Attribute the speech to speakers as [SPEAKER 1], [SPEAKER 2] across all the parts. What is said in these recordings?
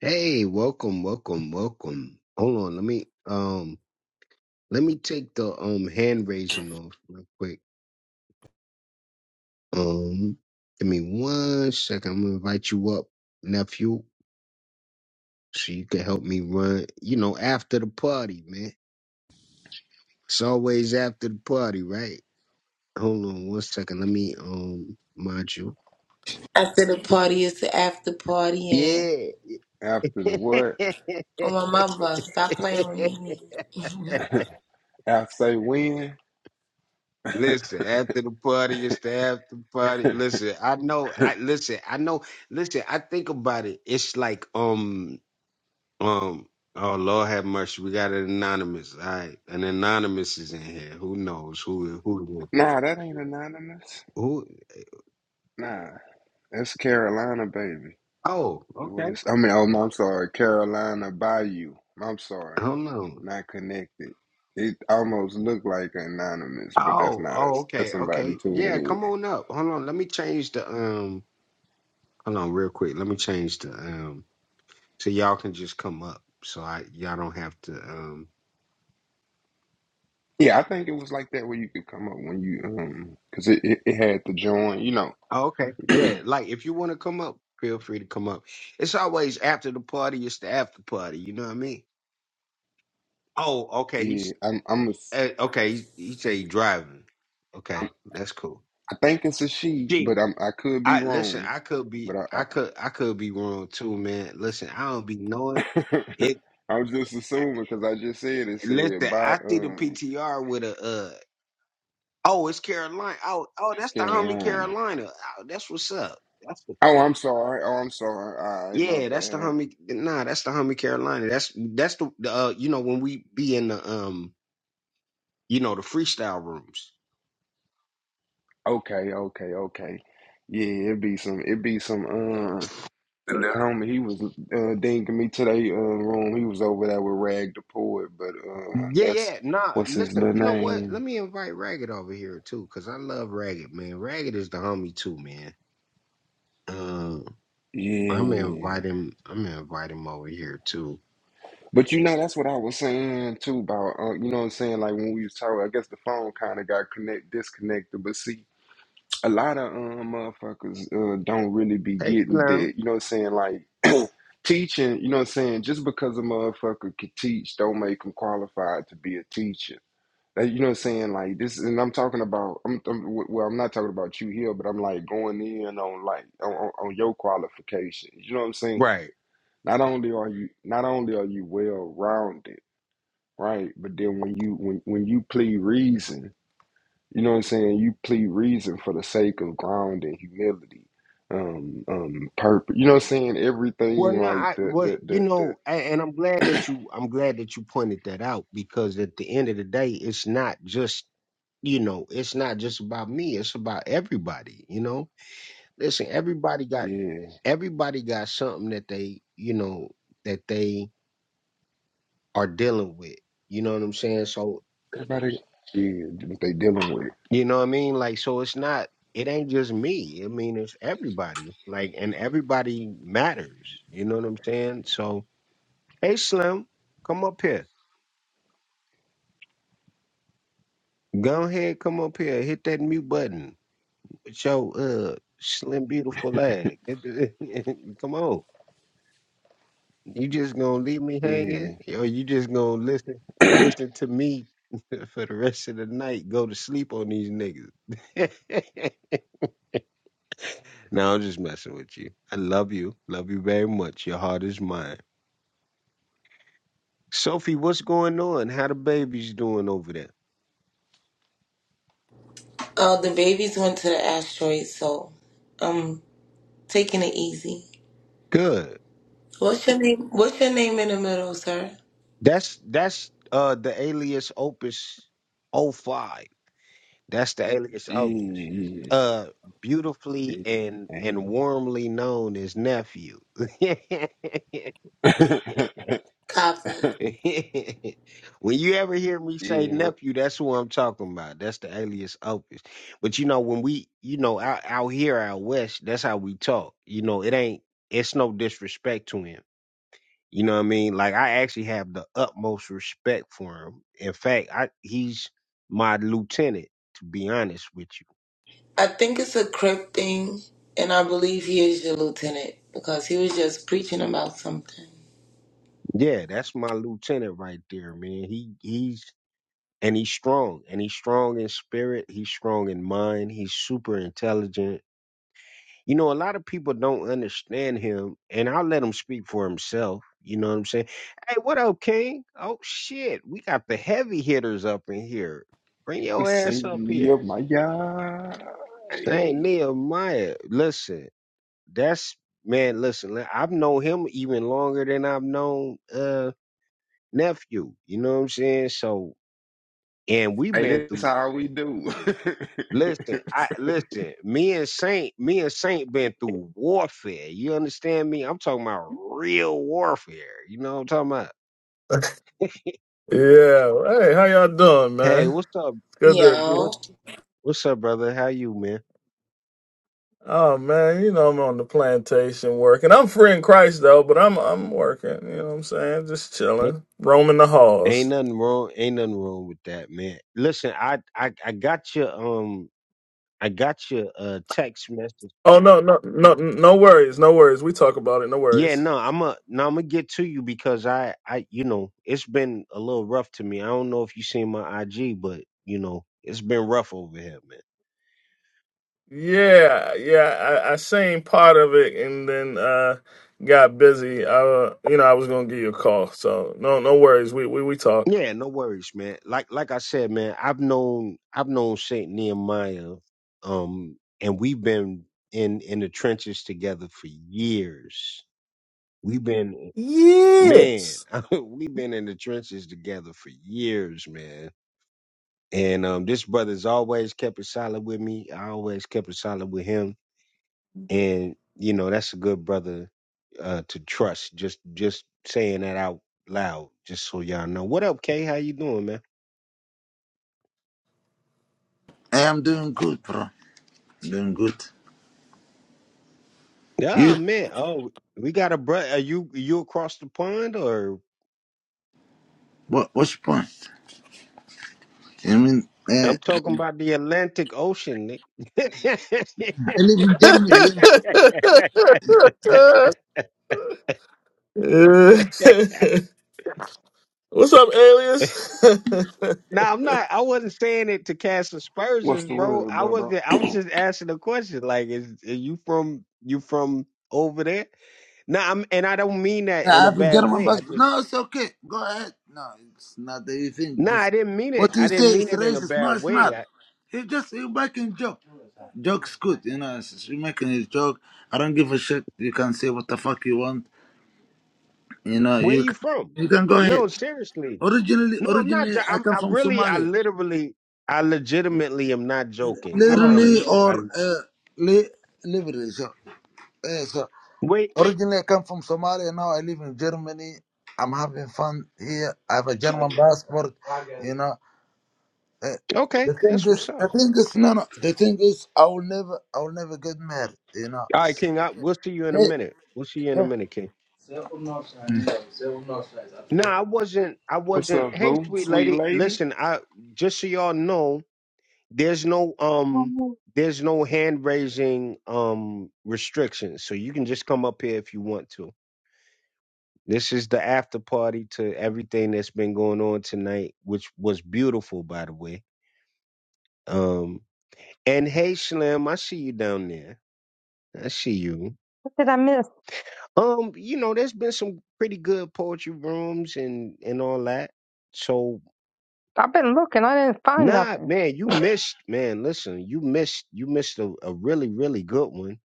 [SPEAKER 1] Hey, welcome, welcome, welcome. Hold on, let me um let me take the um hand raising off real quick. Um give me one second. I'm gonna invite you up, nephew, so you can help me run, you know, after the party, man. It's always after the party, right? Hold on one second. Let me um mod you.
[SPEAKER 2] After the party is the after party, and
[SPEAKER 1] Yeah.
[SPEAKER 3] After the what?
[SPEAKER 2] oh my mama, stop playing with me.
[SPEAKER 3] After they win?
[SPEAKER 1] Listen, after the party, it's the after party. Listen, I know. I listen. I know. Listen, I think about it. It's like um um. Oh Lord, have mercy. We got an anonymous. All right, an anonymous is in here. Who knows who who
[SPEAKER 3] Nah, that ain't anonymous.
[SPEAKER 1] who?
[SPEAKER 3] Nah, that's Carolina, baby.
[SPEAKER 1] Oh,
[SPEAKER 3] What
[SPEAKER 1] okay.
[SPEAKER 3] is? I mean, oh, no, I'm sorry, Carolina Bayou. I'm sorry,
[SPEAKER 1] Hold on.
[SPEAKER 3] not connected. It almost looked like anonymous, but that's
[SPEAKER 1] Oh,
[SPEAKER 3] not
[SPEAKER 1] oh,
[SPEAKER 3] us. That's
[SPEAKER 1] okay,
[SPEAKER 3] somebody
[SPEAKER 1] okay. Yeah,
[SPEAKER 3] tuning in.
[SPEAKER 1] come on up. Hold on. Let me change the um. Hold on, real quick. Let me change the um. So y'all can just come up. So I y'all don't have to um
[SPEAKER 3] Yeah, I think it was like that where you could come up when you um, cause it, it, it had to join. You know,
[SPEAKER 1] Oh, okay. Yeah. Like if you want to come up, feel free to come up. It's always after the party. It's the after party. You know what I mean? Oh, okay.
[SPEAKER 3] yeah.
[SPEAKER 1] He's
[SPEAKER 3] I'm I'm a,
[SPEAKER 1] uh, okay. He, he said he driving. Okay, that's cool.
[SPEAKER 3] I think it's a she, but
[SPEAKER 1] Gee,
[SPEAKER 3] I'm I could be
[SPEAKER 1] I listen.
[SPEAKER 3] wrong.
[SPEAKER 1] I could
[SPEAKER 3] But
[SPEAKER 1] be.
[SPEAKER 3] I. I
[SPEAKER 1] I could. I could be wrong too, man. Listen, I don't be knowing it.
[SPEAKER 3] I'm just assuming because I just said it said
[SPEAKER 1] Listen,
[SPEAKER 3] by
[SPEAKER 1] I see the
[SPEAKER 3] um
[SPEAKER 1] PTR with a. uh Oh, it's Carolina. Oh, oh,
[SPEAKER 3] East
[SPEAKER 1] that's the homie
[SPEAKER 3] Carolina.
[SPEAKER 1] Carolina. Oh, that's what's up.
[SPEAKER 3] Oh, I'm sorry. Oh, I'm sorry. All right, my
[SPEAKER 1] Yeah, that's the
[SPEAKER 3] bad.
[SPEAKER 1] homie. Nah, that's the homie Carolina. That's that's the, the uh, you know when we be in the um you know the freestyle rooms.
[SPEAKER 3] Okay, okay, okay. Yeah, it be some. It be some. Um, the homie he was uh, dinking me today. Uh, room. He was over there with Rag the Poet, but uh,
[SPEAKER 1] Yeah,
[SPEAKER 3] that's
[SPEAKER 1] yeah. Nah,
[SPEAKER 3] what's his
[SPEAKER 1] listen.
[SPEAKER 3] little
[SPEAKER 1] You know what? Let
[SPEAKER 3] name.
[SPEAKER 1] me invite Ragged over here too, cause I love Ragged, man. Ragged is the homie too, man. Um, I'm gonna
[SPEAKER 3] Yeah.
[SPEAKER 1] invite him. I'm gonna invite him over here too.
[SPEAKER 3] But you know, that's what I was saying too about, uh, you know what I'm saying? Like when we was talking, I guess the phone kind of got connect disconnected. But see, a lot of um, motherfuckers uh, don't really be
[SPEAKER 1] Hey,
[SPEAKER 3] getting
[SPEAKER 1] Slim.
[SPEAKER 3] that. You know what I'm saying? Like teaching, you know what I'm saying? Just because a motherfucker can teach don't make them qualified to be a teacher. Like, you know what I'm saying? Like this, and I'm talking about, I'm, I'm well, I'm not talking about you here, but I'm like going in on like on, on on your qualifications. You know what I'm saying?
[SPEAKER 1] Right.
[SPEAKER 3] Not only are you not only are you well rounded, right? But then when you when when you plead reason you know what I'm saying? You plead reason for the sake of ground and humility, um, um, purpose. You know what I'm saying? Everything
[SPEAKER 1] Well, no,
[SPEAKER 3] like
[SPEAKER 1] I
[SPEAKER 3] the
[SPEAKER 1] well,
[SPEAKER 3] the
[SPEAKER 1] you
[SPEAKER 3] the the
[SPEAKER 1] know, a- and I'm glad that you I'm glad that you pointed that out because at the end of the day, it's not just you know, it's not just about me, it's about everybody, you know. Listen, everybody got
[SPEAKER 3] yeah.
[SPEAKER 1] everybody got something that they, you know, that they are dealing with. You know what I'm saying? So,
[SPEAKER 3] Everybody yeah, what they dealing with.
[SPEAKER 1] you know what I mean? Like so it's not it ain't just me. I mean, it's everybody. Like and everybody matters. You know what I'm saying? So, hey Slim, come up here. Go ahead, come up here, hit that mute button with your uh slim beautiful leg. come on, you just gonna leave me hanging,
[SPEAKER 3] Yeah,
[SPEAKER 1] or you just gonna listen listen to me for the rest of the night? Go to sleep on these niggas. no, I'm just messing with you. I love you, love you very much. Your heart is mine. Sophie, what's going on? How the babies doing over there?
[SPEAKER 2] Oh, the babies went to the asteroid, so I'm taking it easy.
[SPEAKER 1] Good.
[SPEAKER 2] What's your name? What's your name in the middle, sir?
[SPEAKER 1] That's that's uh the alias Opus O Five. That's the alias Opus.
[SPEAKER 3] yeah,
[SPEAKER 1] Uh, beautifully
[SPEAKER 3] yeah,
[SPEAKER 1] and and warmly known as nephew.
[SPEAKER 2] Copy.
[SPEAKER 3] yeah.
[SPEAKER 1] when you ever hear me say
[SPEAKER 3] yeah, what
[SPEAKER 1] nephew, that's who I'm talking about. That's the alias Opus. But you know, when we, you know, out, out here out west, that's how we talk. You know, it ain't. It's no disrespect to him. You know what I mean? Like I actually have the utmost respect for him. In fact, I he's my lieutenant. To be honest with you
[SPEAKER 2] I think it's a crip thing, and I believe he is your lieutenant because he was just preaching about something.
[SPEAKER 1] Yeah, that's my lieutenant right there, man. He he's and he's strong. And he's strong in spirit, he's strong in mind, he's super intelligent. You know, a lot of people don't understand him, and I'll let him speak for himself. You know what I'm saying? Hey, what up, King? Oh shit, we got the heavy hitters up in here. Bring
[SPEAKER 3] the
[SPEAKER 1] your ass up
[SPEAKER 3] safety
[SPEAKER 1] here.
[SPEAKER 3] of my God.
[SPEAKER 1] Saint
[SPEAKER 3] Hey,
[SPEAKER 1] Nehemiah. Listen, that's man, listen, li- I've known him even longer than I've known uh nephew. You know what I'm saying? So and we've
[SPEAKER 3] hey,
[SPEAKER 1] been
[SPEAKER 3] this
[SPEAKER 1] through.
[SPEAKER 3] how we do.
[SPEAKER 1] Listen, I listen. Me and Saint, me and Saint been through warfare. You understand me? I'm talking about real warfare. You know what I'm talking about?
[SPEAKER 4] Yeah. Hey, how y'all doing,
[SPEAKER 1] Hey,
[SPEAKER 4] man?
[SPEAKER 1] what's up?
[SPEAKER 4] It's good to.
[SPEAKER 1] What,
[SPEAKER 2] Yo,
[SPEAKER 1] what's up, brother? How you, man?
[SPEAKER 4] Oh man, you know I'm on the plantation working. I'm free in Christ though, but I'm I'm working. You know what I'm saying? Just
[SPEAKER 1] Ain't
[SPEAKER 4] chilling, roaming the
[SPEAKER 1] ain't
[SPEAKER 4] halls.
[SPEAKER 1] nothing wrong. Ain't nothing wrong with that, man. Listen, I I I got your um I got your uh text message.
[SPEAKER 4] Oh no, no, no, no worries, no worries. We talk about it. No
[SPEAKER 1] Yeah,
[SPEAKER 4] worries.
[SPEAKER 1] no, I'm a no, I'm gonna get to you because I I you know it's been a little rough to me. I don't know if you seen my IG, but you know it's been rough over here, man.
[SPEAKER 4] Yeah, yeah. I, I seen part of it and then uh got busy. I, uh, you know, I was gonna give you a call. So no, no worries. We we we talk.
[SPEAKER 1] Yeah, no worries, man. Like like I said, man, I've known I've known Saint Nehemiah, um, and we've been in in the trenches together for years. We've been man,
[SPEAKER 4] Yes.
[SPEAKER 1] we've been in the trenches together for years, man. And um, this brother's always kept it solid with me. I always kept it solid with him and you know that's a good brother uh to trust just just saying that out loud just so y'all know what up k how you doing man
[SPEAKER 5] Hey, I'm doing good, bro. Doing good.
[SPEAKER 1] yeah
[SPEAKER 5] You?
[SPEAKER 1] man oh we got a brother are you you across the pond or
[SPEAKER 5] What? What's your point? I mean, uh, I
[SPEAKER 1] i'm talking about the atlantic ocean Nick.
[SPEAKER 5] live in Germany. Yeah,
[SPEAKER 4] Uh, What's up, alias?
[SPEAKER 1] now i'm not i wasn't saying it to cast
[SPEAKER 3] What's
[SPEAKER 1] aspersions
[SPEAKER 3] the
[SPEAKER 1] bro
[SPEAKER 3] word,
[SPEAKER 1] i
[SPEAKER 3] bro, bro?
[SPEAKER 1] wasn't i was just asking a question like is are you from you from over there No, I'm, and I don't mean that
[SPEAKER 5] Yeah, I
[SPEAKER 1] in a
[SPEAKER 5] have a
[SPEAKER 1] bad
[SPEAKER 5] German
[SPEAKER 1] way. I
[SPEAKER 5] passport.
[SPEAKER 1] just
[SPEAKER 5] No, it's okay. Go ahead. No, it's not that you think
[SPEAKER 1] no,
[SPEAKER 5] this.
[SPEAKER 1] I didn't mean it.
[SPEAKER 5] What you
[SPEAKER 1] I
[SPEAKER 5] say
[SPEAKER 1] didn't
[SPEAKER 5] is
[SPEAKER 1] mean it in a
[SPEAKER 5] racist. No,
[SPEAKER 1] bad
[SPEAKER 5] it's
[SPEAKER 1] way.
[SPEAKER 5] not.
[SPEAKER 1] I,
[SPEAKER 5] He just you making joke. Joke's good, you know. it's- it's- You making a joke. I don't give a shit. You can say what the fuck you want. You know,
[SPEAKER 1] where
[SPEAKER 5] you
[SPEAKER 1] you
[SPEAKER 5] can,
[SPEAKER 1] from?
[SPEAKER 5] you can go ahead.
[SPEAKER 1] No, seriously.
[SPEAKER 5] Originally,
[SPEAKER 1] No, I'm not.
[SPEAKER 5] originally,
[SPEAKER 1] jo-
[SPEAKER 5] I
[SPEAKER 1] I'm.
[SPEAKER 5] come
[SPEAKER 1] I
[SPEAKER 5] from
[SPEAKER 1] really. I
[SPEAKER 5] Somalia.
[SPEAKER 1] literally. I legitimately am not joking. I
[SPEAKER 5] Literally
[SPEAKER 1] promise you. I
[SPEAKER 5] or uh, li- liberally. Eh, so
[SPEAKER 1] wait.
[SPEAKER 5] originally I come from Somalia. Now I live in Germany. I'm having fun here. I have a German passport. You know, Eh,
[SPEAKER 1] Okay,
[SPEAKER 5] the thing
[SPEAKER 1] that's what's
[SPEAKER 5] is,
[SPEAKER 1] up.
[SPEAKER 5] the
[SPEAKER 1] All
[SPEAKER 5] thing is, no, no. The thing is, I will never, I will never get married. You know,
[SPEAKER 1] right,
[SPEAKER 5] it's
[SPEAKER 1] King.
[SPEAKER 5] like,
[SPEAKER 1] I, we'll see you in
[SPEAKER 5] eh,
[SPEAKER 1] a
[SPEAKER 5] eh.
[SPEAKER 1] minute. We'll see you in a
[SPEAKER 5] eh.
[SPEAKER 1] minute, King.
[SPEAKER 5] Mm.
[SPEAKER 1] No, I wasn't. I
[SPEAKER 3] What's
[SPEAKER 1] wasn't.
[SPEAKER 3] up,
[SPEAKER 1] Hey,
[SPEAKER 3] boo?
[SPEAKER 1] sweet
[SPEAKER 3] Sweet
[SPEAKER 1] lady.
[SPEAKER 3] lady?
[SPEAKER 1] Listen, I just so y'all know. there's no um
[SPEAKER 6] What
[SPEAKER 1] there's no hand raising um restrictions so you can just come up here if you want to this is the after party to everything that's been going on tonight which was beautiful by the way um and hey slim i see you down there i see you
[SPEAKER 6] did I miss?
[SPEAKER 1] um you know there's been some pretty good poetry rooms and and all that so
[SPEAKER 6] I've been looking. I didn't find
[SPEAKER 1] nah
[SPEAKER 6] nothing.
[SPEAKER 1] man you missed man listen you missed you missed a, a really really good one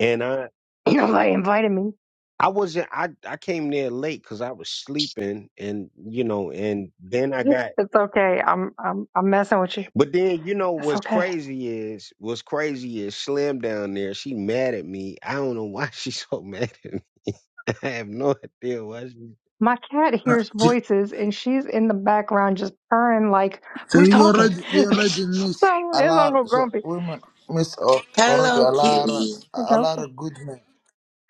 [SPEAKER 1] and I
[SPEAKER 6] Nobody invited me.
[SPEAKER 1] I wasn't. I I came there late because I was sleeping, and you know, and then I got.
[SPEAKER 6] It's okay. I'm I'm I'm messing with you.
[SPEAKER 1] But then you know
[SPEAKER 6] It's
[SPEAKER 1] what's
[SPEAKER 6] okay.
[SPEAKER 1] crazy is what's crazy is Slim down there. She mad at me. I don't know why she's so mad at me. I have no idea why she.
[SPEAKER 6] My cat
[SPEAKER 5] Uh,
[SPEAKER 6] hears
[SPEAKER 5] So
[SPEAKER 6] voices and she's in the background just purring like,
[SPEAKER 5] so
[SPEAKER 6] "Who's
[SPEAKER 5] you
[SPEAKER 6] talking?"
[SPEAKER 5] already,
[SPEAKER 6] so
[SPEAKER 5] you already
[SPEAKER 6] it's
[SPEAKER 5] miss a lot.
[SPEAKER 6] Uncle
[SPEAKER 5] So
[SPEAKER 6] Grumpy.
[SPEAKER 5] women miss al- already
[SPEAKER 2] hello,
[SPEAKER 5] a lot, of-
[SPEAKER 2] Kitty.
[SPEAKER 6] It's
[SPEAKER 5] a lot
[SPEAKER 6] Uncle.
[SPEAKER 5] of good men.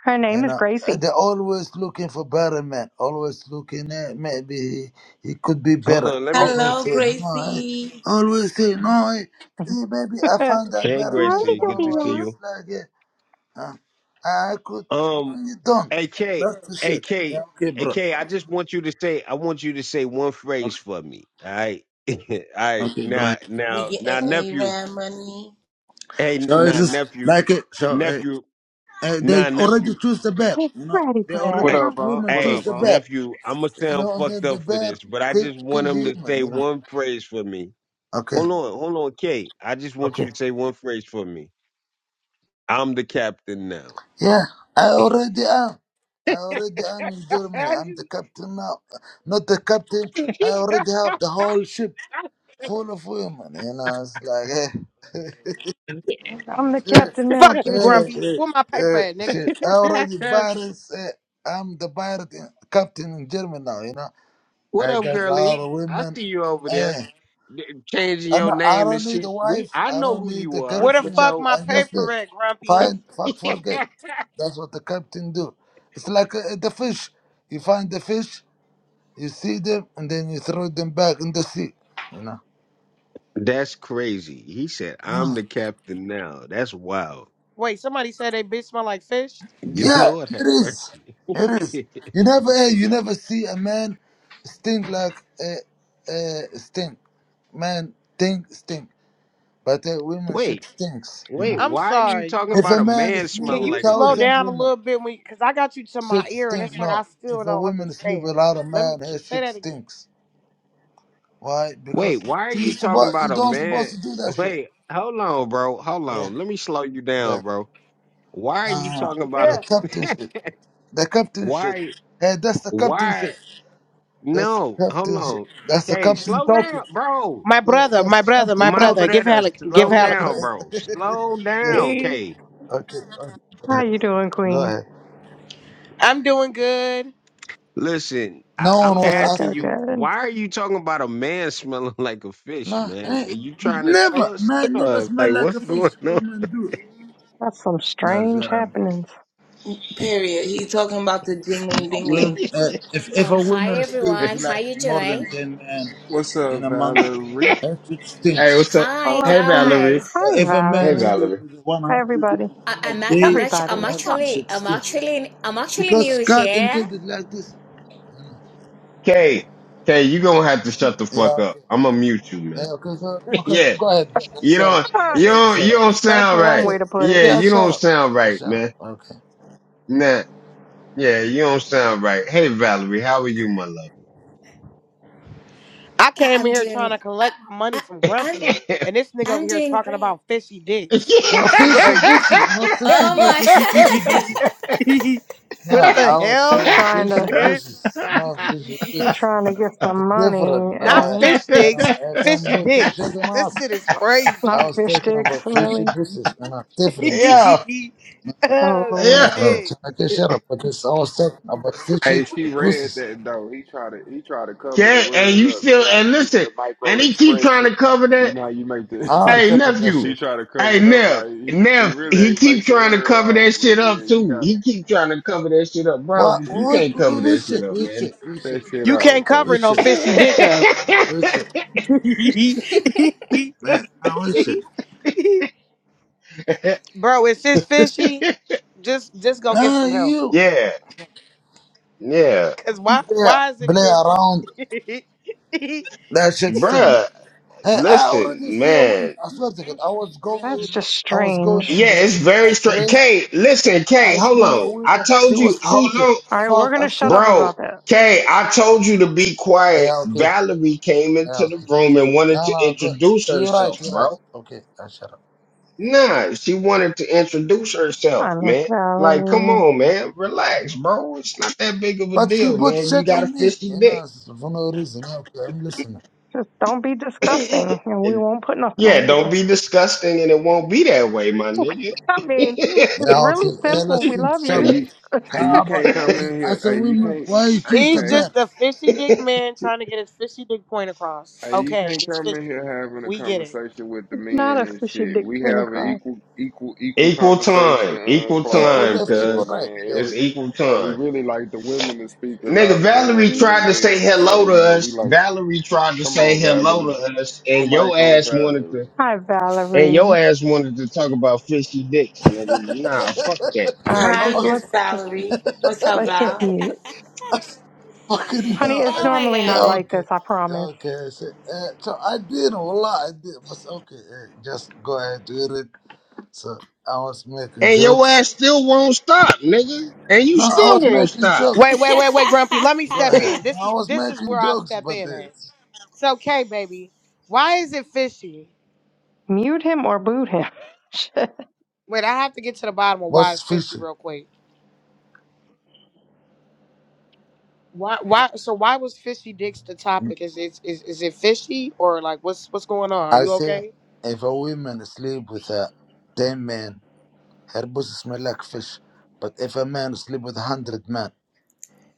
[SPEAKER 6] Her
[SPEAKER 5] You
[SPEAKER 6] name is
[SPEAKER 5] know,
[SPEAKER 6] Gracie.
[SPEAKER 5] they're always looking for better men. Always looking at maybe he, he could be
[SPEAKER 1] Hold
[SPEAKER 5] better.
[SPEAKER 1] on, let me.
[SPEAKER 5] Always
[SPEAKER 2] Hello,
[SPEAKER 5] say no. I,
[SPEAKER 2] Gracie.
[SPEAKER 5] always say no. I, eh, maybe I
[SPEAKER 6] Yeah,
[SPEAKER 5] found that
[SPEAKER 1] Hey,
[SPEAKER 5] better man.
[SPEAKER 6] Howdy,
[SPEAKER 1] Gracie,
[SPEAKER 5] No,
[SPEAKER 1] good
[SPEAKER 6] Dobby,
[SPEAKER 1] to
[SPEAKER 5] no,
[SPEAKER 1] see
[SPEAKER 5] it's
[SPEAKER 1] you.
[SPEAKER 6] y'all.
[SPEAKER 5] like eh, uh, huh? I could.
[SPEAKER 1] Um,
[SPEAKER 5] No, you don't.
[SPEAKER 1] AK,
[SPEAKER 5] That's the shit.
[SPEAKER 1] AK,
[SPEAKER 5] Yeah, okay, bro.
[SPEAKER 1] AK. I just want you to say. I want you to say one phrase
[SPEAKER 5] Okay,
[SPEAKER 1] for me. All right, all right.
[SPEAKER 5] okay, go
[SPEAKER 1] Now,
[SPEAKER 5] ahead.
[SPEAKER 2] We
[SPEAKER 1] now, now,
[SPEAKER 2] getting A
[SPEAKER 1] nephew.
[SPEAKER 2] Rad money.
[SPEAKER 1] Hey,
[SPEAKER 5] So it's
[SPEAKER 1] now,
[SPEAKER 5] just
[SPEAKER 1] nephew,
[SPEAKER 5] like it. So uh,
[SPEAKER 1] nephew.
[SPEAKER 5] uh, they
[SPEAKER 1] Nah,
[SPEAKER 5] already
[SPEAKER 1] nephew.
[SPEAKER 5] choose the bear.
[SPEAKER 6] Hey,
[SPEAKER 5] You know,
[SPEAKER 6] Bratty
[SPEAKER 5] they
[SPEAKER 6] Brat.
[SPEAKER 1] uh,
[SPEAKER 3] What
[SPEAKER 5] already
[SPEAKER 6] Huh?
[SPEAKER 3] up, aunt?
[SPEAKER 5] women
[SPEAKER 3] What
[SPEAKER 5] choose
[SPEAKER 3] up,
[SPEAKER 1] Hey,
[SPEAKER 5] the
[SPEAKER 3] aunt?
[SPEAKER 5] bear.
[SPEAKER 1] nephew, I'm going to
[SPEAKER 5] You
[SPEAKER 1] sound
[SPEAKER 5] know, and
[SPEAKER 1] fucked
[SPEAKER 5] then the
[SPEAKER 1] up for
[SPEAKER 5] bear
[SPEAKER 1] this, but I
[SPEAKER 5] kill
[SPEAKER 1] just want
[SPEAKER 5] kill
[SPEAKER 1] him to
[SPEAKER 5] him.
[SPEAKER 1] say
[SPEAKER 5] You know.
[SPEAKER 1] one phrase for me.
[SPEAKER 5] Okay.
[SPEAKER 1] Hold on, hold on, Kate. I just want
[SPEAKER 5] Okay.
[SPEAKER 1] you to say one phrase for me. I'm the captain now.
[SPEAKER 5] Yeah, I already am. I already am in Germany.
[SPEAKER 1] I
[SPEAKER 5] I'm the
[SPEAKER 1] just-
[SPEAKER 5] captain now. Not the captain. I already have the whole ship full of women. You know, it's like, eh,
[SPEAKER 6] I'm the
[SPEAKER 5] eh,
[SPEAKER 6] captain now,
[SPEAKER 7] Fuck you,
[SPEAKER 5] eh,
[SPEAKER 6] bitches.
[SPEAKER 7] Grumpy.
[SPEAKER 5] eh,
[SPEAKER 7] Where my paper
[SPEAKER 5] eh,
[SPEAKER 7] at, nigga?
[SPEAKER 5] ship. I already pirates. Eh, I'm the pirate in, captain in Germany now. You know,
[SPEAKER 1] what
[SPEAKER 5] I
[SPEAKER 1] up,
[SPEAKER 5] got all
[SPEAKER 1] girly?
[SPEAKER 5] the
[SPEAKER 1] I
[SPEAKER 5] women.
[SPEAKER 1] see you over there
[SPEAKER 5] eh.
[SPEAKER 1] changing
[SPEAKER 5] And
[SPEAKER 1] your
[SPEAKER 5] I
[SPEAKER 1] name and
[SPEAKER 5] don't need a
[SPEAKER 1] shit. We,
[SPEAKER 5] wife.
[SPEAKER 1] I
[SPEAKER 5] I
[SPEAKER 1] know
[SPEAKER 5] don't
[SPEAKER 1] who
[SPEAKER 5] need a
[SPEAKER 1] you are.
[SPEAKER 7] Where the
[SPEAKER 1] With
[SPEAKER 5] girlfriend.
[SPEAKER 7] fuck
[SPEAKER 1] your
[SPEAKER 7] my
[SPEAKER 5] I just uh,
[SPEAKER 7] paper at, Grumpy?
[SPEAKER 5] find, fuck, forget. That's what the captain do. It's like uh, the fish. You find the fish, you see them, and then you throw them back in the sea. You know?
[SPEAKER 1] That's crazy. He said, I'm the captain now. That's wild.
[SPEAKER 7] Wait, somebody said they bitch smell like fish?
[SPEAKER 5] Yeah,
[SPEAKER 1] Lord
[SPEAKER 5] it
[SPEAKER 1] have
[SPEAKER 5] is.
[SPEAKER 1] mercy.
[SPEAKER 5] It is. You never, eh, you never see a man stink like a, a stink. Man, think stink, but uh, women shit
[SPEAKER 1] wait,
[SPEAKER 5] stinks. You know?
[SPEAKER 1] wait,
[SPEAKER 7] I'm
[SPEAKER 1] why are you
[SPEAKER 7] sorry.
[SPEAKER 1] talking
[SPEAKER 5] If a
[SPEAKER 1] about a
[SPEAKER 5] man
[SPEAKER 1] man
[SPEAKER 5] sleep
[SPEAKER 7] Can
[SPEAKER 1] smelling
[SPEAKER 5] with
[SPEAKER 7] you
[SPEAKER 1] like a
[SPEAKER 7] slow
[SPEAKER 5] thousand
[SPEAKER 1] fish?
[SPEAKER 7] down a
[SPEAKER 5] women.
[SPEAKER 7] little bit when cause I got you to my
[SPEAKER 5] Shit
[SPEAKER 7] ear and it's
[SPEAKER 5] stink.
[SPEAKER 7] like
[SPEAKER 5] No,
[SPEAKER 7] I still
[SPEAKER 5] if a
[SPEAKER 7] don't
[SPEAKER 5] woman sleep
[SPEAKER 7] understand.
[SPEAKER 5] without a
[SPEAKER 7] Let me
[SPEAKER 5] man,
[SPEAKER 7] k-
[SPEAKER 5] her
[SPEAKER 7] say
[SPEAKER 5] shit
[SPEAKER 7] that again.
[SPEAKER 5] stinks. Why?
[SPEAKER 1] Wait,
[SPEAKER 5] Because
[SPEAKER 1] why are
[SPEAKER 5] you
[SPEAKER 1] you talking
[SPEAKER 5] supposed you
[SPEAKER 1] about a
[SPEAKER 5] don't
[SPEAKER 1] man?
[SPEAKER 5] supposed to do that shit.
[SPEAKER 1] Wait, hold on, bro. Hold
[SPEAKER 5] Yeah,
[SPEAKER 1] on. Let me slow you
[SPEAKER 5] the
[SPEAKER 1] down, bro. Why are you
[SPEAKER 5] uh,
[SPEAKER 1] talking about
[SPEAKER 5] the
[SPEAKER 7] Yeah.
[SPEAKER 5] captain
[SPEAKER 1] a
[SPEAKER 5] shit. The captain shit.
[SPEAKER 1] why
[SPEAKER 5] Hey, that's the captain
[SPEAKER 1] why
[SPEAKER 5] shit. That's the
[SPEAKER 1] no, hold
[SPEAKER 5] captain shit.
[SPEAKER 1] on.
[SPEAKER 5] That's the
[SPEAKER 1] Hey,
[SPEAKER 5] captain
[SPEAKER 1] slow
[SPEAKER 5] talking.
[SPEAKER 1] down, bro.
[SPEAKER 7] My
[SPEAKER 5] Yeah,
[SPEAKER 7] brother,
[SPEAKER 5] that's
[SPEAKER 7] my
[SPEAKER 5] the
[SPEAKER 7] brother, my
[SPEAKER 5] captain
[SPEAKER 1] My
[SPEAKER 7] brother.
[SPEAKER 5] talking.
[SPEAKER 7] Give
[SPEAKER 1] brother,
[SPEAKER 7] Halleck,
[SPEAKER 5] Yeah,
[SPEAKER 7] give
[SPEAKER 1] slow
[SPEAKER 5] okay, go
[SPEAKER 7] Halleck.
[SPEAKER 1] down,
[SPEAKER 5] ahead.
[SPEAKER 1] bro. Slow
[SPEAKER 5] Yeah,
[SPEAKER 1] down,
[SPEAKER 6] Hey.
[SPEAKER 1] K.
[SPEAKER 5] okay, okay,
[SPEAKER 6] How you doing,
[SPEAKER 5] go
[SPEAKER 6] Queen?
[SPEAKER 5] ahead.
[SPEAKER 7] I'm doing good.
[SPEAKER 1] Listen, I,
[SPEAKER 5] No one
[SPEAKER 1] I'm
[SPEAKER 5] was
[SPEAKER 6] Good,
[SPEAKER 1] asking
[SPEAKER 6] good,
[SPEAKER 5] asking.
[SPEAKER 1] you,
[SPEAKER 6] good.
[SPEAKER 1] why are you talking about a man smelling like a fish,
[SPEAKER 5] No,
[SPEAKER 1] man? Are
[SPEAKER 5] eh,
[SPEAKER 1] you trying to tell
[SPEAKER 5] never,
[SPEAKER 1] us?
[SPEAKER 5] man, never
[SPEAKER 1] Or-
[SPEAKER 5] smell like a fish. Women do.
[SPEAKER 6] That's some
[SPEAKER 5] That's
[SPEAKER 6] strange
[SPEAKER 5] what I'm.
[SPEAKER 6] happenings.
[SPEAKER 2] Period. He talking about the
[SPEAKER 5] No,
[SPEAKER 2] dingling
[SPEAKER 5] women,
[SPEAKER 2] dingling.
[SPEAKER 5] uh, if if
[SPEAKER 8] Um,
[SPEAKER 5] a
[SPEAKER 8] hi
[SPEAKER 5] woman sleeps with
[SPEAKER 8] everyone. How
[SPEAKER 5] like
[SPEAKER 8] you
[SPEAKER 5] more than
[SPEAKER 8] doing?
[SPEAKER 5] ten men
[SPEAKER 3] What's
[SPEAKER 5] in
[SPEAKER 3] up,
[SPEAKER 5] a month,
[SPEAKER 3] Valerie?
[SPEAKER 5] her shit
[SPEAKER 1] Hey, what's
[SPEAKER 5] stinks.
[SPEAKER 1] up?
[SPEAKER 6] Hello.
[SPEAKER 8] Hi
[SPEAKER 1] Hey,
[SPEAKER 6] hello.
[SPEAKER 1] Valerie.
[SPEAKER 8] guys.
[SPEAKER 5] Uh,
[SPEAKER 6] Hi,
[SPEAKER 5] if a
[SPEAKER 1] Hey,
[SPEAKER 5] man
[SPEAKER 6] Valerie.
[SPEAKER 5] sleeps
[SPEAKER 1] Valerie.
[SPEAKER 5] with one
[SPEAKER 6] Hi,
[SPEAKER 5] hundred
[SPEAKER 6] everybody.
[SPEAKER 5] women
[SPEAKER 8] I,
[SPEAKER 5] in a
[SPEAKER 8] I'm
[SPEAKER 5] day,
[SPEAKER 8] ac-
[SPEAKER 6] Everybody.
[SPEAKER 8] I'm
[SPEAKER 5] never
[SPEAKER 8] actually
[SPEAKER 5] should
[SPEAKER 8] I'm actually I'm
[SPEAKER 5] stink.
[SPEAKER 8] actually I'm actually
[SPEAKER 5] Because
[SPEAKER 8] new
[SPEAKER 5] God
[SPEAKER 8] here.
[SPEAKER 5] intended like this.
[SPEAKER 1] Kay, Kay, you gonna have to shut the
[SPEAKER 5] Yeah,
[SPEAKER 1] fuck up.
[SPEAKER 5] okay.
[SPEAKER 1] I'm gonna mute you, man.
[SPEAKER 5] Yeah, okay, go, okay,
[SPEAKER 1] yeah,
[SPEAKER 5] go ahead, go ahead.
[SPEAKER 1] you
[SPEAKER 5] Shut up.
[SPEAKER 1] don't,
[SPEAKER 6] Huh.
[SPEAKER 1] you
[SPEAKER 5] Okay,
[SPEAKER 1] don't,
[SPEAKER 5] shut
[SPEAKER 1] you
[SPEAKER 5] up.
[SPEAKER 1] don't
[SPEAKER 6] That's
[SPEAKER 1] sound
[SPEAKER 6] one
[SPEAKER 1] right.
[SPEAKER 5] Okay,
[SPEAKER 6] way to put
[SPEAKER 1] Yeah,
[SPEAKER 6] it.
[SPEAKER 5] okay, i
[SPEAKER 1] you
[SPEAKER 5] shut
[SPEAKER 1] don't
[SPEAKER 5] up.
[SPEAKER 1] sound
[SPEAKER 5] Okay,
[SPEAKER 1] right,
[SPEAKER 5] shut up.
[SPEAKER 1] man.
[SPEAKER 5] Okay.
[SPEAKER 1] Nah, yeah, you don't sound right. Hey, Valerie, how are you, my
[SPEAKER 7] I
[SPEAKER 8] I,
[SPEAKER 7] came
[SPEAKER 8] I'm
[SPEAKER 7] in here trying
[SPEAKER 8] doing
[SPEAKER 7] to
[SPEAKER 8] I,
[SPEAKER 7] collect my money
[SPEAKER 8] I
[SPEAKER 7] from
[SPEAKER 8] I'm
[SPEAKER 7] Grumpy, and this nigga over
[SPEAKER 8] I'm
[SPEAKER 7] here
[SPEAKER 8] doing
[SPEAKER 7] talking
[SPEAKER 8] great.
[SPEAKER 7] about fishy dicks.
[SPEAKER 5] Uh,
[SPEAKER 7] like
[SPEAKER 5] fishy pussy, not fishy
[SPEAKER 8] Oh
[SPEAKER 5] dicks,
[SPEAKER 1] love?
[SPEAKER 8] my
[SPEAKER 5] fishy pussies. No,
[SPEAKER 1] yo,
[SPEAKER 7] what the
[SPEAKER 5] I was
[SPEAKER 6] She
[SPEAKER 7] hell?
[SPEAKER 5] saying
[SPEAKER 6] trying
[SPEAKER 5] fishy
[SPEAKER 6] to
[SPEAKER 5] pussies, not fishy
[SPEAKER 6] she
[SPEAKER 5] dicks.
[SPEAKER 6] trying to get
[SPEAKER 5] It's
[SPEAKER 6] some money
[SPEAKER 5] different.
[SPEAKER 7] Not
[SPEAKER 5] No,
[SPEAKER 6] and
[SPEAKER 7] fish
[SPEAKER 5] they don't.
[SPEAKER 7] sticks,
[SPEAKER 5] I don't
[SPEAKER 7] fishy
[SPEAKER 5] put that shit
[SPEAKER 7] dicks.
[SPEAKER 5] in
[SPEAKER 7] This
[SPEAKER 5] us.
[SPEAKER 7] shit is
[SPEAKER 5] I
[SPEAKER 6] not
[SPEAKER 5] was
[SPEAKER 7] crazy.
[SPEAKER 6] fish
[SPEAKER 5] talking
[SPEAKER 6] sticks,
[SPEAKER 5] about fishy
[SPEAKER 6] really.
[SPEAKER 5] pussies and uh, differences.
[SPEAKER 6] Oh
[SPEAKER 7] oh
[SPEAKER 6] Lord,
[SPEAKER 5] Um,
[SPEAKER 1] yo.
[SPEAKER 7] shit.
[SPEAKER 5] Turkish Arab, but it's, I was talking about fishy
[SPEAKER 3] Hey, she read
[SPEAKER 5] pussies.
[SPEAKER 3] that though. He tried to he tried to cover the
[SPEAKER 1] Okay, and
[SPEAKER 3] word
[SPEAKER 1] you
[SPEAKER 3] up. You
[SPEAKER 1] still
[SPEAKER 3] know how
[SPEAKER 1] and
[SPEAKER 3] you do the,
[SPEAKER 1] listen,
[SPEAKER 3] the micro
[SPEAKER 1] and he keep trying
[SPEAKER 3] expression.
[SPEAKER 1] to cover
[SPEAKER 3] You
[SPEAKER 1] that.
[SPEAKER 3] know how you make
[SPEAKER 5] I don't
[SPEAKER 1] Hey
[SPEAKER 5] care
[SPEAKER 3] the.
[SPEAKER 5] about that
[SPEAKER 1] nephew,
[SPEAKER 3] he
[SPEAKER 5] shit.
[SPEAKER 3] tried to cover
[SPEAKER 1] hey
[SPEAKER 3] it up
[SPEAKER 1] Nev,
[SPEAKER 3] like he, he
[SPEAKER 1] Nev,
[SPEAKER 3] really
[SPEAKER 1] he
[SPEAKER 3] ain't
[SPEAKER 1] keep
[SPEAKER 3] make the
[SPEAKER 1] trying to
[SPEAKER 3] word
[SPEAKER 1] cover
[SPEAKER 3] out.
[SPEAKER 1] that
[SPEAKER 3] But
[SPEAKER 1] shit
[SPEAKER 3] yeah,
[SPEAKER 1] up
[SPEAKER 3] you
[SPEAKER 1] too.
[SPEAKER 3] gotta
[SPEAKER 1] He keep trying to cover that shit up,
[SPEAKER 5] What?
[SPEAKER 1] bro. You
[SPEAKER 5] What?
[SPEAKER 1] can't
[SPEAKER 3] yeah
[SPEAKER 1] cover
[SPEAKER 5] What
[SPEAKER 1] that shit
[SPEAKER 5] shit?
[SPEAKER 1] up,
[SPEAKER 5] What
[SPEAKER 1] man.
[SPEAKER 5] shit?
[SPEAKER 3] cut
[SPEAKER 5] What shit?
[SPEAKER 3] that shit
[SPEAKER 7] You
[SPEAKER 3] out,
[SPEAKER 7] can't cover
[SPEAKER 5] What
[SPEAKER 3] okay?
[SPEAKER 7] no
[SPEAKER 5] shit?
[SPEAKER 7] fishy dick up.
[SPEAKER 5] What shit?
[SPEAKER 7] Bro,
[SPEAKER 5] Man, ah, what shit?
[SPEAKER 7] if it's fishy, just just go get
[SPEAKER 5] No,
[SPEAKER 7] some help.
[SPEAKER 5] you.
[SPEAKER 1] yeah, yeah,
[SPEAKER 7] Cause why
[SPEAKER 5] Yeah,
[SPEAKER 7] why is it
[SPEAKER 5] play
[SPEAKER 7] fishy?
[SPEAKER 5] around. That shit stink.
[SPEAKER 1] bruh.
[SPEAKER 5] Hey, I already
[SPEAKER 1] Listen,
[SPEAKER 5] see a
[SPEAKER 1] man.
[SPEAKER 5] woman. I swear to God, I was going.
[SPEAKER 6] that's just
[SPEAKER 5] I was going
[SPEAKER 6] strange.
[SPEAKER 5] in
[SPEAKER 1] Yeah,
[SPEAKER 5] the
[SPEAKER 1] it's
[SPEAKER 5] in the
[SPEAKER 1] very
[SPEAKER 5] like,
[SPEAKER 1] straight.
[SPEAKER 5] train.
[SPEAKER 1] Kay, listen, Kay,
[SPEAKER 5] I
[SPEAKER 1] hold
[SPEAKER 5] smell a
[SPEAKER 1] on. I
[SPEAKER 5] woman. She
[SPEAKER 1] told you,
[SPEAKER 5] was
[SPEAKER 1] hold
[SPEAKER 5] thinking,
[SPEAKER 1] on,
[SPEAKER 6] All right,
[SPEAKER 5] fuck
[SPEAKER 6] we're
[SPEAKER 5] a
[SPEAKER 6] gonna shut
[SPEAKER 5] shit.
[SPEAKER 6] up
[SPEAKER 1] bro.
[SPEAKER 6] about that.
[SPEAKER 1] Kay, I told you to be quiet.
[SPEAKER 5] Yeah, okay.
[SPEAKER 1] Valerie came
[SPEAKER 5] Yeah,
[SPEAKER 1] into the
[SPEAKER 5] okay.
[SPEAKER 1] room and wanted
[SPEAKER 5] No,
[SPEAKER 1] to
[SPEAKER 5] no, good.
[SPEAKER 1] introduce
[SPEAKER 5] You're right,
[SPEAKER 1] herself,
[SPEAKER 5] you're right.
[SPEAKER 1] bro.
[SPEAKER 5] Okay, I shut up.
[SPEAKER 1] Nah, she wanted to introduce
[SPEAKER 6] Hi,
[SPEAKER 1] herself,
[SPEAKER 6] Miss
[SPEAKER 1] man. Like, come
[SPEAKER 6] Valerie.
[SPEAKER 1] on, man. Relax, bro. It's not that big of a
[SPEAKER 5] But she
[SPEAKER 1] deal,
[SPEAKER 5] put
[SPEAKER 1] man. You
[SPEAKER 5] shit
[SPEAKER 1] got a
[SPEAKER 5] on me,
[SPEAKER 1] fishy
[SPEAKER 5] you know,
[SPEAKER 1] dick.
[SPEAKER 5] s- for no reason. Yeah, okay, I'm listening.
[SPEAKER 6] Just don't be disgusting, and we
[SPEAKER 1] and
[SPEAKER 6] won't put nothing
[SPEAKER 1] yeah,
[SPEAKER 6] on
[SPEAKER 1] don't be
[SPEAKER 6] you.
[SPEAKER 1] disgusting and it won't be that way, my nigga.
[SPEAKER 6] I mean, it's
[SPEAKER 5] Yeah,
[SPEAKER 6] really
[SPEAKER 5] okay. Yeah,
[SPEAKER 6] simple.
[SPEAKER 5] let's
[SPEAKER 6] We
[SPEAKER 5] think
[SPEAKER 6] love
[SPEAKER 3] Hey,
[SPEAKER 6] you.
[SPEAKER 3] you
[SPEAKER 5] subject.
[SPEAKER 3] hey,
[SPEAKER 5] Yeah,
[SPEAKER 3] you
[SPEAKER 5] but
[SPEAKER 3] can't come
[SPEAKER 5] eh,
[SPEAKER 3] in here.
[SPEAKER 5] as a
[SPEAKER 3] Hey, you
[SPEAKER 5] woman,
[SPEAKER 3] can't.
[SPEAKER 5] why you
[SPEAKER 3] Hey,
[SPEAKER 5] choose the
[SPEAKER 7] He's
[SPEAKER 3] Kay.
[SPEAKER 5] bad?
[SPEAKER 7] just a fishy dick man trying to get his fishy dick point across.
[SPEAKER 3] Hey, you
[SPEAKER 7] Okay,
[SPEAKER 3] can't
[SPEAKER 7] it's
[SPEAKER 3] come in
[SPEAKER 7] fishy.
[SPEAKER 3] here having a
[SPEAKER 7] We get it.
[SPEAKER 3] conversation with the
[SPEAKER 6] It's
[SPEAKER 3] men
[SPEAKER 6] not a
[SPEAKER 3] and
[SPEAKER 6] fishy
[SPEAKER 3] shit.
[SPEAKER 6] dick
[SPEAKER 3] We
[SPEAKER 6] point
[SPEAKER 3] have an
[SPEAKER 6] across.
[SPEAKER 3] equal, equal, equal
[SPEAKER 1] Equal
[SPEAKER 3] conversation
[SPEAKER 1] time.
[SPEAKER 3] uh,
[SPEAKER 1] Equal
[SPEAKER 3] clause
[SPEAKER 5] Equal
[SPEAKER 3] up
[SPEAKER 1] time,
[SPEAKER 5] left,
[SPEAKER 3] in here,
[SPEAKER 5] equal
[SPEAKER 1] cuz.
[SPEAKER 5] right.
[SPEAKER 3] man. Every,
[SPEAKER 1] It's
[SPEAKER 3] you
[SPEAKER 1] equal
[SPEAKER 3] know, we
[SPEAKER 1] time.
[SPEAKER 3] really like the women to speak a
[SPEAKER 1] Nigga,
[SPEAKER 3] lot more
[SPEAKER 1] Valerie
[SPEAKER 3] than the
[SPEAKER 1] tried to say
[SPEAKER 3] males.
[SPEAKER 1] hello
[SPEAKER 3] So
[SPEAKER 1] to
[SPEAKER 3] you know, we
[SPEAKER 1] us.
[SPEAKER 3] like.
[SPEAKER 1] Valerie tried to
[SPEAKER 3] come
[SPEAKER 1] say
[SPEAKER 3] on,
[SPEAKER 1] hello
[SPEAKER 3] Valerie.
[SPEAKER 1] to us, and
[SPEAKER 3] One
[SPEAKER 1] your
[SPEAKER 3] mic on
[SPEAKER 1] ass wanted to
[SPEAKER 3] Valerie.
[SPEAKER 6] Hi,
[SPEAKER 1] and
[SPEAKER 6] Valerie.
[SPEAKER 1] your ass wanted to talk about fishy dicks, nigga. Nah, fuck that,
[SPEAKER 6] All
[SPEAKER 1] nigga.
[SPEAKER 6] right, just
[SPEAKER 5] Yeah.
[SPEAKER 2] Heisman
[SPEAKER 6] let's just
[SPEAKER 2] salary. What's up,
[SPEAKER 6] let's just
[SPEAKER 2] Val?
[SPEAKER 6] mute.
[SPEAKER 5] fucking
[SPEAKER 6] Honey,
[SPEAKER 5] hell.
[SPEAKER 6] it's
[SPEAKER 8] Oh
[SPEAKER 5] I-
[SPEAKER 8] my
[SPEAKER 6] normally
[SPEAKER 8] god.
[SPEAKER 5] Yeah,
[SPEAKER 6] not like
[SPEAKER 5] okay.
[SPEAKER 6] this, I
[SPEAKER 5] Yeah,
[SPEAKER 6] promise.
[SPEAKER 5] Okay, I said, uh, so I did, wallah, I did, but okay, uh, just go ahead with it. So I was making
[SPEAKER 1] And your
[SPEAKER 5] jokes.
[SPEAKER 1] ass still won't stop, nigga. And you
[SPEAKER 5] No, I
[SPEAKER 1] still
[SPEAKER 5] was
[SPEAKER 1] won't
[SPEAKER 5] making
[SPEAKER 1] stop.
[SPEAKER 5] jokes.
[SPEAKER 7] Wait, wait, wait, wait, Grumpy. Let me
[SPEAKER 5] Go
[SPEAKER 7] step
[SPEAKER 5] ahead.
[SPEAKER 7] in. This
[SPEAKER 5] No, I
[SPEAKER 7] is
[SPEAKER 5] was
[SPEAKER 7] this is
[SPEAKER 5] making
[SPEAKER 7] where I
[SPEAKER 5] jokes,
[SPEAKER 7] step
[SPEAKER 5] but
[SPEAKER 7] in at.
[SPEAKER 5] it's,
[SPEAKER 7] It's okay, baby. Why is it fishy?
[SPEAKER 6] Mute him or boot him. Shit.
[SPEAKER 7] Wait, I have to get to the bottom of why
[SPEAKER 5] what's
[SPEAKER 7] it's fishy
[SPEAKER 5] fishy?
[SPEAKER 7] real quick. Why why so why was fishy dicks the topic? Is it is, is it fishy or like what's what's going on? Are
[SPEAKER 5] I
[SPEAKER 7] you
[SPEAKER 5] say,
[SPEAKER 7] okay?
[SPEAKER 5] if a woman sleep with a 10 men, her pussy smell like fish. But if a man sleep with a 100 men,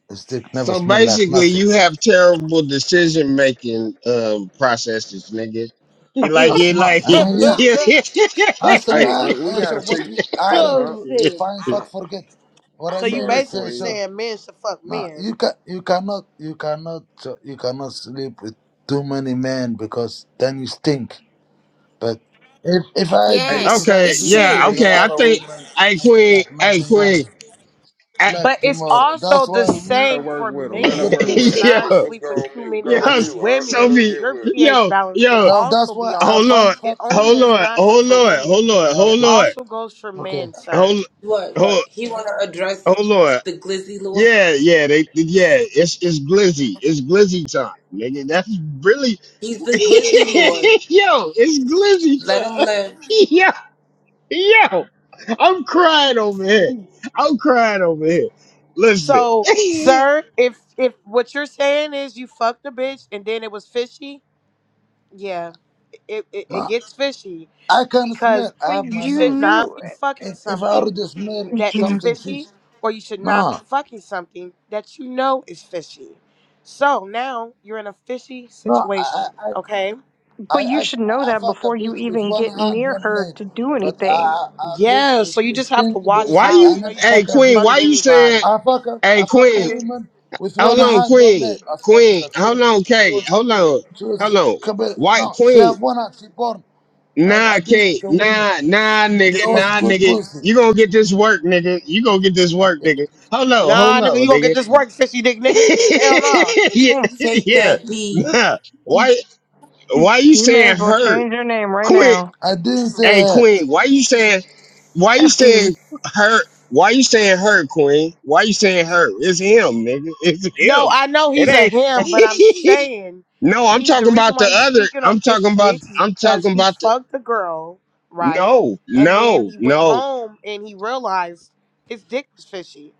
[SPEAKER 5] his dick never
[SPEAKER 1] So
[SPEAKER 5] smell like
[SPEAKER 1] basically
[SPEAKER 5] nothing.
[SPEAKER 1] you have terrible decision making um processes, nigga. You like you
[SPEAKER 5] Asma,
[SPEAKER 1] like it.
[SPEAKER 5] yeah, As a
[SPEAKER 3] Hey,
[SPEAKER 5] man,
[SPEAKER 3] uh, we
[SPEAKER 5] uh, so
[SPEAKER 3] gotta
[SPEAKER 5] what
[SPEAKER 3] fix.
[SPEAKER 5] we are
[SPEAKER 3] Hey,
[SPEAKER 5] to
[SPEAKER 7] oh
[SPEAKER 3] uh, uh,
[SPEAKER 5] do is
[SPEAKER 1] Yeah.
[SPEAKER 7] shit.
[SPEAKER 5] find fuck
[SPEAKER 3] I'm
[SPEAKER 5] forget. What I
[SPEAKER 7] So you
[SPEAKER 5] mean
[SPEAKER 3] sorry,
[SPEAKER 5] is, uh,
[SPEAKER 7] basically
[SPEAKER 5] so
[SPEAKER 3] Queen.
[SPEAKER 7] saying men should fuck
[SPEAKER 5] no,
[SPEAKER 7] men.
[SPEAKER 5] you can you cannot you cannot so you cannot sleep with too many men because then you stink. But if if I do
[SPEAKER 3] Hey,
[SPEAKER 5] if
[SPEAKER 8] yes,
[SPEAKER 5] I
[SPEAKER 1] Okay,
[SPEAKER 8] it's
[SPEAKER 5] do
[SPEAKER 1] yeah,
[SPEAKER 5] sleep
[SPEAKER 8] true.
[SPEAKER 5] with
[SPEAKER 3] hey,
[SPEAKER 5] a
[SPEAKER 1] okay.
[SPEAKER 3] ca-
[SPEAKER 1] I
[SPEAKER 5] lot of
[SPEAKER 1] think,
[SPEAKER 5] women,
[SPEAKER 1] hey
[SPEAKER 5] it's
[SPEAKER 1] Queen,
[SPEAKER 5] like
[SPEAKER 1] hey
[SPEAKER 5] nothing
[SPEAKER 1] Queen,
[SPEAKER 5] happened. It's
[SPEAKER 1] I,
[SPEAKER 5] like
[SPEAKER 7] But it's
[SPEAKER 5] tomorrow.
[SPEAKER 7] also
[SPEAKER 5] That's
[SPEAKER 7] the
[SPEAKER 5] why we
[SPEAKER 3] let her
[SPEAKER 7] same
[SPEAKER 3] work
[SPEAKER 7] for
[SPEAKER 3] with him.
[SPEAKER 5] we
[SPEAKER 3] Let her
[SPEAKER 7] men. You
[SPEAKER 3] work with him, bro.
[SPEAKER 5] produce.
[SPEAKER 7] cannot
[SPEAKER 1] yo,
[SPEAKER 3] Let's go
[SPEAKER 7] sleep with
[SPEAKER 3] on
[SPEAKER 7] too
[SPEAKER 3] mute. Go
[SPEAKER 7] many
[SPEAKER 5] Uh,
[SPEAKER 3] on
[SPEAKER 1] yo,
[SPEAKER 3] mute, Unc.
[SPEAKER 7] women
[SPEAKER 3] Let him
[SPEAKER 7] because
[SPEAKER 1] Sophie,
[SPEAKER 3] get
[SPEAKER 7] your
[SPEAKER 3] with 'em.
[SPEAKER 7] pH
[SPEAKER 1] yo,
[SPEAKER 7] balance can
[SPEAKER 1] yo,
[SPEAKER 5] now that's
[SPEAKER 7] also be
[SPEAKER 5] why I
[SPEAKER 7] off.
[SPEAKER 1] hold
[SPEAKER 5] find
[SPEAKER 1] on.
[SPEAKER 7] It
[SPEAKER 5] fuck
[SPEAKER 7] only
[SPEAKER 1] hold
[SPEAKER 5] forget.
[SPEAKER 7] does
[SPEAKER 1] on.
[SPEAKER 7] not go
[SPEAKER 1] hold
[SPEAKER 7] for
[SPEAKER 1] on.
[SPEAKER 7] women.
[SPEAKER 1] hold on.
[SPEAKER 5] Yeah,
[SPEAKER 7] It
[SPEAKER 1] hold
[SPEAKER 5] okay,
[SPEAKER 1] on.
[SPEAKER 7] also goes for
[SPEAKER 5] okay.
[SPEAKER 7] men, sir.
[SPEAKER 1] hold,
[SPEAKER 2] What,
[SPEAKER 1] hold,
[SPEAKER 2] what? He want to address
[SPEAKER 1] hold on.
[SPEAKER 2] the glizzy lord?
[SPEAKER 1] Yeah, yeah, they, yeah. It's it's glizzy, it's glizzy time, nigga. That's really,
[SPEAKER 2] He's
[SPEAKER 1] yo,
[SPEAKER 2] the glizzy lord.
[SPEAKER 1] it's glizzy
[SPEAKER 2] Let him
[SPEAKER 1] time.
[SPEAKER 2] live.
[SPEAKER 1] Yo, yo. I'm crying over here. I'm crying over here. Listen,
[SPEAKER 7] So, sir, if if what you're saying is you fucked a bitch and then it was fishy, Yeah, it, it, it
[SPEAKER 5] No,
[SPEAKER 7] gets fishy
[SPEAKER 5] I can
[SPEAKER 7] because
[SPEAKER 5] smell. I
[SPEAKER 6] but
[SPEAKER 5] have
[SPEAKER 7] you
[SPEAKER 5] my
[SPEAKER 6] you
[SPEAKER 7] should
[SPEAKER 5] nose.
[SPEAKER 7] not
[SPEAKER 6] knew
[SPEAKER 7] be fucking
[SPEAKER 5] if, if I
[SPEAKER 7] something
[SPEAKER 5] already smell
[SPEAKER 7] that is
[SPEAKER 6] it.
[SPEAKER 5] something fish,
[SPEAKER 7] fishy, or you should not be
[SPEAKER 5] no,
[SPEAKER 7] fucking something that you know is fishy. So now you're in a fishy
[SPEAKER 5] no, I I
[SPEAKER 7] situation,
[SPEAKER 5] I
[SPEAKER 7] okay?
[SPEAKER 6] but
[SPEAKER 5] I,
[SPEAKER 6] you
[SPEAKER 5] I
[SPEAKER 6] should know that
[SPEAKER 5] fuck a
[SPEAKER 6] before you
[SPEAKER 5] bitch with
[SPEAKER 6] even
[SPEAKER 5] one
[SPEAKER 6] get
[SPEAKER 5] hand,
[SPEAKER 6] near
[SPEAKER 5] one
[SPEAKER 6] her
[SPEAKER 5] leg,
[SPEAKER 6] to do
[SPEAKER 5] but I
[SPEAKER 6] anything.
[SPEAKER 5] I I bitch
[SPEAKER 7] Yeah,
[SPEAKER 5] with
[SPEAKER 7] so you
[SPEAKER 5] with
[SPEAKER 7] just have to
[SPEAKER 5] stinky
[SPEAKER 7] watch
[SPEAKER 1] why
[SPEAKER 5] pussy.
[SPEAKER 7] out.
[SPEAKER 5] I
[SPEAKER 1] you?
[SPEAKER 7] You know, you
[SPEAKER 5] never
[SPEAKER 7] just
[SPEAKER 1] Hey,
[SPEAKER 5] fuck a
[SPEAKER 7] can't
[SPEAKER 1] Queen,
[SPEAKER 5] bitch
[SPEAKER 7] fuck
[SPEAKER 1] why
[SPEAKER 5] with.
[SPEAKER 1] you
[SPEAKER 5] it.
[SPEAKER 7] anybody.
[SPEAKER 1] saying?
[SPEAKER 5] I fuck a
[SPEAKER 1] Hey,
[SPEAKER 5] I fuck a
[SPEAKER 1] Queen,
[SPEAKER 5] woman with one
[SPEAKER 1] hold on,
[SPEAKER 5] hand, one
[SPEAKER 1] Queen,
[SPEAKER 5] leg. I swear to
[SPEAKER 1] Queen,
[SPEAKER 5] God, she was
[SPEAKER 1] hold on,
[SPEAKER 5] she
[SPEAKER 1] Kate,
[SPEAKER 5] was
[SPEAKER 1] hold on,
[SPEAKER 5] she was
[SPEAKER 1] hold on.
[SPEAKER 5] couple-
[SPEAKER 1] White
[SPEAKER 5] no, she
[SPEAKER 1] Queen,
[SPEAKER 5] have one hand. She born. I I
[SPEAKER 1] nah,
[SPEAKER 5] been with
[SPEAKER 1] Kate,
[SPEAKER 5] the women.
[SPEAKER 1] nah, nah,
[SPEAKER 5] That that
[SPEAKER 1] nigga,
[SPEAKER 5] was
[SPEAKER 1] nah,
[SPEAKER 5] good
[SPEAKER 1] nigga.
[SPEAKER 5] pussy.
[SPEAKER 1] You gonna get this work, nigga. You gonna get this work,
[SPEAKER 5] Okay.
[SPEAKER 1] nigga. Hold on, hold
[SPEAKER 7] nah, nigga,
[SPEAKER 1] on,
[SPEAKER 7] you gonna get
[SPEAKER 1] nigga.
[SPEAKER 7] this work, fishy dick nigga. Hell no.
[SPEAKER 1] yeah,
[SPEAKER 6] Hmm,
[SPEAKER 2] Take
[SPEAKER 1] yeah.
[SPEAKER 2] that D.
[SPEAKER 1] Nah. Why, why you
[SPEAKER 6] You may as
[SPEAKER 1] saying
[SPEAKER 6] well
[SPEAKER 1] her?
[SPEAKER 6] change your name right
[SPEAKER 1] Queen?
[SPEAKER 6] now.
[SPEAKER 5] I didn't say
[SPEAKER 1] Hey
[SPEAKER 5] her.
[SPEAKER 1] Queen, why you saying why you
[SPEAKER 6] FD.
[SPEAKER 1] saying her why you saying her, Queen? Why you saying her? It's him, nigga. It's
[SPEAKER 7] No,
[SPEAKER 1] him.
[SPEAKER 7] I know
[SPEAKER 1] It
[SPEAKER 7] he's a him, but I'm
[SPEAKER 1] ain't
[SPEAKER 7] saying
[SPEAKER 1] No, I'm
[SPEAKER 7] he the
[SPEAKER 1] talking
[SPEAKER 7] reason
[SPEAKER 1] about the
[SPEAKER 7] why he's
[SPEAKER 1] other
[SPEAKER 7] speaking
[SPEAKER 1] I'm
[SPEAKER 7] on
[SPEAKER 1] talking
[SPEAKER 7] 50
[SPEAKER 1] about
[SPEAKER 7] dicks is
[SPEAKER 1] I'm
[SPEAKER 7] because
[SPEAKER 1] talking
[SPEAKER 7] he
[SPEAKER 1] about the
[SPEAKER 7] fucked the girl, right?
[SPEAKER 1] No,
[SPEAKER 7] And then
[SPEAKER 1] no,
[SPEAKER 7] he went
[SPEAKER 1] no,
[SPEAKER 7] home and he realized his dick was fishy.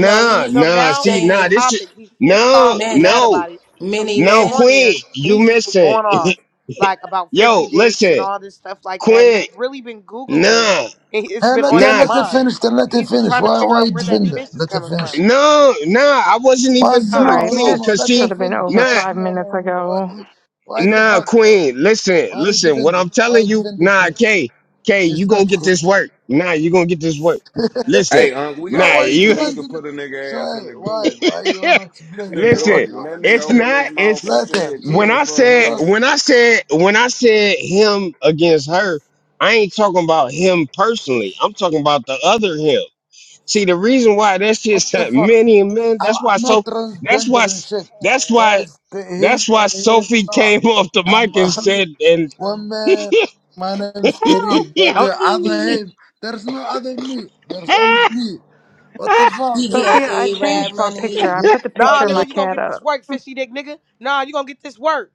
[SPEAKER 2] No, he was
[SPEAKER 7] So
[SPEAKER 1] nah,
[SPEAKER 7] now
[SPEAKER 1] see,
[SPEAKER 7] it's a
[SPEAKER 1] nah,
[SPEAKER 2] saying
[SPEAKER 1] this is
[SPEAKER 7] topic. He's pissed
[SPEAKER 1] no,
[SPEAKER 7] off, he's mad
[SPEAKER 2] men.
[SPEAKER 1] no,
[SPEAKER 7] about it. So he
[SPEAKER 2] Many
[SPEAKER 1] no,
[SPEAKER 7] came
[SPEAKER 2] men.
[SPEAKER 7] on
[SPEAKER 1] Queen,
[SPEAKER 7] here,
[SPEAKER 1] you
[SPEAKER 7] he's just been
[SPEAKER 1] missing.
[SPEAKER 7] going off like about fishy
[SPEAKER 1] Yo,
[SPEAKER 7] dicks and
[SPEAKER 1] listen,
[SPEAKER 7] all this stuff like that. He's
[SPEAKER 1] Quinn,
[SPEAKER 7] really been Googling it.
[SPEAKER 1] nah,
[SPEAKER 7] and It's
[SPEAKER 5] Hey,
[SPEAKER 7] been
[SPEAKER 5] let
[SPEAKER 7] on
[SPEAKER 5] her
[SPEAKER 1] nah,
[SPEAKER 7] his
[SPEAKER 5] let her finish.
[SPEAKER 7] mind.
[SPEAKER 5] Then let her
[SPEAKER 7] He's been
[SPEAKER 5] finish.
[SPEAKER 7] trying to
[SPEAKER 5] Why
[SPEAKER 7] figure
[SPEAKER 5] why you
[SPEAKER 7] out where that
[SPEAKER 5] defend her?
[SPEAKER 7] fish is
[SPEAKER 5] Let her
[SPEAKER 7] coming
[SPEAKER 5] finish.
[SPEAKER 7] from.
[SPEAKER 1] No, nah, I wasn't even
[SPEAKER 5] Was
[SPEAKER 6] All
[SPEAKER 1] done,
[SPEAKER 5] no,
[SPEAKER 6] right,
[SPEAKER 5] no,
[SPEAKER 1] Queen.
[SPEAKER 5] no,
[SPEAKER 6] this
[SPEAKER 1] Cause
[SPEAKER 5] let her
[SPEAKER 6] should
[SPEAKER 1] see,
[SPEAKER 6] have been
[SPEAKER 5] finish.
[SPEAKER 6] over
[SPEAKER 1] nah,
[SPEAKER 5] Was
[SPEAKER 6] five
[SPEAKER 5] no,
[SPEAKER 6] minutes
[SPEAKER 5] no, no, no. Why,
[SPEAKER 6] ago.
[SPEAKER 5] why the
[SPEAKER 1] nah,
[SPEAKER 5] fuck?
[SPEAKER 1] Queen. Listen,
[SPEAKER 5] Why you
[SPEAKER 1] listen. What
[SPEAKER 5] defending?
[SPEAKER 1] I'm
[SPEAKER 5] Why
[SPEAKER 1] telling
[SPEAKER 5] you
[SPEAKER 1] you,
[SPEAKER 5] defending
[SPEAKER 1] nah,
[SPEAKER 5] Queen?
[SPEAKER 1] K, K,
[SPEAKER 5] She's
[SPEAKER 1] you gonna
[SPEAKER 5] not
[SPEAKER 1] get this
[SPEAKER 5] Queen.
[SPEAKER 1] work. Nah, you gonna get this work. Listen,
[SPEAKER 3] Hey, Unc, we
[SPEAKER 5] no,
[SPEAKER 3] gotta
[SPEAKER 1] nah,
[SPEAKER 5] why you
[SPEAKER 3] fix it where
[SPEAKER 1] you
[SPEAKER 3] we could
[SPEAKER 5] defending? her?
[SPEAKER 3] put a
[SPEAKER 5] So
[SPEAKER 3] nigga ass in
[SPEAKER 5] eh,
[SPEAKER 3] the
[SPEAKER 5] why,
[SPEAKER 3] goo, man.
[SPEAKER 5] why you wanna
[SPEAKER 3] This
[SPEAKER 5] explain?
[SPEAKER 3] nigga,
[SPEAKER 5] why
[SPEAKER 1] listen.
[SPEAKER 3] look,
[SPEAKER 5] you
[SPEAKER 3] when
[SPEAKER 5] wanna
[SPEAKER 3] that nigga
[SPEAKER 1] It's
[SPEAKER 5] explain?
[SPEAKER 3] opened his
[SPEAKER 1] not.
[SPEAKER 3] mouth
[SPEAKER 1] It's
[SPEAKER 3] and
[SPEAKER 5] Let her.
[SPEAKER 3] said
[SPEAKER 5] She,
[SPEAKER 1] when
[SPEAKER 3] 10
[SPEAKER 1] I
[SPEAKER 3] for a
[SPEAKER 5] she
[SPEAKER 1] said
[SPEAKER 3] 100,
[SPEAKER 5] was
[SPEAKER 1] when I said when I said him against her. I ain't talking about him personally. I'm talking about the other him. See, the reason why that shit
[SPEAKER 5] What the
[SPEAKER 1] set
[SPEAKER 5] fuck?
[SPEAKER 1] many men,
[SPEAKER 5] I'm,
[SPEAKER 1] that's
[SPEAKER 5] I'm
[SPEAKER 1] why
[SPEAKER 5] not
[SPEAKER 1] so that's
[SPEAKER 5] transgender
[SPEAKER 1] why
[SPEAKER 5] and shit.
[SPEAKER 1] that's why
[SPEAKER 5] That's the him
[SPEAKER 1] that's why
[SPEAKER 5] and him
[SPEAKER 1] Sophie
[SPEAKER 5] not.
[SPEAKER 1] came off the
[SPEAKER 5] I'm
[SPEAKER 1] mic and
[SPEAKER 5] only
[SPEAKER 1] said and
[SPEAKER 5] one man. My name's
[SPEAKER 6] Help
[SPEAKER 5] Kareem,
[SPEAKER 1] you
[SPEAKER 5] but
[SPEAKER 1] know
[SPEAKER 5] the other
[SPEAKER 6] me.
[SPEAKER 5] him, there's no other me. There's only me. What the fuck?
[SPEAKER 2] He
[SPEAKER 5] Hey,
[SPEAKER 2] getting
[SPEAKER 6] Sophia, I
[SPEAKER 5] talking.
[SPEAKER 2] A-Rab
[SPEAKER 6] changed my
[SPEAKER 5] Hey,
[SPEAKER 2] money.
[SPEAKER 6] picture. I
[SPEAKER 5] him,
[SPEAKER 6] put the
[SPEAKER 7] Nah,
[SPEAKER 6] picture
[SPEAKER 5] other
[SPEAKER 6] of my
[SPEAKER 7] nigga, you gonna
[SPEAKER 6] cat
[SPEAKER 7] get this
[SPEAKER 6] up.
[SPEAKER 7] work, fishy dick nigga. Nah, you gonna get this work.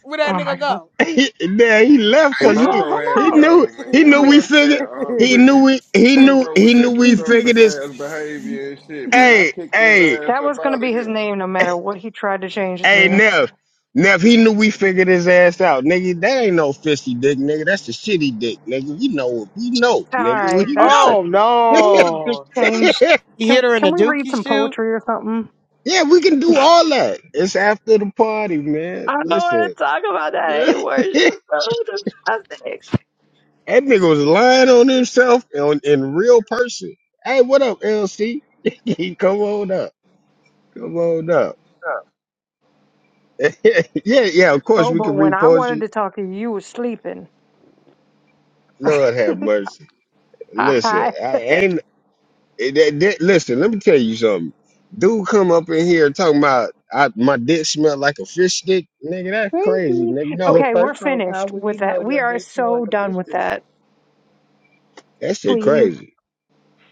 [SPEAKER 7] Where that
[SPEAKER 6] Oh my
[SPEAKER 7] nigga go?
[SPEAKER 1] yeah, he left
[SPEAKER 3] hey,
[SPEAKER 6] We
[SPEAKER 1] because he
[SPEAKER 6] drove him
[SPEAKER 3] Burbo had
[SPEAKER 1] he
[SPEAKER 3] to
[SPEAKER 6] out.
[SPEAKER 1] knew
[SPEAKER 3] go,
[SPEAKER 1] he
[SPEAKER 6] I
[SPEAKER 3] man.
[SPEAKER 1] knew
[SPEAKER 6] mean,
[SPEAKER 1] we
[SPEAKER 3] Fuck
[SPEAKER 1] figured
[SPEAKER 3] that, Unc,
[SPEAKER 1] he knew
[SPEAKER 3] man.
[SPEAKER 1] we he knew
[SPEAKER 3] Burbo
[SPEAKER 1] he
[SPEAKER 3] with
[SPEAKER 1] knew
[SPEAKER 3] that
[SPEAKER 1] we
[SPEAKER 3] destructive
[SPEAKER 1] figured this
[SPEAKER 3] ass behavior and shit, man. I
[SPEAKER 1] hey
[SPEAKER 3] kicked his
[SPEAKER 1] hey
[SPEAKER 3] ass
[SPEAKER 6] that
[SPEAKER 3] up
[SPEAKER 6] was going to
[SPEAKER 3] out of
[SPEAKER 6] be his
[SPEAKER 3] here.
[SPEAKER 6] name no matter what he tried to change it
[SPEAKER 1] hey
[SPEAKER 6] to.
[SPEAKER 1] Neff Neff he knew we figured his ass out nigga that ain't no fishy dick nigga that's a shitty dick nigga we know we know
[SPEAKER 6] All
[SPEAKER 1] nigga
[SPEAKER 6] right,
[SPEAKER 1] we
[SPEAKER 6] that's the.
[SPEAKER 7] oh
[SPEAKER 1] know
[SPEAKER 6] Can we just
[SPEAKER 7] no.
[SPEAKER 6] change?
[SPEAKER 7] He hit
[SPEAKER 6] Can
[SPEAKER 7] her in the
[SPEAKER 6] Can we read
[SPEAKER 7] dookie
[SPEAKER 6] some
[SPEAKER 7] shoot.
[SPEAKER 6] poetry or something?
[SPEAKER 1] Yeah, we can do all that. It's after the party, man.
[SPEAKER 6] I don't
[SPEAKER 1] Listen,
[SPEAKER 6] want to talk about that
[SPEAKER 1] that
[SPEAKER 6] anymore. It's just so disgusting.
[SPEAKER 1] nigga was lying on himself on, in real person. Hey, what up, LC? Come on up. Come on up. yeah, yeah, of course
[SPEAKER 6] Oh,
[SPEAKER 1] we
[SPEAKER 6] but
[SPEAKER 1] can
[SPEAKER 6] when
[SPEAKER 1] read
[SPEAKER 6] I wanted
[SPEAKER 1] poetry.
[SPEAKER 6] to talk to you, you was sleeping.
[SPEAKER 1] Lord have mercy. Listen,
[SPEAKER 6] Hi.
[SPEAKER 1] I ain't. It, that that- listen, let me tell you something. Dude, come up in here talking about I, my dick smell like a fish stick. Nigga, that's crazy,
[SPEAKER 6] Crazy.
[SPEAKER 1] nigga. No,
[SPEAKER 9] Well,
[SPEAKER 6] Okay, we're
[SPEAKER 9] first off, how
[SPEAKER 6] finished
[SPEAKER 9] will you
[SPEAKER 6] with
[SPEAKER 9] know
[SPEAKER 6] that.
[SPEAKER 9] your
[SPEAKER 6] We are
[SPEAKER 9] dick smell like
[SPEAKER 6] so
[SPEAKER 9] a
[SPEAKER 6] done
[SPEAKER 9] fish
[SPEAKER 6] with
[SPEAKER 9] dick?
[SPEAKER 6] that.
[SPEAKER 1] that shit
[SPEAKER 6] Please,
[SPEAKER 1] crazy.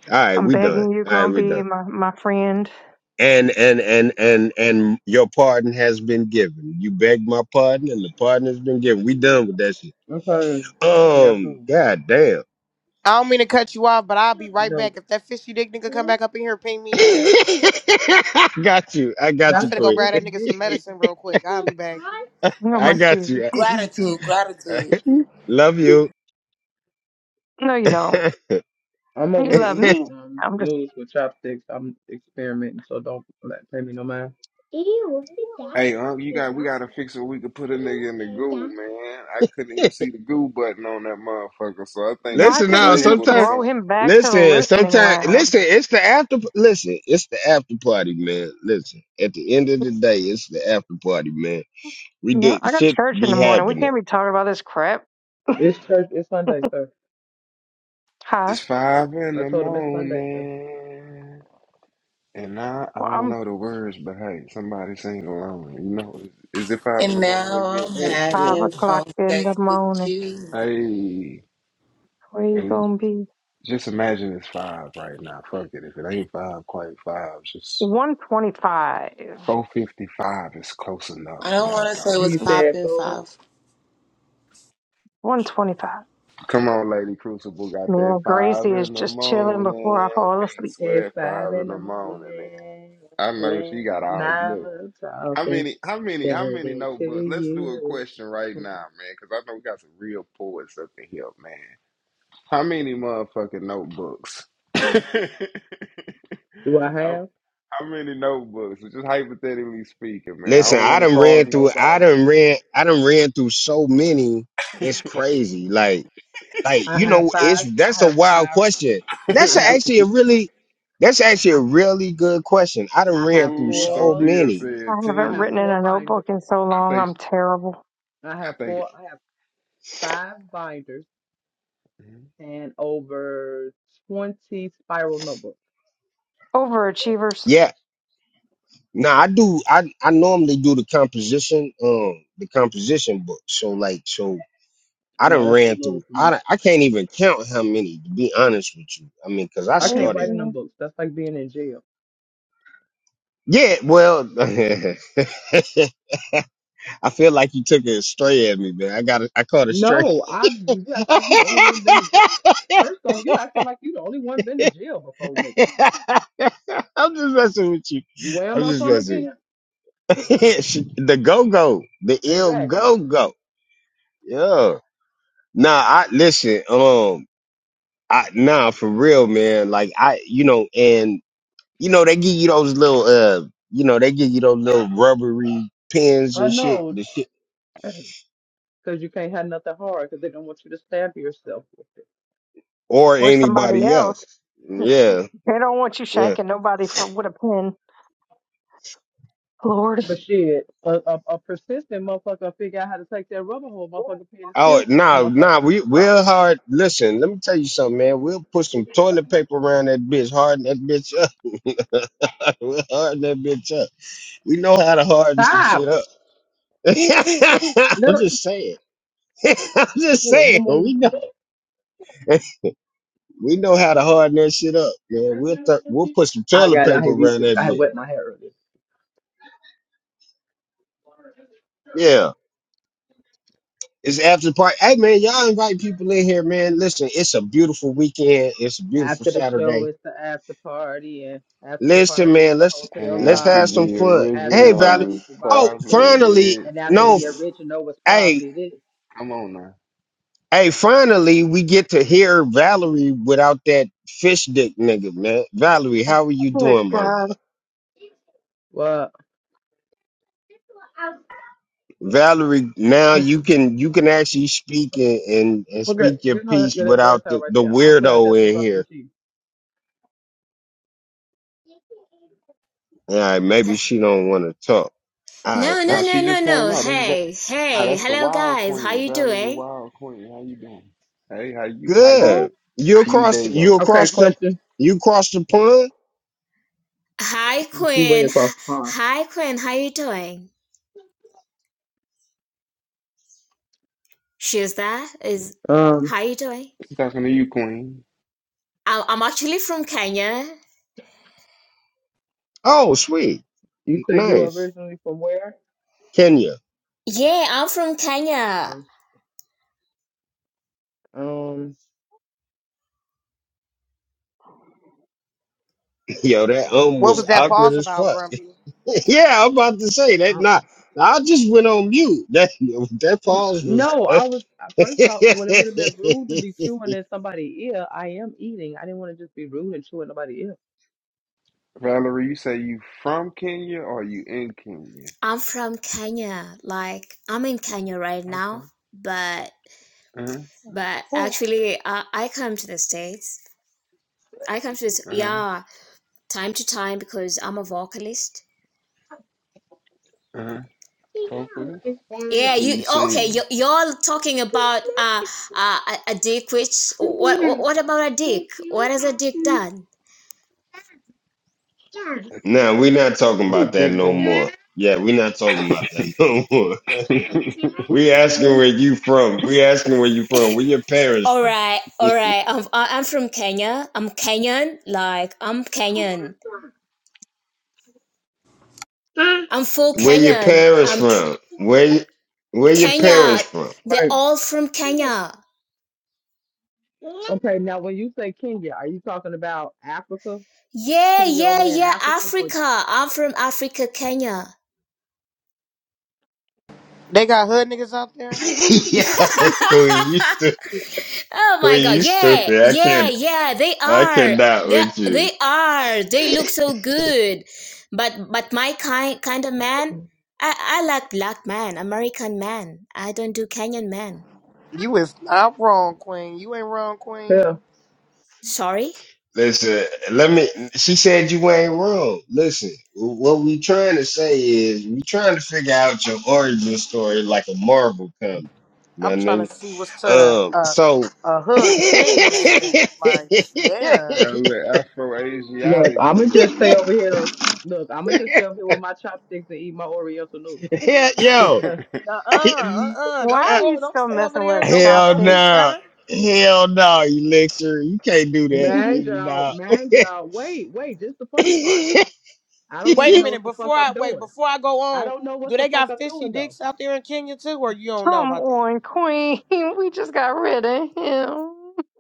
[SPEAKER 1] All right,
[SPEAKER 6] I'm
[SPEAKER 1] we done.
[SPEAKER 6] begging you,
[SPEAKER 1] All right, we done.
[SPEAKER 6] Grumpy, my my friend.
[SPEAKER 1] and and and and and your pardon has been given. You begged my pardon, and the pardon has been given. We done with that shit.
[SPEAKER 9] I'm sorry. Here I
[SPEAKER 1] Um,
[SPEAKER 9] come.
[SPEAKER 1] god damn.
[SPEAKER 7] I don't mean to cut you off, but I'll be right
[SPEAKER 9] No.
[SPEAKER 7] back. If that fishy dick nigga come back up in here, ping me in here.
[SPEAKER 1] I got you. I got
[SPEAKER 7] I'm
[SPEAKER 1] you,
[SPEAKER 9] Not
[SPEAKER 7] finna
[SPEAKER 9] the
[SPEAKER 7] go
[SPEAKER 1] Queen.
[SPEAKER 7] grab that
[SPEAKER 9] fishy
[SPEAKER 7] nigga
[SPEAKER 9] dick,
[SPEAKER 7] some
[SPEAKER 9] man.
[SPEAKER 7] medicine real quick. I'll be back.
[SPEAKER 6] You
[SPEAKER 1] I
[SPEAKER 6] my
[SPEAKER 1] got
[SPEAKER 6] Jesus.
[SPEAKER 1] you.
[SPEAKER 2] Gratitude, gratitude.
[SPEAKER 1] Love you.
[SPEAKER 6] No, you don't.
[SPEAKER 9] I'm over
[SPEAKER 6] You
[SPEAKER 9] here
[SPEAKER 6] love
[SPEAKER 9] eating
[SPEAKER 6] me.
[SPEAKER 9] um,
[SPEAKER 6] I'm just.
[SPEAKER 9] noodles with chopsticks. I'm experimenting, so don't let- pay me no mind.
[SPEAKER 3] Hey, Unc, you got, we gotta fix it where we could put a nigga in the goo, man. I couldn't even see the goo button on that motherfucker, so I think it's
[SPEAKER 6] Why
[SPEAKER 1] listen now.
[SPEAKER 6] couldn't you just
[SPEAKER 3] disabled or
[SPEAKER 1] Sometimes,
[SPEAKER 6] throw
[SPEAKER 3] something.
[SPEAKER 6] him back to the
[SPEAKER 1] listen.
[SPEAKER 6] listening
[SPEAKER 1] Sometimes,
[SPEAKER 6] lounge?
[SPEAKER 1] listen. It's the after. Listen. It's the after party, man. Listen. At the end of the day, it's the after party, man. We
[SPEAKER 6] No,
[SPEAKER 1] did
[SPEAKER 6] I got
[SPEAKER 1] shit
[SPEAKER 6] church in
[SPEAKER 1] be
[SPEAKER 6] the morning. We
[SPEAKER 1] happening.
[SPEAKER 6] can't be talking about this crap.
[SPEAKER 9] It's church. It's Sunday, sir.
[SPEAKER 6] Huh?
[SPEAKER 3] It's five in
[SPEAKER 9] I
[SPEAKER 3] the
[SPEAKER 9] told him it's Sunday, sir.
[SPEAKER 3] morning. And I, I
[SPEAKER 6] Well,
[SPEAKER 3] don't
[SPEAKER 6] I'm
[SPEAKER 3] know the words, but hey, somebody sing along. You know, is, is it five in
[SPEAKER 2] And
[SPEAKER 3] the morning where
[SPEAKER 2] now
[SPEAKER 3] you
[SPEAKER 2] I'm
[SPEAKER 9] It, it,
[SPEAKER 6] five
[SPEAKER 2] having
[SPEAKER 6] o'clock
[SPEAKER 2] phone
[SPEAKER 6] in
[SPEAKER 2] sex
[SPEAKER 6] the
[SPEAKER 2] with
[SPEAKER 6] morning.
[SPEAKER 2] you.
[SPEAKER 3] at? Hey,
[SPEAKER 6] Where you
[SPEAKER 3] and we,
[SPEAKER 6] gonna be?
[SPEAKER 3] just imagine it's five right now. Fuck it, if it ain't five, quite five. Just
[SPEAKER 6] One twenty-five.
[SPEAKER 3] four fifty five is close enough.
[SPEAKER 2] I
[SPEAKER 3] You
[SPEAKER 2] don't
[SPEAKER 3] got
[SPEAKER 2] want to
[SPEAKER 3] dog
[SPEAKER 2] say
[SPEAKER 3] it.
[SPEAKER 2] what's
[SPEAKER 9] he said,
[SPEAKER 2] popping,
[SPEAKER 9] go
[SPEAKER 2] Five.
[SPEAKER 6] One twenty-five.
[SPEAKER 3] Come on, Lady Crucible, got
[SPEAKER 6] Me
[SPEAKER 3] that
[SPEAKER 6] and
[SPEAKER 3] five
[SPEAKER 6] Gracie is
[SPEAKER 3] in the
[SPEAKER 6] just chilling
[SPEAKER 3] morning.
[SPEAKER 6] before I fall
[SPEAKER 3] Peace.
[SPEAKER 6] asleep.
[SPEAKER 3] Where
[SPEAKER 9] It's
[SPEAKER 3] that
[SPEAKER 9] five
[SPEAKER 3] five in
[SPEAKER 9] in the
[SPEAKER 3] the morning?
[SPEAKER 9] morning,
[SPEAKER 3] At? I know she got
[SPEAKER 9] and
[SPEAKER 3] all
[SPEAKER 9] I'm
[SPEAKER 3] look. How
[SPEAKER 9] talking
[SPEAKER 3] many? How many? How many
[SPEAKER 9] dirty to
[SPEAKER 3] notebooks? Let's do a
[SPEAKER 9] you.
[SPEAKER 3] question right now, man, because I know we got some real poets up in here, man. How many motherfucking notebooks? how,
[SPEAKER 9] Do I have?
[SPEAKER 3] how many notebooks? Just hypothetically speaking, man. I
[SPEAKER 1] Listen,
[SPEAKER 3] don't
[SPEAKER 1] I
[SPEAKER 3] want to
[SPEAKER 1] done
[SPEAKER 3] cause
[SPEAKER 1] ran through I
[SPEAKER 3] nobody.
[SPEAKER 1] done ran I done ran through so many. It's crazy. Like like
[SPEAKER 9] I
[SPEAKER 1] you
[SPEAKER 9] have
[SPEAKER 1] know, it's
[SPEAKER 9] five.
[SPEAKER 1] that's
[SPEAKER 9] I
[SPEAKER 1] a
[SPEAKER 9] have
[SPEAKER 1] wild
[SPEAKER 9] five.
[SPEAKER 1] question. That's
[SPEAKER 9] I
[SPEAKER 1] a-
[SPEAKER 9] have.
[SPEAKER 1] actually a really that's actually
[SPEAKER 9] I,
[SPEAKER 1] a really good question. I done
[SPEAKER 9] I
[SPEAKER 1] ran
[SPEAKER 9] have
[SPEAKER 1] through
[SPEAKER 3] Ooh,
[SPEAKER 1] so
[SPEAKER 9] four.
[SPEAKER 3] Sophia
[SPEAKER 1] many.
[SPEAKER 3] said
[SPEAKER 6] I
[SPEAKER 9] I
[SPEAKER 6] haven't
[SPEAKER 9] have
[SPEAKER 6] written
[SPEAKER 3] ten.
[SPEAKER 6] in
[SPEAKER 9] four
[SPEAKER 6] a
[SPEAKER 9] binders.
[SPEAKER 6] notebook in so
[SPEAKER 3] I
[SPEAKER 6] long.
[SPEAKER 3] think.
[SPEAKER 6] I'm terrible.
[SPEAKER 9] I
[SPEAKER 3] I
[SPEAKER 9] have
[SPEAKER 3] think.
[SPEAKER 9] four. I have five binders and over twenty spiral notebooks.
[SPEAKER 6] Overachievers.
[SPEAKER 1] Yeah. Now I do I I normally do the composition um the composition book. So like so I
[SPEAKER 9] No,
[SPEAKER 1] done
[SPEAKER 9] that's too
[SPEAKER 1] ran
[SPEAKER 9] little
[SPEAKER 1] through
[SPEAKER 9] for
[SPEAKER 1] I
[SPEAKER 9] me.
[SPEAKER 1] done- I can't even count how many to be honest with you. I mean cuz I
[SPEAKER 9] I can't write
[SPEAKER 1] started
[SPEAKER 9] in
[SPEAKER 6] Gracie
[SPEAKER 9] them books. That's like being in jail.
[SPEAKER 1] yeah, well I feel like you took a stray at me, man. I got a, I caught a stray.
[SPEAKER 9] No, I you act like you the only one been to jail. First off, you acting like you the only one been to jail before, nigga.
[SPEAKER 1] I'm just messing with you.
[SPEAKER 9] Where
[SPEAKER 1] I'm
[SPEAKER 9] am I
[SPEAKER 1] just
[SPEAKER 9] from
[SPEAKER 1] messing.
[SPEAKER 9] again?
[SPEAKER 1] With you. She- the go go, the ill
[SPEAKER 9] Exactly.
[SPEAKER 1] go go. Yeah. Nah, I listen. Um, I nah for real, man. Like I, you know, and you know they give you those little uh, you know they give you those little rubbery pins
[SPEAKER 9] I
[SPEAKER 1] and shit,
[SPEAKER 9] know,
[SPEAKER 1] the shit,
[SPEAKER 9] cause you can't have nothing hard, cause they don't want you to stab yourself with it.
[SPEAKER 1] or
[SPEAKER 6] or somebody
[SPEAKER 1] anybody
[SPEAKER 6] else.
[SPEAKER 1] else. Yeah,
[SPEAKER 6] They don't want you
[SPEAKER 1] yeah.
[SPEAKER 6] shanking nobody from with a pen. Lord.
[SPEAKER 9] But shit, a, a, a persistent motherfucker figure out how to take that rubber hole, motherfucker, pin and
[SPEAKER 1] Oh
[SPEAKER 9] still stab the
[SPEAKER 1] nah,
[SPEAKER 9] motherfucker
[SPEAKER 1] nah,
[SPEAKER 9] in
[SPEAKER 1] we
[SPEAKER 9] the
[SPEAKER 1] we'll hard listen, let me tell you something, man. We'll put some toilet paper around that bitch, harden that bitch up. we'll harden that bitch up. We know
[SPEAKER 9] head.
[SPEAKER 1] how to harden some
[SPEAKER 9] Stop.
[SPEAKER 1] shit up.
[SPEAKER 9] Let
[SPEAKER 1] I'm
[SPEAKER 9] her,
[SPEAKER 1] just saying. I'm just
[SPEAKER 9] oh,
[SPEAKER 1] saying.
[SPEAKER 9] mama,
[SPEAKER 1] We know
[SPEAKER 9] mama,
[SPEAKER 1] we know how to harden that shit up, man. We'll th-
[SPEAKER 9] mama.
[SPEAKER 1] we'll put some
[SPEAKER 9] I
[SPEAKER 1] toilet
[SPEAKER 9] got. I
[SPEAKER 1] paper
[SPEAKER 9] had used.
[SPEAKER 1] around
[SPEAKER 9] to-
[SPEAKER 1] that
[SPEAKER 9] I had
[SPEAKER 1] bitch.
[SPEAKER 9] wet my hair earlier.
[SPEAKER 1] Yeah. It's after party. Hey man, y'all invite people in here, man. Listen, it's a beautiful weekend. It's a beautiful
[SPEAKER 9] After the show,
[SPEAKER 1] Saturday.
[SPEAKER 9] it's the after party, and after the
[SPEAKER 1] Listen,
[SPEAKER 9] party, it's
[SPEAKER 1] man,
[SPEAKER 9] the
[SPEAKER 1] let's
[SPEAKER 3] And
[SPEAKER 9] hotel
[SPEAKER 1] let's
[SPEAKER 3] after
[SPEAKER 1] have
[SPEAKER 9] lobby,
[SPEAKER 1] some
[SPEAKER 9] and
[SPEAKER 3] the
[SPEAKER 1] fun.
[SPEAKER 9] after the
[SPEAKER 1] Hey, Valerie.
[SPEAKER 3] original
[SPEAKER 9] party,
[SPEAKER 3] is
[SPEAKER 9] it's the Bobby
[SPEAKER 1] Oh,
[SPEAKER 9] the Chris,
[SPEAKER 3] probably
[SPEAKER 1] finally,
[SPEAKER 3] this.
[SPEAKER 9] and after
[SPEAKER 1] no,
[SPEAKER 9] the
[SPEAKER 3] Hey,
[SPEAKER 1] f-
[SPEAKER 9] original was
[SPEAKER 1] hey,
[SPEAKER 9] probably
[SPEAKER 3] come on now.
[SPEAKER 1] hey, finally, we get to hear Valerie without that fish dick nigga, man. Valerie, how are you
[SPEAKER 9] this.
[SPEAKER 6] Good
[SPEAKER 1] doing, my
[SPEAKER 6] God.
[SPEAKER 1] love?
[SPEAKER 9] Well,
[SPEAKER 1] Valerie, now
[SPEAKER 9] okay.
[SPEAKER 1] you can you can actually speak and and, and
[SPEAKER 9] Well, good.
[SPEAKER 1] speak your
[SPEAKER 9] Get her,
[SPEAKER 1] piece
[SPEAKER 9] get that dress
[SPEAKER 1] without
[SPEAKER 9] out
[SPEAKER 1] the,
[SPEAKER 9] right
[SPEAKER 1] the
[SPEAKER 9] there. I'll put out there as
[SPEAKER 1] weirdo
[SPEAKER 9] soon as
[SPEAKER 1] in
[SPEAKER 9] I finish
[SPEAKER 1] here.
[SPEAKER 9] eating.
[SPEAKER 1] All right, maybe she don't want to talk. All right,
[SPEAKER 8] No, no,
[SPEAKER 3] Now
[SPEAKER 1] that's
[SPEAKER 8] no,
[SPEAKER 3] she
[SPEAKER 8] no,
[SPEAKER 3] just
[SPEAKER 8] no.
[SPEAKER 3] came out. That's Va-
[SPEAKER 8] Hey,
[SPEAKER 3] now
[SPEAKER 8] hey.
[SPEAKER 3] that's the
[SPEAKER 8] Hello
[SPEAKER 3] Wild
[SPEAKER 8] guys. How
[SPEAKER 3] Queen,
[SPEAKER 8] you
[SPEAKER 3] Valerie
[SPEAKER 8] doing?
[SPEAKER 3] Wild Queen. How you doing? Hey, how you? How you?
[SPEAKER 6] Frank,
[SPEAKER 1] good. You
[SPEAKER 3] How you
[SPEAKER 1] across
[SPEAKER 3] day
[SPEAKER 1] you
[SPEAKER 3] go?
[SPEAKER 9] Okay,
[SPEAKER 1] across the
[SPEAKER 9] question.
[SPEAKER 1] you across the pond?
[SPEAKER 8] Hi
[SPEAKER 9] And She way
[SPEAKER 8] Quinn.
[SPEAKER 9] across the pond.
[SPEAKER 8] Hi Quinn. How you doing? Shirza is
[SPEAKER 9] Um,
[SPEAKER 8] how you doing?
[SPEAKER 3] talking to you, Queen.
[SPEAKER 8] I- I'm actually from Kenya.
[SPEAKER 1] Oh, sweet.
[SPEAKER 9] you say you
[SPEAKER 1] Nice.
[SPEAKER 9] originally from where?
[SPEAKER 1] Kenya.
[SPEAKER 8] Yeah, I'm from Kenya.
[SPEAKER 9] Um, um,
[SPEAKER 1] Yo, that um
[SPEAKER 7] what
[SPEAKER 1] was
[SPEAKER 7] was that
[SPEAKER 9] okay.
[SPEAKER 1] awkward
[SPEAKER 7] pause
[SPEAKER 1] as
[SPEAKER 7] about,
[SPEAKER 1] fuck.
[SPEAKER 7] Grumpy?
[SPEAKER 1] yeah, I'm about to say that not I just went on mute. That that
[SPEAKER 9] N-
[SPEAKER 1] pause was
[SPEAKER 9] No, I was I first thought well it would have been rude to be chewing in somebody's ear. I am eating. I didn't want to just be rude and chew in nobody's ear.
[SPEAKER 3] Valerie, you say you from Kenya or you in Kenya?
[SPEAKER 8] I'm from Kenya. Like I'm in Kenya right
[SPEAKER 3] Okay.
[SPEAKER 8] now, but
[SPEAKER 3] Uh-huh.
[SPEAKER 8] but
[SPEAKER 6] wh-
[SPEAKER 8] actually I, I come to the States. I come to this
[SPEAKER 3] Uh-huh.
[SPEAKER 8] yeah, time to time because I'm a vocalist.
[SPEAKER 3] Uh-huh. Vocalist.
[SPEAKER 8] Yeah,
[SPEAKER 3] So you
[SPEAKER 8] you oh, okay,
[SPEAKER 3] sing
[SPEAKER 8] you you're talking about uh uh a, a dick which what what about a dick? What has a dick done?
[SPEAKER 1] No, we're not talking
[SPEAKER 3] with
[SPEAKER 1] about
[SPEAKER 3] the
[SPEAKER 1] that
[SPEAKER 3] dick
[SPEAKER 1] no
[SPEAKER 3] down?
[SPEAKER 1] more. Yeah, we're not talking about that no more. we asking where you from. We asking where you from. Where your parents
[SPEAKER 8] All
[SPEAKER 1] from?
[SPEAKER 8] right, all right. I'm I- am i am from Kenya. I'm Kenyan. Like I'm Kenyan. I'm full
[SPEAKER 1] Where your
[SPEAKER 8] Kenyan.
[SPEAKER 1] parents
[SPEAKER 8] I'm K-
[SPEAKER 1] from? Where y- where your
[SPEAKER 8] Kenya.
[SPEAKER 1] parents from?
[SPEAKER 8] They're
[SPEAKER 9] Right.
[SPEAKER 8] all from Kenya.
[SPEAKER 9] Okay, now when you say Kenya, are you talking about Africa?
[SPEAKER 8] Yeah,
[SPEAKER 9] Kenya over
[SPEAKER 8] yeah,
[SPEAKER 9] there in
[SPEAKER 8] yeah.
[SPEAKER 9] Africa or
[SPEAKER 8] Africa. I'm from Africa, Kenya.
[SPEAKER 7] They got hood niggas out there?
[SPEAKER 1] yeah, Queen, you stupid.
[SPEAKER 8] oh my
[SPEAKER 1] Queen, you
[SPEAKER 8] god. Yeah,
[SPEAKER 1] stupid. I
[SPEAKER 8] yeah,
[SPEAKER 1] can't.
[SPEAKER 8] yeah. They
[SPEAKER 1] I
[SPEAKER 8] are.
[SPEAKER 1] cannot
[SPEAKER 8] They
[SPEAKER 1] with you.
[SPEAKER 8] they are. They look so good. But but my kind kind of man. I I like black man, American man. I don't do Kenyan man.
[SPEAKER 7] You is not wrong, Queen. You ain't wrong, Queen.
[SPEAKER 9] yeah.
[SPEAKER 8] Sorry.
[SPEAKER 1] Listen, let me. She said you ain't wrong. Listen, what we trying to say is we trying to figure out your origin story like a Marvel comic, my
[SPEAKER 7] I'm trying to
[SPEAKER 1] nigga.
[SPEAKER 7] see what's to
[SPEAKER 1] Um,
[SPEAKER 7] the uh,
[SPEAKER 1] so.
[SPEAKER 7] uh hood Kenya nigga. Like, yeah.
[SPEAKER 3] Got a little Afro
[SPEAKER 9] Look,
[SPEAKER 3] Asiatic
[SPEAKER 9] I'ma
[SPEAKER 3] in
[SPEAKER 9] just stay over here. Look, I'ma just stay over here with my chopsticks and eat my Oriental noodles.
[SPEAKER 1] yeah, yo,
[SPEAKER 3] it.
[SPEAKER 9] Okay.
[SPEAKER 7] Nuh uh, uh uh.
[SPEAKER 6] why
[SPEAKER 7] Don't
[SPEAKER 6] are you
[SPEAKER 7] go don't
[SPEAKER 6] still
[SPEAKER 7] stay over
[SPEAKER 6] messing
[SPEAKER 7] there.
[SPEAKER 6] with
[SPEAKER 7] Don't be
[SPEAKER 1] hell
[SPEAKER 7] don't be
[SPEAKER 6] chopsticks?
[SPEAKER 1] no,
[SPEAKER 7] shy.
[SPEAKER 1] hell no, elixir, you can't do that,
[SPEAKER 9] Man,
[SPEAKER 1] you
[SPEAKER 9] y'all,
[SPEAKER 1] know.
[SPEAKER 9] man, y'all. Wait, wait. This the funny part. I don't
[SPEAKER 7] Wait
[SPEAKER 9] even
[SPEAKER 7] a
[SPEAKER 9] know what
[SPEAKER 7] minute,
[SPEAKER 9] the fuck
[SPEAKER 7] before
[SPEAKER 9] I'm
[SPEAKER 7] I wait,
[SPEAKER 9] doing.
[SPEAKER 7] before I go
[SPEAKER 9] I
[SPEAKER 7] on,
[SPEAKER 9] don't know
[SPEAKER 7] do
[SPEAKER 9] what the
[SPEAKER 7] they
[SPEAKER 9] fuck
[SPEAKER 7] got
[SPEAKER 9] I'm
[SPEAKER 7] fishy
[SPEAKER 9] doing though.
[SPEAKER 7] dicks out there in Kenya too, or you don't know
[SPEAKER 6] Come
[SPEAKER 7] about
[SPEAKER 6] on, Queen. We just got rid of him.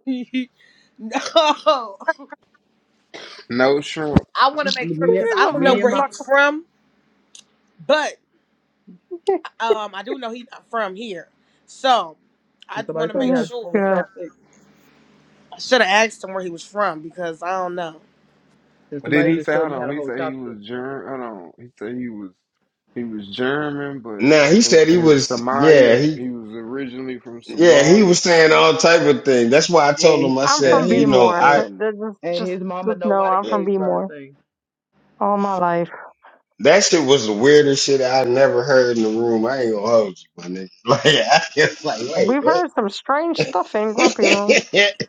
[SPEAKER 7] that? No.
[SPEAKER 3] no shrimp.
[SPEAKER 7] I wanna
[SPEAKER 9] I'm
[SPEAKER 7] make sure
[SPEAKER 9] me, and-
[SPEAKER 7] because
[SPEAKER 6] You're
[SPEAKER 7] I
[SPEAKER 6] gonna
[SPEAKER 7] don't know
[SPEAKER 6] be
[SPEAKER 9] me and
[SPEAKER 7] where he
[SPEAKER 9] my.
[SPEAKER 6] stuck.
[SPEAKER 7] was from, but um I do know he's not from here. So
[SPEAKER 9] If
[SPEAKER 7] I
[SPEAKER 9] somebody
[SPEAKER 7] wanna
[SPEAKER 9] taught me
[SPEAKER 7] make
[SPEAKER 9] how
[SPEAKER 6] Mm,
[SPEAKER 9] to
[SPEAKER 7] sure.
[SPEAKER 9] hold
[SPEAKER 6] Good.
[SPEAKER 9] chopsticks,
[SPEAKER 7] I should have asked him where he was from because I don't know.
[SPEAKER 9] if
[SPEAKER 3] But then
[SPEAKER 9] somebody
[SPEAKER 3] he
[SPEAKER 9] just
[SPEAKER 3] said,
[SPEAKER 9] showed
[SPEAKER 3] hold
[SPEAKER 9] me how
[SPEAKER 3] on,
[SPEAKER 9] to
[SPEAKER 3] he
[SPEAKER 9] hold
[SPEAKER 3] said he
[SPEAKER 9] chopsticks,
[SPEAKER 3] was German. Hold on. He said he was he was German, but
[SPEAKER 1] nah, he
[SPEAKER 3] in,
[SPEAKER 1] said he
[SPEAKER 3] in
[SPEAKER 1] was. Yeah,
[SPEAKER 3] Somalia,
[SPEAKER 1] he
[SPEAKER 3] he was originally from
[SPEAKER 1] Yeah, he
[SPEAKER 3] Somalia.
[SPEAKER 1] was saying all type of things. That's why I told
[SPEAKER 9] and
[SPEAKER 1] him. I
[SPEAKER 6] I'm
[SPEAKER 9] and
[SPEAKER 1] said,
[SPEAKER 6] from
[SPEAKER 9] his
[SPEAKER 1] you know,
[SPEAKER 6] Bmore.
[SPEAKER 9] and
[SPEAKER 1] I
[SPEAKER 6] This is
[SPEAKER 9] and
[SPEAKER 6] Just,
[SPEAKER 9] his mama
[SPEAKER 6] just
[SPEAKER 9] know
[SPEAKER 6] know
[SPEAKER 9] why the
[SPEAKER 6] I'm from
[SPEAKER 9] cage bird
[SPEAKER 6] Bmore
[SPEAKER 9] sing.
[SPEAKER 6] all my life.
[SPEAKER 1] that shit was the weirdest shit I never heard in the room. I ain't gonna hold you, my nigga. Like I was like, wait,
[SPEAKER 6] We've
[SPEAKER 1] what?
[SPEAKER 6] heard some strange stuff in Grumpy Room.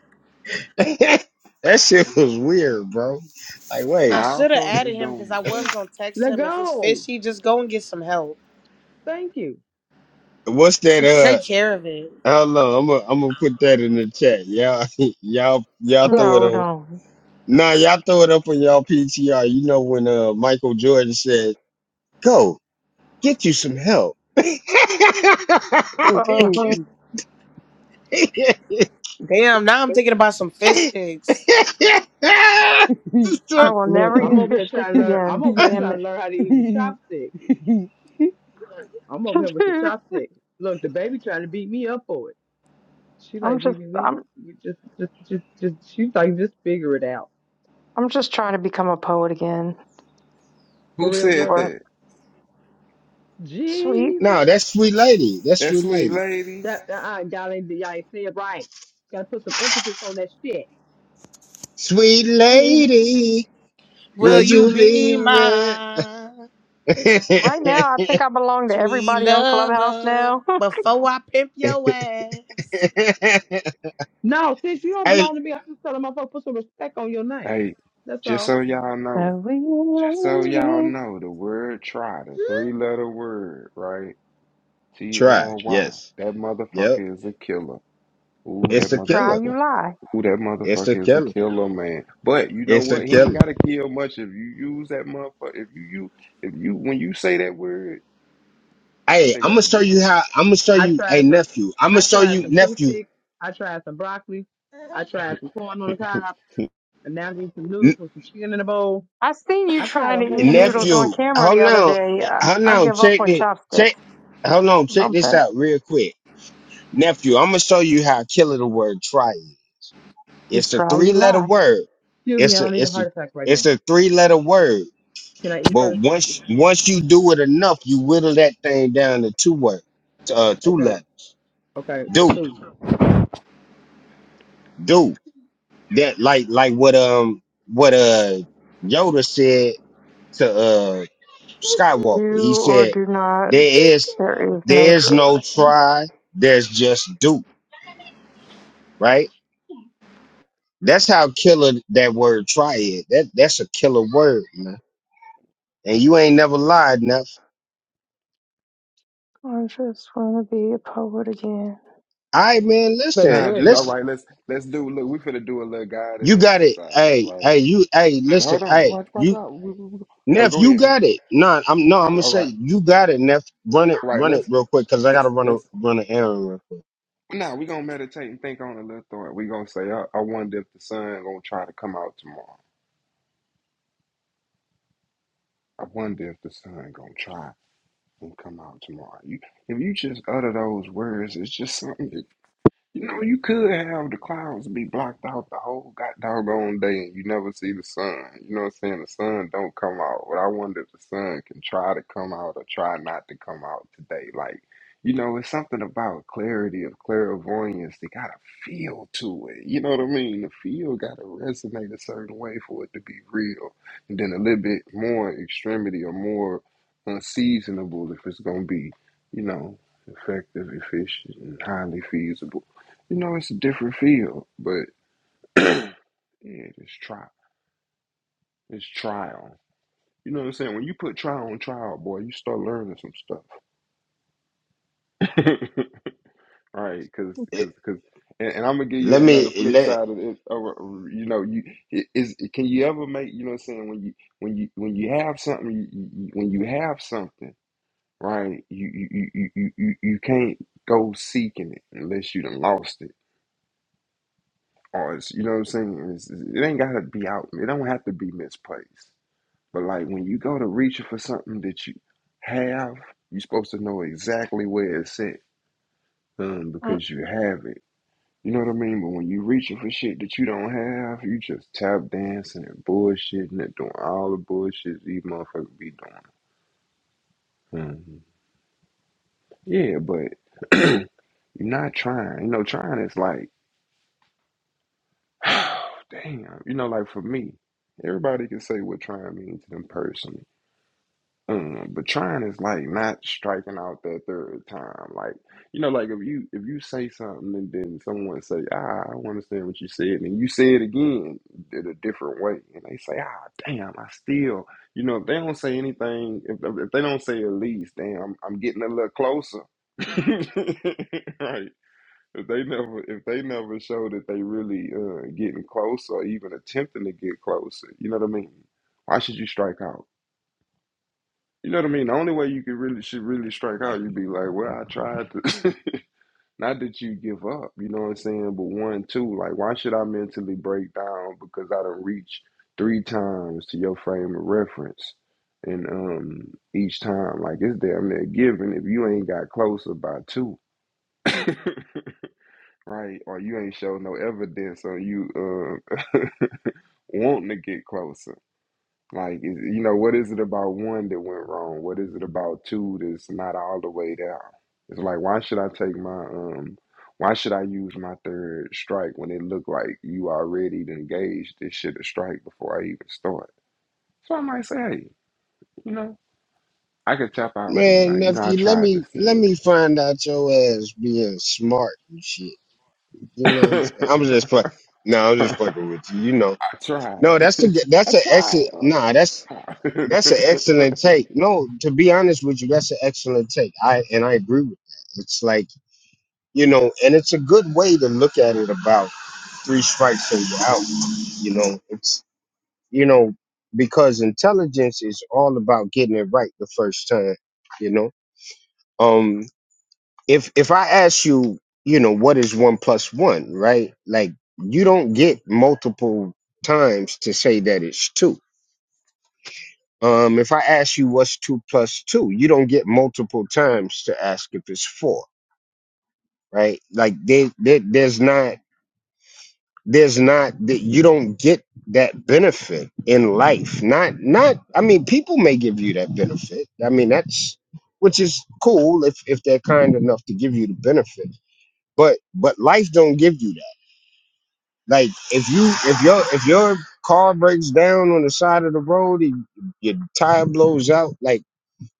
[SPEAKER 1] that shit was weird, bro. Like,
[SPEAKER 3] Now
[SPEAKER 7] I
[SPEAKER 1] wait,
[SPEAKER 3] our
[SPEAKER 7] should have added
[SPEAKER 3] coaches
[SPEAKER 7] him because
[SPEAKER 3] don't.
[SPEAKER 7] I was gonna text
[SPEAKER 9] Let
[SPEAKER 7] him. If it's
[SPEAKER 9] go.
[SPEAKER 7] fishy, just go and get some help.
[SPEAKER 9] Thank you.
[SPEAKER 1] what's that?
[SPEAKER 7] Just
[SPEAKER 1] Uh,
[SPEAKER 7] take care of it.
[SPEAKER 1] I don't know. I'm gonna I'm gonna put that in the chat. Y'all, y'all, y'all throw it
[SPEAKER 6] No,
[SPEAKER 1] on.
[SPEAKER 6] don't.
[SPEAKER 1] Nah, y'all throw it up on y'all PTR. You know when uh Michael Jordan said, "Go." get you some help.
[SPEAKER 6] Uh-huh.
[SPEAKER 7] Damn, now I'm thinking about some fish
[SPEAKER 1] no,
[SPEAKER 7] sticks.
[SPEAKER 6] I will
[SPEAKER 9] Look,
[SPEAKER 6] never
[SPEAKER 9] I'm
[SPEAKER 6] eat
[SPEAKER 9] over here
[SPEAKER 6] fish sticks
[SPEAKER 9] trying to learn. I'm
[SPEAKER 6] again.
[SPEAKER 9] over here
[SPEAKER 6] Damn
[SPEAKER 9] trying to learn how to eat with chopsticks. I'm
[SPEAKER 6] it.
[SPEAKER 9] over here with the chopsticks. Look, the baby trying to beat me up for it. She like,
[SPEAKER 6] I'm just
[SPEAKER 9] Gigi, we
[SPEAKER 6] I'm
[SPEAKER 9] you just, just, just, just. She's like, just figure it out,
[SPEAKER 6] I'm just trying to become a poet again.
[SPEAKER 9] for
[SPEAKER 3] Who
[SPEAKER 9] real,
[SPEAKER 3] said
[SPEAKER 6] or.
[SPEAKER 9] girl.
[SPEAKER 3] that?
[SPEAKER 6] Sweet.
[SPEAKER 9] Jesus,
[SPEAKER 1] that's sweet lady. That's
[SPEAKER 3] That
[SPEAKER 1] sweet
[SPEAKER 3] sweet
[SPEAKER 1] lady.
[SPEAKER 3] lady?
[SPEAKER 9] that uh, y'all ain't, y'all ain't say it right. Gotta put some emphasis on that shit.
[SPEAKER 1] Sweet
[SPEAKER 9] Just- We need.
[SPEAKER 1] lady,
[SPEAKER 7] Will
[SPEAKER 1] would
[SPEAKER 9] Thank
[SPEAKER 7] you
[SPEAKER 9] you.
[SPEAKER 1] you be
[SPEAKER 7] be
[SPEAKER 1] my?
[SPEAKER 7] my
[SPEAKER 6] Right now, I think I belong to
[SPEAKER 7] sweet
[SPEAKER 6] everybody on Clubhouse
[SPEAKER 7] lover
[SPEAKER 6] now.
[SPEAKER 7] before I pimp your ass?
[SPEAKER 9] No, since you don't
[SPEAKER 1] hey,
[SPEAKER 9] belong to me, I'm just telling my folks put some respect on your name.
[SPEAKER 3] Hey,
[SPEAKER 9] That's
[SPEAKER 3] just
[SPEAKER 9] all.
[SPEAKER 3] so y'all know,
[SPEAKER 6] so we
[SPEAKER 3] just so y'all
[SPEAKER 6] leave.
[SPEAKER 3] know, the word try, the three letter word, right? T
[SPEAKER 1] try.
[SPEAKER 3] R Y.
[SPEAKER 1] Yes.
[SPEAKER 3] That
[SPEAKER 1] Yep.
[SPEAKER 3] motherfucker is a killer. Ooh, that
[SPEAKER 1] It's
[SPEAKER 6] You You
[SPEAKER 1] a
[SPEAKER 6] cry,
[SPEAKER 1] killer.
[SPEAKER 6] you
[SPEAKER 3] motherfucker.
[SPEAKER 6] lie.
[SPEAKER 3] Ooh, that
[SPEAKER 1] It's a
[SPEAKER 3] motherfucker is a
[SPEAKER 1] killer.
[SPEAKER 3] killer, man. But you know
[SPEAKER 1] It's a
[SPEAKER 3] what? He ain't
[SPEAKER 1] killer.
[SPEAKER 3] gotta kill much if you use that motherfucker. If you you if you when you say that word, what
[SPEAKER 1] Hey,
[SPEAKER 3] they
[SPEAKER 1] I'm gonna
[SPEAKER 3] gotta
[SPEAKER 1] show you
[SPEAKER 3] do?
[SPEAKER 1] how. I'm gonna show
[SPEAKER 9] I
[SPEAKER 1] you. Hey,
[SPEAKER 9] tried some
[SPEAKER 1] nephew. I'm gonna
[SPEAKER 9] I
[SPEAKER 1] show
[SPEAKER 9] tried
[SPEAKER 1] you,
[SPEAKER 9] some pig
[SPEAKER 1] nephew.
[SPEAKER 9] sticks, I tried some broccoli, I tried some corn on the
[SPEAKER 3] huh?
[SPEAKER 9] cob, and now I'm getting some noodles with some chicken in a bowl.
[SPEAKER 6] I seen you
[SPEAKER 9] I tried
[SPEAKER 6] trying
[SPEAKER 9] a
[SPEAKER 6] to
[SPEAKER 9] whole
[SPEAKER 6] eat
[SPEAKER 9] bunch of shit.
[SPEAKER 6] noodles on
[SPEAKER 1] Nephew,
[SPEAKER 6] camera
[SPEAKER 1] hold
[SPEAKER 6] the other
[SPEAKER 1] on,
[SPEAKER 6] day.
[SPEAKER 1] hold
[SPEAKER 6] I, I
[SPEAKER 1] on,
[SPEAKER 6] give up
[SPEAKER 1] check
[SPEAKER 6] on
[SPEAKER 1] it,
[SPEAKER 6] chopsticks.
[SPEAKER 1] check, hold on, check
[SPEAKER 6] Bump
[SPEAKER 1] this
[SPEAKER 6] that.
[SPEAKER 1] out real quick. Nephew, I'm gonna show you how killer the word try is.
[SPEAKER 6] You
[SPEAKER 1] It's a
[SPEAKER 6] try,
[SPEAKER 1] three
[SPEAKER 6] you
[SPEAKER 1] letter
[SPEAKER 6] lie.
[SPEAKER 1] word.
[SPEAKER 9] Excuse me, I
[SPEAKER 1] It's a
[SPEAKER 9] don't need a
[SPEAKER 1] it's a
[SPEAKER 9] heart attack right now.
[SPEAKER 1] it's a three letter word.
[SPEAKER 9] Can I eat
[SPEAKER 1] But
[SPEAKER 9] first?
[SPEAKER 1] once once you do it enough, you whittle that thing down to two words, uh, two
[SPEAKER 9] Okay,
[SPEAKER 1] letters.
[SPEAKER 9] okay, to
[SPEAKER 1] Do
[SPEAKER 9] two.
[SPEAKER 1] do that like like what um what uh Yoda said to uh Skywalker. He
[SPEAKER 6] You or
[SPEAKER 1] said,
[SPEAKER 6] do not.
[SPEAKER 1] "There is
[SPEAKER 6] There is no
[SPEAKER 1] there is
[SPEAKER 6] try.
[SPEAKER 1] no try. There's just do." Right? That's how killer that word try is. That that's a killer word, man. And you ain't never lied enough.
[SPEAKER 6] I just want to be a poet again.
[SPEAKER 1] All right, man.
[SPEAKER 9] That's
[SPEAKER 1] Listen,
[SPEAKER 3] Nah,
[SPEAKER 9] good.
[SPEAKER 3] just
[SPEAKER 9] Yeah.
[SPEAKER 3] all
[SPEAKER 1] listen.
[SPEAKER 3] right. Let's let's do. Look, we finna do a little guided
[SPEAKER 1] You got it.
[SPEAKER 3] exercise,
[SPEAKER 1] Hey,
[SPEAKER 3] right?
[SPEAKER 1] hey, you. Hey, listen.
[SPEAKER 3] Hold on,
[SPEAKER 1] Hey,
[SPEAKER 3] watch, watch
[SPEAKER 1] you.
[SPEAKER 3] out. We- we- we- Oh,
[SPEAKER 1] Neff,
[SPEAKER 3] go
[SPEAKER 1] you
[SPEAKER 3] ahead.
[SPEAKER 1] got it. No, I'm no. I'm
[SPEAKER 3] huh?
[SPEAKER 1] gonna
[SPEAKER 3] All
[SPEAKER 1] say
[SPEAKER 3] right,
[SPEAKER 1] you got it, Neff. Run it,
[SPEAKER 3] all right.
[SPEAKER 1] run it
[SPEAKER 3] Let's
[SPEAKER 1] real quick, cause I gotta
[SPEAKER 3] Let's
[SPEAKER 1] run a
[SPEAKER 3] let's
[SPEAKER 1] run an errand. Real quick.
[SPEAKER 3] now we gonna meditate and think on a little thought. We gonna say, I, I wonder if the sun gonna try to come out tomorrow. I wonder if the sun gonna try and come out tomorrow. You, if you just utter those words, it's just something. that. You know, you could have the clouds be blocked out the whole goddamn on day and you never see the sun. You know what I'm saying? The sun don't come out. But I wonder if the sun can try to come out or try not to come out today. Like, you know, it's something about clarity of clairvoyance. They got a feel to it. You know what I mean? The feel got to resonate a certain way for it to be real. And then a little bit more extremity or more unseasonable if it's going to be, you know, effective, efficient, and highly feasible. You know, it's a different field, but yeah, it's trial. It's trial. You know what I'm saying? When you put trial on trial, boy, you start learning some stuff. right? Because,
[SPEAKER 1] Eh,
[SPEAKER 3] because, because, and, and I'm gonna give you
[SPEAKER 1] Let
[SPEAKER 3] another
[SPEAKER 1] me.
[SPEAKER 3] flip
[SPEAKER 1] Let,
[SPEAKER 3] side of it. Or, or, you know, you it- is can you ever make? You know what I'm saying? When you when you when you have something, you, you, when you have something, right? You you you you you you can't go seeking it unless you done lost it. Or it's, you know what I'm saying? It's, it ain't gotta be out. It don't have to be misplaced. But like when you go to reach for something that you have, you're supposed to know exactly where it's at um,
[SPEAKER 6] Mm.
[SPEAKER 3] because you have it. You know what I mean? But when you reaching for shit that you don't have, you just tap dancing and bullshitting and doing all the bullshit these motherfuckers be doing. Mhm. Yeah, but you're not trying. You know, trying is like, damn. You know, like for me, everybody can say what trying means to them personally. Mm, but trying is like not striking out that third time. Like you know, like if you if you say something and then someone say, "Ah, I don't understand what you said," and you say it again in a different way, and they say, "Ah, damn, I still," you know, if they don't say anything, if if they don't say at least, damn, I'm, I'm getting a little closer, right? If they never if they never show that they really uh, getting closer or even attempting to get closer, you know what I mean? Why should you strike out? You know what I mean? The only way you could really should really strike out, you'd be like, Well, I tried to not that you give up, you know what I'm saying? But one, two, like why should I mentally break down because I done reached three times to your frame of reference. And um each time, like it's damn near given if you ain't got closer by two, right? Or you ain't show no evidence on you uh wanting to get closer. Like, is- you know, what is it about one that went wrong? What is it about two that's not all the way down? It's like, why should I take my um, why should I use my third strike when it looked like you already engaged this shit a strike before I even start? So I might say, hey, you know, I could tap out and be
[SPEAKER 1] Man,
[SPEAKER 3] like, you know, I
[SPEAKER 1] nephew, let
[SPEAKER 3] tried to
[SPEAKER 1] me let
[SPEAKER 3] see
[SPEAKER 1] me find out your ass being smart and shit. You know what I'm saying?
[SPEAKER 3] it.
[SPEAKER 1] I'm just fuck. No, I'm just
[SPEAKER 3] I
[SPEAKER 1] fucking with you. You know.
[SPEAKER 3] tried.
[SPEAKER 1] No, that's the that's
[SPEAKER 3] I
[SPEAKER 1] an
[SPEAKER 3] tried.
[SPEAKER 1] exit. Nah, that's that's an excellent take. No, to be honest with you, that's an excellent take. I and I agree with that. It's like you know, and it's a good way to look at it. About three strikes and you're out. You know, it's you know because intelligence is all about getting it right the first time. You know. um. if if I ask you, you know, what is one plus one, right? Like you don't get multiple times to say that it's two. Um, if I ask you what's two plus two, you don't get multiple times to ask if it's four, right? Like they there there's not there's not that you don't get that benefit in life. Not not I mean people may give you that benefit. I mean that's which is cool if if they're kind enough to give you the benefit but but life don't give you that Like if you if your if your car breaks down on the side of the road and your tire blows out, like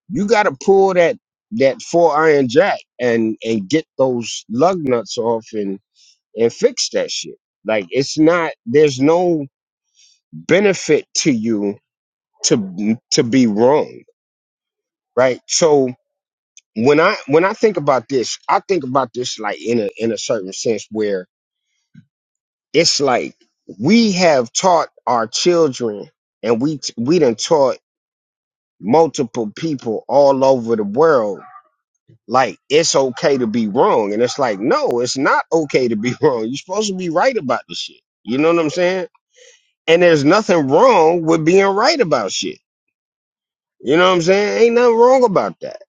[SPEAKER 1] you gotta pull that that four iron jack and and get those lug nuts off and and fix that shit. Like it's not there's no benefit to you to to be wrong, right? So when I when I think about this, I think about this like in a in a certain sense where it's like we have taught our children and we t- we done taught multiple people all over the world like it's okay to be wrong and it's like no it's not okay to be wrong you're supposed to be right about the shit you know what i'm saying and there's nothing wrong with being right about shit you know what i'm saying ain't nothing wrong about that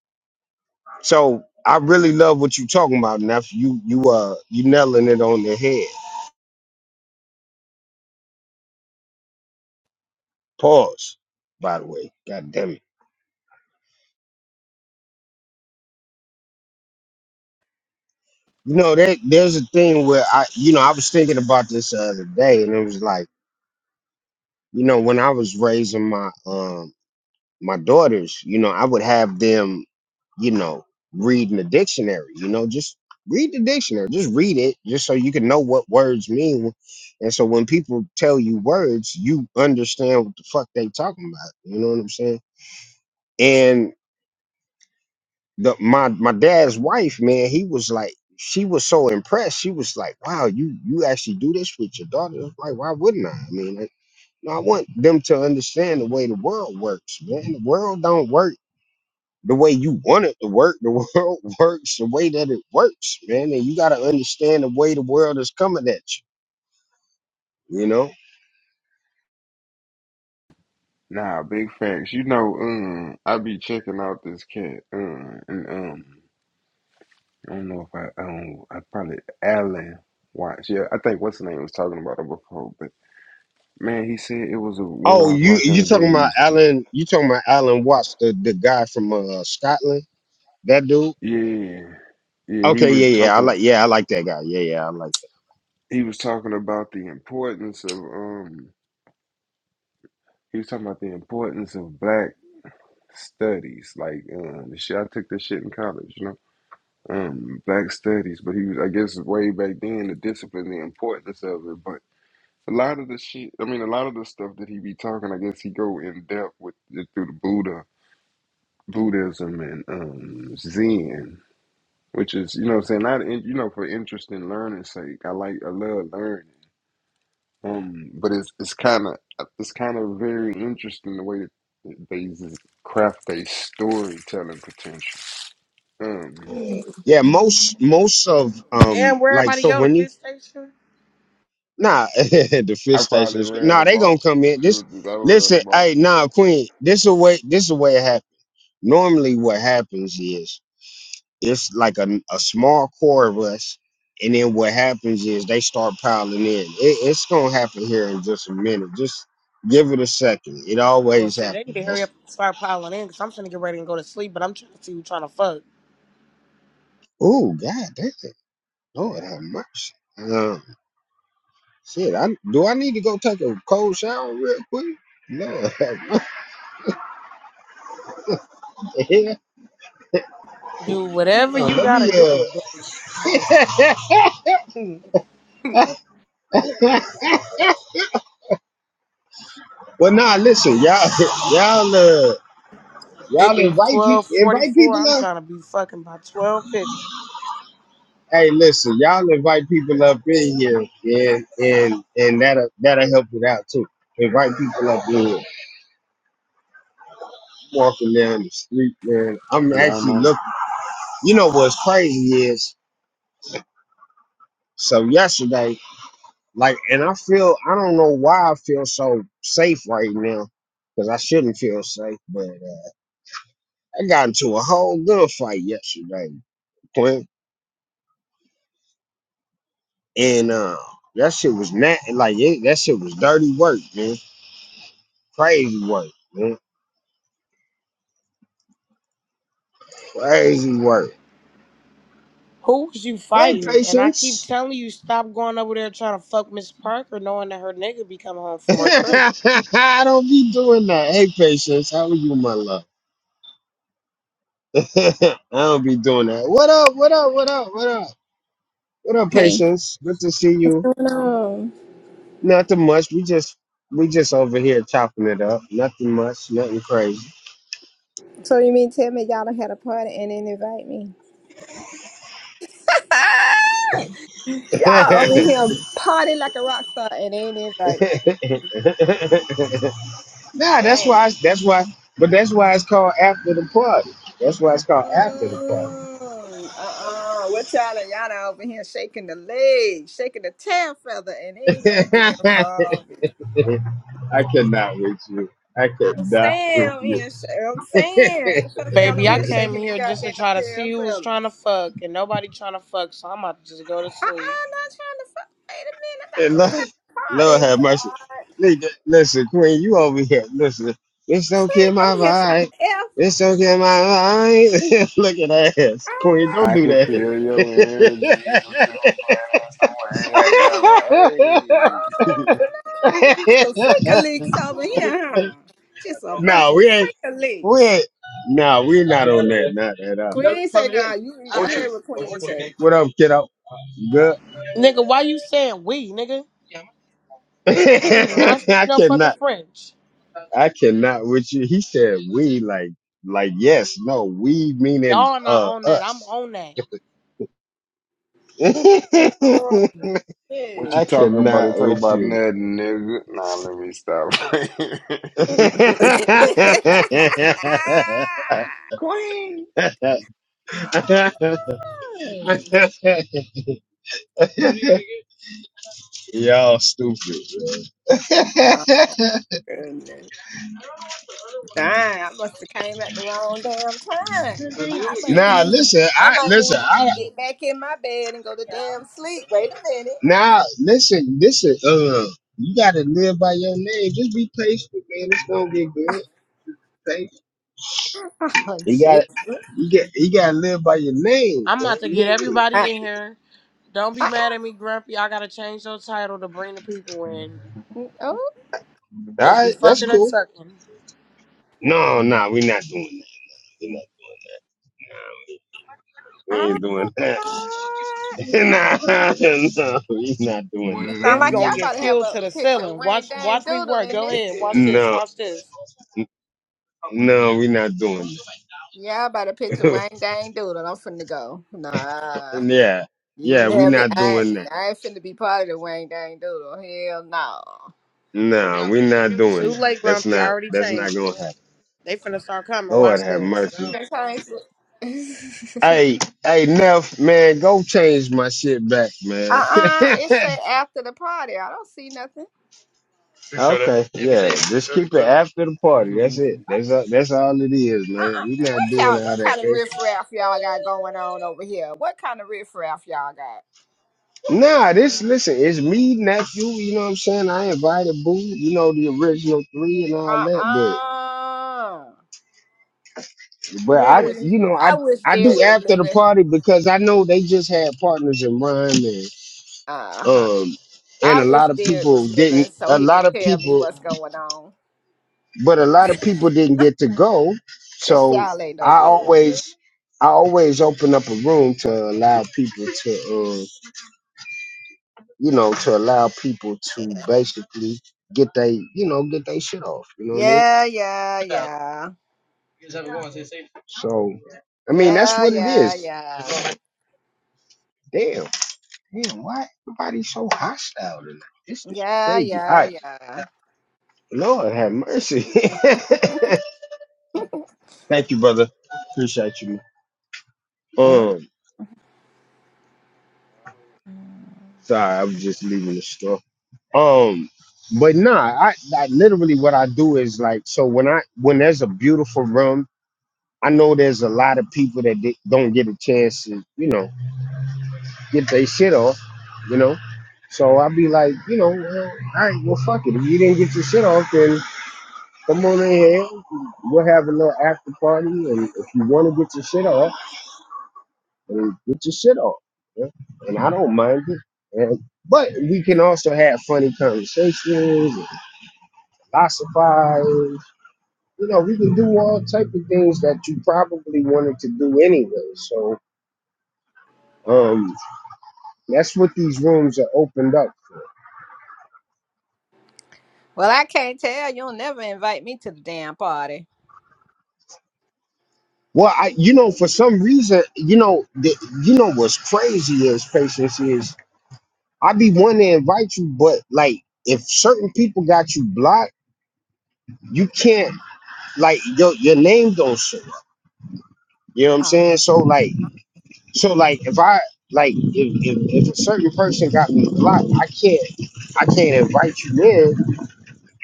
[SPEAKER 1] so i really love what you talking about and you you uh you nailing it on the head pause by the way god damn it. You know, there, there's a thing where I, you know, I was thinking about this the other day, and it was like, you know, when I was raising my um my daughters, you know, I would have them, you know, reading the dictionary. You know, just read the dictionary, just read it, just so you can know what words mean. And so when people tell you words, you understand what the fuck they talking about. You know what I'm saying? and. the my my dad's wife, man, he was like, she was so impressed. She was like, "Wow, you you actually do this with your daughter?" I was like, why wouldn't I? I mean, like, you I want them to understand the way the world works, man. The world don't work the way you want it to work. The world works the way that it works, man. And you got to understand the way the world is coming at you. You know.
[SPEAKER 3] Nah, big facts. You know, um, I be checking out this cat, um, and um. I don't know if I, I don't, I probably, Alan watched. Yeah, I think what's his name was talking about it before, but man, he said it was a one
[SPEAKER 1] Oh,
[SPEAKER 3] I was
[SPEAKER 1] you
[SPEAKER 3] watching the
[SPEAKER 1] you
[SPEAKER 3] other day
[SPEAKER 1] talking
[SPEAKER 3] and he
[SPEAKER 1] about
[SPEAKER 3] was, just,
[SPEAKER 1] Alan? You talking about Alan Watts, the the guy from uh, Scotland? That dude?
[SPEAKER 3] yeah, yeah, he
[SPEAKER 1] Okay,
[SPEAKER 3] was
[SPEAKER 1] yeah, yeah. I like
[SPEAKER 3] talking,
[SPEAKER 1] yeah, I like that guy. Yeah, yeah, I like.
[SPEAKER 3] he was talking about the importance of, um, he was talking about the importance of black studies, like, um, the shit, I took this shit in college, you know, um, black studies, but he was, I guess way back then, the discipline, the importance of it, but A lot of the shit, I mean, a lot of the stuff that he be talking, I guess he go in depth with it through the Buddha, Buddhism, and um, Zen, which is, you know, what I'm saying not, in, you know, for interest in learning sake. I like, I love learning, um, but it's it's kind of it's kind of very interesting the way that they just craft their storytelling potential. Um,
[SPEAKER 1] Yeah, most most of um
[SPEAKER 7] Damn, where
[SPEAKER 1] like
[SPEAKER 7] everybody
[SPEAKER 1] so
[SPEAKER 7] go? The
[SPEAKER 1] when you
[SPEAKER 7] fish station?
[SPEAKER 1] nah the fish
[SPEAKER 3] I
[SPEAKER 1] station
[SPEAKER 3] probably
[SPEAKER 1] is
[SPEAKER 3] ran
[SPEAKER 1] nah
[SPEAKER 3] them
[SPEAKER 1] they gonna
[SPEAKER 3] off.
[SPEAKER 1] come in. This
[SPEAKER 3] Shoot, I ran
[SPEAKER 1] listen,
[SPEAKER 3] them off.
[SPEAKER 1] hey nah Queen, this a way this a way it happens. Normally what happens is it's like a, a small core of us, and then what happens is they start piling in. It, it's gonna happen here in just a minute. Just give it a second. It
[SPEAKER 7] Well,
[SPEAKER 1] always
[SPEAKER 7] shit, they need to
[SPEAKER 1] happens.
[SPEAKER 7] hurry up
[SPEAKER 1] That's
[SPEAKER 7] and start piling in because I'm finna get ready and go to sleep, but I'm trying to see you trying to fuck.
[SPEAKER 1] oh god damn Lord have mercy. Uh, Shit, I do I need to go take a cold shower real quick? No, what the hell?
[SPEAKER 7] Do whatever
[SPEAKER 1] No,
[SPEAKER 7] you
[SPEAKER 1] let
[SPEAKER 7] gotta
[SPEAKER 1] me
[SPEAKER 7] do, but yeah.
[SPEAKER 1] uh. well, nah, listen, y'all, y'all, uh,
[SPEAKER 7] It
[SPEAKER 1] y'all
[SPEAKER 7] is
[SPEAKER 1] invite
[SPEAKER 7] twelve
[SPEAKER 1] people,
[SPEAKER 7] forty
[SPEAKER 1] invite people
[SPEAKER 7] four. I'm
[SPEAKER 1] up.
[SPEAKER 7] trying to be fucking by twelve fifty.
[SPEAKER 1] Hey, listen, y'all invite people up in here, and and and that'll that'll help it out too. Invite people up in here. Walking down the street, man. I'm
[SPEAKER 3] Yeah, I'm
[SPEAKER 1] actually
[SPEAKER 3] on.
[SPEAKER 1] looking. You know what's crazy is so yesterday. Like, and I feel I don't know why I feel so safe right now because I shouldn't feel safe. But uh, I got into a whole good fight yesterday, Clint, and uh, that shit was not like it, that shit was dirty work, man. Crazy work, man. Crazy work.
[SPEAKER 7] Who's you
[SPEAKER 1] Hey,
[SPEAKER 7] fighting? And I keep
[SPEAKER 1] patience.
[SPEAKER 7] telling you, stop going over there trying to fuck Miss Parker, knowing that her nigga be coming home from work early.
[SPEAKER 1] I don't be doing that. Hey, patience. How are you, my love? I don't be doing that. What up? What up? What up? What up? What up,
[SPEAKER 10] Hey,
[SPEAKER 1] patience? Good to see
[SPEAKER 10] what's
[SPEAKER 1] you.
[SPEAKER 10] going on?
[SPEAKER 1] Nothing much. We just we just over here chopping it up. Nothing much. Nothing crazy.
[SPEAKER 10] So you mean tell me y'all done had a party and didn't invite me?
[SPEAKER 1] nah,
[SPEAKER 10] Y'all over here party like a rock star and they didn't invite me.
[SPEAKER 1] that's why.
[SPEAKER 10] Damn.
[SPEAKER 1] that's why. But that's why it's called after the party. That's why it's called after the party.
[SPEAKER 10] Mm-mm. Uh-uh. What y'all and y'all done over here shaking the leg, shaking the tail feather, and they ain't goddamn call me.
[SPEAKER 1] I-
[SPEAKER 10] I'm saying over here, sh- I'm saying, fuck y'all
[SPEAKER 7] Baby,
[SPEAKER 10] over
[SPEAKER 7] I
[SPEAKER 10] here
[SPEAKER 7] came
[SPEAKER 10] shaking the
[SPEAKER 7] here just to
[SPEAKER 10] goddamn
[SPEAKER 7] try to
[SPEAKER 10] tail
[SPEAKER 7] see who was
[SPEAKER 10] feather.
[SPEAKER 7] trying to fuck, and nobody trying to fuck, so I'm about to just go to sleep.
[SPEAKER 10] Uh-uh, not trying to fuck. Wait a minute, I thought
[SPEAKER 1] and
[SPEAKER 10] we was having
[SPEAKER 1] Lord,
[SPEAKER 10] a
[SPEAKER 1] Lord
[SPEAKER 10] party,
[SPEAKER 1] have mercy.
[SPEAKER 10] Lord.
[SPEAKER 1] Nigga, Listen, Queen, you over here. Listen, this don't
[SPEAKER 10] Clear
[SPEAKER 1] kill
[SPEAKER 10] over
[SPEAKER 1] my
[SPEAKER 10] here trying to
[SPEAKER 1] vibe.
[SPEAKER 10] F.
[SPEAKER 1] This don't kill my vibe. Look at that ass,
[SPEAKER 10] Oh
[SPEAKER 1] Queen.
[SPEAKER 10] my
[SPEAKER 1] Don't
[SPEAKER 3] I
[SPEAKER 1] do
[SPEAKER 3] can
[SPEAKER 1] that.
[SPEAKER 10] God.
[SPEAKER 3] feel your energy, but you playing us away. I got my
[SPEAKER 10] Oh
[SPEAKER 3] hey.
[SPEAKER 10] no! y'all some freakaliks over here, huh? Just a bunch
[SPEAKER 1] no,
[SPEAKER 10] of
[SPEAKER 1] we ain't.
[SPEAKER 10] freakaliks.
[SPEAKER 1] Wait. Nah, we're not on that. Not at all. You better be
[SPEAKER 10] Queen say
[SPEAKER 1] coming
[SPEAKER 10] nah, you I
[SPEAKER 1] in.
[SPEAKER 10] heard what Queen say.
[SPEAKER 1] What up, kiddo? You
[SPEAKER 7] Nigga, why you saying we, nigga? You do not
[SPEAKER 1] good?
[SPEAKER 7] speak
[SPEAKER 1] I
[SPEAKER 7] no fucking
[SPEAKER 1] cannot.
[SPEAKER 7] French.
[SPEAKER 1] I cannot with you. He said we like like yes, no, we meaning
[SPEAKER 7] Y'all not
[SPEAKER 1] uh
[SPEAKER 7] on that. I'm
[SPEAKER 1] us.
[SPEAKER 7] on that.
[SPEAKER 10] Oh
[SPEAKER 3] What you
[SPEAKER 10] yeah.
[SPEAKER 1] I
[SPEAKER 3] talking about? They
[SPEAKER 1] cannot
[SPEAKER 3] talking
[SPEAKER 1] with
[SPEAKER 3] about
[SPEAKER 1] you.
[SPEAKER 3] nothing, nigga. Nah, let me stop. Queen.
[SPEAKER 1] Y'all stupid.
[SPEAKER 10] oh, goodness. Damn, I must have came at the wrong damn time.
[SPEAKER 1] Man.
[SPEAKER 10] I might, I might
[SPEAKER 1] Nah,
[SPEAKER 10] need to
[SPEAKER 1] listen.
[SPEAKER 10] I
[SPEAKER 1] I
[SPEAKER 10] might
[SPEAKER 1] listen.
[SPEAKER 10] need to
[SPEAKER 1] I.
[SPEAKER 10] get back in my bed and go to damn sleep. Wait a minute.
[SPEAKER 1] Now, listen, listen. Uh, you gotta live by your name. Just be patient, man. It's gonna get good. Patient.
[SPEAKER 10] Oh,
[SPEAKER 1] You
[SPEAKER 10] jeez.
[SPEAKER 1] got to You get. You gotta live by your name,
[SPEAKER 7] I'm
[SPEAKER 1] man.
[SPEAKER 7] about to
[SPEAKER 1] You
[SPEAKER 7] get
[SPEAKER 1] hear me?
[SPEAKER 10] Uh,
[SPEAKER 7] everybody in here. Don't be
[SPEAKER 10] uh,
[SPEAKER 7] mad at me, Grumpy. I gotta change your title to bring the people in.
[SPEAKER 10] uh, oh,
[SPEAKER 1] All
[SPEAKER 7] Is we
[SPEAKER 1] right, that's
[SPEAKER 7] fucking or
[SPEAKER 1] cool.
[SPEAKER 7] tucking,
[SPEAKER 1] No, no, we're not doing that. We're not. We
[SPEAKER 10] uh,
[SPEAKER 1] ain't doing that. nah, no, we are not
[SPEAKER 3] What
[SPEAKER 1] doing
[SPEAKER 3] did
[SPEAKER 1] that.
[SPEAKER 10] sound
[SPEAKER 3] I
[SPEAKER 7] It's
[SPEAKER 10] like y'all
[SPEAKER 7] gonna
[SPEAKER 3] miss?
[SPEAKER 7] get
[SPEAKER 10] about to have
[SPEAKER 7] filled
[SPEAKER 10] a
[SPEAKER 7] to the
[SPEAKER 10] picture of
[SPEAKER 7] ceiling.
[SPEAKER 10] Wayne
[SPEAKER 7] Watch,
[SPEAKER 10] Dang
[SPEAKER 7] watch me
[SPEAKER 10] Doodle
[SPEAKER 7] work.
[SPEAKER 10] in
[SPEAKER 7] Go
[SPEAKER 10] this
[SPEAKER 7] ahead. Watch this.
[SPEAKER 10] bitch.
[SPEAKER 1] No,
[SPEAKER 7] Watch this.
[SPEAKER 1] no, we are not doing
[SPEAKER 10] Y'all about to picture
[SPEAKER 1] that.
[SPEAKER 10] Wayne Dang Doodle. I'm finna go. Nah.
[SPEAKER 1] yeah,
[SPEAKER 10] You
[SPEAKER 1] yeah,
[SPEAKER 10] didn't
[SPEAKER 1] we are
[SPEAKER 10] have me.
[SPEAKER 1] not
[SPEAKER 10] I,
[SPEAKER 1] doing that.
[SPEAKER 10] I ain't finna be part of the Wayne Dang Doodle. Hell no.
[SPEAKER 1] No, we are not doing
[SPEAKER 7] Too
[SPEAKER 1] that.
[SPEAKER 7] late,
[SPEAKER 1] That's
[SPEAKER 7] Grumpy. I
[SPEAKER 1] not.
[SPEAKER 7] already
[SPEAKER 1] That's not
[SPEAKER 7] changed it.
[SPEAKER 1] gonna happen.
[SPEAKER 7] They finna start coming. Watch
[SPEAKER 1] Lord have
[SPEAKER 7] this.
[SPEAKER 1] mercy.
[SPEAKER 10] Sometimes-
[SPEAKER 1] Hey, hey, Neff, man, go change my shit back, man.
[SPEAKER 10] Uh-uh. It said after the party. I don't see nothing.
[SPEAKER 1] You sure that? okay, yeah, yeah, just keep it after the
[SPEAKER 3] That's
[SPEAKER 1] party.
[SPEAKER 3] what I
[SPEAKER 1] That's it.
[SPEAKER 3] said.
[SPEAKER 1] That's all, that's all it is, man.
[SPEAKER 10] Uh-uh.
[SPEAKER 1] we not
[SPEAKER 10] What
[SPEAKER 1] doing
[SPEAKER 10] y'all, what
[SPEAKER 1] all that
[SPEAKER 10] kind of
[SPEAKER 1] extra.
[SPEAKER 10] riffraff y'all got going on over here? What kind of riffraff y'all got?
[SPEAKER 1] Nah, this listen, it's me, nephew. You know what I'm saying? I invited Boo, you know the original three and all that,
[SPEAKER 10] Uh-uh.
[SPEAKER 1] but but
[SPEAKER 10] I
[SPEAKER 1] I,
[SPEAKER 10] wish
[SPEAKER 1] you know, I
[SPEAKER 10] I wish
[SPEAKER 1] I do
[SPEAKER 10] Derek was
[SPEAKER 1] after the
[SPEAKER 10] living.
[SPEAKER 1] party because I know they just had partners in rhyme and
[SPEAKER 10] Uh-huh.
[SPEAKER 1] um and
[SPEAKER 10] I
[SPEAKER 1] a
[SPEAKER 10] wish
[SPEAKER 1] lot of
[SPEAKER 10] Derek was
[SPEAKER 1] people
[SPEAKER 10] living
[SPEAKER 1] didn't.
[SPEAKER 10] so
[SPEAKER 1] A
[SPEAKER 10] he
[SPEAKER 1] lot
[SPEAKER 10] could
[SPEAKER 1] of
[SPEAKER 10] tell me
[SPEAKER 1] people.
[SPEAKER 10] what's going on.
[SPEAKER 1] but a lot of people didn't get to go
[SPEAKER 10] Cause
[SPEAKER 1] so
[SPEAKER 10] y'all ain't no
[SPEAKER 1] i
[SPEAKER 10] good.
[SPEAKER 1] always i always open up a room to allow people to uh, you know to allow people to basically get they you know get they shit off you know what i mean
[SPEAKER 10] Yeah, yeah, yeah.
[SPEAKER 1] so i mean that's
[SPEAKER 10] Yeah,
[SPEAKER 1] what it
[SPEAKER 10] yeah,
[SPEAKER 1] is
[SPEAKER 10] yeah.
[SPEAKER 1] damn damn why everybody so hostile tonight this is
[SPEAKER 10] Yeah,
[SPEAKER 1] crazy all
[SPEAKER 10] yeah,
[SPEAKER 1] right
[SPEAKER 10] yeah.
[SPEAKER 1] lord have mercy thank you brother appreciate you man.
[SPEAKER 10] Mm.
[SPEAKER 1] um sorry i was just leaving the store Um, but nah, I, I literally what I do is like so when I when there's a beautiful room, I know there's a lot of people that di- don't get a chance to you know get their shit off, you know. So I'll be like, you know, well, all right, well, fuck it. If you didn't get your shit off, then come on in here. We'll have a little after party, and if you want to get your shit off, then get your shit off. yeah. And I don't mind it. And, but we can also have funny conversations, and philosophize, you know, we can do all type of things that you probably wanted to do anyway. So um, that's what these rooms are opened up.
[SPEAKER 10] Well, I can't tell. You'll never invite me to the damn party.
[SPEAKER 1] Well, I, you know, for some reason, you know, the, you know what's crazy is patience is I be wanting to invite you, but like if certain people got you blocked, you can't like your your name don't show up. You know what I'm
[SPEAKER 10] Oh.
[SPEAKER 1] saying? So like, so like if I like if if, if a certain person got me blocked, I can't I can't invite you in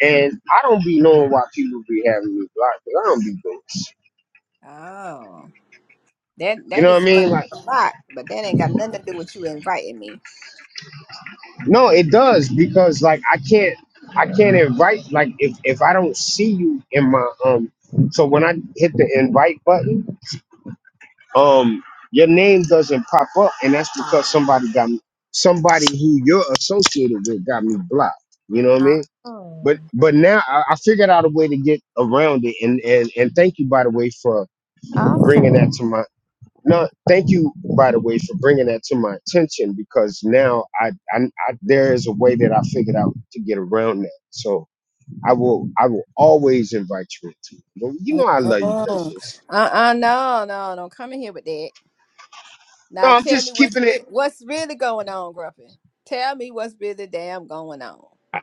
[SPEAKER 1] And I don't be knowing why people be having me blocked. 'cause I don't be doing shit.
[SPEAKER 10] Oh. That
[SPEAKER 1] You
[SPEAKER 10] that
[SPEAKER 1] know what I
[SPEAKER 10] explains
[SPEAKER 1] mean? Like,
[SPEAKER 10] a lot, but that ain't got nothing to do with you inviting me.
[SPEAKER 1] no, it does because like I can't, I can't invite. Like, if if I don't see you in my um, so when I hit the invite button, um, your name doesn't pop up, and that's
[SPEAKER 10] Oh,
[SPEAKER 1] because somebody got me, somebody who you're associated with got me blocked. You know what I mean? But but now I, I figured out a way to get around it, and and and thank you by the way for
[SPEAKER 10] oh, okay.
[SPEAKER 1] bringing that to my No, thank you, by the way, for bringing that to my attention because now I, I, I there is a way that I figured out to get around that. So I will, I will always invite you into. Well, you know, I love you,
[SPEAKER 10] mm
[SPEAKER 1] patience.
[SPEAKER 10] Uh-uh, no, no, don't come in here with that.
[SPEAKER 1] No,
[SPEAKER 10] Now
[SPEAKER 1] I'm
[SPEAKER 10] tell me
[SPEAKER 1] just
[SPEAKER 10] what's
[SPEAKER 1] keeping it.
[SPEAKER 10] re- what's really going on, Grumpy. Tell me what's really damn going on.
[SPEAKER 1] I,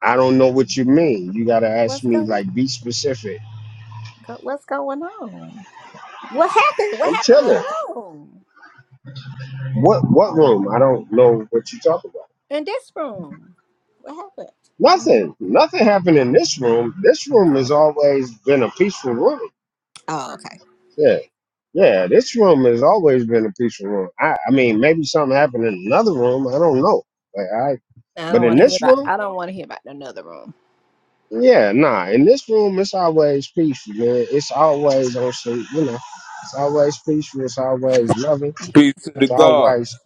[SPEAKER 1] I don't know what you mean. You gotta ask
[SPEAKER 10] What's
[SPEAKER 1] me,
[SPEAKER 10] going
[SPEAKER 1] like, be specific.
[SPEAKER 10] go- What's going on? What happened? What
[SPEAKER 1] I'm
[SPEAKER 10] happened in the
[SPEAKER 1] telling.
[SPEAKER 10] room?
[SPEAKER 1] What, what room? I don't know what you talk about.
[SPEAKER 10] in this room. What happened?
[SPEAKER 1] Nothing. Nothing happened in this room. This room
[SPEAKER 10] Oh,
[SPEAKER 1] has always been a peaceful room.
[SPEAKER 10] Oh, okay.
[SPEAKER 1] Yeah. Yeah, this room has always been a peaceful room. I, I mean, maybe something happened in another room. I don't know. Like, I,
[SPEAKER 10] I
[SPEAKER 1] but
[SPEAKER 10] don't want
[SPEAKER 1] in
[SPEAKER 10] to hear
[SPEAKER 1] this
[SPEAKER 10] about.
[SPEAKER 1] room,
[SPEAKER 10] I don't want to hear about another room.
[SPEAKER 1] yeah, nah. In this room, it's always peaceful, man. It's always on some, you know, it's always peaceful. It's always loving.
[SPEAKER 11] Peace to the
[SPEAKER 1] It's
[SPEAKER 11] gods.
[SPEAKER 1] always,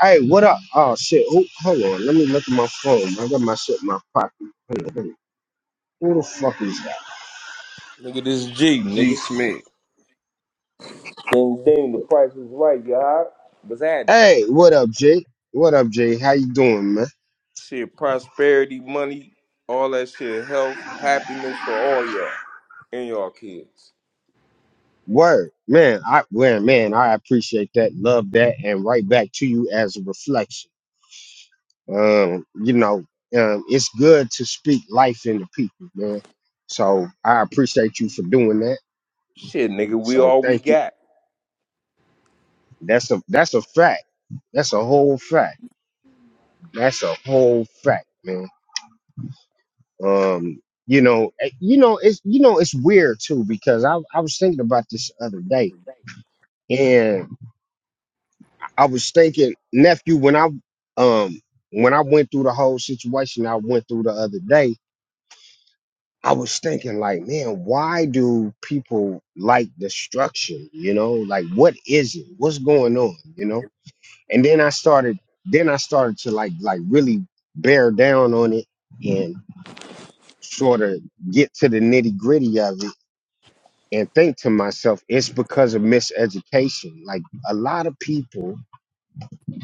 [SPEAKER 1] hey, what up? Oh shit! Who, hold on, let me look at my phone. I got my shit in my pocket. Hold on, hold on. Who the fuck is that?
[SPEAKER 11] Nigga, this is G,
[SPEAKER 3] G.
[SPEAKER 11] nigga.
[SPEAKER 3] Smith.
[SPEAKER 11] And damn, the price was right, y'all. What's happening?
[SPEAKER 1] Hey, what up, Jay? What up, Jay? How you doing, man?
[SPEAKER 11] Shit, prosperity, money, all that shit, health, happiness for all y'all and y'all kids.
[SPEAKER 1] Word, man, I well, man, I appreciate that, love that, and right back to you as a reflection. Um, you know, um, it's good to speak life into people, man. So I appreciate you for doing that.
[SPEAKER 11] Shit, nigga, we
[SPEAKER 1] So
[SPEAKER 11] all we
[SPEAKER 1] thank you.
[SPEAKER 11] got.
[SPEAKER 1] That's a that's a fact. That's a whole fact. That's a whole fact, man. Um, you know, eh, you know, it's you know, it's weird too because I I was thinking about this the other day, I was thinking, nephew, when I um when I went through the whole situation I went through the other day, I was thinking like, man, why do people like destruction? You know, like what is it? What's going on? You know? And then I started then I started to like like really bear down on it and sort of get to the nitty gritty of it and think to myself, it's because of miseducation. Like a lot of people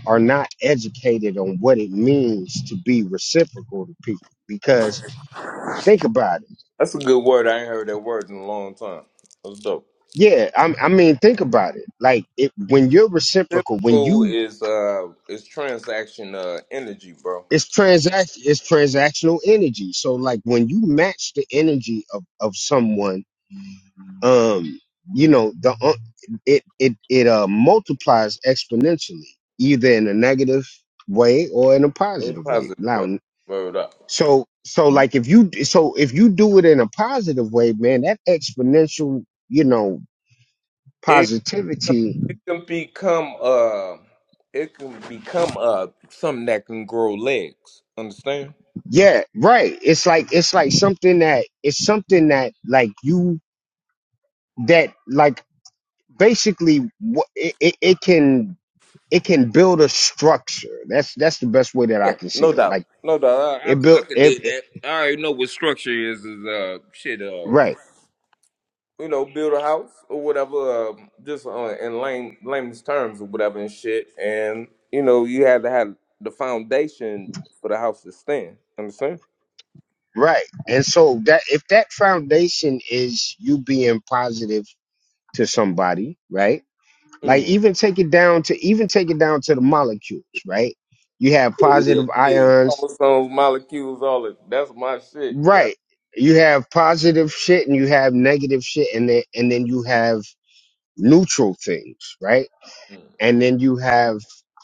[SPEAKER 1] are not educated on what it means to be reciprocal to people because think about it
[SPEAKER 11] That's a good word. I ain't heard that word in a long time. That's dope.
[SPEAKER 1] yeah i i mean think about it like it, when you're reciprocal when
[SPEAKER 11] Typical
[SPEAKER 1] you
[SPEAKER 11] is uh is transaction uh energy, bro.
[SPEAKER 1] it's transact it's transactional energy so like when you match the energy of of someone um you know the uh, it it it uh multiplies exponentially either in a negative way or in a
[SPEAKER 11] In a
[SPEAKER 1] positive way.
[SPEAKER 11] positive way.
[SPEAKER 1] Now.
[SPEAKER 11] Word up.
[SPEAKER 1] So so like if you so if you do it in a positive way, man, that exponential, you know, positivity,
[SPEAKER 11] It can become uh, it can become uh something that can grow legs. Understand?
[SPEAKER 1] yeah, right. It's like it's like something that it's something that like you that like basically wha- it, it, it can it can build a structure. That's that's the best way that I
[SPEAKER 11] Yeah,
[SPEAKER 1] can say
[SPEAKER 11] no
[SPEAKER 1] it.
[SPEAKER 11] doubt,
[SPEAKER 1] Like
[SPEAKER 11] no doubt. I, I,
[SPEAKER 1] it
[SPEAKER 11] I
[SPEAKER 1] built
[SPEAKER 11] can
[SPEAKER 1] it,
[SPEAKER 11] dig
[SPEAKER 1] it
[SPEAKER 11] that. I already know what structure is. Is uh shit. Uh,
[SPEAKER 1] right,
[SPEAKER 11] you know, build a house or whatever. Uh, just uh, in lame layman's terms or whatever and shit. And you know, you have to have the foundation for the house to stand. Understand?
[SPEAKER 1] right. And so that if that foundation is you being positive to somebody, right? Like
[SPEAKER 11] Mm.
[SPEAKER 1] even take it down to even take it down to the molecules, right? You have
[SPEAKER 11] Yeah, yeah,
[SPEAKER 1] positive
[SPEAKER 11] yeah.
[SPEAKER 1] ions,
[SPEAKER 11] Chromosomes, molecules, all of that's my shit. Yeah.
[SPEAKER 1] right? You have positive shit and you have negative shit, and then and then you have neutral things, right? And then you have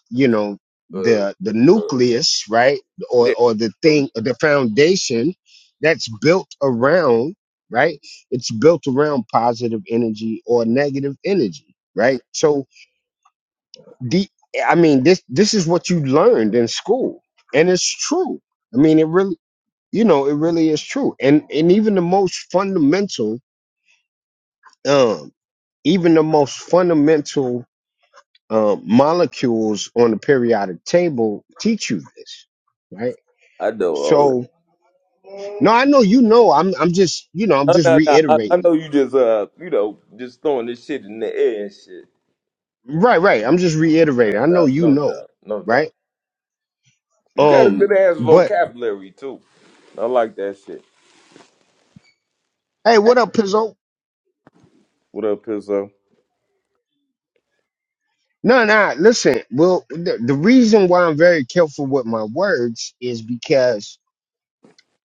[SPEAKER 1] you know
[SPEAKER 11] Mm.
[SPEAKER 1] the the
[SPEAKER 11] Uh, uh,
[SPEAKER 1] nucleus, right? Or
[SPEAKER 11] Yeah.
[SPEAKER 1] or the
[SPEAKER 11] So,
[SPEAKER 1] thing, the foundation that's built around, right? It's built around positive energy or negative energy, right? So. the I mean this this is what you learned in school and it's true. I mean it really you know it really is true. And and even the most fundamental um even the most fundamental um molecules on the periodic table teach you this, right?
[SPEAKER 11] I know all that.
[SPEAKER 1] So no, I know you know. I'm I'm just you know I'm
[SPEAKER 11] Oh, no,
[SPEAKER 1] just
[SPEAKER 11] no, I, know- I
[SPEAKER 1] reiterating.
[SPEAKER 11] know you just uh, you know, just throwing this shit in the air and shit.
[SPEAKER 1] Right, right. I'm just reiterating.
[SPEAKER 11] No
[SPEAKER 1] I know
[SPEAKER 11] doubt,
[SPEAKER 1] you
[SPEAKER 11] no
[SPEAKER 1] know,
[SPEAKER 11] doubt, no
[SPEAKER 1] right?
[SPEAKER 11] doubt. You got a
[SPEAKER 1] Um,
[SPEAKER 11] good ass
[SPEAKER 1] but
[SPEAKER 11] vocabulary too. I like that shit.
[SPEAKER 1] hey, what up, Pizzo?
[SPEAKER 11] What up, Pizzo?
[SPEAKER 1] No, no. Listen, well, the, the reason why I'm very careful with my words is because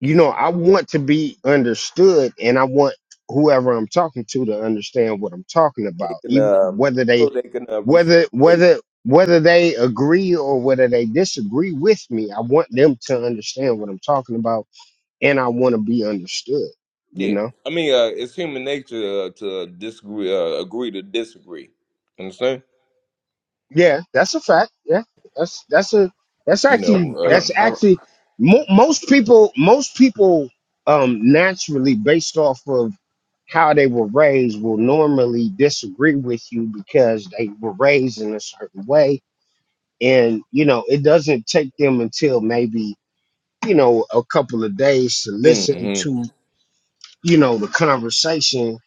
[SPEAKER 1] you know I want to be understood, and I want whoever I'm talking to to understand what I'm talking
[SPEAKER 11] They
[SPEAKER 1] about,
[SPEAKER 11] can
[SPEAKER 1] even
[SPEAKER 11] um,
[SPEAKER 1] whether
[SPEAKER 11] so
[SPEAKER 1] they
[SPEAKER 11] they can uh,
[SPEAKER 1] whether
[SPEAKER 11] reciprocate.
[SPEAKER 1] whether whether they agree or whether they disagree with me. I want them to understand what I'm talking about, and I want to be understood. You
[SPEAKER 11] Yeah,
[SPEAKER 1] know.
[SPEAKER 11] I mean, uh, it's human nature uh, to disagree, uh, agree to disagree. Understand?
[SPEAKER 1] Yeah, that's a fact. Yeah, that's that's a that's
[SPEAKER 11] You know,
[SPEAKER 1] actually
[SPEAKER 3] Uh,
[SPEAKER 1] that's
[SPEAKER 11] um,
[SPEAKER 3] uh,
[SPEAKER 1] actually mo- most people most people um naturally based off of how they were raised will normally disagree with you because they were raised in a certain way and you know it doesn't take them until maybe you know a couple of days to
[SPEAKER 11] mhm.
[SPEAKER 1] listen to you know the conversation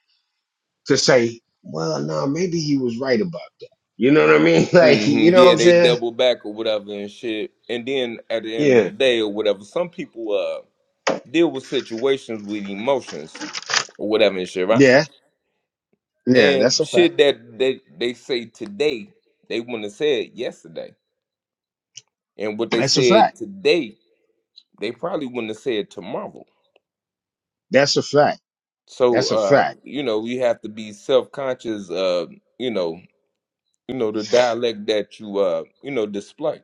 [SPEAKER 1] to say well no maybe he was right about that you know what i mean like
[SPEAKER 11] hmm
[SPEAKER 1] you know what
[SPEAKER 11] Yeah,
[SPEAKER 1] i'm
[SPEAKER 11] they
[SPEAKER 1] saying
[SPEAKER 11] double back or whatever and shit. And then at the end of
[SPEAKER 1] yeah
[SPEAKER 11] the day or whatever, some people uh deal with situations with emotions or whatever and shit, right?
[SPEAKER 1] Yeah, yeah, that's
[SPEAKER 11] And
[SPEAKER 1] a fact.
[SPEAKER 11] shit that they they say today, they wouldn't have said yesterday. And what they
[SPEAKER 1] That's a
[SPEAKER 11] said
[SPEAKER 1] fact.
[SPEAKER 11] today, they probably wouldn't have said tomorrow.
[SPEAKER 1] That's a fact.
[SPEAKER 11] So
[SPEAKER 1] That's a
[SPEAKER 11] uh,
[SPEAKER 1] fact.
[SPEAKER 11] you know, you have to be self conscious uh, you know, you know, the dialect that you uh, you know, display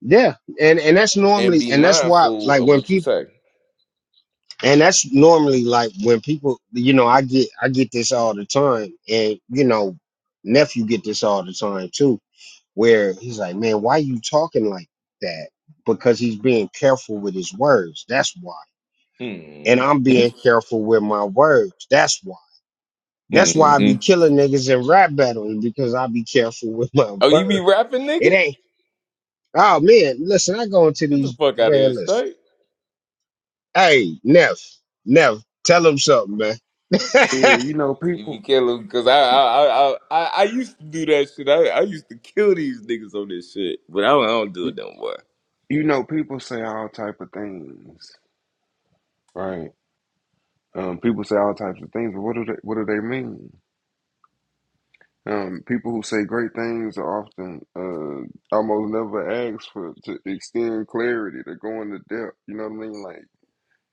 [SPEAKER 1] Yeah, and and that's
[SPEAKER 11] and
[SPEAKER 1] normally,
[SPEAKER 11] be
[SPEAKER 1] and that's why,
[SPEAKER 11] mindful
[SPEAKER 1] like
[SPEAKER 11] of
[SPEAKER 1] when
[SPEAKER 11] what you
[SPEAKER 1] people,
[SPEAKER 11] say.
[SPEAKER 1] and that's normally like when people, you know, I get I get this all the time, and you know, nephew get this all the time too, where he's like, man, why you talking like that? Because he's being careful with his words. That's why, and
[SPEAKER 11] hmm
[SPEAKER 1] I'm being careful with my words. That's why. That's why I
[SPEAKER 11] hmm
[SPEAKER 1] be killing niggas in rap battles because I be careful with my
[SPEAKER 11] Oh, you be
[SPEAKER 1] words.
[SPEAKER 11] rapping, nigga?
[SPEAKER 1] It ain't Oh man, listen, I go into
[SPEAKER 11] Get the
[SPEAKER 1] these
[SPEAKER 11] fuck out of here,
[SPEAKER 1] man. Listen,
[SPEAKER 11] straight.
[SPEAKER 1] hey Neff, Neff, tell him something, man.
[SPEAKER 3] yeah, you know
[SPEAKER 11] You be
[SPEAKER 3] people.
[SPEAKER 11] killing because I
[SPEAKER 3] You,
[SPEAKER 11] I, I I I I used to do that shit. I, I used to kill these niggas on this shit, but I don't, I don't do
[SPEAKER 3] you
[SPEAKER 11] it no more.
[SPEAKER 3] you know people say all type of things, right? Um, people say all types of things, but what do they what do they mean? Um, people who say great things are often uh, almost never asked for to extend clarity They're going to go into depth. You know what I mean? Like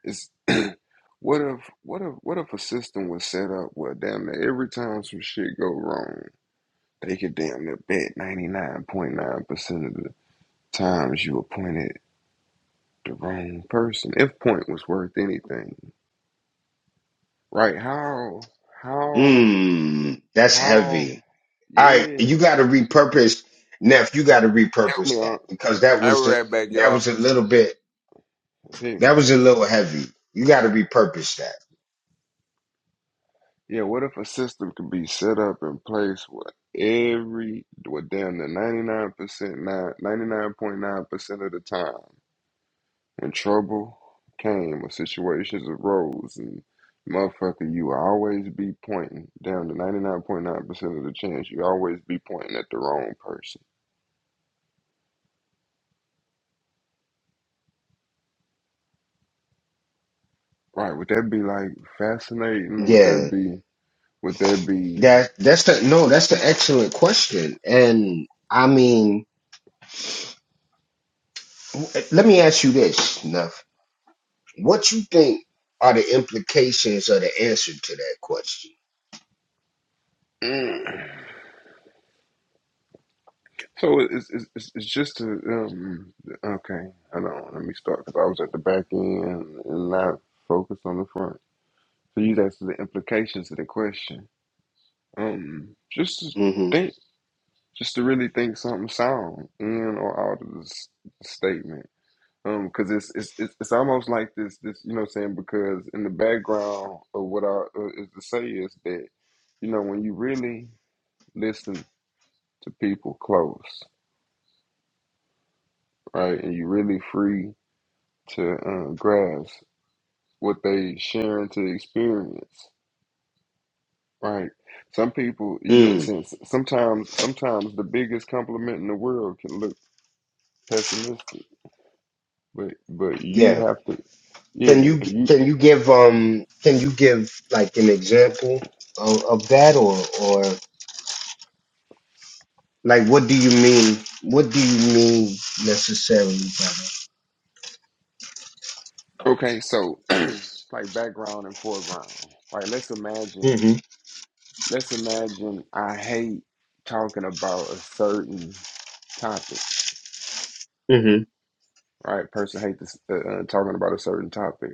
[SPEAKER 3] it's what if what if what if a system was set up where damn near every time some shit go wrong, they could damn near bet ninety nine point nine percent of the times you appointed the wrong person. If point was worth anything, right? How how
[SPEAKER 1] Mmm, that's
[SPEAKER 3] how?
[SPEAKER 1] heavy. All right,
[SPEAKER 3] Yeah,
[SPEAKER 1] you got to repurpose, Neff. You got to
[SPEAKER 3] help me
[SPEAKER 1] repurpose that
[SPEAKER 3] out.
[SPEAKER 1] because that
[SPEAKER 11] I be
[SPEAKER 1] was the,
[SPEAKER 11] right back,
[SPEAKER 1] that
[SPEAKER 11] y'all.
[SPEAKER 1] was a little bit
[SPEAKER 3] It's heavy.
[SPEAKER 1] that was a little heavy. You got to repurpose that.
[SPEAKER 3] Yeah, what if a system could be set up in place where every, well, damn the 99%, nine, 99.9% of the time, when trouble came or situations arose, and motherfucker, you always be pointing, down to 99.9% of the chance, you always be pointing at the wrong person. Right, would that be like fascinating? Would that
[SPEAKER 1] Yeah,
[SPEAKER 3] be, would that be,
[SPEAKER 1] that that's the no. That's the excellent question. And I mean, let me ask you this, Neff. What you think are the implications of the answer to that question?
[SPEAKER 3] So it's it's, it's it's just a um okay. I know. Let me start because I was at the back end and not focused on the front. So you asked the implications of the question. Um, just to
[SPEAKER 1] hmm
[SPEAKER 3] think, just to really think something sound in or out of this statement. Um, because it's, it's it's it's almost like this this you know what I'm saying because in the background of what I uh, is to say is that you know when you really listen to people close right and you really free to uh, grasp what they sharing to experience, right? Some people, you know,
[SPEAKER 1] Mm,
[SPEAKER 3] since sometimes sometimes the biggest compliment in the world can look pessimistic, but but you
[SPEAKER 1] yeah.
[SPEAKER 3] have to,
[SPEAKER 1] Can
[SPEAKER 3] yeah.
[SPEAKER 1] you
[SPEAKER 3] If you
[SPEAKER 1] can you give um can you give like an example of, of that or or like what do you mean what do you mean necessarily
[SPEAKER 3] okay, so like background and foreground, right? Let's
[SPEAKER 1] by
[SPEAKER 3] imagine,
[SPEAKER 1] that?
[SPEAKER 3] let's imagine I hate talking about a certain topic,
[SPEAKER 1] hmm
[SPEAKER 3] right? Person hate this, uh, uh, talking about a certain topic.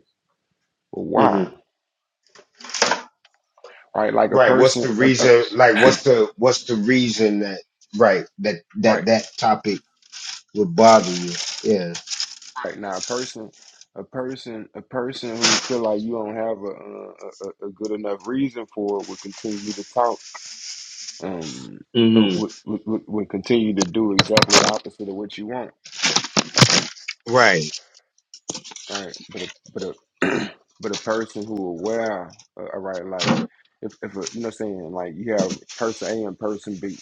[SPEAKER 3] Well,
[SPEAKER 1] hmm
[SPEAKER 3] why?
[SPEAKER 1] hmm
[SPEAKER 3] Right, like a
[SPEAKER 1] Right. What's the
[SPEAKER 3] person, a uh,
[SPEAKER 1] reason? Like, what's the what's the reason that right that
[SPEAKER 3] right?
[SPEAKER 1] that that topic would bother you? Yeah.
[SPEAKER 3] Right now, a person, a person, a person who feel like you don't have a a, a a good enough reason for it will continue to talk. Um,
[SPEAKER 1] hmm
[SPEAKER 3] would, would, would would continue to do exactly the opposite of what you want.
[SPEAKER 1] Right.
[SPEAKER 3] Right, but a but a but a person who aware, uh, all right, like if if a, you know, what I'm saying like you have person A and person B.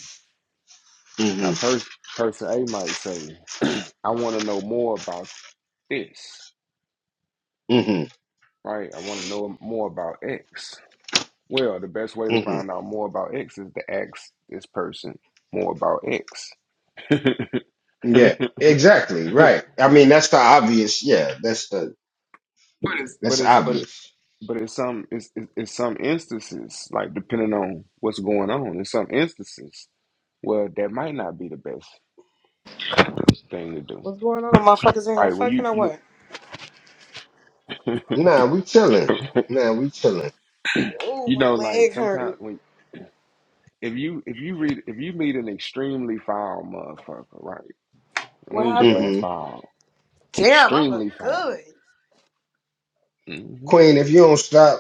[SPEAKER 3] Now,
[SPEAKER 1] hmm
[SPEAKER 3] person person A might say, "I want to know more about this."
[SPEAKER 1] hmm
[SPEAKER 3] Right, I want to know more about X Well, the best way to
[SPEAKER 1] hmm
[SPEAKER 3] find out more about X is to ask this person more about X. but
[SPEAKER 1] Yeah, exactly. Right. I mean, that's the obvious. Yeah, that's the
[SPEAKER 3] it's but
[SPEAKER 1] that's
[SPEAKER 3] it's but it,
[SPEAKER 1] obvious.
[SPEAKER 3] but it's some it's it's it's some instances like depending on what's going on. In some instances, well, that might not be the best thing to do.
[SPEAKER 7] What's going on? The motherfuckers in here
[SPEAKER 3] Right when you
[SPEAKER 7] fucking or what?
[SPEAKER 3] you
[SPEAKER 1] Nah, we chilling. Nah, we chilling.
[SPEAKER 7] Oh,
[SPEAKER 3] you
[SPEAKER 7] my
[SPEAKER 3] know like
[SPEAKER 7] leg
[SPEAKER 3] sometimes
[SPEAKER 7] hurt.
[SPEAKER 3] when if you if you read if you meet an extremely foul motherfucker, right? We
[SPEAKER 7] What
[SPEAKER 3] ain't just say
[SPEAKER 7] happened?
[SPEAKER 1] hmm
[SPEAKER 3] foul,
[SPEAKER 7] Damn, I look
[SPEAKER 3] extremely
[SPEAKER 7] good.
[SPEAKER 3] foul.
[SPEAKER 1] Queen, if you don't stop,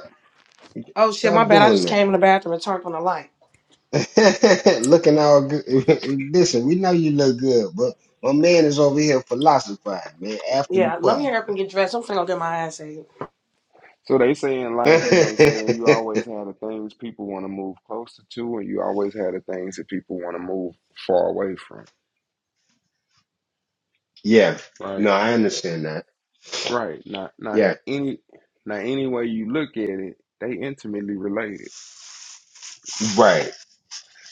[SPEAKER 7] Oh shit, my
[SPEAKER 1] stop
[SPEAKER 7] bad. I
[SPEAKER 1] doing
[SPEAKER 7] just came in the bathroom and turned on the light.
[SPEAKER 1] that. Looking all good. Listen, we know you look good, but my man is over here philosophizing, man. After the
[SPEAKER 7] Yeah, let me
[SPEAKER 1] party.
[SPEAKER 7] hurry up and get dressed. I'm finna go get my ass ate.
[SPEAKER 3] So they say in life, you know, saying you always have the things people want to move closer to, and you always have the things that people want to move far away from.
[SPEAKER 1] yeah.
[SPEAKER 3] Right,
[SPEAKER 1] No, I understand that.
[SPEAKER 3] right. Not, not
[SPEAKER 1] Yeah.
[SPEAKER 3] any, not any way you look at it, they intimately related.
[SPEAKER 1] Right.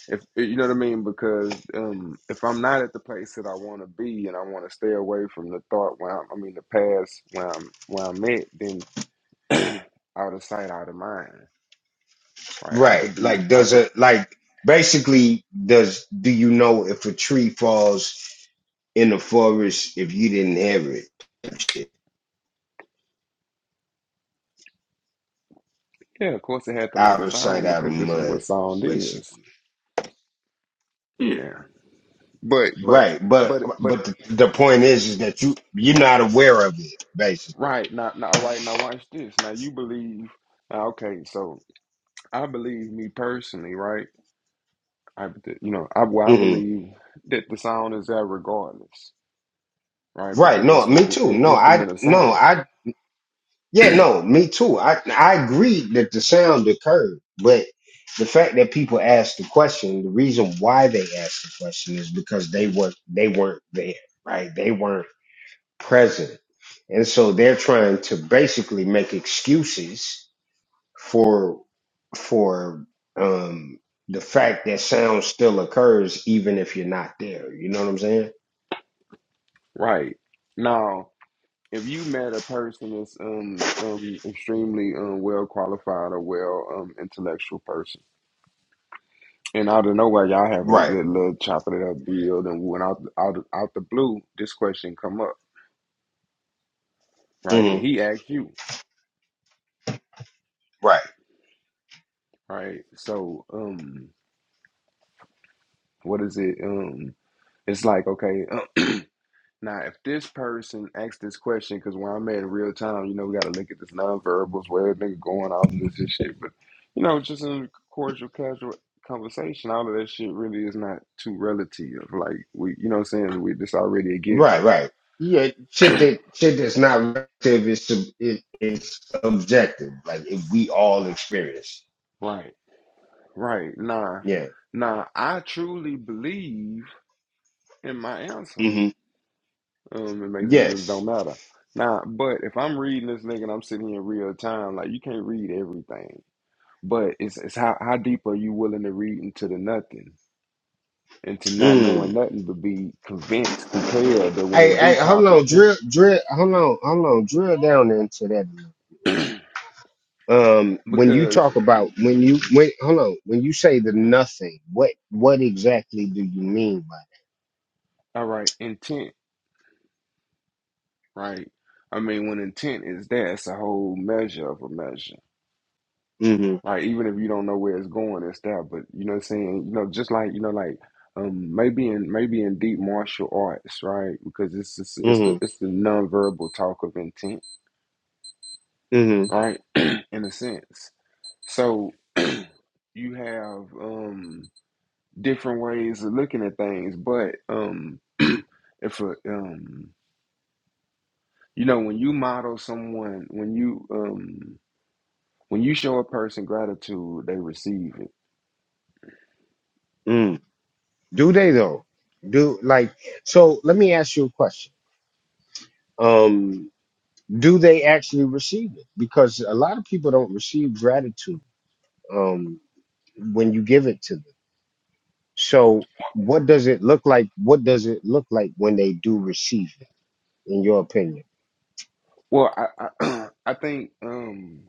[SPEAKER 3] If you know what I mean, because um, if I'm not at the place that I want to be, and I want to stay away from the thought where I'm, I mean, the past where I'm where I'm at, then out of sight, out of mind. Right? I
[SPEAKER 1] Right.
[SPEAKER 3] could be.
[SPEAKER 1] Like,
[SPEAKER 3] I
[SPEAKER 1] does
[SPEAKER 3] could.
[SPEAKER 1] it, like, basically, does, do you know if a tree falls in the forest if you didn't hear it? It's
[SPEAKER 3] Yeah, of course it had to make
[SPEAKER 1] Out
[SPEAKER 3] a
[SPEAKER 1] of sight,
[SPEAKER 3] sound
[SPEAKER 1] out of
[SPEAKER 3] because this is what
[SPEAKER 1] mud,
[SPEAKER 3] sound is.
[SPEAKER 1] basically.
[SPEAKER 3] Yeah. But but
[SPEAKER 1] Right. But,
[SPEAKER 3] but but
[SPEAKER 1] but the, the point is, is that you, you're not aware of it, basically.
[SPEAKER 3] right now now right now watch this. Now you believe now, okay, so I believe me personally, right? I th- you know, I well, I
[SPEAKER 1] hmm
[SPEAKER 3] believe that the sound is there regardless, right?
[SPEAKER 1] Right.
[SPEAKER 3] Because
[SPEAKER 1] No,
[SPEAKER 3] that's what
[SPEAKER 1] me
[SPEAKER 3] the
[SPEAKER 1] too.
[SPEAKER 3] in-
[SPEAKER 1] No, I,
[SPEAKER 3] instrument of
[SPEAKER 1] no,
[SPEAKER 3] sound.
[SPEAKER 1] I Yeah, no, me too. I I agree that the sound occurred, but the fact that people asked the question, the reason why they asked the question is because they
[SPEAKER 3] hmm
[SPEAKER 1] were they weren't there, right? They weren't present. And so they're trying to basically make excuses for for um the fact that sound still occurs even if you're not there. You know what I'm saying?
[SPEAKER 3] Right. Now, if you met a person that's um um extremely um well qualified or well um intellectual person And out of nowhere, y'all having a
[SPEAKER 1] Right,
[SPEAKER 3] good little chopping it up build, and when out out out the blue, this question come up, right?
[SPEAKER 1] hmm
[SPEAKER 3] And he asked you,
[SPEAKER 1] right.
[SPEAKER 3] right? So, um, what is it? Um, it's like okay, uh, now if this person asks this question, because where I'm at in real time, you know, we got to look at this nonverbals, where everything going, all of this and shit. But you know, just in a cordial, casual conversation, all of that shit really is not too relative. Like we, you know, what I'm saying we this already a
[SPEAKER 1] Right,
[SPEAKER 3] given,
[SPEAKER 1] right. Yeah, shit that shit that's not relative is sub, it, it's objective. Like if we all experience.
[SPEAKER 3] right? Right. Nah.
[SPEAKER 1] it.
[SPEAKER 3] Nah. I truly believe in my answer.
[SPEAKER 1] Yeah. hmm
[SPEAKER 3] Um, it makes it just
[SPEAKER 1] Yes.
[SPEAKER 3] don't matter. Nah, but if I'm reading this nigga and I'm sitting here in real time, like you can't read everything. But it's it's how how deep are you willing to read into the nothing, into not knowing
[SPEAKER 1] Mm.
[SPEAKER 3] nothing, but be convinced, compelled that when
[SPEAKER 1] Hey,
[SPEAKER 3] it
[SPEAKER 1] hey,
[SPEAKER 3] do
[SPEAKER 1] hold
[SPEAKER 3] pop, it
[SPEAKER 1] on,
[SPEAKER 3] huh?
[SPEAKER 1] drill, drill. Hold on, hold on, drill down into that. Um, when you
[SPEAKER 3] because
[SPEAKER 1] talk about when you when hold on when you say the
[SPEAKER 3] uh,
[SPEAKER 1] nothing, what what exactly do you mean by
[SPEAKER 3] all right, intent, right? I mean, when intent is there, it's a whole measure of a measure.
[SPEAKER 1] that? Mm-hmm.
[SPEAKER 3] Like even if you don't know where it's going and stuff, but you know what I'm saying? You know, just like you know, like um maybe in maybe in deep martial arts, right? Because it's it's, it's
[SPEAKER 1] Mm-hmm.
[SPEAKER 3] the it's the nonverbal talk of intent,
[SPEAKER 1] Mm-hmm.
[SPEAKER 3] right? in a sense. So you have um different ways of looking at things, but um if a, um you know when you model someone when you um when you show a person gratitude, they receive it
[SPEAKER 1] Mm. Do they though? Do like so? Let me ask you a question. Um, do they actually receive it? Because a lot of people don't receive gratitude um, when you give it to them. So, what does it look like? What does it look like when they do receive it? In your opinion?
[SPEAKER 3] Well, I I, I think um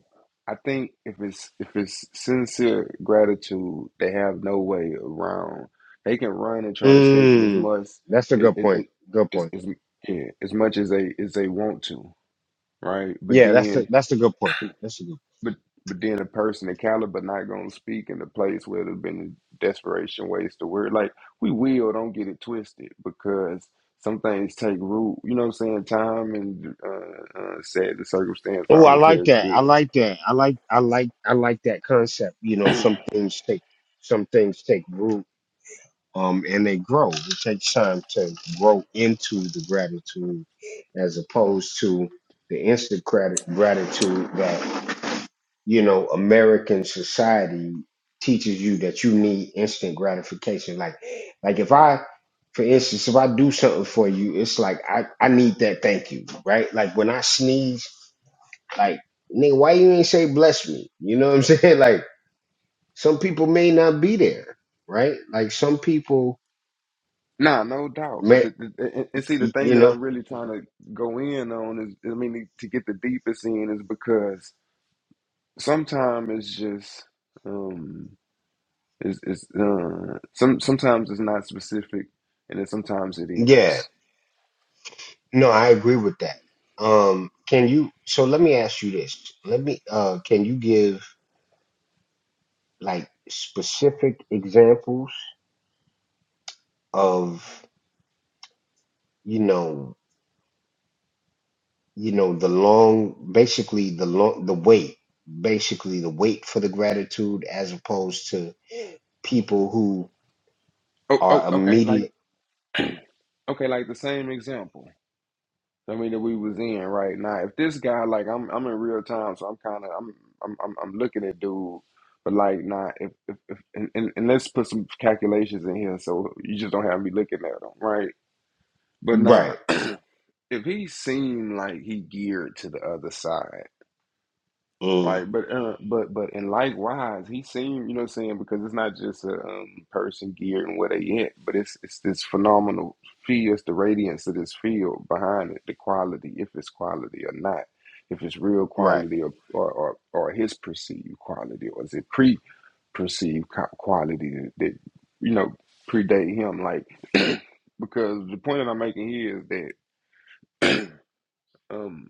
[SPEAKER 3] I think if it's if it's sincere gratitude, they have no way around. They can run and try to escape it as
[SPEAKER 1] Mm,
[SPEAKER 3] much
[SPEAKER 1] that's a
[SPEAKER 3] it,
[SPEAKER 1] good
[SPEAKER 3] it,
[SPEAKER 1] point.
[SPEAKER 3] it
[SPEAKER 1] Good
[SPEAKER 3] as,
[SPEAKER 1] point.
[SPEAKER 3] as yeah, as much as they as they want to, right? But
[SPEAKER 1] Yeah, that's a
[SPEAKER 3] then
[SPEAKER 1] that's a good point. That's a good.
[SPEAKER 3] but but then a person encountered but not gonna speak in the place where there's been desperation waste of word. Like we will, don't get it twisted because some things take root. You know what I'm saying? Time and uh, uh, said the circumstance,
[SPEAKER 1] Oh,
[SPEAKER 3] all
[SPEAKER 1] I
[SPEAKER 3] this here
[SPEAKER 1] like
[SPEAKER 3] is
[SPEAKER 1] that. I
[SPEAKER 3] good.
[SPEAKER 1] like that. I like I like I like that concept. You know, some things take some things take root um, and they grow. It takes time to grow into the gratitude as opposed to the instant grat- gratitude that, you know, American society teaches you that you need instant gratification. Like, like if I, for instance, if I do something for you, it's like, I, I need that thank you, right? Like when I sneeze, like, nigga, why you ain't say bless me? You know what I'm saying? Like some people may not be there, right? Like some people
[SPEAKER 3] Nah, no doubt. But
[SPEAKER 1] may,
[SPEAKER 3] the, the and, and see the thing
[SPEAKER 1] you
[SPEAKER 3] that
[SPEAKER 1] know,
[SPEAKER 3] I'm really trying to go in on is I mean to get the deepest in is because sometimes it's just. Um, It's, it's uh, some sometimes it's not specific, and then sometimes it
[SPEAKER 1] Yeah,
[SPEAKER 3] is.
[SPEAKER 1] no, I agree with that. Um, can you, so let me ask you this. Let me, uh, can you give like specific examples of, you know, you know, the long, basically the long, the wait, basically the wait for the gratitude as opposed to people who
[SPEAKER 3] Oh, oh,
[SPEAKER 1] are
[SPEAKER 3] okay. Like
[SPEAKER 1] immediate.
[SPEAKER 3] okay, like the same example. I mean that we was in right now. If this guy, like I'm, I'm in real time, so I'm kind of, I'm, I'm, I'm, I'm looking at dude. But like, nah, if, if, if and, and, and let's put some calculations in here, so you just don't have me looking at him, right? But nah,
[SPEAKER 1] Right.
[SPEAKER 3] if he seemed like he geared to the other side.
[SPEAKER 1] Mm,
[SPEAKER 3] Right, but uh, but but and likewise, he seemed, you know what I'm saying, because it's not just a um, person geared and where they at, but it's it's this phenomenal feel, it's the radiance of this field behind it, the quality, if it's quality or not, if it's real
[SPEAKER 1] right.
[SPEAKER 3] quality or or or, or his perceived quality, or is it pre-perceived co- quality that, that you know predate him, like because the point that I'm making here is that. um,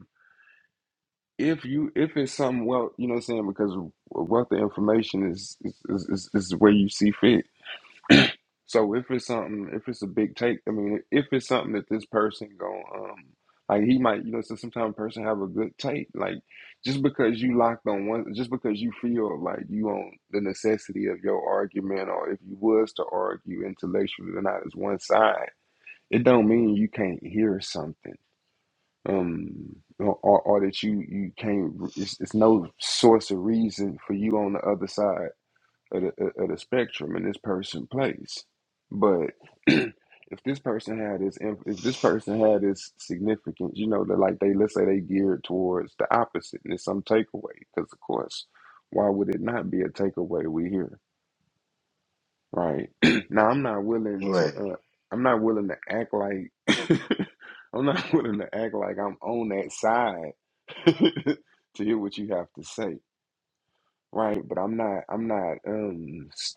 [SPEAKER 3] if you if it's something well you know what i'm saying because a wealth of information is is, is is is the way you see fit so if it's something if it's a big take i mean if it's something that this person going um like he might you know so sometimes a person have a good take like just because you locked on one just because you feel like you on the necessity of your argument or if you was to argue intellectually or not as one side it don't mean you can't hear something um or, or or that you you can't it's, it's no source of reason for you on the other side of the, of the spectrum in this person place but if this person had this inf- if this person had this significance you know that like they let's say they geared towards the opposite and it's some takeaway because of course why would it not be a takeaway we here. Right. now I'm not willing to
[SPEAKER 1] Right.
[SPEAKER 3] uh I'm not willing to act like I'm not willing to act like I'm on that side to hear what you have to say. Right, but I'm not I'm not um s-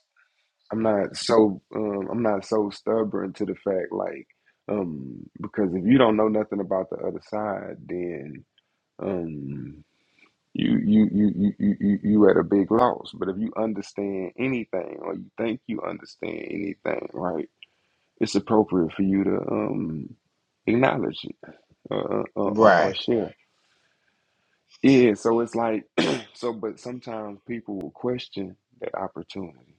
[SPEAKER 3] I'm not so um I'm not so stubborn to the fact like um because if you don't know nothing about the other side then um you you you you you you you at a big loss. But if you understand anything or you think you understand anything, right? it's appropriate for you to um, acknowledge it or, or, or or
[SPEAKER 1] Right.
[SPEAKER 3] share. Yeah, so it's like, so, but sometimes people will question that opportunity.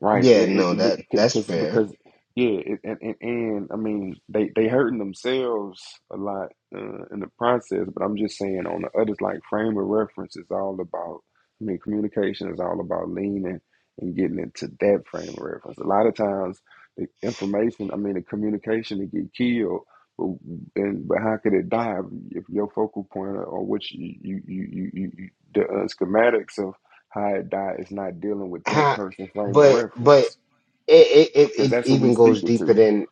[SPEAKER 3] Right. They,
[SPEAKER 1] Yeah,
[SPEAKER 3] it,
[SPEAKER 1] no, that
[SPEAKER 3] it-
[SPEAKER 1] that's
[SPEAKER 3] because
[SPEAKER 1] fair.
[SPEAKER 3] because yeah, it, and, and and I mean they they hurting themselves a lot uh, in the process. But I'm just saying on the others like frame of reference is all about. I mean communication is all about leaning and getting into that frame of reference. A lot of times the information, I mean the communication, to get killed. But and but how could it die if your focal point or which you you you you, you the uh, schematics of how it died is not dealing with that
[SPEAKER 1] Huh,
[SPEAKER 3] person's frame of
[SPEAKER 1] but but
[SPEAKER 3] reference
[SPEAKER 1] it, it, it
[SPEAKER 3] because
[SPEAKER 1] it
[SPEAKER 3] that's who we
[SPEAKER 1] even goes
[SPEAKER 3] speaking
[SPEAKER 1] deeper
[SPEAKER 3] to.
[SPEAKER 1] than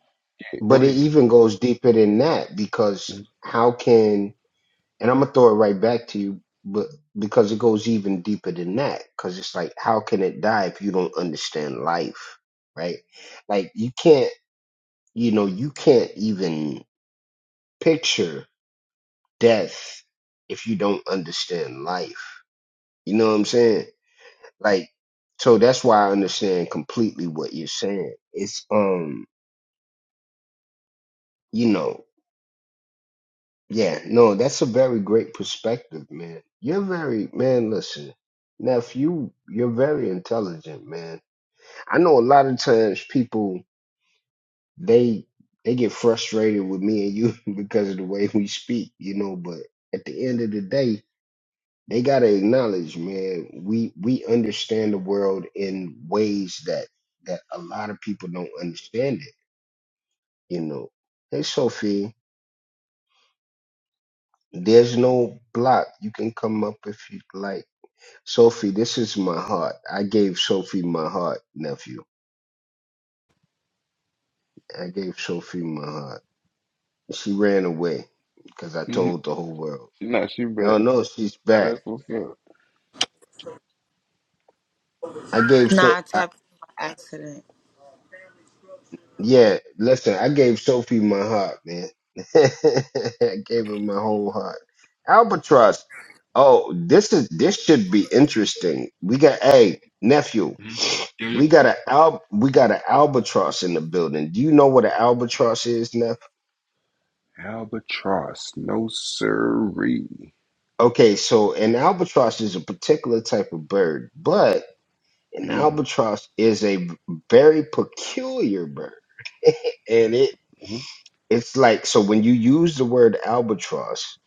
[SPEAKER 3] Yeah,
[SPEAKER 1] but
[SPEAKER 3] go
[SPEAKER 1] it
[SPEAKER 3] ahead.
[SPEAKER 1] even goes deeper than that because how can and I'm gonna throw it right back to you but because it goes even deeper than that because it's like how can it die if you don't understand life right like you can't you know you can't even picture death if you don't understand life you know what I'm saying Like, so that's why I understand completely what you're saying. It's, um, you know, yeah, no, that's a very great perspective, man. You're very, man, listen, nephew, you're very intelligent, man. I know a lot of times people, they, they get frustrated with me and you because of the way we speak, you know, but at the end of the day, they gotta acknowledge, man, we, we understand the world in ways that, that a lot of people don't understand it You know. Hey Sophie, there's no block. You can come up if you'd like. Sophie, this is my heart. I gave Sophie my heart, nephew. I gave Sophie my heart. She ran away because I
[SPEAKER 3] Mm-hmm.
[SPEAKER 1] told the whole world.
[SPEAKER 3] Not she, but
[SPEAKER 1] Y'all know she's back.
[SPEAKER 3] that's what's up.
[SPEAKER 1] I gave so
[SPEAKER 2] Nah, I
[SPEAKER 1] I,
[SPEAKER 2] tapped by accident.
[SPEAKER 1] yeah, listen, I gave Sophie my heart, man. I gave her my whole heart. Albatross. Oh, this is this should be interesting. We got a hey, nephew.
[SPEAKER 3] Mm-hmm. Yeah,
[SPEAKER 1] We
[SPEAKER 3] yeah.
[SPEAKER 1] got a al- we got an albatross in the building. Do you know what an albatross is, Neff?
[SPEAKER 3] Albatross, no siree.
[SPEAKER 1] Okay, so an albatross is a particular type of bird, but an
[SPEAKER 3] Mm-hmm.
[SPEAKER 1] albatross is a very peculiar bird, and it it's like so when you use the word albatross,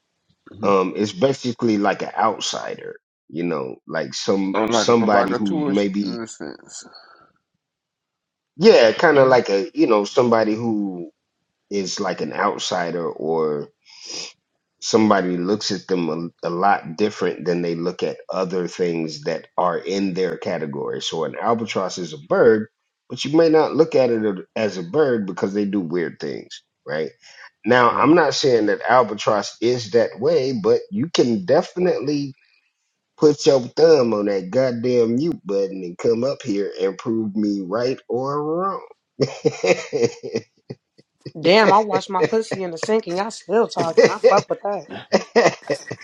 [SPEAKER 3] hmm
[SPEAKER 1] um, it's basically like an outsider, you know, like some
[SPEAKER 3] Unlike a
[SPEAKER 1] somebody who
[SPEAKER 3] provocateur
[SPEAKER 1] maybe
[SPEAKER 3] in a sense.
[SPEAKER 1] yeah, kind of
[SPEAKER 3] Mhm.
[SPEAKER 1] like a you know somebody who is like an outsider or. somebody looks at them a, a lot different than they look at other things that are in their category. So an albatross is a bird, but you may not look at it as a bird because they do weird things, right? Now,
[SPEAKER 3] Yeah.
[SPEAKER 1] I'm not saying that albatross is that way, but you can definitely put your thumb on that goddamn mute button and come up here and prove me right or wrong. God
[SPEAKER 7] Damn, I washed my pussy in the sink and y'all still talking. I fuck with that.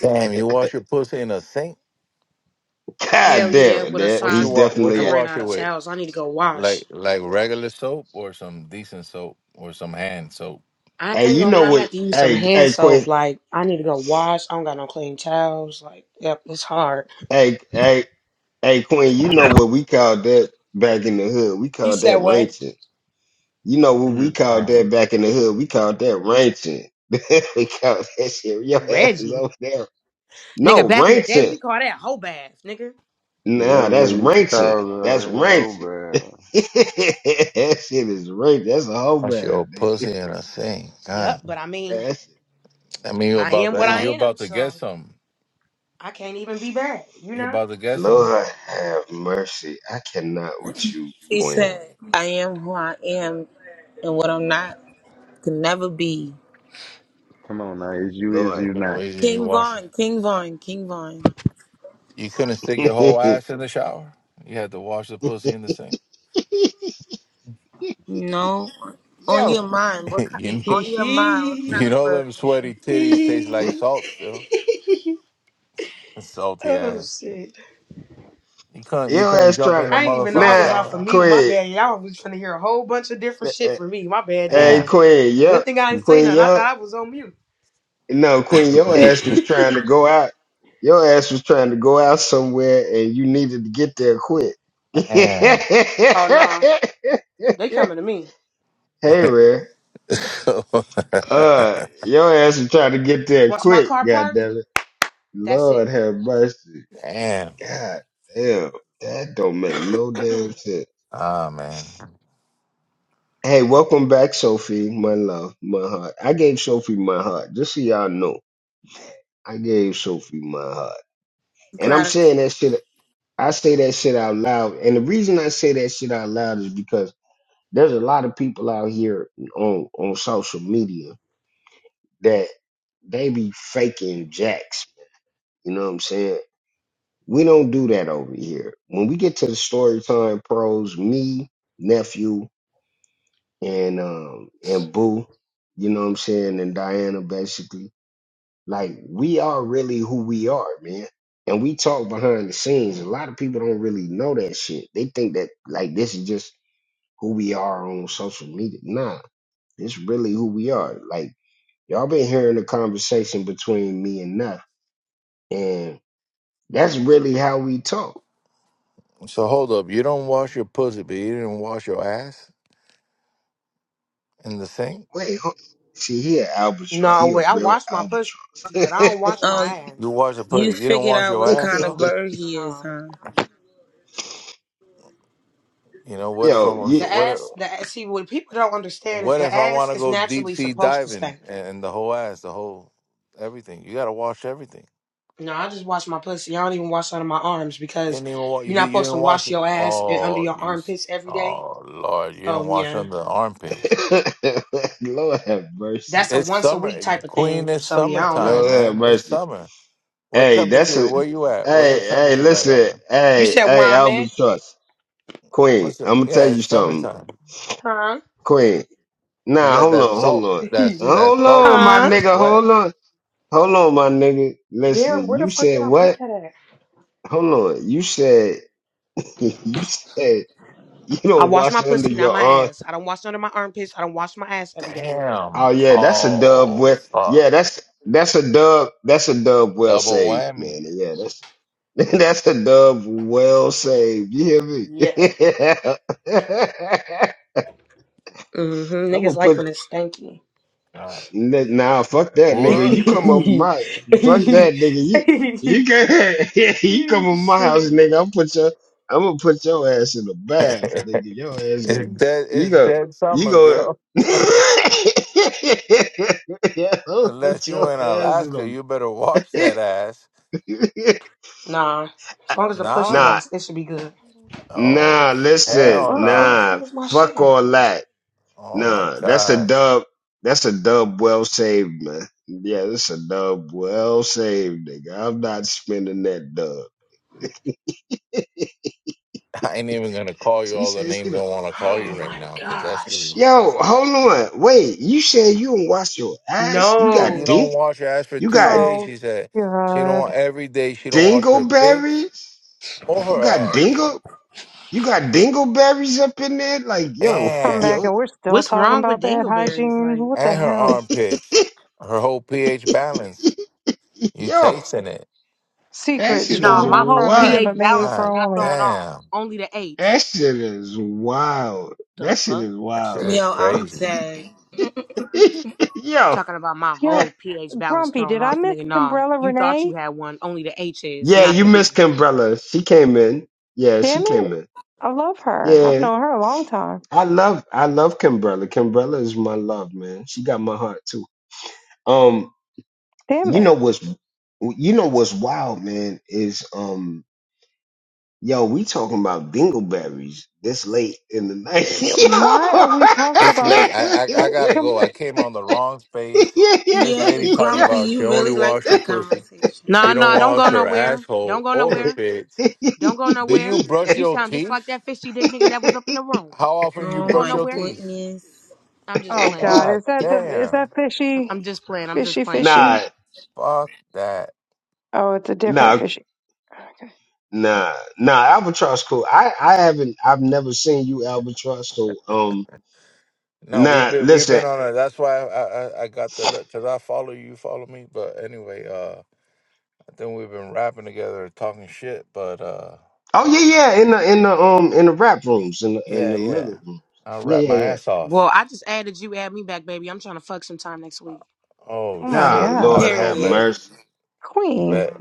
[SPEAKER 12] Damn, you wash your pussy in a sink?
[SPEAKER 7] Hell
[SPEAKER 1] damn
[SPEAKER 7] yeah,
[SPEAKER 1] it,
[SPEAKER 7] with a
[SPEAKER 1] that
[SPEAKER 12] What you
[SPEAKER 1] he's
[SPEAKER 7] sock.
[SPEAKER 12] wa- what
[SPEAKER 7] I
[SPEAKER 1] definitely
[SPEAKER 12] you
[SPEAKER 1] an
[SPEAKER 7] ran
[SPEAKER 12] wash
[SPEAKER 7] out
[SPEAKER 12] it
[SPEAKER 7] of
[SPEAKER 12] with?
[SPEAKER 7] towels. I need to go
[SPEAKER 12] Like
[SPEAKER 7] wash.
[SPEAKER 12] like regular soap or some decent soap or some hand soap?
[SPEAKER 7] I
[SPEAKER 1] Hey,
[SPEAKER 7] ain't
[SPEAKER 1] you
[SPEAKER 7] gonna
[SPEAKER 1] know
[SPEAKER 7] lie, I had
[SPEAKER 1] what?
[SPEAKER 7] to use some
[SPEAKER 1] Hey,
[SPEAKER 7] hand
[SPEAKER 1] hey, Quinn.
[SPEAKER 7] soap. Like, I need to go wash. I don't got no clean towels. Like, yep, it's hard.
[SPEAKER 1] Hey, hey, hey, Quinn. You know what we called that back in the hood? We
[SPEAKER 7] You
[SPEAKER 1] called
[SPEAKER 7] said
[SPEAKER 1] that
[SPEAKER 7] what?
[SPEAKER 1] ranching. You know what we
[SPEAKER 3] Mhm.
[SPEAKER 1] called that
[SPEAKER 12] Damn.
[SPEAKER 1] back in the hood? We called that ranching. we called that shit. Your ass is
[SPEAKER 7] Reggie.
[SPEAKER 1] over there. No
[SPEAKER 7] Nigga, back in the day,
[SPEAKER 1] ranching.
[SPEAKER 7] we call that hoe bath, nigga.
[SPEAKER 3] Yeah,
[SPEAKER 1] Nah, that's
[SPEAKER 3] everybody used to call
[SPEAKER 1] ranching. That's
[SPEAKER 3] it a hoe,
[SPEAKER 1] ranching.
[SPEAKER 3] but uh,
[SPEAKER 1] that shit is ranching. That's a whole
[SPEAKER 12] Wash
[SPEAKER 1] bad
[SPEAKER 12] your
[SPEAKER 1] nigga.
[SPEAKER 12] pussy in a sink. God.
[SPEAKER 7] Yep, but I mean,
[SPEAKER 1] That shit.
[SPEAKER 12] I mean you
[SPEAKER 7] I
[SPEAKER 12] about
[SPEAKER 7] am what
[SPEAKER 12] to
[SPEAKER 7] I
[SPEAKER 1] God,
[SPEAKER 12] you
[SPEAKER 7] am,
[SPEAKER 12] about to get
[SPEAKER 7] so
[SPEAKER 12] some.
[SPEAKER 7] I can't even be bad, you
[SPEAKER 12] You
[SPEAKER 7] know?
[SPEAKER 12] about to get some?
[SPEAKER 1] Lord have mercy. I cannot with you,
[SPEAKER 2] He
[SPEAKER 1] Quinn.
[SPEAKER 2] said, I am who I am and what I'm not can never be.
[SPEAKER 3] come on now, is you, is
[SPEAKER 1] Lord.
[SPEAKER 12] I
[SPEAKER 3] you
[SPEAKER 12] mean what
[SPEAKER 3] not?
[SPEAKER 12] is it you
[SPEAKER 2] King
[SPEAKER 12] wash
[SPEAKER 2] Vaughn, King Vaughn, King Vaughn.
[SPEAKER 12] You couldn't stick your whole ass in the shower? You had to wash the pussy in the sink.
[SPEAKER 2] No. On
[SPEAKER 1] Yo.
[SPEAKER 2] your mind, what ki-
[SPEAKER 12] you kn-
[SPEAKER 2] on your mind, what kind
[SPEAKER 12] you
[SPEAKER 2] of
[SPEAKER 12] know
[SPEAKER 2] bird
[SPEAKER 12] them
[SPEAKER 2] are
[SPEAKER 12] sweaty
[SPEAKER 2] you?
[SPEAKER 12] titties taste like salt still. Salty
[SPEAKER 7] oh,
[SPEAKER 12] ass.
[SPEAKER 7] shit.
[SPEAKER 12] You couldn't you
[SPEAKER 1] Your
[SPEAKER 12] couldn't
[SPEAKER 1] ass
[SPEAKER 12] jump
[SPEAKER 1] trying
[SPEAKER 12] in
[SPEAKER 1] to
[SPEAKER 12] the
[SPEAKER 7] I didn't even know I
[SPEAKER 12] motherfucking
[SPEAKER 1] nah,
[SPEAKER 7] was off of
[SPEAKER 12] shower.
[SPEAKER 7] mute. My
[SPEAKER 1] Queen.
[SPEAKER 7] bad. Y'all was finna hear a whole bunch of different shit
[SPEAKER 1] eh,
[SPEAKER 7] from me. My bad.
[SPEAKER 1] Hey,
[SPEAKER 7] Damn.
[SPEAKER 12] Damn.
[SPEAKER 1] Queen.
[SPEAKER 7] Good
[SPEAKER 1] Yup,
[SPEAKER 7] thing I didn't say
[SPEAKER 1] Queen.
[SPEAKER 7] nothing. I
[SPEAKER 1] Yup.
[SPEAKER 7] thought I was on mute.
[SPEAKER 1] No, Queen. Your
[SPEAKER 3] Mhm.
[SPEAKER 1] ass was trying to go out. Your ass was trying to go out somewhere, and you needed to get there quick.
[SPEAKER 12] Damn.
[SPEAKER 1] hey,
[SPEAKER 7] Oh no, they coming to me.
[SPEAKER 1] Rare. Uh, your ass was trying to get there
[SPEAKER 7] Once my
[SPEAKER 1] quick.
[SPEAKER 7] car
[SPEAKER 1] God
[SPEAKER 7] parked,
[SPEAKER 1] damn it.
[SPEAKER 7] that's
[SPEAKER 1] Lord
[SPEAKER 7] it.
[SPEAKER 1] have mercy.
[SPEAKER 12] Damn.
[SPEAKER 1] God damn. That don't make no damn sense.
[SPEAKER 12] Ah, man.
[SPEAKER 1] Hey, welcome back, Sophie. My love, my heart. I gave Sophie my heart. Just so y'all know, I gave Sophie my heart. And I'm
[SPEAKER 2] Gratitude.
[SPEAKER 1] saying that shit. I say that shit out loud. And the reason I say that shit out loud is because there's a lot of people out here on on social media that they be faking jacks. You know what I'm saying? We don't do that over here. When we get to the story time pros, me, nephew, and um and Boo, you know what I'm saying, and Diana basically Like we are really who we are, man. And we talk behind the scenes. A lot of people don't really know that shit. They think that like this is just who we are on social media. Nah, this really who we are. Like y'all been hearing the conversation between me and Nuff, and that's really how we talk.
[SPEAKER 12] So hold up. You don't wash your pussy, but you didn't wash your ass in the sink.
[SPEAKER 1] Wait, hold- see, he an albatross.
[SPEAKER 7] No
[SPEAKER 1] He a
[SPEAKER 7] way. I
[SPEAKER 1] real
[SPEAKER 7] wash my pussy,
[SPEAKER 1] albatross.
[SPEAKER 7] but I don't wash
[SPEAKER 2] Oh,
[SPEAKER 7] my
[SPEAKER 12] You
[SPEAKER 7] ass.
[SPEAKER 12] wash the
[SPEAKER 2] you
[SPEAKER 12] pussy. You don't
[SPEAKER 2] figured
[SPEAKER 12] wash
[SPEAKER 2] out
[SPEAKER 12] your
[SPEAKER 2] what
[SPEAKER 12] ass
[SPEAKER 2] kind of
[SPEAKER 12] though.
[SPEAKER 2] bird he is,
[SPEAKER 7] No.
[SPEAKER 2] huh?
[SPEAKER 12] You know what if I
[SPEAKER 1] Yo,
[SPEAKER 12] want?
[SPEAKER 7] The
[SPEAKER 1] you,
[SPEAKER 12] so What if?
[SPEAKER 7] ass, the ass, see what people don't understand is
[SPEAKER 12] What
[SPEAKER 7] the
[SPEAKER 12] if I want
[SPEAKER 7] ass
[SPEAKER 12] to
[SPEAKER 7] is
[SPEAKER 12] go deep
[SPEAKER 7] naturally
[SPEAKER 12] sea
[SPEAKER 7] supposed to
[SPEAKER 12] diving
[SPEAKER 7] stink.
[SPEAKER 12] and, and the whole ass, the whole everything? You gotta wash everything.
[SPEAKER 7] No, I just wash my pussy. I don't even wash under my arms
[SPEAKER 12] You
[SPEAKER 7] because
[SPEAKER 12] didn't even wa- you,
[SPEAKER 7] you're not
[SPEAKER 12] didn't- you
[SPEAKER 7] supposed
[SPEAKER 12] didn't
[SPEAKER 7] to
[SPEAKER 12] wash
[SPEAKER 7] wash
[SPEAKER 12] it.
[SPEAKER 7] your ass and under
[SPEAKER 12] Oh,
[SPEAKER 7] your
[SPEAKER 12] you. s-
[SPEAKER 7] armpits every day.
[SPEAKER 12] Oh Lord, you
[SPEAKER 7] So
[SPEAKER 12] didn't wash
[SPEAKER 7] yeah.
[SPEAKER 12] under the armpits.
[SPEAKER 1] Lord have mercy.
[SPEAKER 7] That's a
[SPEAKER 12] It's
[SPEAKER 7] once a
[SPEAKER 12] summer,
[SPEAKER 7] week type of
[SPEAKER 12] Queen.
[SPEAKER 7] thing.
[SPEAKER 12] It's
[SPEAKER 7] So yeah, I don't know.
[SPEAKER 12] summertime,
[SPEAKER 1] Lord have
[SPEAKER 12] man. It's
[SPEAKER 1] mercy.
[SPEAKER 12] summer. What
[SPEAKER 1] Hey, that's
[SPEAKER 12] temperature?
[SPEAKER 1] a
[SPEAKER 12] Where you at? What's
[SPEAKER 1] hey,
[SPEAKER 12] the
[SPEAKER 1] hey,
[SPEAKER 12] temperature like out
[SPEAKER 1] listen,
[SPEAKER 12] there?
[SPEAKER 7] You
[SPEAKER 1] hey,
[SPEAKER 7] said where
[SPEAKER 1] hey,
[SPEAKER 7] I'm at?
[SPEAKER 1] Albatross, Queen.
[SPEAKER 12] What's it?
[SPEAKER 1] I'm gonna tell
[SPEAKER 12] Yeah, it's
[SPEAKER 1] you something,
[SPEAKER 12] summertime.
[SPEAKER 7] Huh?
[SPEAKER 1] Queen.
[SPEAKER 12] You
[SPEAKER 1] Nah,
[SPEAKER 12] got
[SPEAKER 1] hold
[SPEAKER 12] that
[SPEAKER 1] on, hold
[SPEAKER 12] salt.
[SPEAKER 1] on,
[SPEAKER 12] That's that
[SPEAKER 1] hold on,
[SPEAKER 12] salty.
[SPEAKER 1] my
[SPEAKER 7] Huh?
[SPEAKER 12] That
[SPEAKER 1] nigga,
[SPEAKER 12] sweat.
[SPEAKER 1] hold on, hold on, my nigga.
[SPEAKER 7] Damn,
[SPEAKER 1] Listen,
[SPEAKER 7] where
[SPEAKER 1] you
[SPEAKER 7] the fuck
[SPEAKER 1] said
[SPEAKER 7] did I put
[SPEAKER 1] what?
[SPEAKER 7] that at?
[SPEAKER 1] Hold on, you said you said you
[SPEAKER 7] I
[SPEAKER 1] don't
[SPEAKER 7] wash my
[SPEAKER 1] wash under
[SPEAKER 7] pussy, not
[SPEAKER 1] your
[SPEAKER 7] my
[SPEAKER 1] arm.
[SPEAKER 7] ass. I don't wash none of my armpits. I don't wash my ass every day.
[SPEAKER 1] Oh
[SPEAKER 12] Damn.
[SPEAKER 1] yeah, that's a dub.
[SPEAKER 12] Oh
[SPEAKER 1] Well, yeah,
[SPEAKER 12] fuck.
[SPEAKER 1] that's that's a dub. That's a dub. Well
[SPEAKER 12] Double
[SPEAKER 1] saved,
[SPEAKER 12] whammy.
[SPEAKER 1] man. Yeah, that's that's a dub. Well saved. You hear me?
[SPEAKER 7] yeah. Mm-hmm.
[SPEAKER 1] I'm
[SPEAKER 7] Niggas
[SPEAKER 1] gonna
[SPEAKER 7] like
[SPEAKER 1] put
[SPEAKER 7] when it's stanky.
[SPEAKER 12] God.
[SPEAKER 1] N- Nah, fuck that nigga.
[SPEAKER 12] What?
[SPEAKER 1] You come over my fuck that nigga. You you can you come over my house,
[SPEAKER 7] Shit.
[SPEAKER 1] nigga. I'm put your I'm gonna put your ass in the bath, nigga.
[SPEAKER 12] it's
[SPEAKER 1] Your ass go.
[SPEAKER 12] dead.
[SPEAKER 1] You
[SPEAKER 12] It's
[SPEAKER 1] go.
[SPEAKER 12] dead
[SPEAKER 1] You
[SPEAKER 12] summer,
[SPEAKER 1] go.
[SPEAKER 12] girl.
[SPEAKER 1] yeah, I'll put
[SPEAKER 12] Unless
[SPEAKER 1] your
[SPEAKER 12] you in
[SPEAKER 1] ass
[SPEAKER 12] Alaska,
[SPEAKER 1] in
[SPEAKER 12] you better wash that
[SPEAKER 1] the.
[SPEAKER 12] ass.
[SPEAKER 7] Nah. As long as the pussy
[SPEAKER 12] Nah.
[SPEAKER 1] nah,
[SPEAKER 7] washed, it should be good.
[SPEAKER 12] Oh
[SPEAKER 1] nah.
[SPEAKER 7] What the
[SPEAKER 1] Listen,
[SPEAKER 12] hell
[SPEAKER 7] fuck? Where the
[SPEAKER 12] no.
[SPEAKER 1] nah.
[SPEAKER 7] fuck is my shit
[SPEAKER 1] Fuck
[SPEAKER 7] at?
[SPEAKER 1] all that.
[SPEAKER 12] Oh my
[SPEAKER 1] Nah, that's a
[SPEAKER 12] god.
[SPEAKER 1] dub. That's a dub well saved, man. Yeah, that's a dub well saved, nigga. I'm not spending that dub.
[SPEAKER 12] I ain't even gonna call you
[SPEAKER 1] She
[SPEAKER 12] all the
[SPEAKER 1] said she
[SPEAKER 12] names I
[SPEAKER 1] done.
[SPEAKER 12] want to call you
[SPEAKER 7] Oh
[SPEAKER 12] right
[SPEAKER 7] my
[SPEAKER 12] now because that shit is
[SPEAKER 7] gosh.
[SPEAKER 1] Yo, hold on. Wait, you said you don't wash your ass? You got
[SPEAKER 12] She
[SPEAKER 7] No.
[SPEAKER 12] don't
[SPEAKER 1] dink?
[SPEAKER 12] wash her ass for
[SPEAKER 1] You
[SPEAKER 12] two
[SPEAKER 1] got
[SPEAKER 12] days.
[SPEAKER 6] Oh,
[SPEAKER 12] She said she don't
[SPEAKER 6] God.
[SPEAKER 12] every day. She don't wash her pits
[SPEAKER 1] dingleberries?
[SPEAKER 12] or
[SPEAKER 1] You
[SPEAKER 12] her
[SPEAKER 1] got
[SPEAKER 12] ass.
[SPEAKER 1] dingle? You got dingleberries up in there? Like,
[SPEAKER 6] I'll
[SPEAKER 1] yo,
[SPEAKER 6] come
[SPEAKER 12] Damn,
[SPEAKER 6] back
[SPEAKER 1] yo,
[SPEAKER 6] and we're still
[SPEAKER 7] What's
[SPEAKER 6] talking
[SPEAKER 7] wrong with
[SPEAKER 6] about bad
[SPEAKER 7] dingleberries?
[SPEAKER 6] hygiene.
[SPEAKER 7] Like,
[SPEAKER 6] What the
[SPEAKER 12] and her
[SPEAKER 6] hell?
[SPEAKER 12] armpits. Her whole pH balance. You
[SPEAKER 1] yo,
[SPEAKER 12] tasting it?
[SPEAKER 1] that
[SPEAKER 6] Secret,
[SPEAKER 1] shit is
[SPEAKER 7] no,
[SPEAKER 6] strong
[SPEAKER 7] my
[SPEAKER 6] enough for
[SPEAKER 7] whole
[SPEAKER 6] a
[SPEAKER 1] wild.
[SPEAKER 6] man,
[SPEAKER 7] pH
[SPEAKER 6] but maybe
[SPEAKER 7] balance
[SPEAKER 6] for
[SPEAKER 7] is
[SPEAKER 6] a
[SPEAKER 12] God
[SPEAKER 7] not
[SPEAKER 6] woman.
[SPEAKER 7] thrown off.
[SPEAKER 12] damn,
[SPEAKER 7] Only the H.
[SPEAKER 1] That shit is wild.
[SPEAKER 7] The
[SPEAKER 1] That shit
[SPEAKER 7] fuck?
[SPEAKER 1] is
[SPEAKER 12] that shit
[SPEAKER 1] wild,
[SPEAKER 12] is
[SPEAKER 2] Yo,
[SPEAKER 1] yo.
[SPEAKER 2] I'm
[SPEAKER 12] crazy.
[SPEAKER 2] dead.
[SPEAKER 1] yo,
[SPEAKER 7] Talking about my
[SPEAKER 1] Eh,
[SPEAKER 6] Yo,
[SPEAKER 7] whole pH balance
[SPEAKER 6] Grumpy,
[SPEAKER 7] thrown
[SPEAKER 6] did I
[SPEAKER 7] off,
[SPEAKER 6] miss
[SPEAKER 7] nigga. Nah,
[SPEAKER 6] Umbrella
[SPEAKER 7] you thought you
[SPEAKER 6] Renee?
[SPEAKER 7] had one. Only the H is,
[SPEAKER 1] yeah,
[SPEAKER 7] not
[SPEAKER 1] you
[SPEAKER 7] the P.
[SPEAKER 1] missed Kimbrella. She came in. Yeah, she
[SPEAKER 6] Damn it.
[SPEAKER 1] came in.
[SPEAKER 6] I love her. I've
[SPEAKER 1] Yeah.
[SPEAKER 6] known her a long time.
[SPEAKER 1] I love I love Kimbrella. Kimbrella is my love, man. She got my heart too. Um,
[SPEAKER 6] Damn
[SPEAKER 1] you know
[SPEAKER 6] it.
[SPEAKER 1] what's you know what's wild, man, is um yo, we talking about dingleberries this late in the night.
[SPEAKER 6] Yo, Why are we talking
[SPEAKER 12] It's
[SPEAKER 6] about this?
[SPEAKER 12] late. I, I I
[SPEAKER 6] Can,
[SPEAKER 12] gotta
[SPEAKER 6] can,
[SPEAKER 12] go. I came on the wrong space. This
[SPEAKER 2] Yeah,
[SPEAKER 12] lady talking
[SPEAKER 2] Grumpy,
[SPEAKER 12] about she
[SPEAKER 2] you
[SPEAKER 12] only
[SPEAKER 2] really like
[SPEAKER 12] wash her
[SPEAKER 2] that
[SPEAKER 12] pussy.
[SPEAKER 2] conversation.
[SPEAKER 7] Nah,
[SPEAKER 12] She don't
[SPEAKER 7] nah, don't
[SPEAKER 12] wash
[SPEAKER 7] go
[SPEAKER 12] her
[SPEAKER 7] nowhere. Don't
[SPEAKER 12] asshole
[SPEAKER 7] go
[SPEAKER 12] or her
[SPEAKER 7] nowhere.
[SPEAKER 12] pits.
[SPEAKER 1] Yo.
[SPEAKER 7] Don't go
[SPEAKER 12] Do you
[SPEAKER 7] nowhere.
[SPEAKER 12] brush
[SPEAKER 7] You
[SPEAKER 12] your
[SPEAKER 7] sound just like
[SPEAKER 12] teeth?
[SPEAKER 7] that fishy dick nigga that was up in the room.
[SPEAKER 12] How often you
[SPEAKER 7] Don't
[SPEAKER 2] Oh
[SPEAKER 7] go
[SPEAKER 12] brush
[SPEAKER 2] my
[SPEAKER 12] your
[SPEAKER 7] nowhere.
[SPEAKER 12] teeth?
[SPEAKER 2] goodness.
[SPEAKER 7] I'm just
[SPEAKER 6] oh
[SPEAKER 7] playing.
[SPEAKER 6] God,
[SPEAKER 12] God
[SPEAKER 6] is that the, is
[SPEAKER 12] damn.
[SPEAKER 6] that
[SPEAKER 7] I'm
[SPEAKER 6] fishy?
[SPEAKER 7] just playing. I'm just
[SPEAKER 6] Fishy,
[SPEAKER 7] playing, sir.
[SPEAKER 6] fishy?
[SPEAKER 1] nah,
[SPEAKER 12] Fuck that.
[SPEAKER 6] Oh, it's a different
[SPEAKER 1] nah,
[SPEAKER 6] fishy.
[SPEAKER 1] Nah, nah, albatross cool. I I haven't I've never seen you albatross. So um,
[SPEAKER 12] No, we've
[SPEAKER 1] nah,
[SPEAKER 12] been we've
[SPEAKER 1] listen.
[SPEAKER 12] been on a. That's why I I, I got the look because I follow you, you follow me. But anyway, uh, I think we've been rapping together, talking shit. But uh,
[SPEAKER 1] Oh yeah, yeah, in the in the um in the rap rooms in the in
[SPEAKER 12] yeah,
[SPEAKER 1] the
[SPEAKER 12] yeah,
[SPEAKER 1] living room.
[SPEAKER 12] I
[SPEAKER 1] Yeah,
[SPEAKER 12] rap
[SPEAKER 1] yeah,
[SPEAKER 12] my
[SPEAKER 1] yeah.
[SPEAKER 12] ass off.
[SPEAKER 7] Well, I just added you. Add me back, baby. I'm trying to fuck sometime next week.
[SPEAKER 12] Oh
[SPEAKER 6] Oh my
[SPEAKER 1] Nah,
[SPEAKER 12] shit, I
[SPEAKER 6] God.
[SPEAKER 1] Lord
[SPEAKER 12] don't know,
[SPEAKER 1] have
[SPEAKER 12] but
[SPEAKER 2] Period.
[SPEAKER 1] mercy,
[SPEAKER 6] Queen.
[SPEAKER 12] but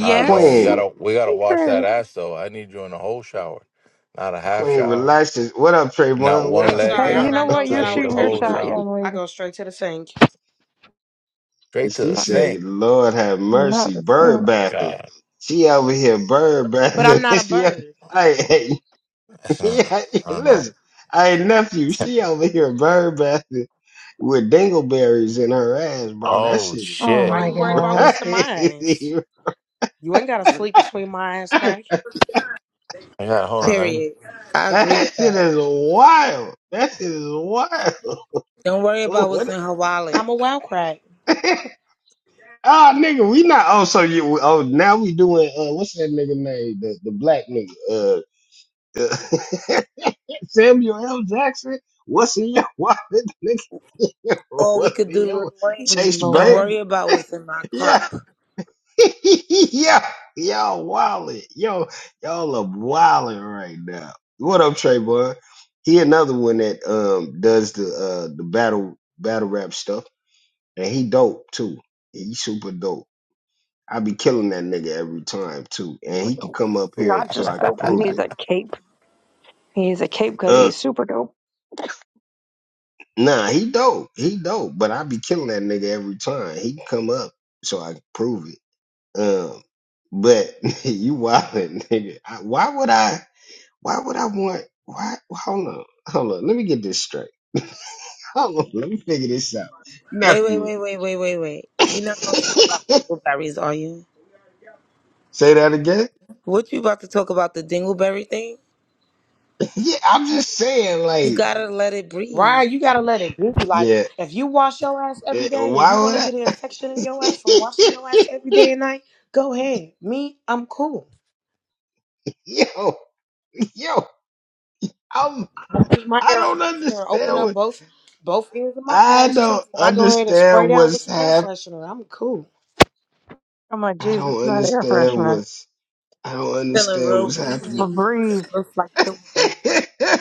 [SPEAKER 12] I don't know. We
[SPEAKER 1] Queen
[SPEAKER 12] gotta we gotta wash that
[SPEAKER 6] Hey,
[SPEAKER 12] ass though. I need you in the whole shower, not a half
[SPEAKER 1] Queen
[SPEAKER 12] shower,
[SPEAKER 1] relaxes. What up,
[SPEAKER 12] not
[SPEAKER 1] Trayvon? What
[SPEAKER 12] one
[SPEAKER 7] I'm
[SPEAKER 1] up?
[SPEAKER 12] leg
[SPEAKER 7] sorry,
[SPEAKER 1] What
[SPEAKER 7] I'm
[SPEAKER 6] you
[SPEAKER 1] up?
[SPEAKER 6] know
[SPEAKER 7] not
[SPEAKER 12] in.
[SPEAKER 7] no
[SPEAKER 6] what?
[SPEAKER 12] I
[SPEAKER 6] You're
[SPEAKER 12] need
[SPEAKER 7] shower
[SPEAKER 12] the
[SPEAKER 6] shooting your
[SPEAKER 7] type of
[SPEAKER 12] whole
[SPEAKER 1] and
[SPEAKER 6] shot,
[SPEAKER 12] shower,
[SPEAKER 7] girl.
[SPEAKER 6] young
[SPEAKER 7] I
[SPEAKER 6] lady.
[SPEAKER 7] go straight to the sink.
[SPEAKER 12] straight to
[SPEAKER 1] she
[SPEAKER 12] the
[SPEAKER 6] Mm,
[SPEAKER 1] said,
[SPEAKER 12] sink.
[SPEAKER 1] "Lord have
[SPEAKER 6] Not
[SPEAKER 1] mercy,
[SPEAKER 6] the
[SPEAKER 12] Oh
[SPEAKER 1] bird
[SPEAKER 6] same.
[SPEAKER 12] my
[SPEAKER 1] bathing."
[SPEAKER 12] god.
[SPEAKER 1] She over here bird
[SPEAKER 7] But I'm
[SPEAKER 1] bathing.
[SPEAKER 7] not a
[SPEAKER 1] she,
[SPEAKER 7] bird.
[SPEAKER 1] hey,
[SPEAKER 12] That's not,
[SPEAKER 1] Yeah,
[SPEAKER 12] I don't know.
[SPEAKER 1] listen. Hey, nephew, she over here bird bathing with dingleberries in her ass, bro. That
[SPEAKER 12] Oh
[SPEAKER 1] shit is
[SPEAKER 6] Oh
[SPEAKER 7] Why
[SPEAKER 12] shit!
[SPEAKER 6] my
[SPEAKER 7] you worried about
[SPEAKER 6] God.
[SPEAKER 7] what's in my eyes?
[SPEAKER 1] crazy.
[SPEAKER 7] You ain't gotta sleep between my ass crack.
[SPEAKER 12] I got hold on. Let me.
[SPEAKER 2] Period. I agree
[SPEAKER 1] That
[SPEAKER 2] with
[SPEAKER 1] shit
[SPEAKER 2] that.
[SPEAKER 1] is wild. That shit is wild.
[SPEAKER 2] Don't worry about what's
[SPEAKER 1] What?
[SPEAKER 2] in her wallet.
[SPEAKER 7] I'm a wild crack.
[SPEAKER 1] oh, nigga, we not. Oh, so you? Oh, now we doing. Uh, what's that nigga name? The the black nigga. Uh, Samuel L. Jackson. What's in your wallet, nigga?
[SPEAKER 2] Or we
[SPEAKER 1] What's
[SPEAKER 2] could
[SPEAKER 1] in
[SPEAKER 2] do Lil
[SPEAKER 1] your
[SPEAKER 2] Wayne.
[SPEAKER 1] Chase
[SPEAKER 2] Don't
[SPEAKER 1] Bank?
[SPEAKER 6] Lord.
[SPEAKER 2] worry about what's in my
[SPEAKER 1] Yeah.
[SPEAKER 2] cup.
[SPEAKER 1] yeah, y'all wildin'. Yo, y'all are wildin' right now. What up, Trayvon? He another one that um does the uh the battle battle rap stuff, and he dope too. He super dope. I be killing that nigga every time too, and he
[SPEAKER 6] But
[SPEAKER 1] can
[SPEAKER 6] dope.
[SPEAKER 1] come up here
[SPEAKER 6] Not
[SPEAKER 1] so
[SPEAKER 6] just
[SPEAKER 1] I can
[SPEAKER 6] dope. He
[SPEAKER 1] prove
[SPEAKER 6] needs
[SPEAKER 1] it.
[SPEAKER 6] a cape. He needs a cape because
[SPEAKER 1] Uh,
[SPEAKER 6] he's super dope.
[SPEAKER 1] nah, he dope. He dope, but I be killing that nigga every time. He can come up so I can prove it. Um, but you wildin', nigga. I, why would I? Why would I want? Why? Hold on, hold on. Let me get this straight. Hold on, let me figure this out.
[SPEAKER 2] Wait, wait,
[SPEAKER 1] Nephew,
[SPEAKER 2] wait, wait, wait, wait, wait. You're not gonna talk about
[SPEAKER 1] say
[SPEAKER 2] dingleberries, are you?
[SPEAKER 1] that again.
[SPEAKER 2] What you about to talk about the dingleberry thing?
[SPEAKER 1] yeah, I'm just saying,
[SPEAKER 2] You
[SPEAKER 1] like,
[SPEAKER 2] gotta let it
[SPEAKER 7] Why
[SPEAKER 2] breathe.
[SPEAKER 7] you gotta let it be like
[SPEAKER 1] yeah.
[SPEAKER 7] if you wash your ass every
[SPEAKER 1] eh,
[SPEAKER 7] day and you
[SPEAKER 1] Why
[SPEAKER 7] wanna get an
[SPEAKER 1] would
[SPEAKER 7] infection in your ass from washing your ass every
[SPEAKER 1] I?
[SPEAKER 7] day and night, go ahead. Me, I'm cool.
[SPEAKER 1] yo, yo, I'm.
[SPEAKER 7] I use my
[SPEAKER 1] I
[SPEAKER 7] air
[SPEAKER 1] don't
[SPEAKER 7] freshener, open
[SPEAKER 1] understand
[SPEAKER 7] up
[SPEAKER 1] what.
[SPEAKER 7] both both ears of my
[SPEAKER 1] I
[SPEAKER 7] ass
[SPEAKER 1] don't
[SPEAKER 7] cheeks, and I go ahead and spray
[SPEAKER 1] understand
[SPEAKER 7] down with
[SPEAKER 1] what's
[SPEAKER 7] some air
[SPEAKER 1] hap.
[SPEAKER 7] freshener. I'm cool.
[SPEAKER 6] I'm like,
[SPEAKER 1] I
[SPEAKER 6] Jesus,
[SPEAKER 1] don't
[SPEAKER 6] not air
[SPEAKER 1] understand
[SPEAKER 6] freshener.
[SPEAKER 1] what's. I don't
[SPEAKER 2] Feeling
[SPEAKER 1] understand
[SPEAKER 2] real
[SPEAKER 1] what's
[SPEAKER 6] But
[SPEAKER 1] happening
[SPEAKER 2] breezy.
[SPEAKER 1] right
[SPEAKER 6] breathe.
[SPEAKER 2] Looks like the wind.
[SPEAKER 1] now.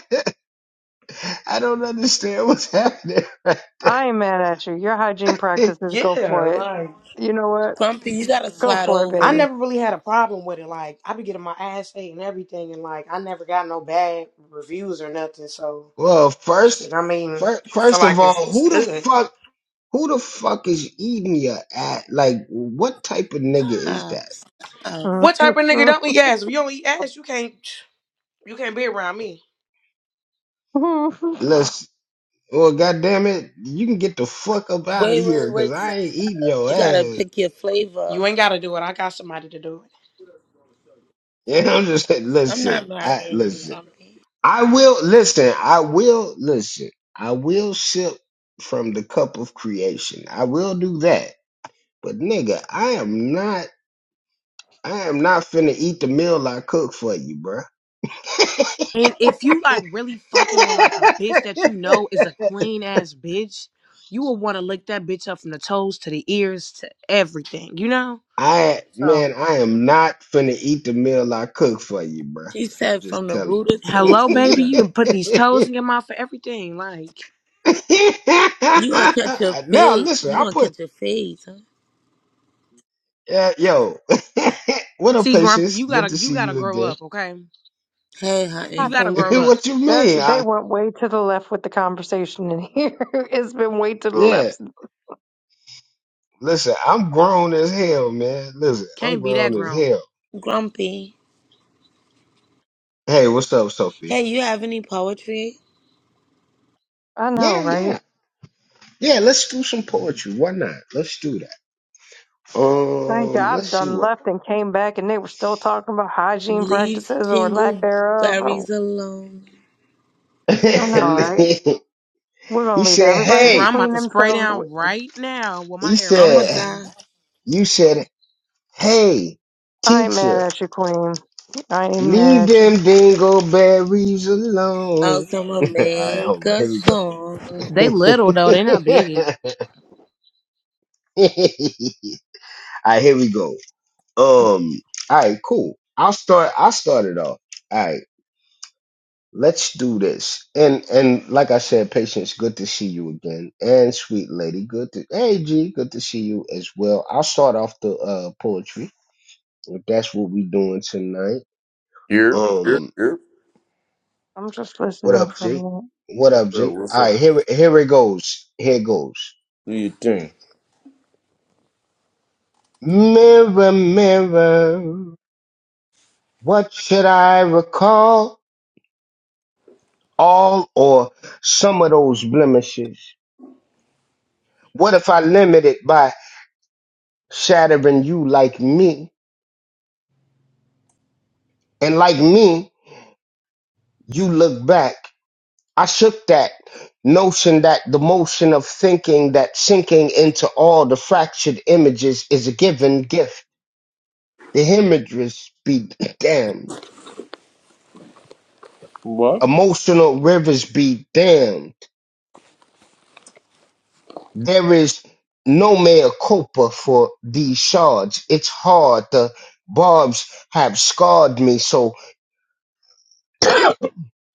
[SPEAKER 1] I don't understand what's happening.
[SPEAKER 6] I ain't mad at you. Your hygiene practices, go for
[SPEAKER 7] Yeah,
[SPEAKER 6] it.
[SPEAKER 7] like
[SPEAKER 6] You know what?
[SPEAKER 2] Grumpy, you gotta
[SPEAKER 6] Go
[SPEAKER 2] slide
[SPEAKER 6] for it,
[SPEAKER 7] I
[SPEAKER 2] over.
[SPEAKER 6] baby.
[SPEAKER 7] never really had a problem with it. Like I be getting my ass ate and everything, and like I never got no bad reviews or nothing. So
[SPEAKER 1] well,
[SPEAKER 7] shit,
[SPEAKER 1] first,
[SPEAKER 7] I mean,
[SPEAKER 1] first,
[SPEAKER 7] so
[SPEAKER 1] first of
[SPEAKER 7] like it's,
[SPEAKER 1] all,
[SPEAKER 7] it's
[SPEAKER 1] who the
[SPEAKER 7] good.
[SPEAKER 1] fuck, who the fuck is eating your at? Like, what type of nigga is
[SPEAKER 2] Stop,
[SPEAKER 1] that?
[SPEAKER 2] stop.
[SPEAKER 7] What type of nigga don't eat ass? If you don't eat ass, you can't you can't be around me.
[SPEAKER 1] Let's, well, goddamn it, you can get the fuck up out of
[SPEAKER 2] Wait,
[SPEAKER 1] here,
[SPEAKER 2] wait,
[SPEAKER 1] cause
[SPEAKER 2] wait. So
[SPEAKER 1] I
[SPEAKER 2] you
[SPEAKER 1] ain't eating
[SPEAKER 2] gotta
[SPEAKER 1] your
[SPEAKER 2] you gotta
[SPEAKER 1] ass.
[SPEAKER 2] pick your flavor.
[SPEAKER 7] You ain't gotta do it. I got somebody to do it.
[SPEAKER 1] You know, I'm just saying,
[SPEAKER 2] I'm
[SPEAKER 1] listen,
[SPEAKER 2] not
[SPEAKER 1] I
[SPEAKER 2] marrying you,
[SPEAKER 1] listen,
[SPEAKER 2] Grumpy.
[SPEAKER 1] I will listen, I will listen, I will sip from the cup of creation. I will do that, but nigga, I am not, I am not finna eat the meal I cook for you, bruh.
[SPEAKER 7] And if you like really fucking with like a bitch that you know is a clean ass bitch, you will want to lick that bitch up from the toes to the ears to everything, you know?
[SPEAKER 1] I
[SPEAKER 7] So,
[SPEAKER 1] man, I am not finna eat the meal I cook for you, bruh.
[SPEAKER 2] She
[SPEAKER 1] I'm
[SPEAKER 2] said
[SPEAKER 1] just
[SPEAKER 2] from the
[SPEAKER 1] telling.
[SPEAKER 2] rooter to the
[SPEAKER 7] hello,
[SPEAKER 1] you.
[SPEAKER 7] baby.
[SPEAKER 2] tutor.
[SPEAKER 7] You can put these toes in your mouth for everything. Like,
[SPEAKER 2] You gonna catch your
[SPEAKER 1] now
[SPEAKER 2] fade.
[SPEAKER 1] listen,
[SPEAKER 2] You
[SPEAKER 1] I
[SPEAKER 2] gonna
[SPEAKER 1] put
[SPEAKER 2] catch your fade,
[SPEAKER 1] uh, yo. what up,
[SPEAKER 7] See, Grumpy,
[SPEAKER 1] patience?
[SPEAKER 7] you
[SPEAKER 1] Good
[SPEAKER 7] gotta
[SPEAKER 1] to
[SPEAKER 7] you
[SPEAKER 1] see
[SPEAKER 7] gotta
[SPEAKER 1] you
[SPEAKER 7] grow
[SPEAKER 1] again.
[SPEAKER 7] up, okay?
[SPEAKER 2] Hey,
[SPEAKER 6] Hi,
[SPEAKER 7] You
[SPEAKER 2] honey.
[SPEAKER 7] gotta grow
[SPEAKER 6] Peyton.
[SPEAKER 7] up.
[SPEAKER 1] what you
[SPEAKER 6] They're,
[SPEAKER 1] mean?
[SPEAKER 6] they
[SPEAKER 1] I
[SPEAKER 6] went way to the left with the conversation in here. it's been way to the
[SPEAKER 1] yeah.
[SPEAKER 6] left. since-
[SPEAKER 1] Listen, I'm grown as hell, man. Listen, I'm
[SPEAKER 7] Can't be that
[SPEAKER 1] grown as
[SPEAKER 7] grown.
[SPEAKER 1] hell.
[SPEAKER 2] Grumpy.
[SPEAKER 1] Hey, what's up, Sophie?
[SPEAKER 2] Hey, you have any poetry?
[SPEAKER 6] I know,
[SPEAKER 1] Yeah,
[SPEAKER 6] right?
[SPEAKER 1] yeah, yeah. Let's do some poetry. Why not? Let's do that.
[SPEAKER 6] Thank
[SPEAKER 1] Um, let's
[SPEAKER 6] God
[SPEAKER 1] see
[SPEAKER 6] done
[SPEAKER 1] what.
[SPEAKER 6] left and came back and they were still talking about hygiene
[SPEAKER 2] Leave
[SPEAKER 6] practices or lack
[SPEAKER 2] jingle
[SPEAKER 6] thereof. Or,
[SPEAKER 2] berries alone.
[SPEAKER 6] I know, right? We're
[SPEAKER 1] He
[SPEAKER 6] gonna leave
[SPEAKER 1] said,
[SPEAKER 6] everybody
[SPEAKER 7] For
[SPEAKER 6] to
[SPEAKER 7] real,
[SPEAKER 1] Hey,
[SPEAKER 7] I'm about
[SPEAKER 6] clean
[SPEAKER 7] to spray
[SPEAKER 6] themselves.
[SPEAKER 7] down right now with
[SPEAKER 1] he
[SPEAKER 7] my air
[SPEAKER 2] I'ma
[SPEAKER 1] said,
[SPEAKER 7] freshener.
[SPEAKER 2] die.
[SPEAKER 1] You said, Hey,
[SPEAKER 6] I ain't mad
[SPEAKER 1] teacher,
[SPEAKER 6] at you, Queen. I ain't mad
[SPEAKER 1] leave
[SPEAKER 6] at you.
[SPEAKER 1] them dingleberries alone.
[SPEAKER 2] Else I'ma
[SPEAKER 1] All right, hold
[SPEAKER 2] make
[SPEAKER 1] on.
[SPEAKER 2] a
[SPEAKER 1] Here we go.
[SPEAKER 2] song.
[SPEAKER 7] They
[SPEAKER 1] all
[SPEAKER 7] little though, they not big.
[SPEAKER 1] right, here we go. Um, all right, cool. I'll start. I'll start it off. All right, let's do this. And and like I said, patience. Good to see you again. And sweet lady, good to hey G, good to see you as well. I'll start off the uh poetry. If that's what we doing tonight.
[SPEAKER 11] Yep, yep,
[SPEAKER 1] Um,
[SPEAKER 11] yep.
[SPEAKER 6] I'm just
[SPEAKER 1] what
[SPEAKER 6] listening
[SPEAKER 1] up,
[SPEAKER 6] from
[SPEAKER 1] G?
[SPEAKER 6] you.
[SPEAKER 1] What
[SPEAKER 11] What's
[SPEAKER 1] up,
[SPEAKER 11] up?
[SPEAKER 1] G?
[SPEAKER 11] What's
[SPEAKER 1] All right,
[SPEAKER 11] up?
[SPEAKER 1] here here it goes. Here it goes.
[SPEAKER 11] Do your thing.
[SPEAKER 1] Mirror, mirror, what should I recall? All or some of those blemishes? What if I limit it by shattering you like me? And like me, you look back. I shook that notion that the motion of thinking that sinking into all the fractured images is a given gift The hemorrhagers be damned.
[SPEAKER 11] What?
[SPEAKER 1] Emotional rivers be damned. There is no mea culpa for these shards. It's hard. The barbs have scarred me. So,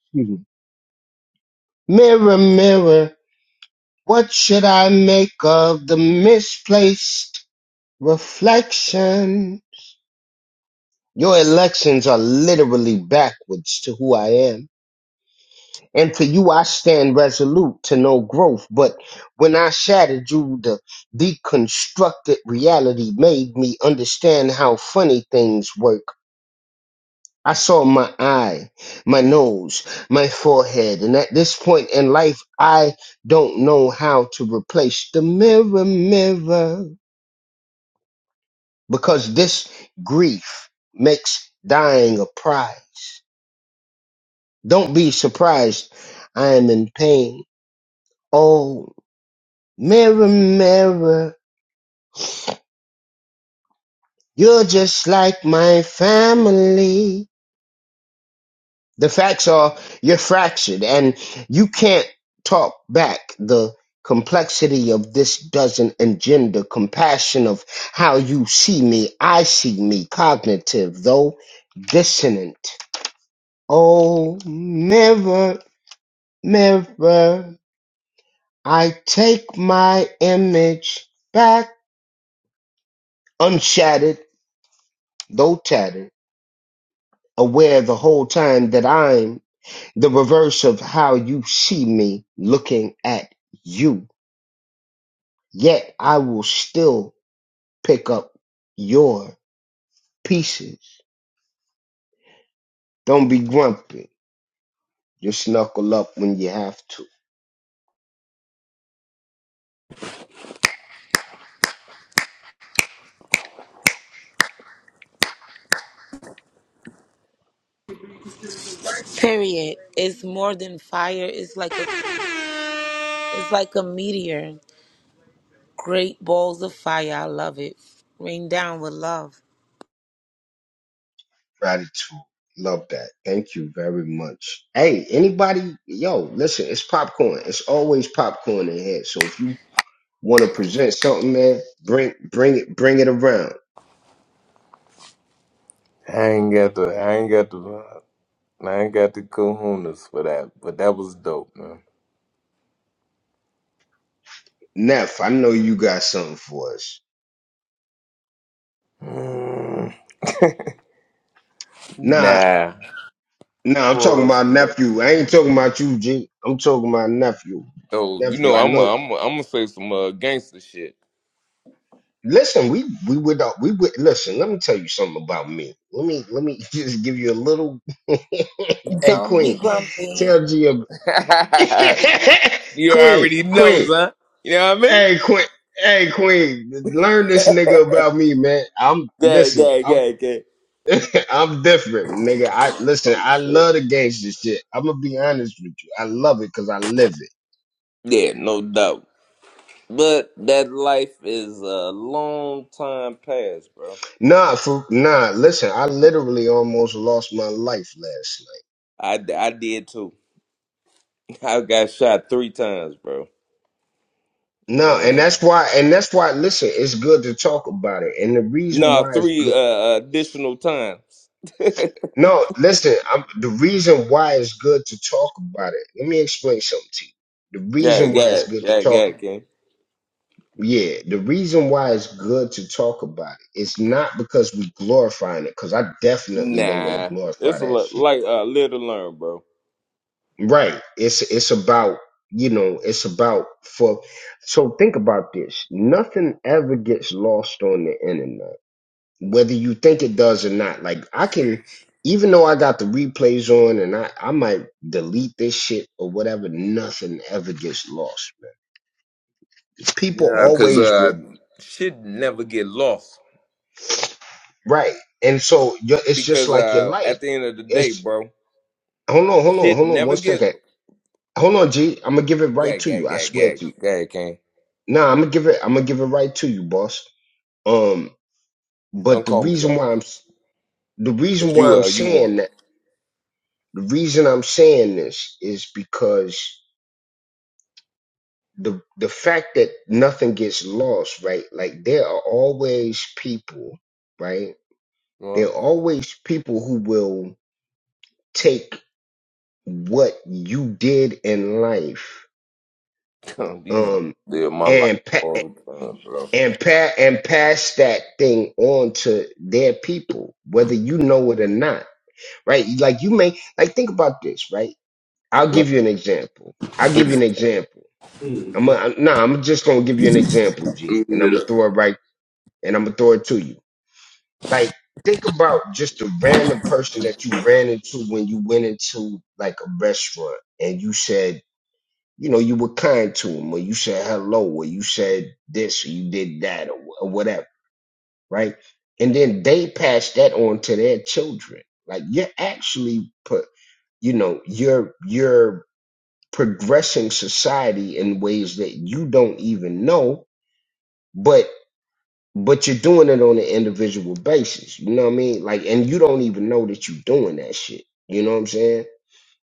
[SPEAKER 1] excuse me. mirror, mirror, what should I make of the misplaced reflection? Your elections are literally backwards to who I am. And to you, I stand resolute to no growth. But when I shattered you, the deconstructed reality made me understand how funny things work. I saw my eye, my nose, my forehead. And at this point in life, I don't know how to replace the mirror, mirror, because this grief makes dying a prize. Don't be surprised. I am in pain. Oh. Mirror, mirror, you're just like my family. The facts are you're fractured and you can't talk back. The complexity of this doesn't engender compassion of how you see me. I see me cognitive, though dissonant. Oh, mirror, mirror, I take my image back unshattered, though tattered. aware the whole time that I'm the reverse of how you see me looking at you. Yet I will still pick up your pieces. Don't be grumpy. Just knuckle up when you have to.
[SPEAKER 2] Period. It's more than fire. It's like a, it's like a meteor. Great balls of fire. I love it. Rain down with love.
[SPEAKER 1] Gratitude. Love that. Thank you very much. Hey, anybody, yo, listen, it's popcorn. It's always popcorn in here. So if you want to present something, man, bring bring it bring it around.
[SPEAKER 11] I ain't got the I ain't got the I ain't got the kahunas for that, but that was dope, man.
[SPEAKER 1] Neff, I know you got something for us.
[SPEAKER 11] Mm,
[SPEAKER 1] Nah.
[SPEAKER 11] nah.
[SPEAKER 1] No, I'm talking
[SPEAKER 11] Pause.
[SPEAKER 1] about nephew. I ain't talking about you, G. I'm talking about nephew.
[SPEAKER 11] So you
[SPEAKER 1] Nephew,
[SPEAKER 11] know
[SPEAKER 1] I
[SPEAKER 11] I'm i
[SPEAKER 1] know.
[SPEAKER 11] I'm i am I'm gonna say some uh, gangster shit.
[SPEAKER 1] Listen, we we would uh, we would listen. Let me tell you something about me. Let me let me just give you a little. hey,
[SPEAKER 2] Don't be
[SPEAKER 1] Queen,
[SPEAKER 2] grumpy.
[SPEAKER 1] tell G. a-
[SPEAKER 11] you
[SPEAKER 1] Queen,
[SPEAKER 11] already know,
[SPEAKER 1] Queen,
[SPEAKER 11] son. You know what I mean?
[SPEAKER 1] hey, Queen, hey, Queen, learn this nigga about me, man. I'm
[SPEAKER 11] good,
[SPEAKER 1] listen.
[SPEAKER 11] good,
[SPEAKER 1] I'm
[SPEAKER 11] good, good.
[SPEAKER 1] I'm different, nigga. I listen.
[SPEAKER 11] Oh
[SPEAKER 1] I
[SPEAKER 11] shit.
[SPEAKER 1] love the gangster shit. I'm gonna be honest with you. I love it because I live it.
[SPEAKER 11] Yeah, no doubt. But that life is a long time past, bro.
[SPEAKER 1] Nah, for, nah. Listen, I literally almost lost my life last night.
[SPEAKER 11] I, I did too. I got shot three times, bro.
[SPEAKER 1] No, and
[SPEAKER 11] And
[SPEAKER 1] that's why, and that's why. Listen, it's good to talk about it, and the reason
[SPEAKER 11] No,
[SPEAKER 1] why it's
[SPEAKER 11] three
[SPEAKER 1] good.
[SPEAKER 11] uh, additional times.
[SPEAKER 1] No, listen, I'm, the reason why it's good to talk about it. Let me explain something to you. The
[SPEAKER 11] Yeah,
[SPEAKER 1] reason why
[SPEAKER 11] yeah,
[SPEAKER 1] it's good to
[SPEAKER 11] yeah,
[SPEAKER 1] talk.
[SPEAKER 11] yeah, King.
[SPEAKER 1] Yeah, the reason why it's good to talk about it. It's not because we glorifying it, because I definitely don't want
[SPEAKER 11] Nah,
[SPEAKER 1] to glorify
[SPEAKER 11] it's a
[SPEAKER 1] that
[SPEAKER 11] li-
[SPEAKER 1] shit.
[SPEAKER 11] like a uh, little to learn, bro.
[SPEAKER 1] Right. It's it's about you know it's about for so think about this. Nothing ever gets lost on the internet, whether you think it does or not. Like I can, even though I got the replays on and I I might delete this shit or whatever. Nothing ever gets lost, man. People
[SPEAKER 11] Nah, cause
[SPEAKER 1] always
[SPEAKER 11] uh,
[SPEAKER 1] re-
[SPEAKER 11] shit never get lost.
[SPEAKER 1] right, and so your- it's just
[SPEAKER 11] because
[SPEAKER 1] like your
[SPEAKER 11] uh,
[SPEAKER 1] life.
[SPEAKER 11] at the end of the day,
[SPEAKER 1] It's
[SPEAKER 11] bro,
[SPEAKER 1] hold on, hold on,
[SPEAKER 11] shit
[SPEAKER 1] hold on,
[SPEAKER 11] never
[SPEAKER 1] one
[SPEAKER 11] get
[SPEAKER 1] second. Hold on, G. I'm gonna give it right
[SPEAKER 11] gag,
[SPEAKER 1] to you.
[SPEAKER 11] gag,
[SPEAKER 1] I
[SPEAKER 11] gag,
[SPEAKER 1] swear
[SPEAKER 11] gag,
[SPEAKER 1] to you.
[SPEAKER 11] gag, King.
[SPEAKER 1] Nah, I'm gonna give it. I'm gonna give it right to you, boss. Um,
[SPEAKER 11] Don't
[SPEAKER 1] but the
[SPEAKER 11] call me
[SPEAKER 1] reason
[SPEAKER 11] that.
[SPEAKER 1] why I'm s- the
[SPEAKER 11] Cause
[SPEAKER 1] reason why
[SPEAKER 11] you,
[SPEAKER 1] I'm
[SPEAKER 11] uh, you won.
[SPEAKER 1] saying that the reason I'm saying this is because the the fact that nothing gets lost, right? Like there are always people, right? There
[SPEAKER 11] You
[SPEAKER 1] are always people who will take what you did in life,
[SPEAKER 11] know? These
[SPEAKER 1] um,
[SPEAKER 11] live my life
[SPEAKER 1] and pa-
[SPEAKER 11] all the time, bro.
[SPEAKER 1] and pa- and pass that thing on to their people, whether you know it or not right? Like you may like think about this, right? I'll give you an example. I'll give you an example. I'm
[SPEAKER 11] Mm,
[SPEAKER 1] a, no, nah, I'm just gonna give you an example, G, and I'm gonna
[SPEAKER 11] yeah.
[SPEAKER 1] throw it right, and I'm gonna throw it to you. Like think about just a random person that you ran into when you went into like a restaurant, and you said, you know, you were kind to him, or you said hello, or you said this, or you did that, or, or whatever, right? And then they pass that on to their children. Like you're actually put you know you're you're progressing society in ways that you don't even know but but you're doing it on an individual basis you know what i mean like and you don't even know that you're doing that shit you know what i'm saying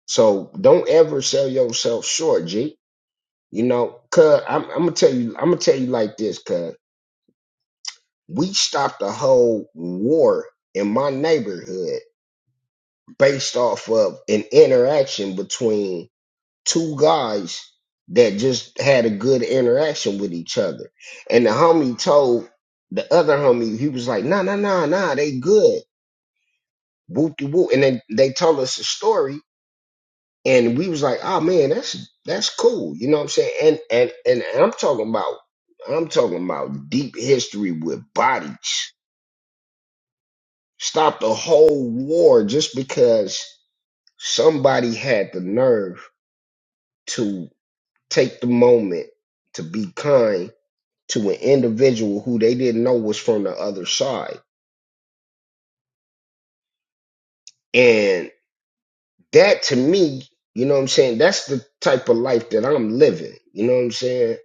[SPEAKER 1] so don't ever sell yourself short g you know cuz I'm, I'm gonna tell you i'm gonna tell you like this cuz we stopped a whole war in my neighborhood based off of an interaction between two guys that just had a good interaction with each other. And the homie told the other homie, he was like, nah, nah, nah, nah, they good. Whoop de whoop. And then they told us a story and we was like, oh man, that's that's cool. You know what I'm saying? And and and I'm talking about I'm talking about deep history with bodies. Stop the whole war just because somebody had the nerve to take the moment to be kind to an individual who they didn't know was from the other side. And that to me, you know what I'm saying? That's the type of life that I'm living. You know what I'm saying?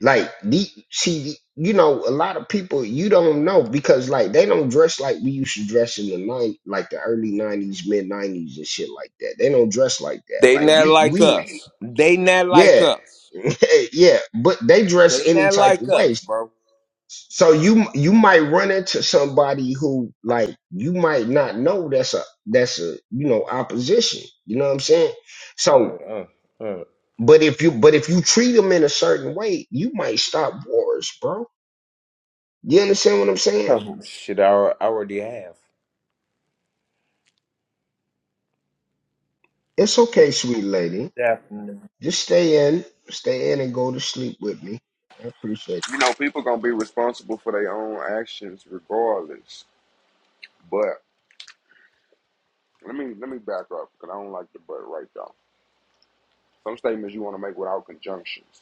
[SPEAKER 1] Like, the, see, you know, a lot of people you don't know because, like, they don't dress like we used to dress in the nine, like the early 90s, mid 90s, and shit like that. They don't dress like that.
[SPEAKER 11] They
[SPEAKER 1] Like,
[SPEAKER 11] not
[SPEAKER 1] we,
[SPEAKER 11] like
[SPEAKER 1] we,
[SPEAKER 11] us. They not like
[SPEAKER 1] yeah,
[SPEAKER 11] us.
[SPEAKER 1] yeah, but they dress
[SPEAKER 11] They
[SPEAKER 1] any
[SPEAKER 11] not
[SPEAKER 1] type
[SPEAKER 11] like
[SPEAKER 1] of
[SPEAKER 11] us,
[SPEAKER 1] ways.
[SPEAKER 11] bro.
[SPEAKER 1] So you you might run into somebody who like you might not know that's a that's a you know opposition. You know what I'm saying? So,
[SPEAKER 11] Mm, uh, uh.
[SPEAKER 1] but if you but if you treat them in a certain way, you might stop wars, bro. You understand what I'm saying?
[SPEAKER 11] Oh shit! I, al- I already have.
[SPEAKER 1] It's okay, sweet lady.
[SPEAKER 11] Definitely.
[SPEAKER 1] Just stay in, stay in, and go to sleep with me. I appreciate
[SPEAKER 3] you know, people gonna be responsible for their own actions regardless. But let me let me back up because I don't like the but right though. Some statements you want to make without conjunctions,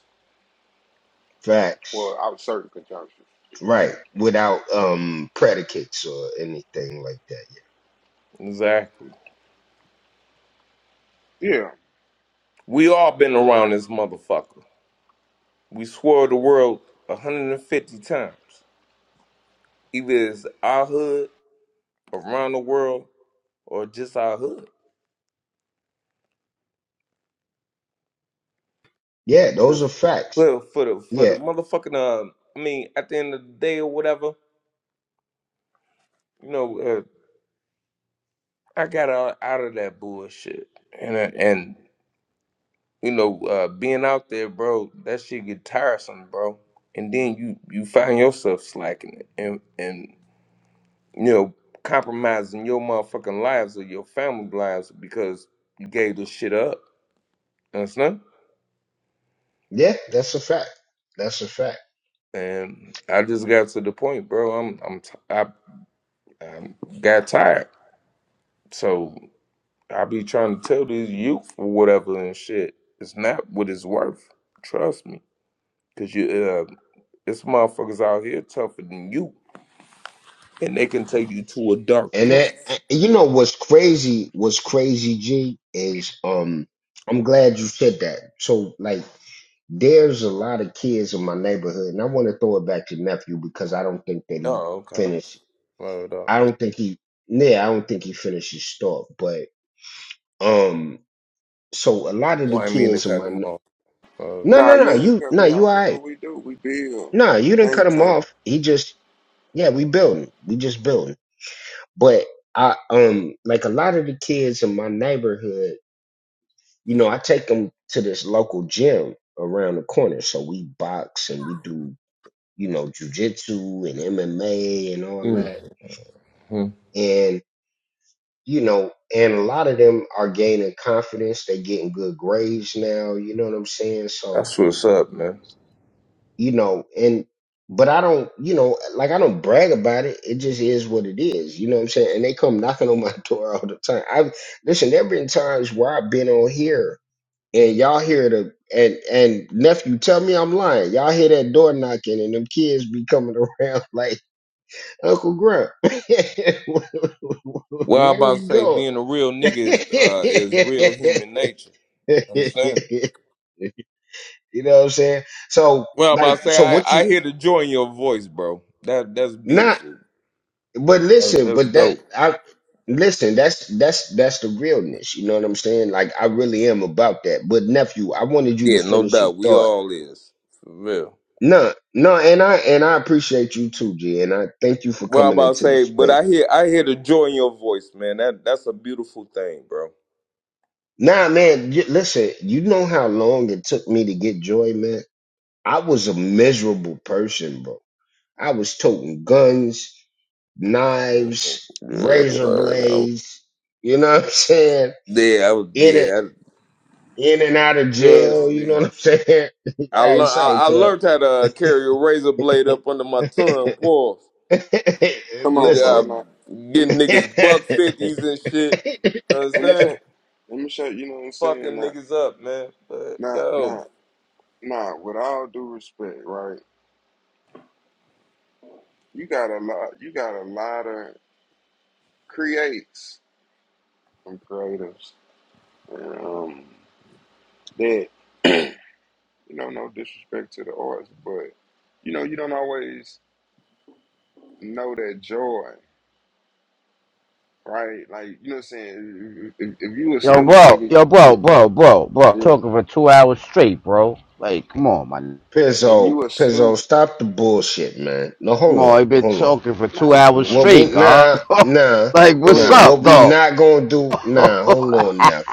[SPEAKER 1] you. Facts,
[SPEAKER 3] well, out certain conjunctions.
[SPEAKER 1] right? Without um predicates or anything like that.
[SPEAKER 11] Exactly.
[SPEAKER 3] Yeah.
[SPEAKER 11] We all been around this motherfucker. We swore the world 150 times. Either it's our hood around the world or just our hood.
[SPEAKER 1] Yeah,
[SPEAKER 11] For
[SPEAKER 1] those
[SPEAKER 11] the
[SPEAKER 1] are facts.
[SPEAKER 11] for, for the for
[SPEAKER 1] yeah.
[SPEAKER 11] the motherfucking um, I mean, at the end of the day or whatever, you know, uh, I got out, out of that bullshit, and uh, and you know, uh, being out there, bro, that shit get tiresome, bro. And then you you find yourself slacking it, and and you know, compromising your motherfucking lives or your family lives because you gave this shit up. Understand?
[SPEAKER 1] Yeah, that's a fact. That's a fact.
[SPEAKER 11] and I just got to the point, bro. I'm I'm t- I, I got tired, so I be trying to tell these youth or whatever and shit. It's not what it's worth. Trust me, cause you uh, it's motherfuckers out here tougher than you, and they can take you to a dark
[SPEAKER 1] And that
[SPEAKER 11] place.
[SPEAKER 1] and you know what's crazy, what's crazy, G, is um I'm glad you said that. So like there's a lot of kids in my neighborhood, and I want to throw it back to nephew because I don't think that he
[SPEAKER 11] Oh, okay.
[SPEAKER 1] finished.
[SPEAKER 11] Word up.
[SPEAKER 1] I don't think he yeah, I don't think he finished his stuff. But um so a lot of
[SPEAKER 11] Well,
[SPEAKER 1] the
[SPEAKER 11] I mean to
[SPEAKER 1] kids in
[SPEAKER 11] cut
[SPEAKER 1] my
[SPEAKER 11] them
[SPEAKER 1] ne-
[SPEAKER 11] off. Uh,
[SPEAKER 1] No,
[SPEAKER 3] Nah,
[SPEAKER 1] no,
[SPEAKER 3] you
[SPEAKER 1] no,
[SPEAKER 3] ain't
[SPEAKER 1] you
[SPEAKER 3] cut
[SPEAKER 1] no,
[SPEAKER 3] me
[SPEAKER 1] you
[SPEAKER 3] out.
[SPEAKER 1] all
[SPEAKER 3] This is
[SPEAKER 1] right.
[SPEAKER 3] what we do. We build.
[SPEAKER 1] No, you didn't cut
[SPEAKER 3] Think
[SPEAKER 1] him
[SPEAKER 3] tank.
[SPEAKER 1] off. He just yeah, we building. We just building. But I um like a lot of the kids in my neighborhood, you know, I take them to this local gym around the corner. So we box and we do, you know, jujitsu and MMA and all that.
[SPEAKER 11] hmm
[SPEAKER 1] And you know, and a lot of them are gaining confidence. They getting good grades now. You know what I'm saying? So
[SPEAKER 11] That's what's up, man.
[SPEAKER 1] you know, and but I don't, you know, like I don't brag about it. It just is what it is. You know what I'm saying? And they come knocking on my door all the time. I listen, there been times where I've been on here and y'all hear the and and nephew tell me I'm lying. Y'all hear that door knocking and them kids be coming around like Uncle Grump.
[SPEAKER 11] Well, I
[SPEAKER 1] Where
[SPEAKER 11] about
[SPEAKER 1] we
[SPEAKER 11] to say
[SPEAKER 1] going?
[SPEAKER 11] being a real
[SPEAKER 1] you
[SPEAKER 11] nigga is uh, is real human nature. Understand?
[SPEAKER 1] know what I'm saying? So
[SPEAKER 11] Well, I'm about
[SPEAKER 1] like
[SPEAKER 11] to say
[SPEAKER 1] so
[SPEAKER 11] I,
[SPEAKER 1] what you
[SPEAKER 11] I hear the joy in your voice, bro. That that's
[SPEAKER 1] nah
[SPEAKER 11] beautiful.
[SPEAKER 1] But
[SPEAKER 11] That,
[SPEAKER 1] listen,
[SPEAKER 11] that's
[SPEAKER 1] but that
[SPEAKER 11] dope.
[SPEAKER 1] I listen, that's that's that's the realness, you know what I'm saying? Like I really am about that. But nephew, I wanted you to
[SPEAKER 11] Yeah, no
[SPEAKER 1] finish your
[SPEAKER 11] doubt. We
[SPEAKER 1] thought.
[SPEAKER 11] all is for real.
[SPEAKER 1] No, no, and I and I appreciate you too, G, and I thank you for
[SPEAKER 11] Well, I'm
[SPEAKER 1] coming
[SPEAKER 11] about to
[SPEAKER 1] into the
[SPEAKER 11] say, but
[SPEAKER 1] space.
[SPEAKER 11] I hear I hear the joy in your voice, man. That that's a beautiful thing, bro.
[SPEAKER 1] Nah, man, y- listen, you know how long it took me to get joy, man? I was a miserable person, bro. I was toting guns, knives,
[SPEAKER 11] Yeah,
[SPEAKER 1] razor
[SPEAKER 11] well, I was-
[SPEAKER 1] blades, you know what I'm saying?
[SPEAKER 11] yeah, I was, yeah. I-
[SPEAKER 1] in and out of
[SPEAKER 11] Trust
[SPEAKER 1] jail. You know what
[SPEAKER 11] me.
[SPEAKER 1] I'm saying?
[SPEAKER 11] I
[SPEAKER 1] I
[SPEAKER 11] learned
[SPEAKER 1] say,
[SPEAKER 11] I, I
[SPEAKER 1] cuz.
[SPEAKER 11] learned how to uh, carry a razor blade up under my tongue. Pause.
[SPEAKER 3] Come
[SPEAKER 11] Get
[SPEAKER 3] on, bro.
[SPEAKER 11] uh,
[SPEAKER 1] Listen,
[SPEAKER 3] Now, let me
[SPEAKER 11] getting niggas buck fifties and shit.
[SPEAKER 3] let me
[SPEAKER 11] Understand?
[SPEAKER 3] show let me show. You know what I'm saying?
[SPEAKER 11] fucking
[SPEAKER 3] Not
[SPEAKER 11] niggas up, man. But
[SPEAKER 3] not
[SPEAKER 11] yo,
[SPEAKER 3] not nah. With all due respect, right? You got a lot. You got a lot of creates from creatives. Um, that you know, no disrespect to the arts, but you know, you don't always know that joy, right? Like you know, what I'm saying if, if, if you a
[SPEAKER 13] Yo,
[SPEAKER 3] stoop,
[SPEAKER 13] bro,
[SPEAKER 3] nigga,
[SPEAKER 13] yo,
[SPEAKER 3] yeah,
[SPEAKER 13] bro, bro, bro, bro.
[SPEAKER 3] yeah.
[SPEAKER 13] Talking for two hours straight, bro. Like, come on, man.
[SPEAKER 3] If
[SPEAKER 1] Pizzo,
[SPEAKER 3] you a
[SPEAKER 1] Pizzo,
[SPEAKER 3] stoop,
[SPEAKER 1] stop the bullshit, man. No,
[SPEAKER 13] Come
[SPEAKER 1] hold
[SPEAKER 13] on,
[SPEAKER 1] on,
[SPEAKER 13] you been
[SPEAKER 1] hold on.
[SPEAKER 13] talking for
[SPEAKER 3] nah,
[SPEAKER 13] two
[SPEAKER 3] he good.
[SPEAKER 13] hours
[SPEAKER 3] What
[SPEAKER 1] What
[SPEAKER 3] he
[SPEAKER 1] we
[SPEAKER 13] straight,
[SPEAKER 3] saying.
[SPEAKER 13] God.
[SPEAKER 1] nah, nah,
[SPEAKER 13] like,
[SPEAKER 3] Oh, go
[SPEAKER 13] what's
[SPEAKER 1] nah.
[SPEAKER 3] ahead, uh,
[SPEAKER 1] What
[SPEAKER 13] up,
[SPEAKER 1] we
[SPEAKER 3] go ahead.
[SPEAKER 13] dog?
[SPEAKER 1] not gonna do? Nah, hold
[SPEAKER 13] Alright,
[SPEAKER 1] on now.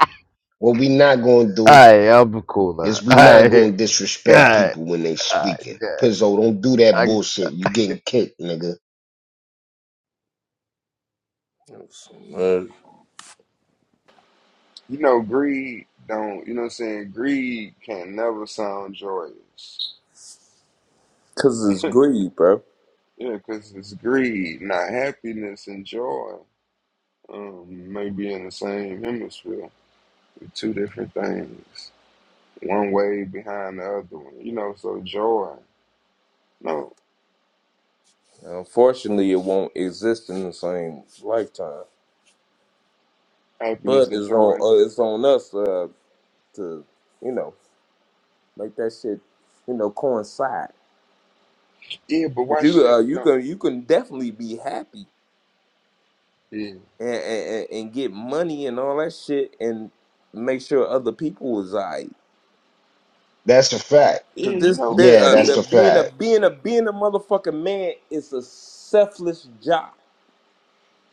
[SPEAKER 1] What we not gonna do
[SPEAKER 13] I'm cool now.
[SPEAKER 1] is we not
[SPEAKER 13] Alright,
[SPEAKER 1] gonna disrespect
[SPEAKER 13] God,
[SPEAKER 1] people when they
[SPEAKER 13] alright,
[SPEAKER 1] speaking.
[SPEAKER 13] yeah.
[SPEAKER 1] Pizzo, don't do that
[SPEAKER 13] I
[SPEAKER 1] bullshit. You getting kicked, nigga.
[SPEAKER 3] You know, greed don't. You know, what I'm saying greed can never sound joyous.
[SPEAKER 11] cause it's greed, bro.
[SPEAKER 3] Yeah, because it's greed, not happiness and joy. Um, maybe in the same hemisphere, two different things. one way behind the other one. You know, so joy, you know,
[SPEAKER 11] Unfortunately, it won't exist in the same lifetime. But
[SPEAKER 3] happiness and
[SPEAKER 11] it's on
[SPEAKER 3] joy.
[SPEAKER 11] uh, it's on us uh, to you know make that shit you know coincide.
[SPEAKER 3] Yeah, but
[SPEAKER 11] But
[SPEAKER 3] watch
[SPEAKER 11] you
[SPEAKER 3] this,
[SPEAKER 11] uh,
[SPEAKER 3] you
[SPEAKER 11] you
[SPEAKER 3] know.
[SPEAKER 11] can you can definitely be happy
[SPEAKER 3] Yeah.
[SPEAKER 11] and, and and get money and all that shit and make sure other people is alright.
[SPEAKER 1] That's a fact.
[SPEAKER 11] Cause
[SPEAKER 3] Yeah, you
[SPEAKER 11] this
[SPEAKER 3] know.
[SPEAKER 11] there,
[SPEAKER 1] Yeah,
[SPEAKER 11] uh,
[SPEAKER 1] that's
[SPEAKER 11] the,
[SPEAKER 1] a
[SPEAKER 11] being a
[SPEAKER 1] fact.
[SPEAKER 11] being a being a motherfucking man is a selfless job.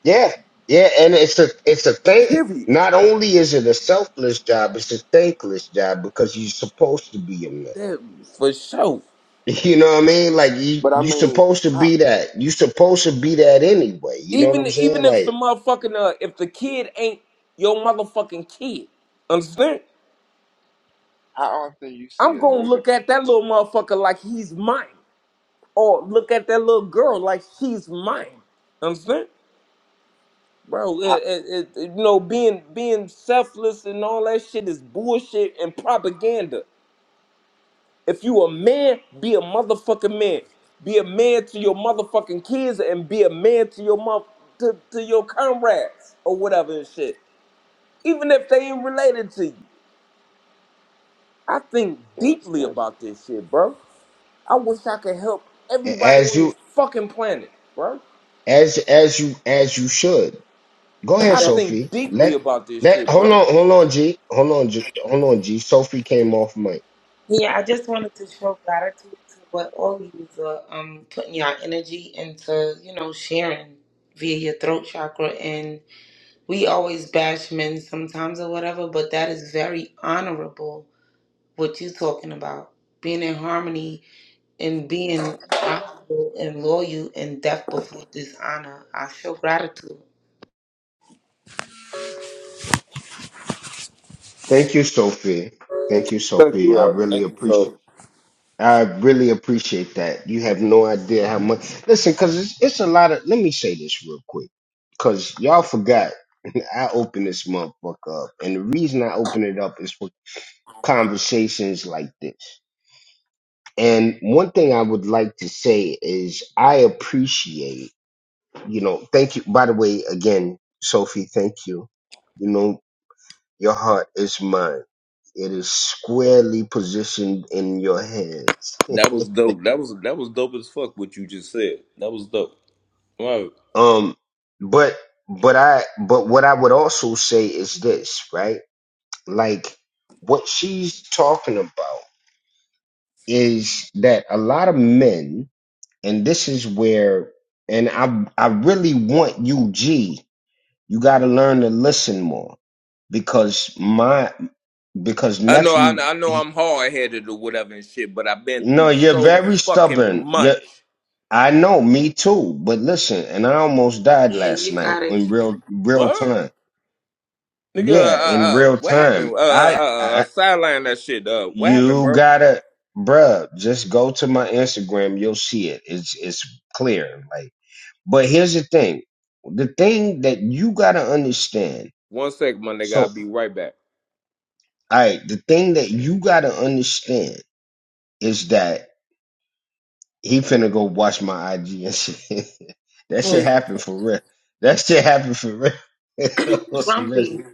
[SPEAKER 1] Yeah, yeah, and it's a it's a thank.
[SPEAKER 11] Period.
[SPEAKER 1] Not only is it a selfless job, it's a thankless job because you're supposed to be a man.
[SPEAKER 11] That, for sure.
[SPEAKER 1] You know what I mean? Like you
[SPEAKER 3] But I
[SPEAKER 1] you
[SPEAKER 3] mean,
[SPEAKER 1] supposed to
[SPEAKER 3] how
[SPEAKER 1] be that. You supposed to be that anyway. You know what
[SPEAKER 11] Even
[SPEAKER 1] I'm saying?
[SPEAKER 11] even if the
[SPEAKER 1] Like
[SPEAKER 11] motherfucking uh, if the kid ain't your motherfucking kid, understand?
[SPEAKER 3] how often you see
[SPEAKER 11] I'm
[SPEAKER 3] a
[SPEAKER 11] gonna
[SPEAKER 3] nigga
[SPEAKER 11] look at that little motherfucker like he's mine, or look at that little girl like she's mine. Understand, bro? It,
[SPEAKER 3] how
[SPEAKER 11] it, it, you know, being being selfless and all that shit is bullshit and propaganda. If you a man, be a motherfucking man. Be a man to your motherfucking kids and be a man to your mother to, to your comrades or whatever and shit. Even if they ain't related to you. I think
[SPEAKER 3] yes,
[SPEAKER 11] deeply
[SPEAKER 3] yes.
[SPEAKER 11] about this shit, bro. I wish I could help
[SPEAKER 1] a-
[SPEAKER 11] everybody
[SPEAKER 1] as
[SPEAKER 11] on
[SPEAKER 1] you
[SPEAKER 11] this fucking planet, bro.
[SPEAKER 1] as as you as you should. Go ahead,
[SPEAKER 11] I think
[SPEAKER 1] Sophie.
[SPEAKER 11] deeply
[SPEAKER 1] Let
[SPEAKER 11] about this
[SPEAKER 1] let
[SPEAKER 11] shit,
[SPEAKER 1] hold
[SPEAKER 11] bro.
[SPEAKER 1] on hold on G hold on G, hold on G. Sophie came off mic.
[SPEAKER 2] Yeah, I just wanted to show gratitude to what all you are um putting your energy into, you know, sharing via your throat chakra and we always bash men sometimes or whatever, but that is very honorable what you're talking about. Being in harmony and being honorable and loyal and deaf before dishonor. I show gratitude.
[SPEAKER 1] Thank you, Sophie. Thank you,
[SPEAKER 11] Thank
[SPEAKER 1] Sophie.
[SPEAKER 11] you,
[SPEAKER 1] I
[SPEAKER 11] uh,
[SPEAKER 1] really
[SPEAKER 11] thank you,
[SPEAKER 1] appreciate.
[SPEAKER 11] so
[SPEAKER 1] I really appreciate that. You have no idea how much. Listen, because it's, it's a lot of. Let me say this real quick, because y'all forgot. I opened this motherfucker up, and the reason I open it up is for conversations like this. And one thing I would like to say is I appreciate, you know, thank you. By the way, again, Sophie, thank you. You know, your heart is mine. It is squarely positioned in your hands
[SPEAKER 11] That was dope. That was that was dope as fuck what you just said. That was dope. Wow.
[SPEAKER 1] Um, but but I but what I would also say is this, right? Like what she's talking about is that a lot of men, and this is where, and I I really want you, G. You got to learn to listen more because my because
[SPEAKER 11] I know, I,
[SPEAKER 1] nephew.
[SPEAKER 11] I know,
[SPEAKER 1] He,
[SPEAKER 11] I'm hard headed or whatever and shit, but I've been
[SPEAKER 1] no,
[SPEAKER 11] through
[SPEAKER 1] you're
[SPEAKER 11] so
[SPEAKER 1] very
[SPEAKER 11] fucking
[SPEAKER 1] stubborn.
[SPEAKER 11] much.
[SPEAKER 1] You, I know, me too. But listen, and I almost died
[SPEAKER 2] Yeah,
[SPEAKER 1] last
[SPEAKER 2] you
[SPEAKER 1] night
[SPEAKER 2] got
[SPEAKER 1] in
[SPEAKER 2] it.
[SPEAKER 1] real real
[SPEAKER 11] What,
[SPEAKER 1] time
[SPEAKER 11] nigga? Uh,
[SPEAKER 1] Yeah, in
[SPEAKER 11] uh, uh,
[SPEAKER 1] real
[SPEAKER 11] what
[SPEAKER 1] time.
[SPEAKER 11] happened? Uh, uh,
[SPEAKER 1] I,
[SPEAKER 11] uh, uh
[SPEAKER 1] I
[SPEAKER 11] sideline that shit. Uh, what happened,
[SPEAKER 1] you
[SPEAKER 11] bro?
[SPEAKER 1] gotta, bruh, just go to my Instagram. You'll see it. It's it's clear. Like, but here's the thing. The thing that you gotta understand.
[SPEAKER 11] One sec, my nigga.
[SPEAKER 1] So,
[SPEAKER 11] I'll be right back.
[SPEAKER 1] I the thing that you gotta understand is that he finna go watch my IG and shit. that shit
[SPEAKER 2] Yes.
[SPEAKER 1] happened for real. That shit happened for real. That was
[SPEAKER 2] Grumpy.
[SPEAKER 1] arrested.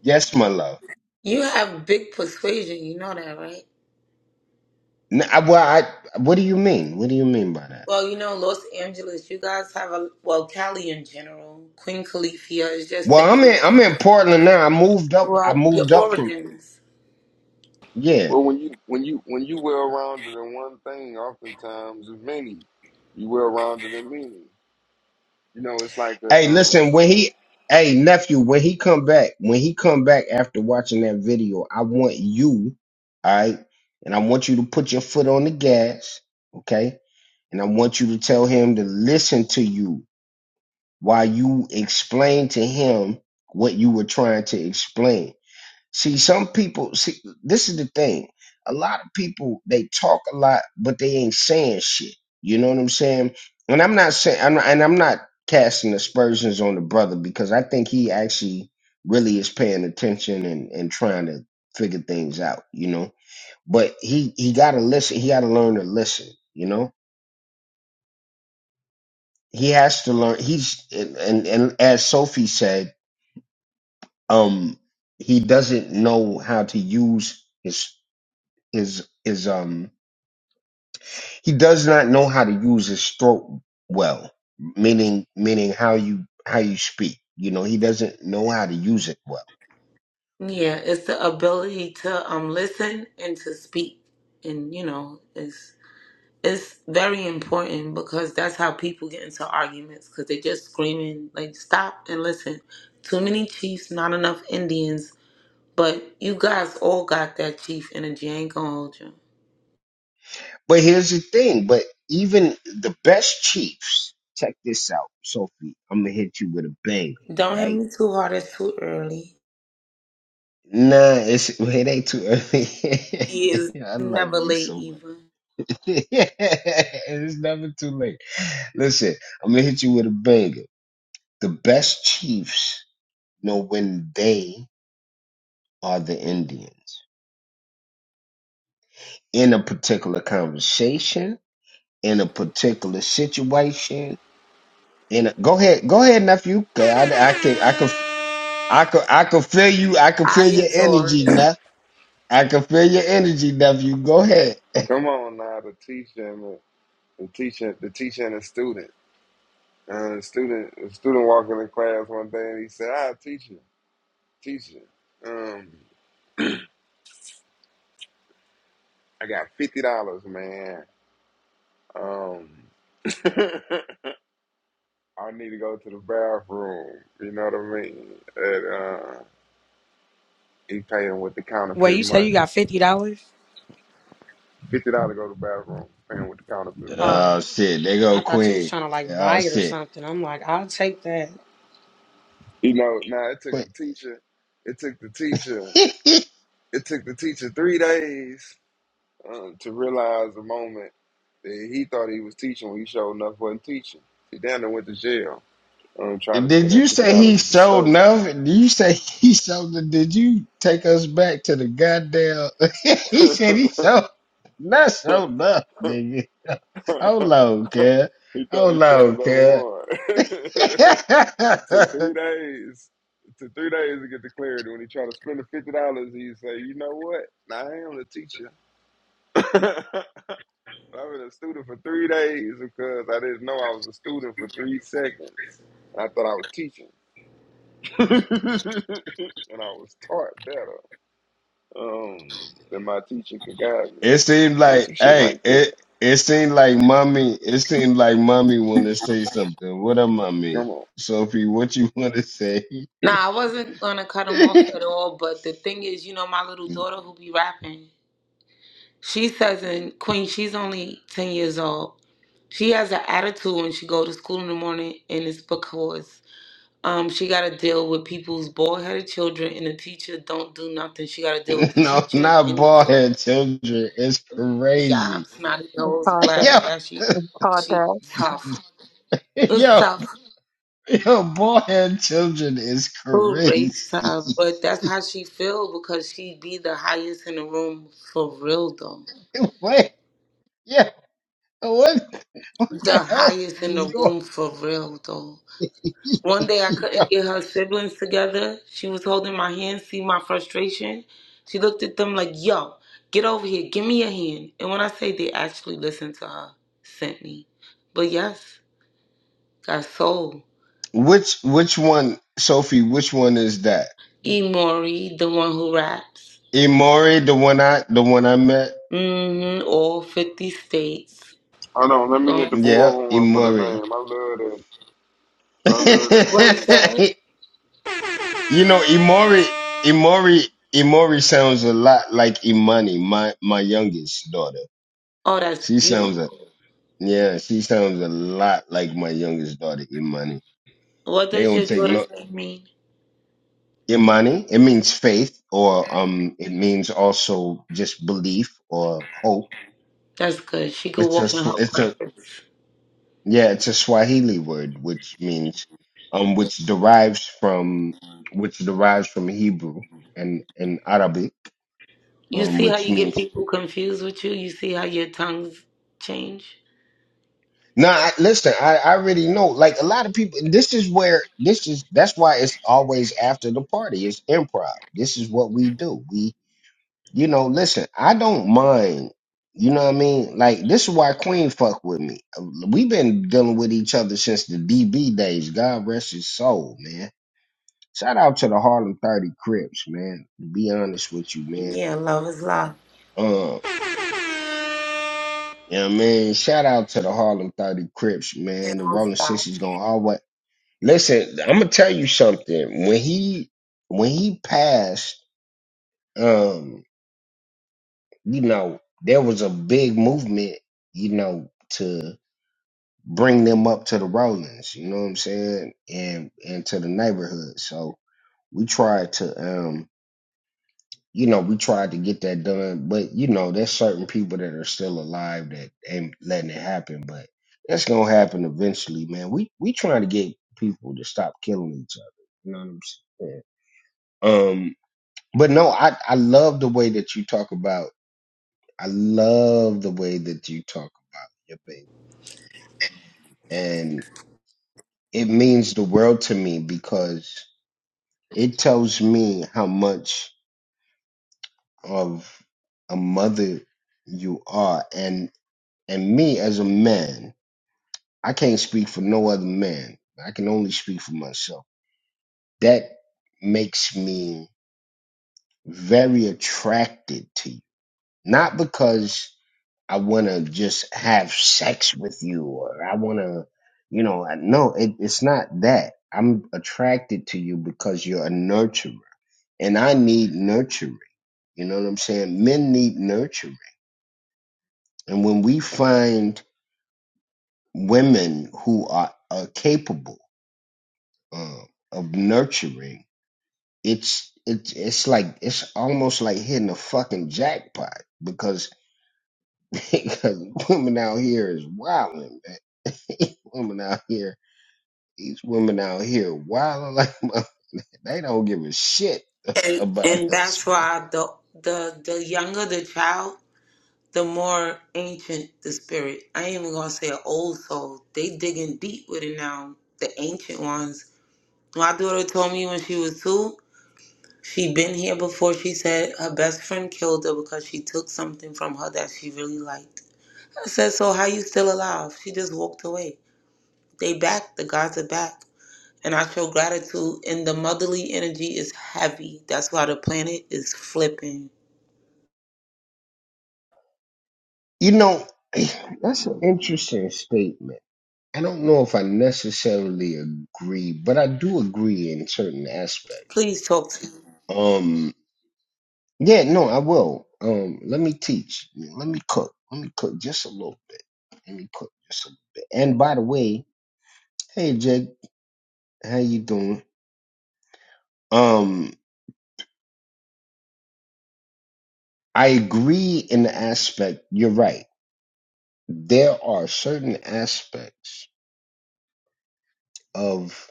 [SPEAKER 1] Yes, my love.
[SPEAKER 2] You have big persuasion, you know that, right?
[SPEAKER 1] N- I- well, I, what do you mean? What do you mean by that?
[SPEAKER 2] Well, you know, Los Angeles, you guys have a well, Cali in general. Queen Califia is just
[SPEAKER 1] Well,
[SPEAKER 2] the
[SPEAKER 1] I'm in I'm
[SPEAKER 2] energy.
[SPEAKER 1] in Portland now. I moved up. I
[SPEAKER 2] Well,
[SPEAKER 1] moved
[SPEAKER 2] your
[SPEAKER 1] up from
[SPEAKER 2] origins.
[SPEAKER 1] yeah.
[SPEAKER 3] Well when you when you when you well rounded in one thing, oftentimes it's many. You well rounded in many. You know, it's like a
[SPEAKER 1] Hey,
[SPEAKER 3] um
[SPEAKER 1] listen, when he hey nephew, when he come back, when he come back after watching that video, I want you, all right, and I want you to put your foot on the gas, okay? And I want you to tell him to listen to you while you explain to him what you were trying to explain. See, some people see this is the thing. A lot of people they talk a lot, but they ain't saying shit. You know what I'm saying? And I'm not saying, I'm not, and I'm not casting aspersions on the brother because I think he actually really is paying attention and and trying to figure things out. You know, but he he got to listen. He got to learn to listen. You know, he has to learn. He's and and, and as Sophie said, um, he doesn't know how to use his his his um He does not know how to use his throat well, meaning meaning how you how you speak. You know, he doesn't know how to use it well.
[SPEAKER 2] Yeah, it's the ability to um listen and to speak, and you know, it's it's very important because that's how people get into arguments because they just screaming like stop and listen. Too many chiefs, not enough Indians. But you guys all got that chief energy. I ain't gonna hold you.
[SPEAKER 1] But here's the thing, but even the best chiefs, check this out, Sophie. I'm gonna hit you with a banger,
[SPEAKER 2] Don't hit
[SPEAKER 1] right?
[SPEAKER 2] me too hard. It's too early.
[SPEAKER 1] Nah, it's it ain't too
[SPEAKER 2] is
[SPEAKER 1] early. I love
[SPEAKER 2] never
[SPEAKER 1] you
[SPEAKER 2] late
[SPEAKER 1] so much.
[SPEAKER 2] even.
[SPEAKER 1] it's never too late. Listen, I'm gonna hit you with a banger. The best chiefs know when they are the Indians. in a particular conversation, in a particular situation. In a, go ahead, go ahead, nephew. 'Cause I, I can, I can, I can, I can feel you. I can
[SPEAKER 2] I
[SPEAKER 1] feel your
[SPEAKER 2] adore it.
[SPEAKER 1] energy, nephew. I can feel your energy, nephew. Go ahead.
[SPEAKER 3] come on now the teacher and the, the teacher the teacher and the student. Uh, the student a student walking in class one day and he said, I teacher. teaching. Um, I got fifty dollars, man. Um, I need to go to the bathroom. You know what I mean? And uh, he paying with the
[SPEAKER 7] Wait,
[SPEAKER 3] counterfeit
[SPEAKER 7] you say you
[SPEAKER 3] money.
[SPEAKER 7] got fifty dollars?
[SPEAKER 3] Fifty dollars go to the bathroom, paying with the counterfeit money.
[SPEAKER 7] Oh,
[SPEAKER 1] Oh shit, they go
[SPEAKER 7] I thought you was
[SPEAKER 1] Queen.
[SPEAKER 7] trying to like
[SPEAKER 1] Oh
[SPEAKER 7] buy it or
[SPEAKER 1] shit,
[SPEAKER 7] something. I'm like, I'll take that.
[SPEAKER 3] You know, now it took
[SPEAKER 1] Queen.
[SPEAKER 3] the teacher. It took the teacher. It took the teacher three days um, to realize the moment that he thought he was teaching when he showed enough wasn't teaching. He down there went to jail um, trying to
[SPEAKER 1] did
[SPEAKER 3] spend
[SPEAKER 1] you
[SPEAKER 3] that fifty
[SPEAKER 1] say he
[SPEAKER 3] dollars at the
[SPEAKER 1] sold
[SPEAKER 3] store.
[SPEAKER 1] nothing? Did you say he sold? the- Did you take us back to the goddamn? he said he sold not
[SPEAKER 3] he
[SPEAKER 1] sold nothing, nigga. Hold
[SPEAKER 3] thought
[SPEAKER 1] on, kid.
[SPEAKER 3] he
[SPEAKER 1] Hold on,
[SPEAKER 3] showed up
[SPEAKER 1] kid.
[SPEAKER 3] one. it took
[SPEAKER 1] it
[SPEAKER 3] three days. It took three days to get the clarity. When he tried to spend the fifty dollars, he say, "You know what? Nah, I am the teacher. I've been a student for three days because I didn't know I was a student for three seconds. I thought I was teaching, and I was taught better um, than my teacher could guide me.
[SPEAKER 1] seemed
[SPEAKER 3] You Know
[SPEAKER 1] like,
[SPEAKER 3] some shit
[SPEAKER 1] hey,
[SPEAKER 3] like
[SPEAKER 1] it
[SPEAKER 3] that.
[SPEAKER 1] it seemed like mommy. It seemed like mommy want to say something. What up, mommy?
[SPEAKER 3] Come on."
[SPEAKER 1] Sophie, what you want to say?
[SPEAKER 2] Nah, I wasn't gonna cut him off at all, but the thing is, you know, my little daughter who be rapping, she says in Queen, she's only ten years old. She has an attitude when she go to school in the morning, and it's because um she got to deal with people's bald headed children, and the teacher don't do nothing. She got to deal with the
[SPEAKER 1] no,
[SPEAKER 2] teacher
[SPEAKER 1] not
[SPEAKER 2] and the
[SPEAKER 1] bald
[SPEAKER 2] kid.
[SPEAKER 1] head children. It's
[SPEAKER 2] Yeah,
[SPEAKER 1] crazy.
[SPEAKER 2] snotty
[SPEAKER 6] It's
[SPEAKER 2] nose,
[SPEAKER 6] called
[SPEAKER 2] black
[SPEAKER 1] Yo,
[SPEAKER 6] that.
[SPEAKER 2] ashy.
[SPEAKER 6] It's called
[SPEAKER 2] She
[SPEAKER 6] that.
[SPEAKER 2] tough. It's
[SPEAKER 1] yo,
[SPEAKER 2] tough.
[SPEAKER 1] yo, bald head children is
[SPEAKER 2] Who raped
[SPEAKER 1] crazy.
[SPEAKER 2] her? But that's how she feel because she be the highest in the room for real though.
[SPEAKER 1] What? Yeah, what? What
[SPEAKER 2] The
[SPEAKER 1] the hell
[SPEAKER 2] highest in
[SPEAKER 1] is
[SPEAKER 2] the
[SPEAKER 1] going?
[SPEAKER 2] room for real though. One day I
[SPEAKER 1] Yo.
[SPEAKER 2] couldn't get her siblings together. She was holding my hand, see my frustration. She looked at them like, yo, get over here, give me your hand. And when I say they actually listened to her, sent me. But yes, got soul.
[SPEAKER 1] Which which one, Sophie? Which one is that?
[SPEAKER 2] E Mori, the one who raps.
[SPEAKER 1] Imori, the one I the one I met.
[SPEAKER 2] Mm-hmm. All fifty states.
[SPEAKER 3] Hold on, let me hit
[SPEAKER 2] Going
[SPEAKER 3] the
[SPEAKER 1] Yeah,
[SPEAKER 3] bullhorn for the name.
[SPEAKER 1] Imori.
[SPEAKER 3] I love that. I love
[SPEAKER 2] what is
[SPEAKER 3] that name.
[SPEAKER 2] that?
[SPEAKER 1] you know, Imori, Imori, Imori sounds a lot like Imani, my my youngest daughter.
[SPEAKER 2] Oh, that's
[SPEAKER 1] She
[SPEAKER 2] beautiful.
[SPEAKER 1] sounds a yeah, she sounds a lot like my youngest daughter, Imani.
[SPEAKER 2] What
[SPEAKER 1] They
[SPEAKER 2] does
[SPEAKER 1] don't
[SPEAKER 2] your
[SPEAKER 1] take
[SPEAKER 2] daughter's
[SPEAKER 1] no
[SPEAKER 2] name mean?
[SPEAKER 1] Imani. It means faith, or um, it means also just belief or hope.
[SPEAKER 2] That's good. She could
[SPEAKER 1] It's a
[SPEAKER 2] walk in
[SPEAKER 1] sw-
[SPEAKER 2] her
[SPEAKER 1] it's a
[SPEAKER 2] purpose.
[SPEAKER 1] Yeah, it's a Swahili word, which means, um, which derives from, which derives from Hebrew and, and Arabic,
[SPEAKER 2] You
[SPEAKER 1] um,
[SPEAKER 2] see how
[SPEAKER 1] which
[SPEAKER 2] you get
[SPEAKER 1] means,
[SPEAKER 2] people confused with you? You see how your tongues change?
[SPEAKER 1] now, I, listen, I, I already know, like a lot of people, this is where, this is, that's why it's always after the party. It's improv. This is what we do. We, you know, listen, I don't mind, you know what I mean? Like, this is why Queen fuck with me. We've been dealing with each other since the DB days. God rest his soul, man Shout out to the Harlem 30 Crips, man. To Be honest with you, man.
[SPEAKER 2] Yeah, love is love.
[SPEAKER 1] Um, you know what I mean? Shout out to the Harlem 30 Crips,
[SPEAKER 2] It
[SPEAKER 1] man. The
[SPEAKER 2] don't
[SPEAKER 1] Rolling
[SPEAKER 2] stop.
[SPEAKER 1] Sixties gonna always listen, I'm gonna tell you something. When he when he passed, um, you know, there was a big movement, you know, to bring them up to the Rollins, you know what I'm saying? And and to the neighborhood. So we tried to um you know, we tried to get that done, but you know, there's certain people that are still alive that ain't letting it happen, but that's gonna happen eventually, man. We we trying to get people to stop killing each other. You know what I'm saying? Um, but no, I I love the way that you talk about. I love the way that you talk about your baby, and it means the world to me because it tells me how much of a mother you are, and And me as a man, I can't speak for no other man. I can only speak for myself. That makes me very attracted to you. Not because I want to just have sex with you or I want to, you know, I- no, it, it's not that. I'm attracted to you because you're a nurturer and I need nurturing. You know what I'm saying? Men need nurturing. And when we find women who are, are capable, uh, of nurturing, it's it's it's like it's almost like hitting a fucking jackpot because because women out here is wilding, man. women out here, these women out here wilding like mother- they don't give a shit
[SPEAKER 2] And
[SPEAKER 1] about
[SPEAKER 2] and
[SPEAKER 1] us,
[SPEAKER 2] that's
[SPEAKER 1] man.
[SPEAKER 2] why the the the younger the child, the more ancient the spirit. I ain't even gonna say an old soul. They digging deep with it now. The ancient ones. My daughter told me when she was two. She been here before. She said her best friend killed her because she took something from her that she really liked. I said, so how you still alive? She just walked away. They back. The gods are back. And I show gratitude. And the motherly energy is heavy. That's why the planet is flipping.
[SPEAKER 1] You know, that's an interesting statement. I don't know if I necessarily agree, but I do agree in certain aspects.
[SPEAKER 2] Please talk to me.
[SPEAKER 1] Um, Yeah, no, I will. Um, let me teach. Yeah, Let me cook. Let me cook just a little bit. Let me cook just a little bit. And by the way, hey Jake, how you doing? Um, I agree in the aspect. You're right. There are certain aspects of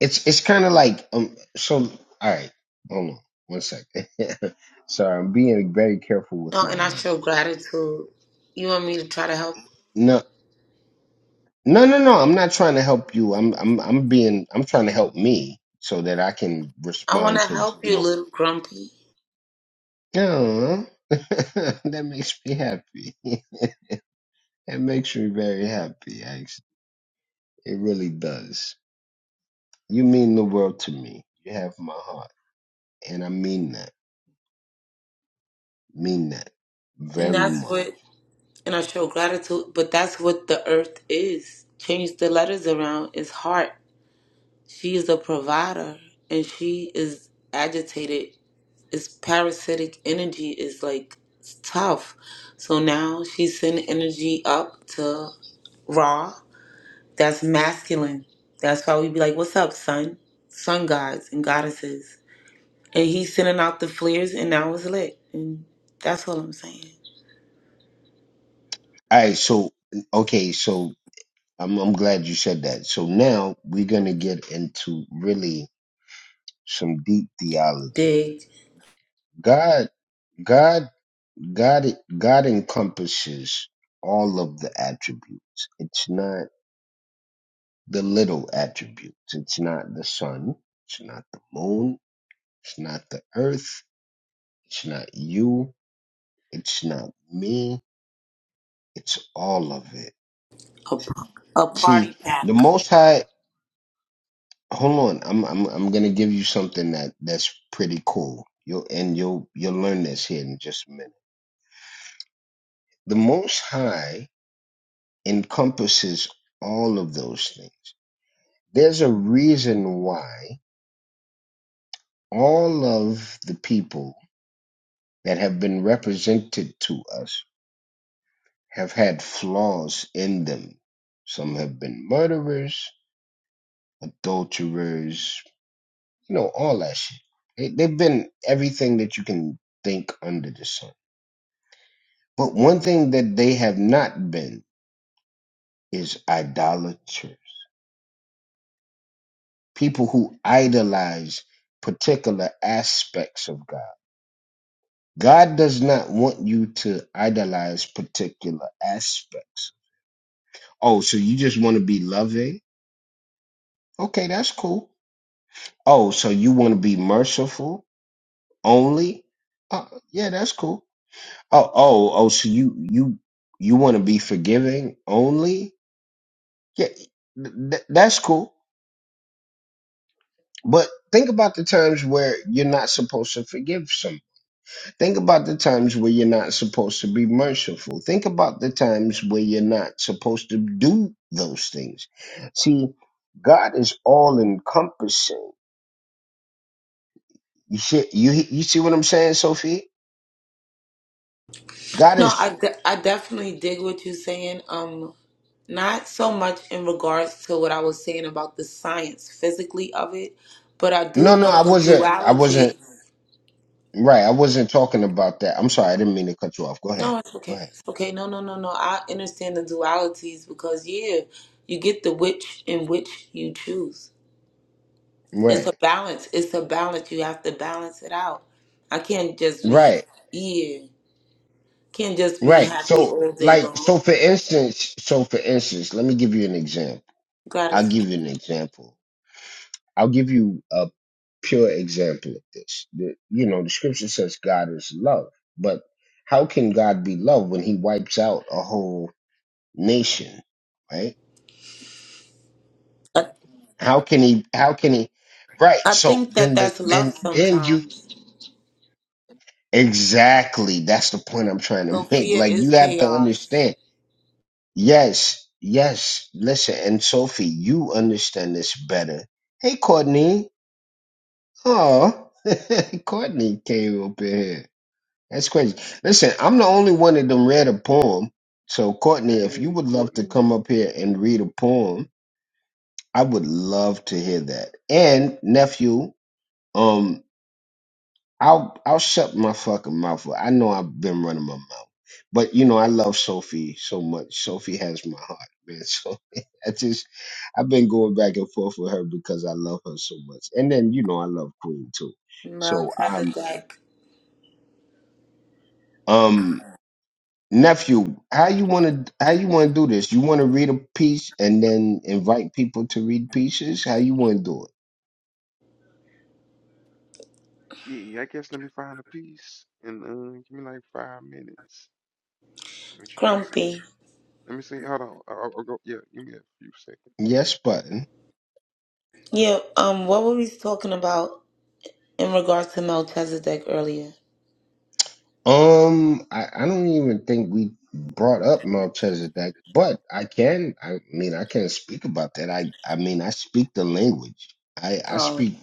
[SPEAKER 1] it's. It's kind of like um. So all right, hold on one second. Sorry, I'm being very careful with
[SPEAKER 2] Oh,
[SPEAKER 1] my
[SPEAKER 2] and I
[SPEAKER 1] words.
[SPEAKER 2] show gratitude. You want me to try to help?
[SPEAKER 1] No. No, no, no. I'm not trying to help you. I'm I'm I'm being I'm trying to help me so that I can
[SPEAKER 2] I want
[SPEAKER 1] respond
[SPEAKER 2] to
[SPEAKER 1] to,
[SPEAKER 2] help
[SPEAKER 1] you
[SPEAKER 2] you,
[SPEAKER 1] know,
[SPEAKER 2] little grumpy.
[SPEAKER 1] "Aw." that makes me happy. That makes me very happy, actually. It really does. You mean the world to me. You have my heart. And I mean that. Mean that
[SPEAKER 2] And
[SPEAKER 1] very
[SPEAKER 2] that's
[SPEAKER 1] much.
[SPEAKER 2] what, and I show gratitude, but that's what the earth is. Change the letters around is heart. She's a provider and she is agitated. It's parasitic energy is like it's tough. So now she's sending energy up to Ra. That's masculine. That's why we be like, What's up, son? Sun gods and goddesses. And he's sending out the flares and now it's lit. And that's all I'm saying.
[SPEAKER 1] All right, so okay, so I'm I'm glad you said that. So now we're gonna get into really some deep theology.
[SPEAKER 2] Dig
[SPEAKER 1] God God God God encompasses all of the attributes. It's not the little attributes. It's not the sun. It's not the moon. It's not the earth. It's not you. It's not me. It's all of it.
[SPEAKER 2] a, a party
[SPEAKER 1] See, the
[SPEAKER 2] pack.
[SPEAKER 1] most high hold on, I'm I'm I'm gonna give you something that that's pretty cool. You'll and you'll you'll learn this here in just a minute. The most high encompasses all of those things There's a reason why all of the people that have been represented to us have had flaws in them. Some have been murderers, adulterers, you know, all that shit. They, they've been everything that you can think under the sun. But one thing that they have not been is idolaters, people who idolize particular aspects of God God does not want you to idolize particular aspects. Oh, so you just want to be loving? Okay, that's cool. Oh, so you want to be merciful only? Uh, yeah, that's cool. Oh, oh, oh, so you you you want to be forgiving only? Yeah, th- th- that's cool. But think about the times where you're not supposed to forgive someone Think about the times where you're not supposed to be merciful. Think about the times where you're not supposed to do those things. See, God is all encompassing. You see, you you see what I'm saying, Sophie? God
[SPEAKER 2] No, I,
[SPEAKER 1] is
[SPEAKER 2] de- I definitely dig what you're saying. Um, not so much in regards to what I was saying about the science physically of it, but I
[SPEAKER 1] no,
[SPEAKER 2] do
[SPEAKER 1] no.
[SPEAKER 2] know
[SPEAKER 1] I
[SPEAKER 2] the
[SPEAKER 1] wasn't. I wasn't
[SPEAKER 2] duality.
[SPEAKER 1] right. I wasn't talking about that. I'm sorry. I didn't mean to cut you off. Go ahead.
[SPEAKER 2] No, it's
[SPEAKER 1] Go
[SPEAKER 2] okay.
[SPEAKER 1] ahead.
[SPEAKER 2] It's okay. No, no, no, no. I understand the dualities because yeah, you get the which in which you choose. It's a
[SPEAKER 1] Right.
[SPEAKER 2] balance. It's a balance. You have to balance it out. I can't just be
[SPEAKER 1] Right.
[SPEAKER 2] yeah. Can't just be
[SPEAKER 1] Right.
[SPEAKER 2] happy
[SPEAKER 1] So,
[SPEAKER 2] all day
[SPEAKER 1] like, so
[SPEAKER 2] long.
[SPEAKER 1] for instance, so for instance, let me give you an example. I'll
[SPEAKER 2] Gratitude.
[SPEAKER 1] give you an example. I'll give you a pure example of this. The, you know, the scripture says God is love, but how can God be love when He wipes out a whole nation, right? How can He? How can He? Right.
[SPEAKER 2] I
[SPEAKER 1] So
[SPEAKER 2] think that
[SPEAKER 1] then, the
[SPEAKER 2] that's
[SPEAKER 1] then
[SPEAKER 2] love
[SPEAKER 1] then you
[SPEAKER 2] sometimes.
[SPEAKER 1] exactly that's the point I'm trying to make.
[SPEAKER 2] Sophia
[SPEAKER 1] Like you
[SPEAKER 2] is
[SPEAKER 1] have to
[SPEAKER 2] chaos.
[SPEAKER 1] understand. Yes, yes. Listen, and Sophie, you understand this better. Hey, Courtney. Oh, Courtney came up in here. That's crazy. Listen, I'm the only one that done read a poem. So, Courtney, if you
[SPEAKER 3] Hey,
[SPEAKER 1] would love to
[SPEAKER 3] Courtney.
[SPEAKER 1] come up here and read a poem, I would love to hear that. And nephew, um, I'll I'll shut my fucking mouth. up. I know I've been running my mouth, but you know I love Sophie so much. Sophie has my heart, man. So I just I've been going back and forth with her because I love her so much. And then you know I love Queen too. So I'm
[SPEAKER 2] Melchizedek.
[SPEAKER 1] um. nephew how you want to how you want to do this you want to read a piece and then invite people to read pieces how you want to do
[SPEAKER 3] Yeah, I guess let me find a piece and uh, give me like five minutes. Let me try this on.
[SPEAKER 2] Grumpy.
[SPEAKER 3] Let me see. Hold on. I'll, I'll go. Yeah, give me a few
[SPEAKER 1] it
[SPEAKER 3] seconds.
[SPEAKER 1] yes button
[SPEAKER 2] Yeah, um, what were we talking about in regards to Melchizedek earlier?
[SPEAKER 1] um I, I don't even think we brought up melchizedek but i can i mean i can speak about that i i mean i speak the language i i
[SPEAKER 2] Oh,
[SPEAKER 1] speak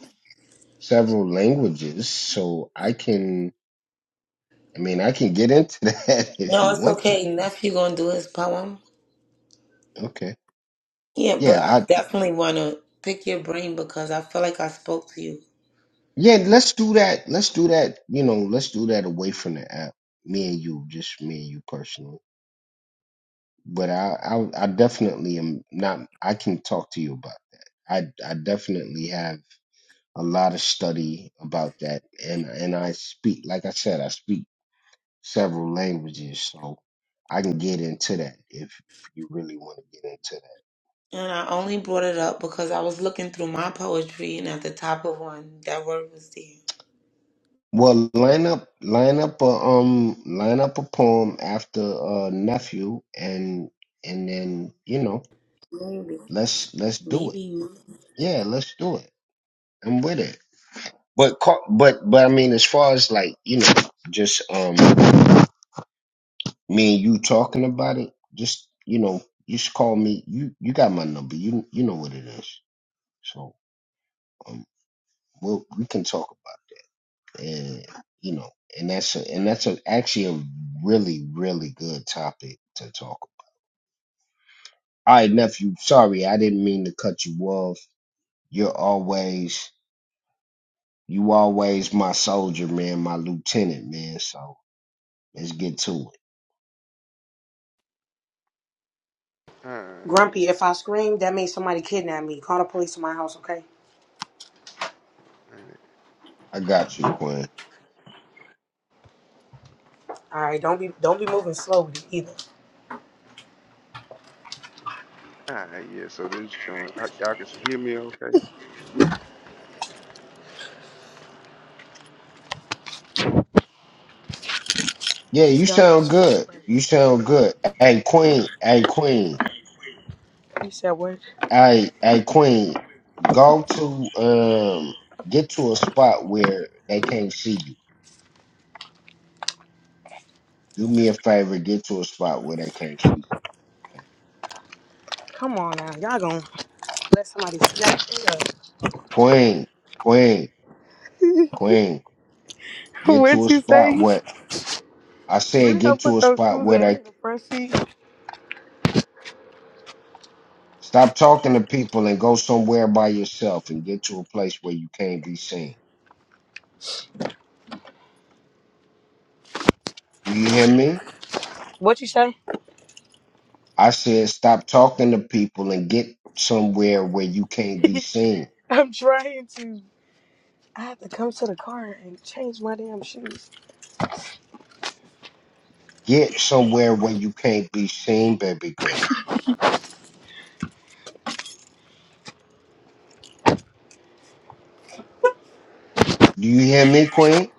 [SPEAKER 1] several languages so i can i mean i can get into that if
[SPEAKER 2] no,
[SPEAKER 1] you
[SPEAKER 2] it's
[SPEAKER 1] want to
[SPEAKER 2] okay. Nephew gonna do his poem.
[SPEAKER 1] okay
[SPEAKER 2] Yeah, but I
[SPEAKER 1] yeah
[SPEAKER 2] definitely wanna pick your brain because I feel like I spoke to you.
[SPEAKER 1] Yeah, let's do that. Let's do that. You know, let's do that away from the app. Me and you, just me and you personally. But I, I, I definitely am not. I can talk to you about that. I, I definitely have a lot of study about that, and and I speak, like I said, I speak several languages, so I can get into that if, if you really want to get into that.
[SPEAKER 2] And I only brought it up because I was looking through my poetry and at the top of one, that word was there.
[SPEAKER 1] Well, line up, line up a um, line up a poem after uh nephew, and and then you know,
[SPEAKER 2] Maybe.
[SPEAKER 1] let's let's do it.
[SPEAKER 2] Maybe.
[SPEAKER 1] Yeah, let's do it. I'm with it. But ca- but but I mean, as far as like you know, just um, me and you talking about it, just you know, you should call me. You you got my number. You you know what it is. So um, we'll we can talk. and you know, and that's a, and that's a, actually a really really good topic to talk. about. All right, nephew. Sorry, I didn't mean to cut you off. You're always you always my soldier, man, my lieutenant, man. So let's get to it.
[SPEAKER 3] All right.
[SPEAKER 7] Grumpy, if I scream, that means somebody kidnapped me. Call the police to my house, okay?
[SPEAKER 3] All right.
[SPEAKER 1] I got you, Quinn.
[SPEAKER 7] All right, don't be don't be moving slowly either.
[SPEAKER 3] All right yeah. So this joint, I, y'all can see, hear me okay?
[SPEAKER 1] Yeah,
[SPEAKER 7] It's
[SPEAKER 1] you
[SPEAKER 7] dark as
[SPEAKER 1] sound good.
[SPEAKER 7] fuck.
[SPEAKER 1] You sound good. Hey, Queen. Hey, Queen.
[SPEAKER 7] He said what?
[SPEAKER 1] Hey, hey, Queen. Go to um, get to a spot where they can't see you. Do me a favor, get to a spot where they can't see.
[SPEAKER 7] Come on now, y'all gonna let somebody snatch it
[SPEAKER 1] Queen, queen,
[SPEAKER 7] up.
[SPEAKER 1] queen, get to
[SPEAKER 7] What'd
[SPEAKER 1] a
[SPEAKER 7] you
[SPEAKER 1] spot
[SPEAKER 7] say?
[SPEAKER 1] where I
[SPEAKER 7] Where
[SPEAKER 1] said
[SPEAKER 7] did I
[SPEAKER 1] get to
[SPEAKER 7] put
[SPEAKER 1] a
[SPEAKER 7] those
[SPEAKER 1] spot
[SPEAKER 7] shoes
[SPEAKER 1] where
[SPEAKER 7] at? They
[SPEAKER 1] they
[SPEAKER 7] in the front seat.
[SPEAKER 1] stop talking to people and go somewhere by yourself and get to a place where you can't be seen. Do you hear me?
[SPEAKER 7] What you say?
[SPEAKER 1] I said stop talking to people and get somewhere where you can't be seen.
[SPEAKER 7] I'm trying to. I have to come to the car and change my damn shoes.
[SPEAKER 1] Get somewhere where you can't be seen, baby girl. Do you hear me, Queen?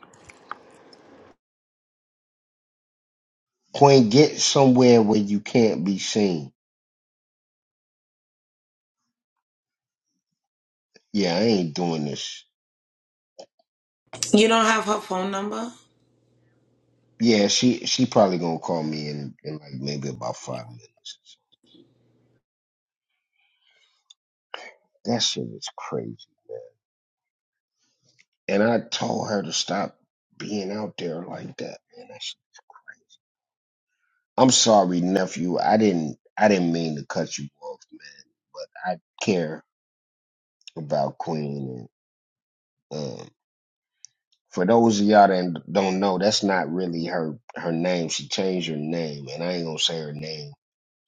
[SPEAKER 1] Queen, get somewhere where you can't be seen. Yeah, I ain't doing this.
[SPEAKER 2] You don't have her phone number?
[SPEAKER 1] Yeah, she she probably gonna call me in in like maybe about five minutes. That shit is crazy, man. And I told her to stop being out there like that, man. That shit- I'm sorry, nephew. I didn't I didn't mean to cut you off, man. But I care about Queen. And um, for those of y'all that don't know, that's not really her her name. She changed her name, and I ain't gonna say her name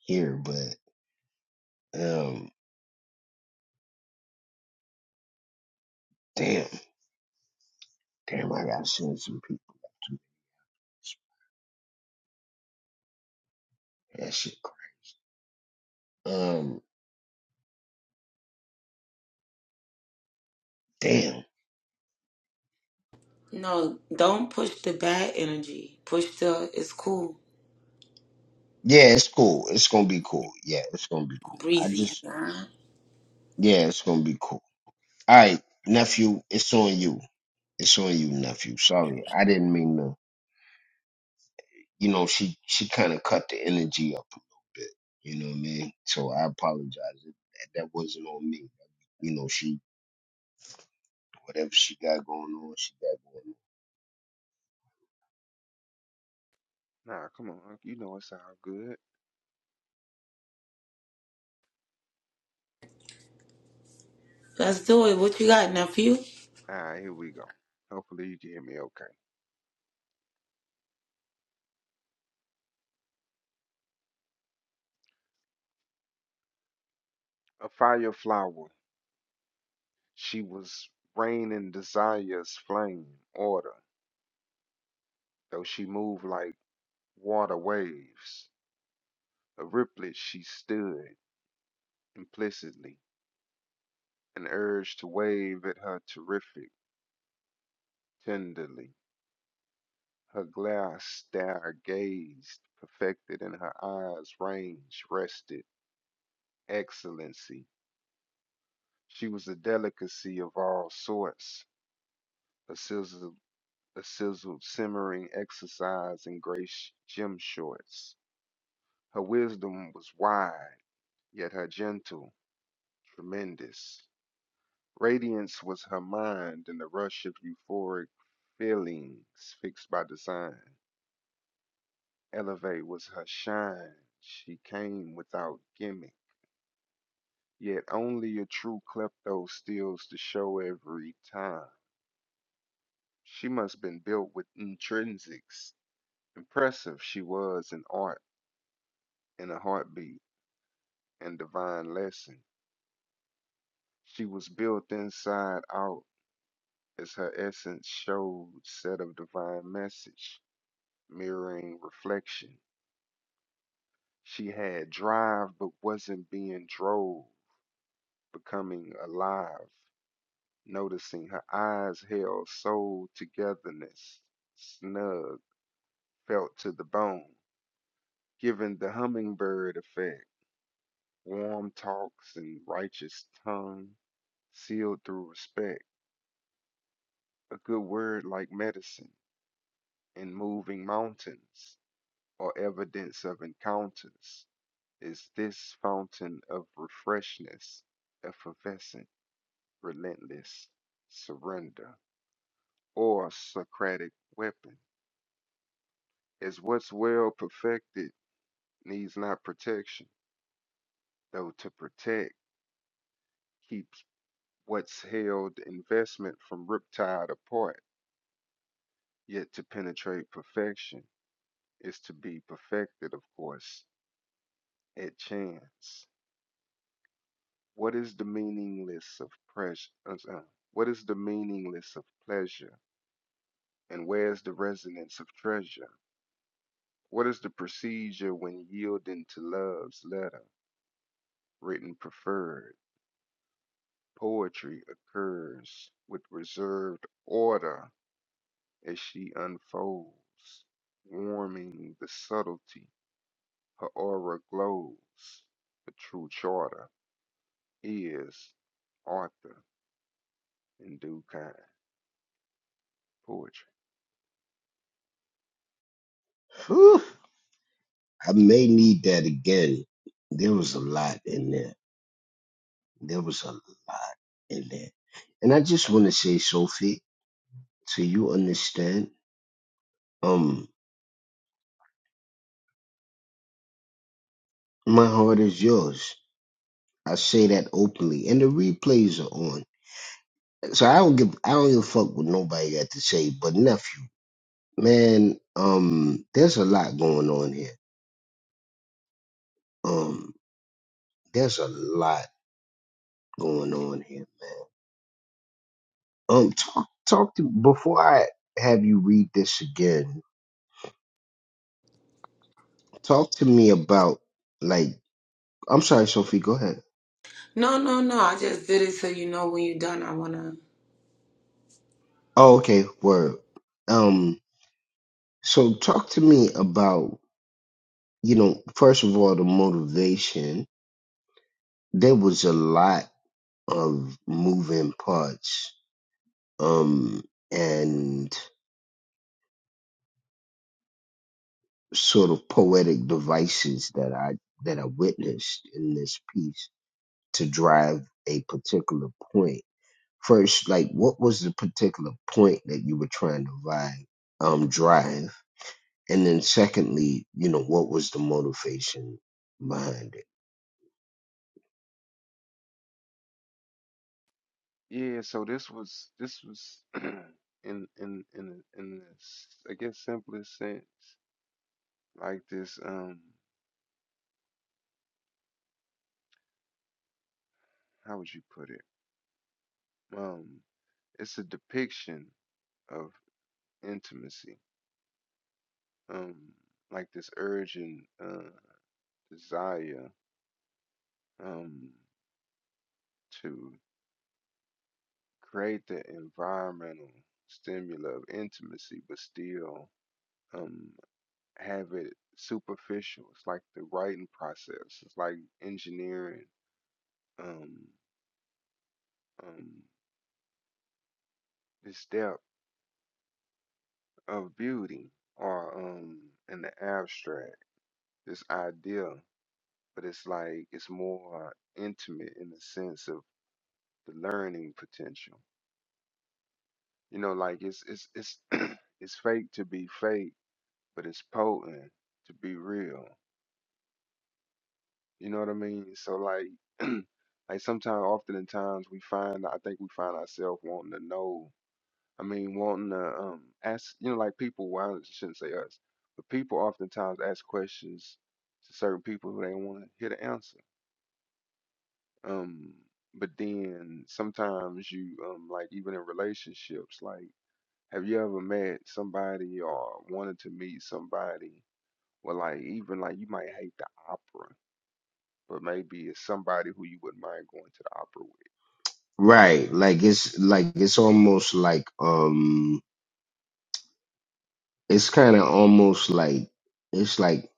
[SPEAKER 1] here. But um, damn, damn, I gotta send some people. That shit Um, damn.
[SPEAKER 2] No, don't push the bad energy. Push the it's cool,
[SPEAKER 1] Yeah, it's cool. It's gonna be cool. Yeah, it's gonna be cool. I
[SPEAKER 2] breezy.
[SPEAKER 1] just,
[SPEAKER 2] Nah.
[SPEAKER 1] yeah, it's gonna be cool. All right, nephew, it's on you. It's on you, nephew. Sorry, I didn't mean to. You know, she she kind of cut the energy up a little bit. You know what I mean? So I apologize. It- That, that wasn't on me. You know, she whatever she got going on, she got going
[SPEAKER 3] Nah, come on. You know it's all good.
[SPEAKER 2] Let's do it. What you got, nephew?
[SPEAKER 3] All right, here we go. Hopefully you can hear me okay. A fire flower. She was raining desire's flame order. Though she moved like water waves, a riplet she stood implicitly, an urge to wave at her terrific, tenderly. Her glass stare gazed, perfected, and her eyes' range rested, excellency. She was a delicacy of all sorts, a sizzle, a sizzled simmering exercise in gray sh- gym shorts. Her wisdom was wide, yet her gentle, tremendous. Radiance was her mind and the rush of euphoric feelings fixed by design. Elevate was her shine. She came without gimmick. Yet only a true klepto steals the show every time. She must been built with intrinsics. Impressive she was in art, in a heartbeat, and divine lesson. She was built inside out, as her essence showed, set of divine message, mirroring reflection. She had drive but wasn't being drove, becoming alive, noticing her eyes held soul togetherness, snug, felt to the bone, giving the hummingbird effect, warm talks and righteous tongue, sealed through respect, a good word like medicine, and moving mountains, or evidence of encounters, is this fountain of refreshness, effervescent relentless surrender or Socratic weapon, as what's well perfected needs not protection, though to protect keeps what's held investment from riptide apart, yet to penetrate perfection is to be perfected, of course, at chance. What is the meaningless of pressure? Uh, uh, What is the meaningless of pleasure? And where's the resonance of treasure? What is the procedure when yielding to love's letter, written preferred? Poetry occurs with reserved order as she unfolds, warming the subtlety. Her aura glows. The true charter is Arthur in due kind. Poetry.
[SPEAKER 1] on. Whew. I may need that again. There was a lot in there. There was a lot in there. And I just want to say, Sophie, so you understand, um, my heart is yours. I say that openly, and the replays are on. So I don't give, I don't give a fuck what nobody got to say. But nephew, man, um, there's a lot going on here. Um, there's a lot going on here, man. Um, talk, talk to before I have you read this again. Talk to me about like, I'm sorry, Sophie, go ahead.
[SPEAKER 2] No, no, no. I just did it so you know when you're done. I wanna.
[SPEAKER 1] Oh, okay, word. Um, so talk to me about, you know, first of all, the motivation. There was a lot of moving parts, um, and sort of poetic devices that I that I witnessed in this piece to drive a particular point. First, like what was the particular point that you were trying to vibe, um, drive? and then secondly, you know, what was the motivation behind it?
[SPEAKER 3] Yeah, so this was this was in in in in this I guess simplest sense like this um how would you put it? Um, it's a depiction of intimacy, um, like this urgent uh, desire um, to create the environmental stimuli of intimacy, but still um, have it superficial. It's like the writing process. It's like engineering um, um, the step of beauty or um, in the abstract. This idea but it's like it's more intimate in the sense of the learning potential. You know, like it's it's it's it's fake to be fake, but it's potent to be real. You know what I mean? So like like sometimes often in times we find I think we find ourselves wanting to know I mean wanting to um ask you know like people well I shouldn't say us, but people oftentimes ask questions to certain people who they want to hear the answer Um, but then sometimes you um like even in relationships, like have you ever met somebody or wanted to meet somebody well like even like you might hate the opera, but maybe it's somebody who you wouldn't mind going to
[SPEAKER 1] Right. Like it's like it's almost like um it's kinda almost like it's like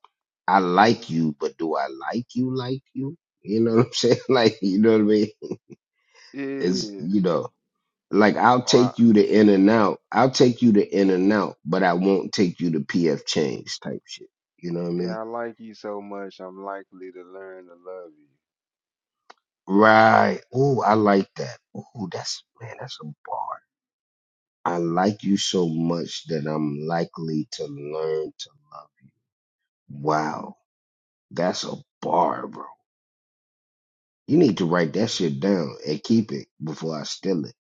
[SPEAKER 1] I like you, but do I like you like you? You know what I'm saying? Like you know what I mean?
[SPEAKER 3] the opera
[SPEAKER 1] It's
[SPEAKER 3] with. Yeah.
[SPEAKER 1] you know, like I'll
[SPEAKER 3] Or I,
[SPEAKER 1] take you to in and out. I'll take you to in and out, but I won't take you to PF Chang's type shit. You know what I mean?
[SPEAKER 3] yeah, I like you so much I'm likely to learn to love you.
[SPEAKER 1] Right. Oh, I like that. Oh, that's man, that's a bar. I like you so much that I'm likely to learn to love. you. Wow, that's a bar, bro. You need to write that shit down and keep it before I steal it.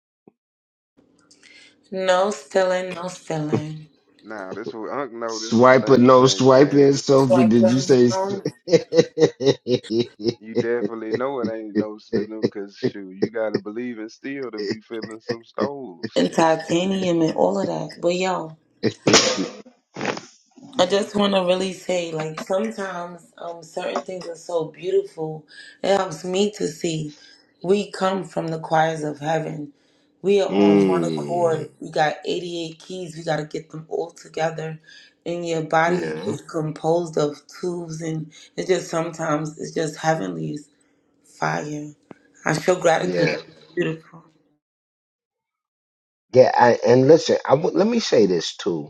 [SPEAKER 2] No stealing, no stealing.
[SPEAKER 3] Now this what Unc know this a
[SPEAKER 1] Swipe or
[SPEAKER 3] think
[SPEAKER 1] no
[SPEAKER 3] tank,
[SPEAKER 1] swiping,
[SPEAKER 3] man. this.
[SPEAKER 1] Sophie?
[SPEAKER 2] Swipe
[SPEAKER 1] Did you say? s-
[SPEAKER 2] around
[SPEAKER 3] You definitely know it ain't no sizzle, cause shoot, you gotta believe in steel to be feeling some stones.
[SPEAKER 2] and
[SPEAKER 3] Some s-
[SPEAKER 2] titanium and all of that. But yo. I just want to really say, like, sometimes um, certain things are so beautiful. It helps me to see we come from the choirs of heaven. We are on one
[SPEAKER 1] mm,
[SPEAKER 2] accord. We got 88 keys. We got to get them all together. And your body
[SPEAKER 1] yeah,
[SPEAKER 2] is composed of tubes. And it's just sometimes, it's just heavenly fire. I show gratitude.
[SPEAKER 1] yeah,
[SPEAKER 2] It's beautiful.
[SPEAKER 1] yeah. I, and listen, I w- let me say this too.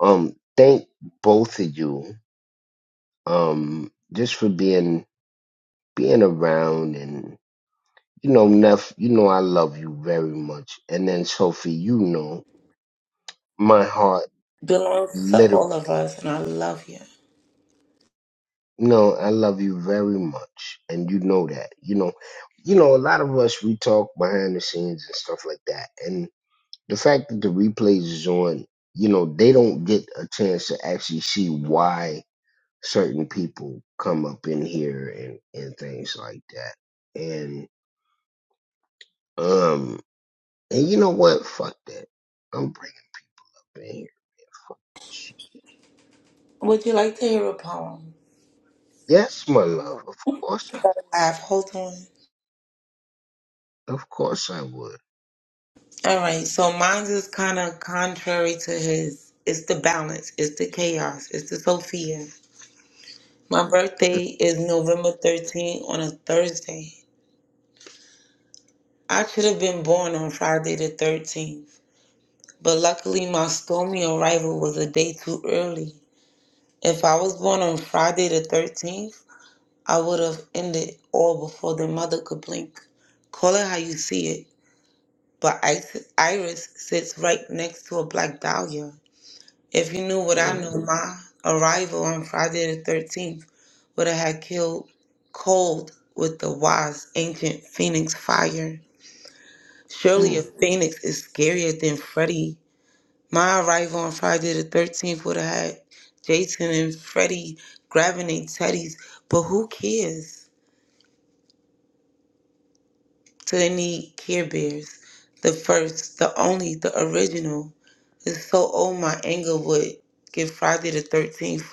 [SPEAKER 1] Um, thank both of you um just for being being around and you know Neff, you know I love you very much. And then Sophie, you know my heart
[SPEAKER 2] Belongs to
[SPEAKER 1] literally.
[SPEAKER 2] all of us. And I love you.
[SPEAKER 1] You know I love you very much and you know that. You know you know a lot of us we talk behind the scenes and stuff like that. And the fact that the replays is on, you know, they don't get a chance to actually see why certain people come up in here and and things like that. And um, And you know what? Fuck that. I'm bringing up in here. Shit.
[SPEAKER 2] Would you like to hear a poem?
[SPEAKER 1] Yes, my
[SPEAKER 3] Come
[SPEAKER 1] love.
[SPEAKER 3] on.
[SPEAKER 1] Of course
[SPEAKER 2] I
[SPEAKER 1] I
[SPEAKER 2] have. Hold on.
[SPEAKER 1] of course I would.
[SPEAKER 2] All right, so mine's is kind of contrary to his. It's the balance, it's the chaos, it's the Sophia. My birthday is November 13th on a Thursday. I should have been born on Friday the 13th, but luckily my stormy arrival was a day too early. If I was born on Friday the 13th, I would have ended all before the mother could blink. Call it how you see it, but Isis- Iris sits right next to a black dahlia. If you knew what I
[SPEAKER 1] mm
[SPEAKER 2] knew, my arrival on Friday the 13th would have had killed cold with the wise ancient phoenix fire. Surely a
[SPEAKER 1] mm.
[SPEAKER 2] phoenix is scarier than Freddy. My arrival on Friday the 13th would have had Jason and Freddy grabbing their teddies, but who cares? To any Care Bears, the first, the only, the original. It's so old my anger would give Friday the 13th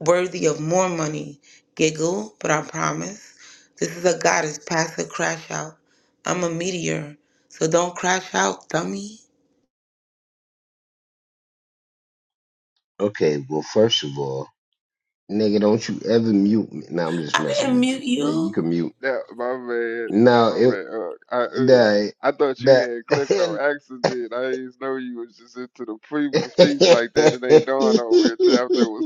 [SPEAKER 2] worthy of more money. Giggle, but I promise. This is a goddess past a crash out. I'm a meteor, so don't crash out, dummy.
[SPEAKER 1] Okay, well first of all, nigga, don't you ever mute me. Now I'm just
[SPEAKER 2] I
[SPEAKER 1] messing
[SPEAKER 2] didn't
[SPEAKER 1] with
[SPEAKER 2] mute
[SPEAKER 1] you. Now you
[SPEAKER 2] you.
[SPEAKER 1] can mute.
[SPEAKER 3] Yeah, my man,
[SPEAKER 1] No,
[SPEAKER 3] my
[SPEAKER 1] it
[SPEAKER 3] man. Uh, I uh,
[SPEAKER 1] nah,
[SPEAKER 3] I thought you had clicked
[SPEAKER 1] that
[SPEAKER 3] on accident. I didn't know you was just into the previous piece like that. It ain't dawn on me until after it was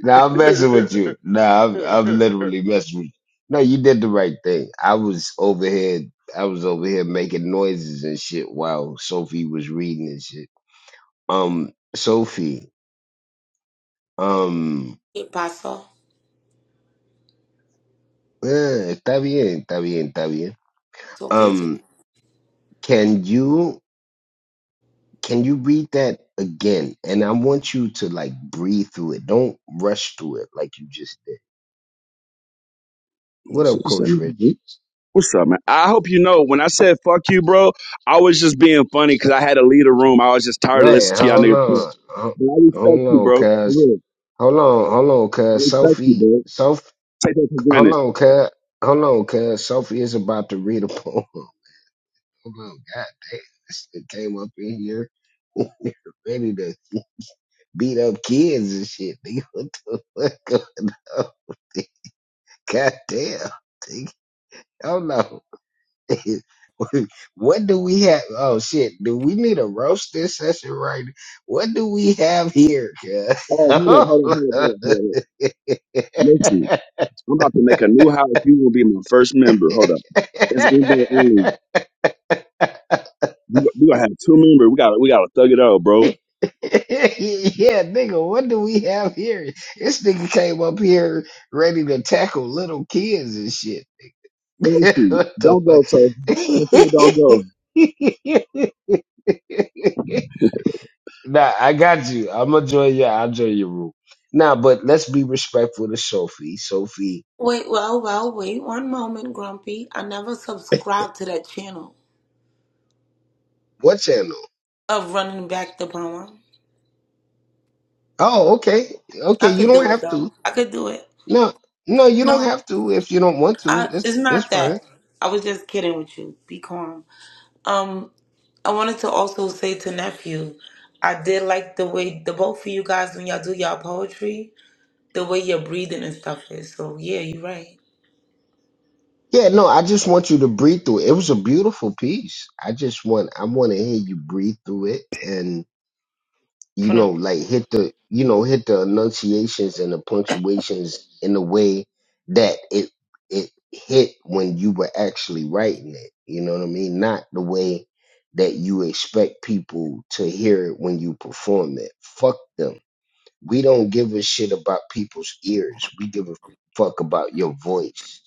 [SPEAKER 1] Now I'm messing with you. No, I'm, I'm
[SPEAKER 3] late.
[SPEAKER 1] literally messing with you. No, you did the right thing. I was over here. I was over here making noises and shit while Sophie was reading and shit. Um, Sophie. Um,
[SPEAKER 2] Hey, Paso.
[SPEAKER 1] eh, está bien, está bien, está bien.
[SPEAKER 2] Talk you too.
[SPEAKER 1] Um, can you can you read that again? And I want you to like breathe through it. Don't rush through it like you just did. What up, Coach Rich?
[SPEAKER 14] What's up, man? I hope you know when I said fuck you, bro, I was just being funny because I had to leave the room. I was just tired of
[SPEAKER 1] Wait,
[SPEAKER 14] listening to y'all
[SPEAKER 1] hold
[SPEAKER 14] niggas. talk.
[SPEAKER 1] on. Ho-
[SPEAKER 14] But I respect
[SPEAKER 1] Hold
[SPEAKER 14] you,
[SPEAKER 1] on,
[SPEAKER 14] bro. For
[SPEAKER 1] cuz.
[SPEAKER 14] real.
[SPEAKER 1] Hold on, hold on,
[SPEAKER 14] I
[SPEAKER 1] cuz.
[SPEAKER 14] respect you,
[SPEAKER 1] Sophie,
[SPEAKER 14] bro.
[SPEAKER 1] Soph,
[SPEAKER 14] Take that for
[SPEAKER 1] hold
[SPEAKER 14] granted.
[SPEAKER 1] on, cuz. Hold on, cuz. Sophie is about to read a poem. Hold on, god damn. This shit came up in here ready to beat up kids and shit, nigga. What the fuck going on? God damn. Nigga. Hold on. what do we have? Oh shit! Do we need a roasting session right? What do we have here?
[SPEAKER 14] Oh,
[SPEAKER 1] cuz?
[SPEAKER 14] hold up,
[SPEAKER 1] Hold
[SPEAKER 14] hold up, hold up,
[SPEAKER 1] on.
[SPEAKER 14] hold up, hold up. Listen, I'm about to make a new house. You will be my first member. Hold up. It's invite only. We go- we gonna have two members. We gotta we gotta thug it out, bro.
[SPEAKER 1] yeah, nigga, what do we have here? This nigga came up here ready to tackle little kids and shit.
[SPEAKER 14] Thank you.
[SPEAKER 1] what the
[SPEAKER 14] Don't go so. Sophia, don't go.
[SPEAKER 1] fuck? Nah, I got you. I'm gonna join you. I'll join your room. Nah, but let's be respectful to Sophie. Sophie,
[SPEAKER 2] Wait, well, well, wait one moment, Grumpy. I never subscribed to that channel
[SPEAKER 1] what channel?
[SPEAKER 2] of running back the poem.
[SPEAKER 1] Oh, okay. Okay,
[SPEAKER 2] I
[SPEAKER 1] you
[SPEAKER 2] could
[SPEAKER 1] don't
[SPEAKER 2] do it
[SPEAKER 1] have to.
[SPEAKER 2] though. I could do it.
[SPEAKER 1] No, no, you don't
[SPEAKER 2] No,
[SPEAKER 1] have to if you don't want to.
[SPEAKER 2] I,
[SPEAKER 1] It's
[SPEAKER 2] it's
[SPEAKER 1] it's
[SPEAKER 2] not
[SPEAKER 1] fine.
[SPEAKER 2] that. I was just kidding with you. Be calm. Um, I wanted to also say to nephew, I did like the way the both of you guys when y'all do y'all poetry, the way your breathing and stuff is. So yeah, you're right.
[SPEAKER 1] Yeah, no, I just want you to breathe through it. It was a beautiful piece. I just want I want to hear you breathe through it, and you
[SPEAKER 2] Put 'em-
[SPEAKER 1] know, like hit the, you know, hit the enunciations and the punctuations in the way that it it hit when you were actually writing it. You know what I mean? Not the way that you expect people to hear it when you perform it. Fuck them. We don't give a shit about people's ears. We give a fuck about your voice.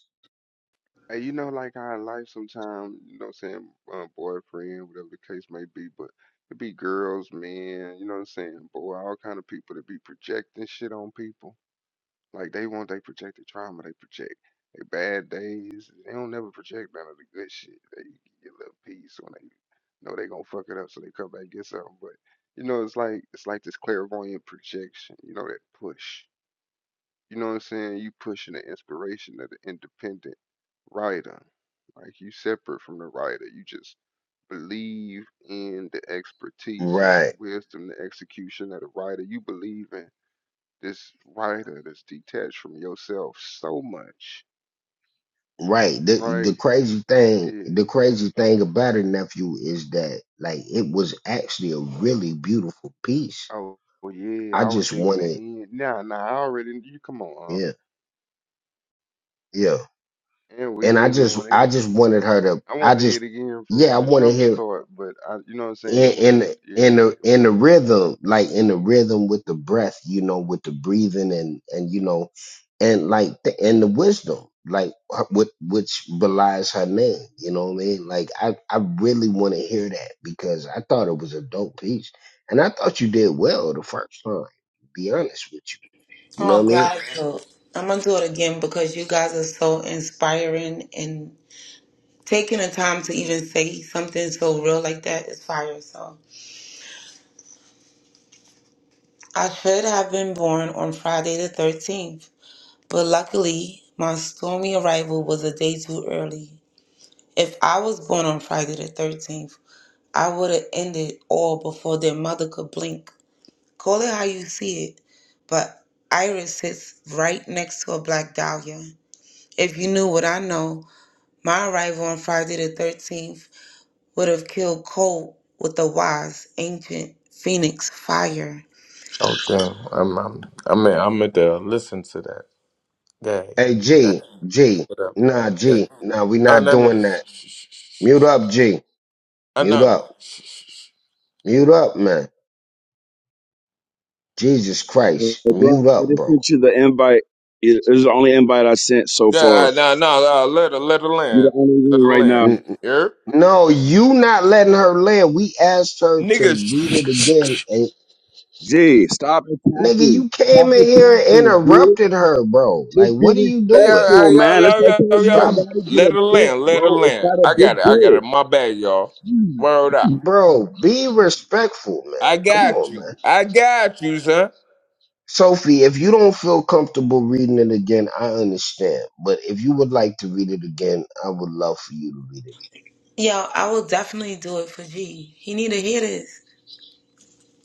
[SPEAKER 3] Hey, you know, like how in life sometimes, you know what I'm saying, uh, boyfriend, whatever the case may be, but it be girls, men, you know what I'm saying, boy, all kind of people that be projecting shit on people. Like they want they projected trauma, they project their bad days. They don't never project none of the good shit. They get a little peace when they know they gonna fuck it up, so they come back and get something. But you know, it's like it's like this clairvoyant projection, you know, that push. You know what I'm saying? You pushing the inspiration of the independent writer. Like you separate from the writer. You just believe in the expertise of the
[SPEAKER 1] Right.
[SPEAKER 3] wisdom, the execution of the writer. You believe in this writer that's detached from yourself so much.
[SPEAKER 1] Right. The
[SPEAKER 3] Right?
[SPEAKER 1] the crazy thing,
[SPEAKER 3] Yeah.
[SPEAKER 1] the crazy thing about it, nephew, is that like it was actually a really beautiful piece.
[SPEAKER 3] Oh well, yeah,
[SPEAKER 1] I
[SPEAKER 3] I was
[SPEAKER 1] just
[SPEAKER 3] digging the
[SPEAKER 1] wanted,
[SPEAKER 3] end. Nah, nah, I already you come on, Unc.
[SPEAKER 1] yeah, yeah,
[SPEAKER 3] And we
[SPEAKER 1] and I
[SPEAKER 3] really
[SPEAKER 1] just,
[SPEAKER 3] wanna
[SPEAKER 1] I
[SPEAKER 3] hear it
[SPEAKER 1] just
[SPEAKER 3] again.
[SPEAKER 1] wanted her to,
[SPEAKER 3] I
[SPEAKER 1] I
[SPEAKER 3] wanted to hear
[SPEAKER 1] just,
[SPEAKER 3] it again
[SPEAKER 1] yeah,
[SPEAKER 3] from
[SPEAKER 1] I
[SPEAKER 3] the
[SPEAKER 1] wanted
[SPEAKER 3] jump
[SPEAKER 1] her
[SPEAKER 3] start, but I you know what I'm saying, it was
[SPEAKER 1] in
[SPEAKER 3] a
[SPEAKER 1] in in
[SPEAKER 3] yeah.
[SPEAKER 1] the in the rhythm, like in the rhythm with the breath, you know, with the breathing and and you know, and like the, and the wisdom, like her- with which belies her name. You know what I mean? Like I I really want to hear that because I thought it was a dope piece, and I thought you did well the first time. To be honest with you, you know what
[SPEAKER 2] Oh
[SPEAKER 1] I mean?
[SPEAKER 2] God, so I'm gonna do it again because you guys are so inspiring and taking the time to even say something so real like that is fire. So I should have been born on Friday the 13th, but luckily my stormy arrival was a day too early. If I was born on Friday the 13th. I would have ended all before their mother could blink. Call it how you see it, but Iris sits right next to a black dahlia. If you knew what I know, my arrival on Friday the 13th would have killed Colt with the wise, ancient phoenix fire.
[SPEAKER 11] Oh damn! I'm I'm I'm at, I'm at the listen to that. Dang.
[SPEAKER 1] Hey
[SPEAKER 11] Dang.
[SPEAKER 1] G G,
[SPEAKER 11] What up?
[SPEAKER 1] nah
[SPEAKER 11] Yeah.
[SPEAKER 1] G, nah we
[SPEAKER 11] Uh,
[SPEAKER 1] not
[SPEAKER 11] no no.
[SPEAKER 1] doing
[SPEAKER 11] Shh,
[SPEAKER 1] that.
[SPEAKER 11] shh, shh, shh,
[SPEAKER 1] Mute
[SPEAKER 11] shh.
[SPEAKER 1] up G,
[SPEAKER 11] Uh,
[SPEAKER 1] mute
[SPEAKER 11] no no.
[SPEAKER 1] up,
[SPEAKER 11] Shh, shh, shh.
[SPEAKER 1] mute up man. Jesus
[SPEAKER 14] Hey,
[SPEAKER 1] Christ,
[SPEAKER 14] bro,
[SPEAKER 1] mute
[SPEAKER 14] I
[SPEAKER 1] up,
[SPEAKER 14] just
[SPEAKER 1] bro.
[SPEAKER 14] sent you the invite. It it was the only invite I sent so
[SPEAKER 11] Yeah.
[SPEAKER 14] far.
[SPEAKER 11] Uh, no no. Uh, let her let her
[SPEAKER 14] You're
[SPEAKER 11] land.
[SPEAKER 14] the only
[SPEAKER 11] Let
[SPEAKER 14] one
[SPEAKER 11] her
[SPEAKER 14] right
[SPEAKER 11] land.
[SPEAKER 14] now.
[SPEAKER 1] N-
[SPEAKER 11] Here.
[SPEAKER 1] No, you not letting her live. We asked her to read it
[SPEAKER 11] Niggas.
[SPEAKER 1] again, and
[SPEAKER 14] Gee, stop
[SPEAKER 1] nigga,
[SPEAKER 14] attacking.
[SPEAKER 1] you
[SPEAKER 14] Stop
[SPEAKER 1] came in here and
[SPEAKER 14] attacking, dude.
[SPEAKER 1] interrupted her, bro. Like,
[SPEAKER 14] Just be
[SPEAKER 1] what are you
[SPEAKER 11] Hey, Yo,
[SPEAKER 1] doing?
[SPEAKER 14] respectful,
[SPEAKER 11] hey, yo,
[SPEAKER 14] man. It's
[SPEAKER 11] yo,
[SPEAKER 14] okay.
[SPEAKER 11] yo, yo,
[SPEAKER 14] You don't
[SPEAKER 11] yo.
[SPEAKER 1] Stop,
[SPEAKER 14] gotta get
[SPEAKER 11] Let her
[SPEAKER 14] upset,
[SPEAKER 11] land, let her
[SPEAKER 14] bro. It's
[SPEAKER 11] land.
[SPEAKER 14] not a
[SPEAKER 11] I got
[SPEAKER 14] big
[SPEAKER 11] it, I got
[SPEAKER 14] deal.
[SPEAKER 11] it. My bad, y'all. Word up.
[SPEAKER 14] Mm,
[SPEAKER 1] bro. Be respectful, man.
[SPEAKER 11] I
[SPEAKER 1] Come
[SPEAKER 11] got
[SPEAKER 1] on,
[SPEAKER 11] you.
[SPEAKER 1] man.
[SPEAKER 11] I got you, son.
[SPEAKER 1] Sophie, if you don't feel comfortable reading it again, I understand. But if you would like to read it again, I would love for you to read it.
[SPEAKER 2] Yo, I will definitely do it for G. He need to hear this.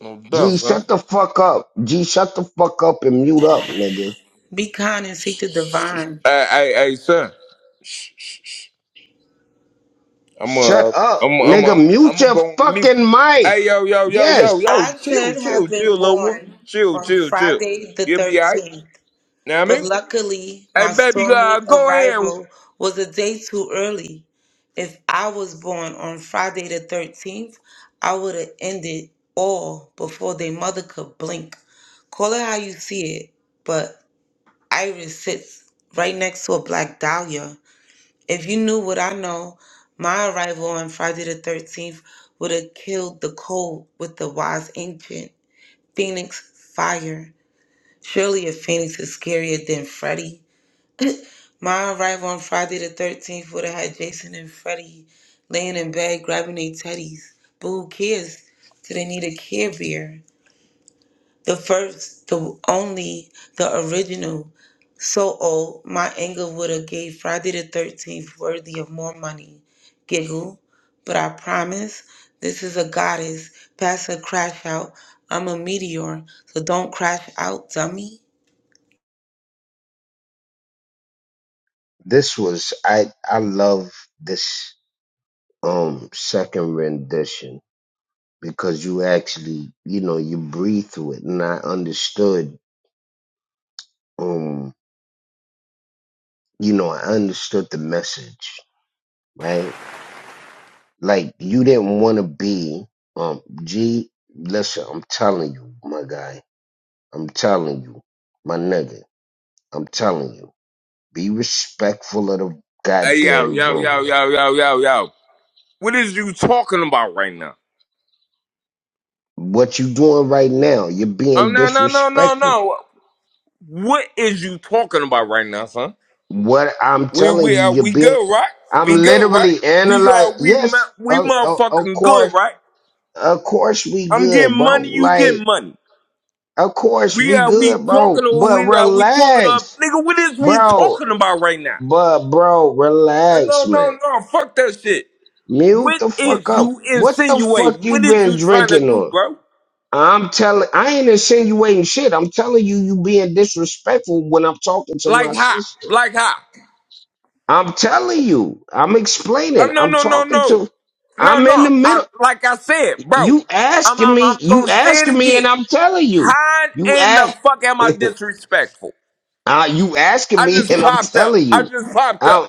[SPEAKER 11] I'm done,
[SPEAKER 1] G,
[SPEAKER 11] son.
[SPEAKER 1] shut the fuck up. G, shut the fuck up and mute up, nigga.
[SPEAKER 2] Be kind and seek
[SPEAKER 11] Shh,
[SPEAKER 2] the
[SPEAKER 11] shh, shh.
[SPEAKER 2] divine.
[SPEAKER 11] Hey, hey, hey, son. Shh, shh, shh. I'm
[SPEAKER 1] Shut
[SPEAKER 11] uh,
[SPEAKER 1] up,
[SPEAKER 11] I'm, I'm,
[SPEAKER 1] nigga.
[SPEAKER 11] I'm,
[SPEAKER 1] Mute
[SPEAKER 11] I'm gonna
[SPEAKER 1] your
[SPEAKER 11] go on mute.
[SPEAKER 1] fucking mic.
[SPEAKER 11] Hey, yo, yo, yo, yo,
[SPEAKER 1] Yes.
[SPEAKER 11] yo.
[SPEAKER 2] I
[SPEAKER 11] Chill,
[SPEAKER 2] should have
[SPEAKER 11] chill,
[SPEAKER 2] been
[SPEAKER 11] chill, little one.
[SPEAKER 2] born
[SPEAKER 11] Chill,
[SPEAKER 2] on
[SPEAKER 11] chill, chill.
[SPEAKER 2] Friday the
[SPEAKER 11] You'll be alright.
[SPEAKER 2] 13th.
[SPEAKER 11] Know what I
[SPEAKER 2] But
[SPEAKER 11] mean?
[SPEAKER 2] luckily,
[SPEAKER 11] Hey,
[SPEAKER 2] my
[SPEAKER 11] baby,
[SPEAKER 2] stormy
[SPEAKER 11] uh, go ahead.
[SPEAKER 2] arrival was a day too early. If I was born on Friday the 13th, I would have ended all before their mother could blink. Call it how you see it, but Iris sits right next to a black dahlia. If you knew what I know, my arrival on Friday the 13th would have killed the cold with the wise ancient Phoenix fire. Surely a phoenix is scarier than Freddy. My arrival on Friday the 13th would have had Jason and Freddie laying in bed grabbing their teddies. But who cares? Do they need a care bear? The first, the only, the original. So old, my anger would have gave Friday the 13th worthy of more money. Giggle. But I promise, this is a goddess. Pass a crash out. I'm a meteor, so don't crash out, dummy.
[SPEAKER 1] This was I I love this um second rendition because you actually, you know, you breathe through it and I understood um you know, I understood the message, right? Like you didn't want to be um G listen, I'm telling you, my guy. I'm telling you, my nigga. I'm telling you. Be respectful of the
[SPEAKER 11] Hey, yo,
[SPEAKER 1] goddamn
[SPEAKER 11] yo, yo,
[SPEAKER 1] room, man.
[SPEAKER 11] yo, yo, yo, yo. What is you talking about right now?
[SPEAKER 1] What you doing right now? You're
[SPEAKER 11] Oh
[SPEAKER 1] being
[SPEAKER 11] no no no no
[SPEAKER 1] disrespectful.
[SPEAKER 11] no! What is you talking about right now, son?
[SPEAKER 1] What I'm
[SPEAKER 11] We
[SPEAKER 1] telling
[SPEAKER 11] we
[SPEAKER 1] you,
[SPEAKER 11] are
[SPEAKER 1] you're
[SPEAKER 11] we
[SPEAKER 1] being.
[SPEAKER 11] good, right?
[SPEAKER 1] I'm
[SPEAKER 11] We good, right?
[SPEAKER 1] literally
[SPEAKER 11] We are
[SPEAKER 1] analyzing.
[SPEAKER 11] we
[SPEAKER 1] Yes,
[SPEAKER 11] mo- we
[SPEAKER 1] of, of, of
[SPEAKER 11] motherfucking good,
[SPEAKER 1] course,
[SPEAKER 11] right?
[SPEAKER 1] of course we
[SPEAKER 11] I'm
[SPEAKER 1] good,
[SPEAKER 11] getting
[SPEAKER 1] bro.
[SPEAKER 11] money, you
[SPEAKER 1] Like,
[SPEAKER 11] getting money.
[SPEAKER 1] of course
[SPEAKER 11] We
[SPEAKER 1] we
[SPEAKER 11] are we
[SPEAKER 1] good, bro.
[SPEAKER 11] talking or
[SPEAKER 1] But
[SPEAKER 11] we are we talking uh,
[SPEAKER 1] relax,
[SPEAKER 11] nigga? What is we
[SPEAKER 1] bro.
[SPEAKER 11] talking about right now?
[SPEAKER 1] But bro,
[SPEAKER 11] Uh,
[SPEAKER 1] relax,
[SPEAKER 11] No
[SPEAKER 1] man.
[SPEAKER 11] no no! Fuck that shit.
[SPEAKER 1] Mute
[SPEAKER 11] What
[SPEAKER 1] the fuck
[SPEAKER 11] is
[SPEAKER 1] up.
[SPEAKER 11] you
[SPEAKER 1] What the fuck
[SPEAKER 11] insinuating?
[SPEAKER 1] you
[SPEAKER 11] What is
[SPEAKER 1] been
[SPEAKER 11] you trying to
[SPEAKER 1] drinking
[SPEAKER 11] do,
[SPEAKER 1] on?
[SPEAKER 11] bro?
[SPEAKER 1] I'm telling, I ain't insinuating shit. I'm telling you, you being disrespectful when I'm talking to my
[SPEAKER 11] Like how?
[SPEAKER 1] sister.
[SPEAKER 11] Like how?
[SPEAKER 1] I'm telling you, I'm
[SPEAKER 11] Oh
[SPEAKER 1] explaining.
[SPEAKER 11] no
[SPEAKER 1] I'm
[SPEAKER 11] no no
[SPEAKER 1] talking to,
[SPEAKER 11] no no
[SPEAKER 1] I'm in the
[SPEAKER 11] no! I,
[SPEAKER 1] middle.
[SPEAKER 11] like I said, bro,
[SPEAKER 1] You
[SPEAKER 11] I'm
[SPEAKER 1] asking
[SPEAKER 11] I'm
[SPEAKER 1] me,
[SPEAKER 11] I'm
[SPEAKER 1] you
[SPEAKER 11] gonna say
[SPEAKER 1] asking
[SPEAKER 11] it
[SPEAKER 1] me, and
[SPEAKER 11] again.
[SPEAKER 1] I'm telling you.
[SPEAKER 11] How
[SPEAKER 1] You
[SPEAKER 11] in the
[SPEAKER 1] ask,
[SPEAKER 11] fuck am I disrespectful?
[SPEAKER 1] uh, you asking
[SPEAKER 11] I
[SPEAKER 1] me,
[SPEAKER 11] just
[SPEAKER 1] and I'm
[SPEAKER 11] popped up.
[SPEAKER 1] telling
[SPEAKER 11] I
[SPEAKER 1] you.
[SPEAKER 11] just popped up.
[SPEAKER 1] I'm,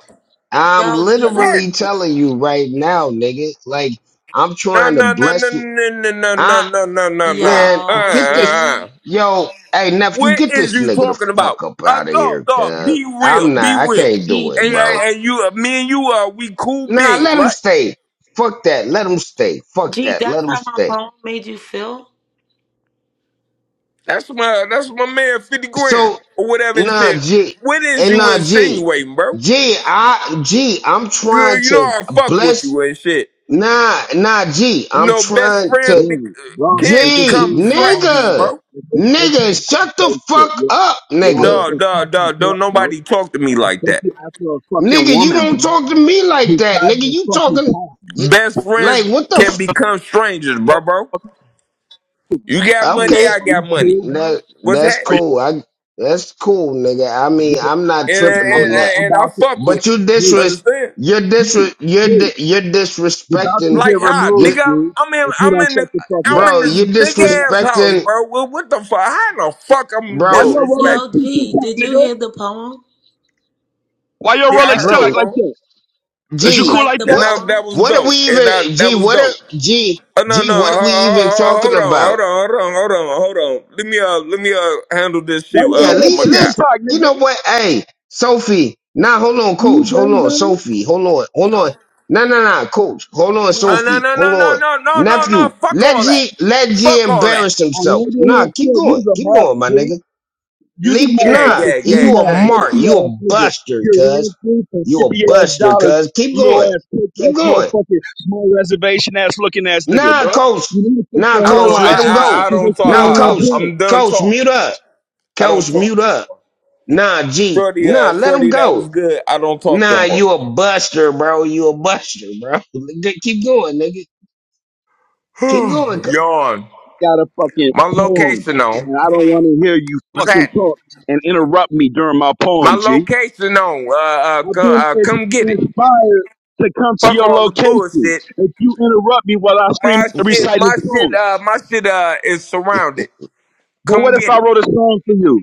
[SPEAKER 1] I'm
[SPEAKER 2] Yo,
[SPEAKER 11] What's
[SPEAKER 2] G.
[SPEAKER 1] literally
[SPEAKER 11] happening?
[SPEAKER 1] telling you right now, nigga. Like I'm
[SPEAKER 11] No
[SPEAKER 1] trying to
[SPEAKER 11] no no no
[SPEAKER 1] bless you.
[SPEAKER 11] no no no no no no no no.
[SPEAKER 1] Man,
[SPEAKER 11] Uh, uh,
[SPEAKER 2] Yo,
[SPEAKER 1] get this.
[SPEAKER 11] uh.
[SPEAKER 2] G.
[SPEAKER 1] Yo, hey, nephew,
[SPEAKER 11] What
[SPEAKER 1] get
[SPEAKER 11] is
[SPEAKER 1] this
[SPEAKER 11] you
[SPEAKER 1] nigga the
[SPEAKER 11] talking
[SPEAKER 1] fuck
[SPEAKER 11] about?
[SPEAKER 1] up
[SPEAKER 11] Uh,
[SPEAKER 1] out of
[SPEAKER 11] no
[SPEAKER 1] here,
[SPEAKER 11] no.
[SPEAKER 1] cuz.
[SPEAKER 11] Be real.
[SPEAKER 1] I'm
[SPEAKER 11] Be
[SPEAKER 1] not, I
[SPEAKER 11] real.
[SPEAKER 1] can't do
[SPEAKER 2] G,
[SPEAKER 1] it,
[SPEAKER 11] And,
[SPEAKER 2] be
[SPEAKER 1] bro.
[SPEAKER 11] and, and you, me and you, uh, we cool
[SPEAKER 1] Nah,
[SPEAKER 11] beings,
[SPEAKER 1] let him
[SPEAKER 11] right?
[SPEAKER 1] stay. Fuck that. Let him stay. Fuck
[SPEAKER 2] G,
[SPEAKER 1] that.
[SPEAKER 2] that's
[SPEAKER 1] Let him
[SPEAKER 2] how my
[SPEAKER 1] stay.
[SPEAKER 2] poem made you feel?
[SPEAKER 11] That's my that's my man fifty grand
[SPEAKER 1] So,
[SPEAKER 11] or whatever and
[SPEAKER 1] nah,
[SPEAKER 11] shit.
[SPEAKER 1] G,
[SPEAKER 11] What is
[SPEAKER 1] and
[SPEAKER 11] you
[SPEAKER 1] nah, G,
[SPEAKER 11] insinuating, bro?
[SPEAKER 1] G, I, G, I'm
[SPEAKER 11] Girl,
[SPEAKER 1] trying
[SPEAKER 11] you know
[SPEAKER 1] to
[SPEAKER 11] I fuck with
[SPEAKER 1] bless,
[SPEAKER 11] you and shit.
[SPEAKER 1] nah, nah, G,
[SPEAKER 11] You
[SPEAKER 1] I'm
[SPEAKER 11] know, best
[SPEAKER 1] trying
[SPEAKER 11] friend
[SPEAKER 1] to,
[SPEAKER 11] be-
[SPEAKER 14] Bro, bro, you're
[SPEAKER 11] can't
[SPEAKER 14] just
[SPEAKER 1] G,
[SPEAKER 11] become
[SPEAKER 14] being
[SPEAKER 11] strangers,
[SPEAKER 14] annoying.
[SPEAKER 1] nigga,
[SPEAKER 11] bro.
[SPEAKER 14] It's, it's okay
[SPEAKER 1] nigga,
[SPEAKER 14] not to
[SPEAKER 1] shut the
[SPEAKER 14] say shit.
[SPEAKER 1] fuck
[SPEAKER 14] You,
[SPEAKER 1] up,
[SPEAKER 14] you don't
[SPEAKER 1] nigga.
[SPEAKER 14] have
[SPEAKER 11] Dog,
[SPEAKER 14] to
[SPEAKER 11] dog,
[SPEAKER 14] fucking
[SPEAKER 11] dog. Don't
[SPEAKER 14] talk, bro.
[SPEAKER 11] nobody talk to me like that.
[SPEAKER 14] Especially after a fucking
[SPEAKER 1] Nigga, you
[SPEAKER 14] woman,
[SPEAKER 1] don't
[SPEAKER 14] bro.
[SPEAKER 1] talk to
[SPEAKER 14] That's
[SPEAKER 1] me like that,
[SPEAKER 14] decided
[SPEAKER 1] nigga.
[SPEAKER 14] to
[SPEAKER 1] You
[SPEAKER 14] fucking
[SPEAKER 1] talking
[SPEAKER 14] talk.
[SPEAKER 1] you,
[SPEAKER 11] Best friends
[SPEAKER 1] like what the
[SPEAKER 11] can
[SPEAKER 1] f-
[SPEAKER 11] become strangers, bro, bro. You
[SPEAKER 14] Are
[SPEAKER 11] got
[SPEAKER 14] you
[SPEAKER 11] money,
[SPEAKER 1] Okay,
[SPEAKER 11] I got money.
[SPEAKER 14] cool, bro?
[SPEAKER 1] that
[SPEAKER 11] What's
[SPEAKER 1] that's
[SPEAKER 11] happening?
[SPEAKER 14] Are you?
[SPEAKER 1] cool. I that's cool, nigga. I mean, I'm not
[SPEAKER 11] And
[SPEAKER 14] I'm,
[SPEAKER 11] and,
[SPEAKER 1] tripping
[SPEAKER 14] I'm
[SPEAKER 1] on
[SPEAKER 14] about,
[SPEAKER 1] that.
[SPEAKER 14] I'm
[SPEAKER 11] and, and I
[SPEAKER 14] about to,
[SPEAKER 11] fuck
[SPEAKER 1] But
[SPEAKER 11] with
[SPEAKER 1] you
[SPEAKER 11] you.
[SPEAKER 14] G,
[SPEAKER 1] disres
[SPEAKER 11] Understand?
[SPEAKER 1] you're
[SPEAKER 14] G,
[SPEAKER 1] disres you're
[SPEAKER 14] G,
[SPEAKER 1] di- you're
[SPEAKER 14] you're about to
[SPEAKER 1] disrespecting
[SPEAKER 14] get
[SPEAKER 11] Like how,
[SPEAKER 1] you
[SPEAKER 14] removed,
[SPEAKER 11] nigga? I'm,
[SPEAKER 14] G,
[SPEAKER 11] I'm in,
[SPEAKER 14] if you
[SPEAKER 11] I'm
[SPEAKER 14] don't
[SPEAKER 11] in,
[SPEAKER 14] shut
[SPEAKER 11] the,
[SPEAKER 14] the fuck
[SPEAKER 11] I'm
[SPEAKER 14] up.
[SPEAKER 11] in
[SPEAKER 1] bro,
[SPEAKER 11] this
[SPEAKER 1] you're
[SPEAKER 11] big
[SPEAKER 14] You about,
[SPEAKER 11] ass house,
[SPEAKER 1] disrespecting
[SPEAKER 11] bro. What, what the fuck? How the fuck I'm
[SPEAKER 14] why
[SPEAKER 1] bro,
[SPEAKER 14] your Rolex
[SPEAKER 2] Yo,
[SPEAKER 11] disrespecting?
[SPEAKER 14] tick tick
[SPEAKER 2] G,
[SPEAKER 14] tock,
[SPEAKER 2] did you
[SPEAKER 14] nigga?
[SPEAKER 2] hear the poem?
[SPEAKER 14] Why your
[SPEAKER 11] Yeah, I
[SPEAKER 14] Rolex
[SPEAKER 11] heard the
[SPEAKER 14] tick
[SPEAKER 1] bro.
[SPEAKER 14] like
[SPEAKER 11] poem,
[SPEAKER 14] that?
[SPEAKER 2] Did
[SPEAKER 14] Is you
[SPEAKER 2] you
[SPEAKER 1] G,
[SPEAKER 14] cool
[SPEAKER 2] like
[SPEAKER 14] like
[SPEAKER 2] the
[SPEAKER 11] and
[SPEAKER 14] that?
[SPEAKER 1] what
[SPEAKER 11] that that
[SPEAKER 2] poem?
[SPEAKER 11] was
[SPEAKER 1] what are we
[SPEAKER 11] dope, and
[SPEAKER 1] even
[SPEAKER 11] that that
[SPEAKER 1] G,
[SPEAKER 11] was
[SPEAKER 1] what are
[SPEAKER 11] dope.
[SPEAKER 1] G,
[SPEAKER 11] Oh no,
[SPEAKER 1] G,
[SPEAKER 11] no, ho-
[SPEAKER 1] what are we even
[SPEAKER 11] ho- ho-
[SPEAKER 1] talking
[SPEAKER 11] hold on,
[SPEAKER 1] about?
[SPEAKER 11] hold on, hold on, hold on, hold on. Let me uh, let me uh, handle this
[SPEAKER 14] Why
[SPEAKER 11] shit
[SPEAKER 14] your
[SPEAKER 11] uh
[SPEAKER 1] Yeah,
[SPEAKER 11] with
[SPEAKER 14] Rolex
[SPEAKER 11] my
[SPEAKER 1] Lee,
[SPEAKER 14] tick
[SPEAKER 11] guy.
[SPEAKER 14] tick
[SPEAKER 1] let's,
[SPEAKER 14] tock,
[SPEAKER 1] you
[SPEAKER 14] nigga?
[SPEAKER 1] know what? Hey, Sophie, nah, hold on,
[SPEAKER 14] Do you
[SPEAKER 1] coach. Hold
[SPEAKER 14] gang
[SPEAKER 1] on,
[SPEAKER 14] bang?
[SPEAKER 1] Sophie. Hold on, hold on.
[SPEAKER 2] Yo,
[SPEAKER 1] Nah, nah, nah, coach. Hold on,
[SPEAKER 11] Oh
[SPEAKER 2] yes.
[SPEAKER 11] no,
[SPEAKER 1] Sophie.
[SPEAKER 11] no,
[SPEAKER 1] Hold
[SPEAKER 11] no, no,
[SPEAKER 1] on.
[SPEAKER 11] no, no, no,
[SPEAKER 1] Nephew,
[SPEAKER 11] no. Fuck
[SPEAKER 1] let
[SPEAKER 11] all that.
[SPEAKER 1] G, let G
[SPEAKER 11] Fuck all that.
[SPEAKER 1] embarrass
[SPEAKER 14] I
[SPEAKER 1] himself.
[SPEAKER 14] know your
[SPEAKER 1] Nah,
[SPEAKER 14] head
[SPEAKER 1] keep
[SPEAKER 14] shit.
[SPEAKER 1] going.
[SPEAKER 14] You's a
[SPEAKER 1] Keep
[SPEAKER 14] mark,
[SPEAKER 1] going, my
[SPEAKER 14] G.
[SPEAKER 1] nigga.
[SPEAKER 14] You's a
[SPEAKER 1] Leave,
[SPEAKER 11] Yeah,
[SPEAKER 1] nah,
[SPEAKER 14] motherfucker
[SPEAKER 11] yeah, yeah,
[SPEAKER 1] you a
[SPEAKER 14] female,
[SPEAKER 11] yeah, yeah.
[SPEAKER 1] mark.
[SPEAKER 14] pussy
[SPEAKER 1] You
[SPEAKER 14] ass
[SPEAKER 1] a
[SPEAKER 14] nigga.
[SPEAKER 1] buster,
[SPEAKER 14] You're
[SPEAKER 1] cuz.
[SPEAKER 14] ran through for
[SPEAKER 1] You a
[SPEAKER 14] fifty ass
[SPEAKER 1] buster,
[SPEAKER 14] dollars,
[SPEAKER 1] cuz. Keep
[SPEAKER 14] little
[SPEAKER 1] going.
[SPEAKER 14] ass punk
[SPEAKER 1] Keep
[SPEAKER 14] ass
[SPEAKER 1] going.
[SPEAKER 14] motherfucker, small reservation ass looking ass nigga,
[SPEAKER 1] Nah,
[SPEAKER 14] bruh.
[SPEAKER 1] coach.
[SPEAKER 14] You need to fix
[SPEAKER 1] Nah,
[SPEAKER 14] your
[SPEAKER 11] I
[SPEAKER 1] coach,
[SPEAKER 11] don't, I,
[SPEAKER 14] hairline,
[SPEAKER 1] let him
[SPEAKER 14] G,
[SPEAKER 1] go.
[SPEAKER 11] I, I
[SPEAKER 14] because that
[SPEAKER 11] don't talk.
[SPEAKER 14] shit
[SPEAKER 1] Now,
[SPEAKER 14] ain't
[SPEAKER 11] I,
[SPEAKER 14] on
[SPEAKER 1] coach.
[SPEAKER 11] I,
[SPEAKER 14] point.
[SPEAKER 11] I'm done
[SPEAKER 1] Coach, mute
[SPEAKER 11] talking.
[SPEAKER 1] up.
[SPEAKER 11] I don't
[SPEAKER 1] Coach,
[SPEAKER 11] talk
[SPEAKER 1] mute
[SPEAKER 11] no
[SPEAKER 1] up.
[SPEAKER 11] more.
[SPEAKER 1] Nah, G.
[SPEAKER 11] Shorty,
[SPEAKER 1] Nah,
[SPEAKER 11] uh,
[SPEAKER 1] let him
[SPEAKER 11] Shorty, that
[SPEAKER 1] go.
[SPEAKER 11] was good. I don't talk no
[SPEAKER 1] Nah,
[SPEAKER 11] more.
[SPEAKER 1] you a buster, bro. You a buster, bro. Nigga, Keep going, nigga. Keep going. c-
[SPEAKER 11] Yawn.
[SPEAKER 14] Got a fucking
[SPEAKER 11] My
[SPEAKER 14] poem,
[SPEAKER 11] location on.
[SPEAKER 14] and I don't want to hear you
[SPEAKER 11] What's
[SPEAKER 14] fucking
[SPEAKER 11] that?
[SPEAKER 14] talk and interrupt me during my
[SPEAKER 11] My
[SPEAKER 14] poem, G.
[SPEAKER 11] location on. Uh, uh,
[SPEAKER 14] I've
[SPEAKER 11] come,
[SPEAKER 14] been
[SPEAKER 11] uh,
[SPEAKER 14] ins-
[SPEAKER 11] come get it.
[SPEAKER 14] inspired to come to
[SPEAKER 11] Fuck
[SPEAKER 14] your
[SPEAKER 11] all the
[SPEAKER 14] location
[SPEAKER 11] bullshit.
[SPEAKER 14] if you interrupt me while I scream
[SPEAKER 11] My
[SPEAKER 14] and
[SPEAKER 11] shit,
[SPEAKER 14] recite
[SPEAKER 11] my
[SPEAKER 14] this
[SPEAKER 11] shit,
[SPEAKER 14] song.
[SPEAKER 11] uh, my shit, uh, is surrounded.
[SPEAKER 14] But
[SPEAKER 11] Come
[SPEAKER 14] what if
[SPEAKER 11] get
[SPEAKER 14] I
[SPEAKER 11] it.
[SPEAKER 14] wrote a song for you?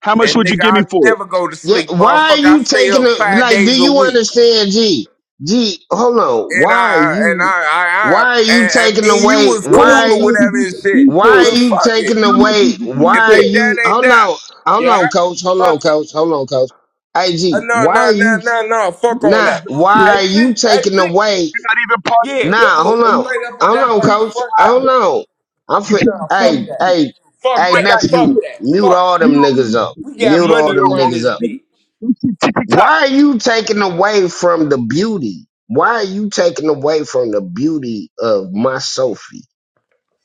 [SPEAKER 14] How much
[SPEAKER 11] And
[SPEAKER 14] would you
[SPEAKER 11] nigga,
[SPEAKER 14] give
[SPEAKER 11] I
[SPEAKER 14] me for it?
[SPEAKER 11] never go to
[SPEAKER 1] Yeah,
[SPEAKER 11] sleep,
[SPEAKER 1] why are
[SPEAKER 11] motherfucker. I
[SPEAKER 1] you
[SPEAKER 11] stay
[SPEAKER 1] taking
[SPEAKER 11] up
[SPEAKER 1] a
[SPEAKER 11] five
[SPEAKER 1] like? Do
[SPEAKER 11] days a
[SPEAKER 1] you
[SPEAKER 11] week.
[SPEAKER 1] understand, G? G, hold on.
[SPEAKER 11] And
[SPEAKER 1] Why are
[SPEAKER 11] I, and I,
[SPEAKER 1] you?
[SPEAKER 11] I, I
[SPEAKER 1] Why are you
[SPEAKER 11] and, and
[SPEAKER 1] taking
[SPEAKER 11] me and you
[SPEAKER 1] away?
[SPEAKER 11] was
[SPEAKER 14] Well, what
[SPEAKER 1] Why are
[SPEAKER 11] cool
[SPEAKER 14] if
[SPEAKER 11] or
[SPEAKER 14] I
[SPEAKER 1] you?
[SPEAKER 11] whatever
[SPEAKER 14] produce
[SPEAKER 11] and
[SPEAKER 14] a
[SPEAKER 11] shit.
[SPEAKER 14] beat for
[SPEAKER 1] Why are
[SPEAKER 11] But
[SPEAKER 14] you?
[SPEAKER 1] you
[SPEAKER 11] fuck it.
[SPEAKER 1] taking
[SPEAKER 14] How much
[SPEAKER 1] away?
[SPEAKER 14] would you give me
[SPEAKER 1] Why
[SPEAKER 11] If
[SPEAKER 1] are
[SPEAKER 11] they
[SPEAKER 14] for it?
[SPEAKER 11] die,
[SPEAKER 1] you?
[SPEAKER 11] they
[SPEAKER 1] Hold
[SPEAKER 11] die.
[SPEAKER 1] on, hold
[SPEAKER 11] Yeah?
[SPEAKER 1] on, coach. Hold on,
[SPEAKER 11] Fuck it.
[SPEAKER 1] coach. Hold on, coach. Hey,
[SPEAKER 11] Uh,
[SPEAKER 1] G,
[SPEAKER 11] no,
[SPEAKER 1] why are
[SPEAKER 11] no, no,
[SPEAKER 1] you?
[SPEAKER 11] no, no.
[SPEAKER 14] You
[SPEAKER 11] Fuck all
[SPEAKER 1] Nah,
[SPEAKER 14] niggas
[SPEAKER 11] that.
[SPEAKER 14] don't
[SPEAKER 11] Hey,
[SPEAKER 1] why
[SPEAKER 14] care.
[SPEAKER 1] are you
[SPEAKER 11] Pete. Hey,
[SPEAKER 1] taking
[SPEAKER 11] Pete.
[SPEAKER 1] away?
[SPEAKER 14] You're not even part of the
[SPEAKER 11] Yeah,
[SPEAKER 1] Nah,
[SPEAKER 11] yeah.
[SPEAKER 14] movement,
[SPEAKER 1] hold
[SPEAKER 14] and
[SPEAKER 1] on.
[SPEAKER 14] you know
[SPEAKER 11] Straight
[SPEAKER 14] the
[SPEAKER 11] up and
[SPEAKER 14] way
[SPEAKER 1] Hold
[SPEAKER 11] down
[SPEAKER 14] it's
[SPEAKER 1] on,
[SPEAKER 11] like
[SPEAKER 14] been
[SPEAKER 11] a
[SPEAKER 1] coach.
[SPEAKER 11] front
[SPEAKER 14] lined
[SPEAKER 11] out.
[SPEAKER 1] Hold
[SPEAKER 14] up.
[SPEAKER 1] on. I'm
[SPEAKER 14] You
[SPEAKER 1] fi-
[SPEAKER 11] No,
[SPEAKER 14] can't afford
[SPEAKER 11] fuck
[SPEAKER 1] hey,
[SPEAKER 11] that.
[SPEAKER 14] shit.
[SPEAKER 1] hey,
[SPEAKER 14] You
[SPEAKER 11] Fuck
[SPEAKER 1] hey,
[SPEAKER 14] ain't got
[SPEAKER 11] that.
[SPEAKER 1] nephew,
[SPEAKER 11] Fuck
[SPEAKER 14] shit.
[SPEAKER 11] that.
[SPEAKER 1] mute
[SPEAKER 11] Fuck that.
[SPEAKER 1] all
[SPEAKER 14] You
[SPEAKER 1] them
[SPEAKER 14] don't
[SPEAKER 1] niggas
[SPEAKER 14] own
[SPEAKER 1] up.
[SPEAKER 14] shit.
[SPEAKER 11] We
[SPEAKER 14] Nigga,
[SPEAKER 11] got
[SPEAKER 14] you
[SPEAKER 1] Mute
[SPEAKER 14] don't
[SPEAKER 1] all
[SPEAKER 14] got
[SPEAKER 11] money
[SPEAKER 1] them
[SPEAKER 14] no
[SPEAKER 11] around
[SPEAKER 1] niggas
[SPEAKER 14] Rolex,
[SPEAKER 11] this
[SPEAKER 1] up.
[SPEAKER 14] nigga.
[SPEAKER 11] bitch.
[SPEAKER 14] Don't shit ticky tock.
[SPEAKER 1] Why are you taking away from the beauty? Why are you taking away from the beauty of my Sophie?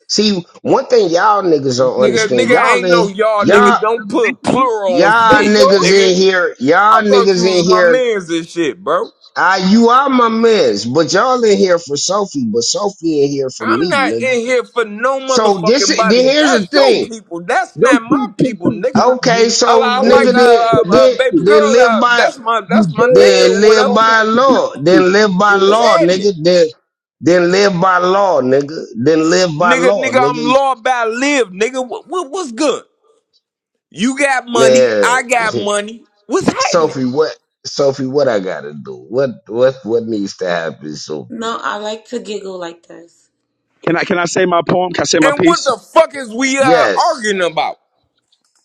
[SPEAKER 1] See, one thing y'all niggas don't
[SPEAKER 14] Yeah,
[SPEAKER 11] Nigga,
[SPEAKER 14] don't
[SPEAKER 1] understand,
[SPEAKER 14] go,
[SPEAKER 11] nigga
[SPEAKER 1] y'all
[SPEAKER 11] ain't
[SPEAKER 1] in
[SPEAKER 11] no y'all,
[SPEAKER 14] please.
[SPEAKER 1] y'all
[SPEAKER 11] nigga.
[SPEAKER 14] I
[SPEAKER 11] Don't
[SPEAKER 14] mean, they
[SPEAKER 11] put
[SPEAKER 14] come.
[SPEAKER 11] plural on
[SPEAKER 1] y'all
[SPEAKER 14] Don't
[SPEAKER 11] shit,
[SPEAKER 14] go.
[SPEAKER 1] niggas
[SPEAKER 11] nigga.
[SPEAKER 1] in here,
[SPEAKER 11] I
[SPEAKER 1] y'all
[SPEAKER 11] thought you
[SPEAKER 1] niggas
[SPEAKER 11] was
[SPEAKER 1] in
[SPEAKER 11] my
[SPEAKER 1] here.
[SPEAKER 11] mans and shit, bro.
[SPEAKER 1] Ah, you are my mans, but y'all in here for Sophie, but Sophie in here for
[SPEAKER 11] I'm
[SPEAKER 1] me,
[SPEAKER 11] not
[SPEAKER 1] nigga.
[SPEAKER 11] in here for no
[SPEAKER 1] So this
[SPEAKER 11] motherfucking
[SPEAKER 1] then
[SPEAKER 11] body.
[SPEAKER 1] here's the
[SPEAKER 11] That's your
[SPEAKER 1] thing.
[SPEAKER 11] people. That's
[SPEAKER 14] Your
[SPEAKER 11] not my
[SPEAKER 14] shit tick
[SPEAKER 11] people,
[SPEAKER 14] tick
[SPEAKER 11] nigga.
[SPEAKER 14] tock,
[SPEAKER 1] Okay,
[SPEAKER 14] bro.
[SPEAKER 11] I, li-
[SPEAKER 1] so
[SPEAKER 11] I
[SPEAKER 14] It
[SPEAKER 11] like
[SPEAKER 14] is
[SPEAKER 1] nigga
[SPEAKER 11] a
[SPEAKER 14] not
[SPEAKER 1] then
[SPEAKER 11] uh, uh, uh,
[SPEAKER 1] then
[SPEAKER 11] baby
[SPEAKER 14] protected.
[SPEAKER 1] then
[SPEAKER 11] girl.
[SPEAKER 1] live
[SPEAKER 11] Uh,
[SPEAKER 1] by
[SPEAKER 11] that's my
[SPEAKER 14] You
[SPEAKER 11] that's my nigga
[SPEAKER 14] dare
[SPEAKER 1] then
[SPEAKER 11] or
[SPEAKER 14] to
[SPEAKER 1] live
[SPEAKER 14] go
[SPEAKER 11] whatever.
[SPEAKER 14] back
[SPEAKER 1] by
[SPEAKER 14] to
[SPEAKER 1] law.
[SPEAKER 14] privacy
[SPEAKER 1] Then live by
[SPEAKER 14] and
[SPEAKER 11] What's
[SPEAKER 1] law,
[SPEAKER 14] run.
[SPEAKER 11] happening,
[SPEAKER 1] nigga. Then then live by law, nigga. Then live by
[SPEAKER 11] nigga?
[SPEAKER 1] law,
[SPEAKER 11] Nigga,
[SPEAKER 1] nigga.
[SPEAKER 11] I'm law by live, nigga. What, what what's good? You got money.
[SPEAKER 1] Man
[SPEAKER 11] I got money. What's happening?
[SPEAKER 1] Sophie, what Sophie, what I gotta do? What what what needs to happen, Sophie?
[SPEAKER 2] No, I like to giggle like this.
[SPEAKER 14] Can I can I say my poem? Can I say my
[SPEAKER 11] And what
[SPEAKER 14] piece?
[SPEAKER 11] the fuck is we uh,
[SPEAKER 1] Yes.
[SPEAKER 11] arguing about,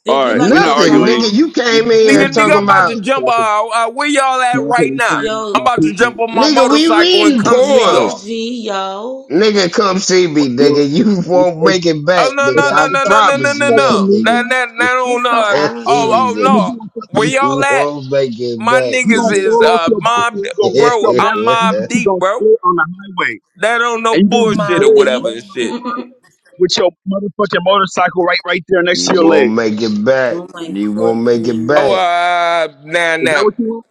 [SPEAKER 2] Did
[SPEAKER 14] All
[SPEAKER 2] you
[SPEAKER 14] right, we're
[SPEAKER 2] like the
[SPEAKER 14] not
[SPEAKER 1] Nothing, nigga.
[SPEAKER 2] poem?
[SPEAKER 1] You
[SPEAKER 14] arguing. We-
[SPEAKER 1] came in here
[SPEAKER 14] we
[SPEAKER 11] nigga?
[SPEAKER 14] just
[SPEAKER 11] Nigga,
[SPEAKER 14] need
[SPEAKER 1] talking
[SPEAKER 11] I'm
[SPEAKER 14] to
[SPEAKER 11] about
[SPEAKER 14] meet
[SPEAKER 1] about
[SPEAKER 11] to
[SPEAKER 14] up so
[SPEAKER 11] jump.
[SPEAKER 14] I can-
[SPEAKER 11] Uh, uh, where y'all at
[SPEAKER 14] so I
[SPEAKER 11] right
[SPEAKER 14] can
[SPEAKER 11] now?
[SPEAKER 14] explain to
[SPEAKER 11] I'm
[SPEAKER 14] my
[SPEAKER 2] Yo,
[SPEAKER 11] about to jump
[SPEAKER 14] people.
[SPEAKER 11] on my
[SPEAKER 1] nigga, we
[SPEAKER 11] motorcycle and
[SPEAKER 1] reading
[SPEAKER 11] come see
[SPEAKER 2] yo,
[SPEAKER 1] poems.
[SPEAKER 11] y'all.
[SPEAKER 2] G, yo.
[SPEAKER 1] Nigga, come see me, nigga.
[SPEAKER 14] Well,
[SPEAKER 1] You
[SPEAKER 14] if,
[SPEAKER 1] won't
[SPEAKER 14] if,
[SPEAKER 1] make it
[SPEAKER 11] Oh
[SPEAKER 1] back,
[SPEAKER 11] no
[SPEAKER 14] if
[SPEAKER 1] nigga.
[SPEAKER 11] no
[SPEAKER 14] I
[SPEAKER 11] no
[SPEAKER 1] I
[SPEAKER 14] if
[SPEAKER 11] no
[SPEAKER 14] I
[SPEAKER 11] no no
[SPEAKER 14] do
[SPEAKER 11] no
[SPEAKER 1] promise
[SPEAKER 11] no
[SPEAKER 14] a
[SPEAKER 1] you that,
[SPEAKER 14] fucking
[SPEAKER 11] no.
[SPEAKER 1] nigga.
[SPEAKER 11] That
[SPEAKER 14] media,
[SPEAKER 11] that that
[SPEAKER 2] You're
[SPEAKER 11] on
[SPEAKER 2] so
[SPEAKER 11] uh
[SPEAKER 1] Come
[SPEAKER 2] arrogant.
[SPEAKER 1] see
[SPEAKER 11] oh oh
[SPEAKER 1] me,
[SPEAKER 14] I'm gonna
[SPEAKER 1] nigga.
[SPEAKER 11] no.
[SPEAKER 14] do a fucking
[SPEAKER 11] Where
[SPEAKER 14] media.
[SPEAKER 11] y'all
[SPEAKER 1] You
[SPEAKER 11] at?
[SPEAKER 1] won't make it
[SPEAKER 11] My
[SPEAKER 1] back,
[SPEAKER 14] You
[SPEAKER 11] niggas
[SPEAKER 14] gonna
[SPEAKER 1] nigga.
[SPEAKER 11] is
[SPEAKER 14] fall off
[SPEAKER 11] uh
[SPEAKER 14] your bike and
[SPEAKER 11] mobbed
[SPEAKER 14] you gonna hit
[SPEAKER 11] bro,
[SPEAKER 14] your
[SPEAKER 11] I'm
[SPEAKER 14] marriage and you
[SPEAKER 11] mob
[SPEAKER 14] still
[SPEAKER 11] deep,
[SPEAKER 14] gonna
[SPEAKER 11] bro.
[SPEAKER 14] split on the highway
[SPEAKER 11] That don't no
[SPEAKER 14] and you
[SPEAKER 2] You
[SPEAKER 14] gonna be
[SPEAKER 11] bullshit
[SPEAKER 2] my
[SPEAKER 11] or
[SPEAKER 14] dead
[SPEAKER 11] whatever
[SPEAKER 2] deep.
[SPEAKER 14] laying
[SPEAKER 11] and
[SPEAKER 14] on
[SPEAKER 11] shit.
[SPEAKER 14] the-
[SPEAKER 2] oh
[SPEAKER 14] with your motherfucking motorcycle right right there next
[SPEAKER 1] you
[SPEAKER 14] to your
[SPEAKER 1] won't
[SPEAKER 14] leg.
[SPEAKER 1] make it back.
[SPEAKER 2] my
[SPEAKER 1] You won't make it
[SPEAKER 11] Oh
[SPEAKER 1] back.
[SPEAKER 2] goodness.
[SPEAKER 11] uh now
[SPEAKER 14] Is that
[SPEAKER 11] now.
[SPEAKER 14] what you want?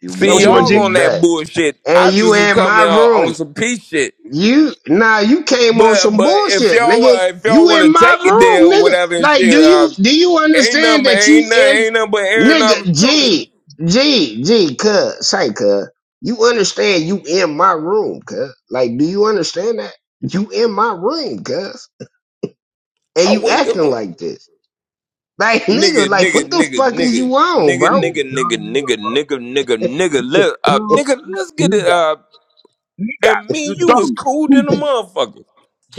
[SPEAKER 1] You
[SPEAKER 14] Is that
[SPEAKER 11] See
[SPEAKER 14] what
[SPEAKER 1] won't
[SPEAKER 14] you want,
[SPEAKER 1] make
[SPEAKER 11] y'all
[SPEAKER 14] G?
[SPEAKER 1] it
[SPEAKER 11] on that
[SPEAKER 1] back.
[SPEAKER 11] bullshit.
[SPEAKER 1] And
[SPEAKER 11] I
[SPEAKER 1] you
[SPEAKER 11] just was
[SPEAKER 1] in my
[SPEAKER 11] coming on,
[SPEAKER 1] room.
[SPEAKER 11] on some peace shit.
[SPEAKER 1] You now you came on
[SPEAKER 11] But
[SPEAKER 1] some
[SPEAKER 11] but if
[SPEAKER 1] bullshit,
[SPEAKER 11] y'all
[SPEAKER 1] nigga.
[SPEAKER 11] uh, if y'all
[SPEAKER 1] You
[SPEAKER 11] wanna
[SPEAKER 1] in my
[SPEAKER 11] take it there
[SPEAKER 1] room,
[SPEAKER 11] or
[SPEAKER 1] nigga.
[SPEAKER 11] whatever and
[SPEAKER 1] Like, do
[SPEAKER 11] shit, uh
[SPEAKER 1] you do you
[SPEAKER 11] ain't
[SPEAKER 1] understand
[SPEAKER 11] nothing
[SPEAKER 1] that you
[SPEAKER 11] ain't nothing
[SPEAKER 1] in
[SPEAKER 11] ain't nothing but air and
[SPEAKER 1] nigga
[SPEAKER 11] opportunity.
[SPEAKER 1] G G G cuz say cuz. You understand you in my room, cuz. Like, do you understand that? You in my room, cuz. And
[SPEAKER 11] I
[SPEAKER 1] you
[SPEAKER 11] wouldn't give
[SPEAKER 1] acting
[SPEAKER 11] a
[SPEAKER 1] like this. Like, nigga,
[SPEAKER 11] nigga,
[SPEAKER 1] like
[SPEAKER 11] nigga,
[SPEAKER 1] what the
[SPEAKER 11] nigga,
[SPEAKER 1] fuck is you
[SPEAKER 11] nigga,
[SPEAKER 1] on,
[SPEAKER 11] nigga,
[SPEAKER 14] He's a
[SPEAKER 1] bro?
[SPEAKER 11] nigga, nigga,
[SPEAKER 14] dumb nigga,
[SPEAKER 11] nigga,
[SPEAKER 14] bro.
[SPEAKER 11] nigga, nigga, nigga,
[SPEAKER 14] He's a
[SPEAKER 11] let uh,
[SPEAKER 14] dumb
[SPEAKER 11] nigga,
[SPEAKER 14] ass
[SPEAKER 11] let's get it
[SPEAKER 14] nigga.
[SPEAKER 11] uh,
[SPEAKER 14] Nigga,
[SPEAKER 11] and me,
[SPEAKER 14] you
[SPEAKER 11] and you was
[SPEAKER 14] dumb.
[SPEAKER 11] cool than a
[SPEAKER 14] Stupid.
[SPEAKER 11] motherfucker.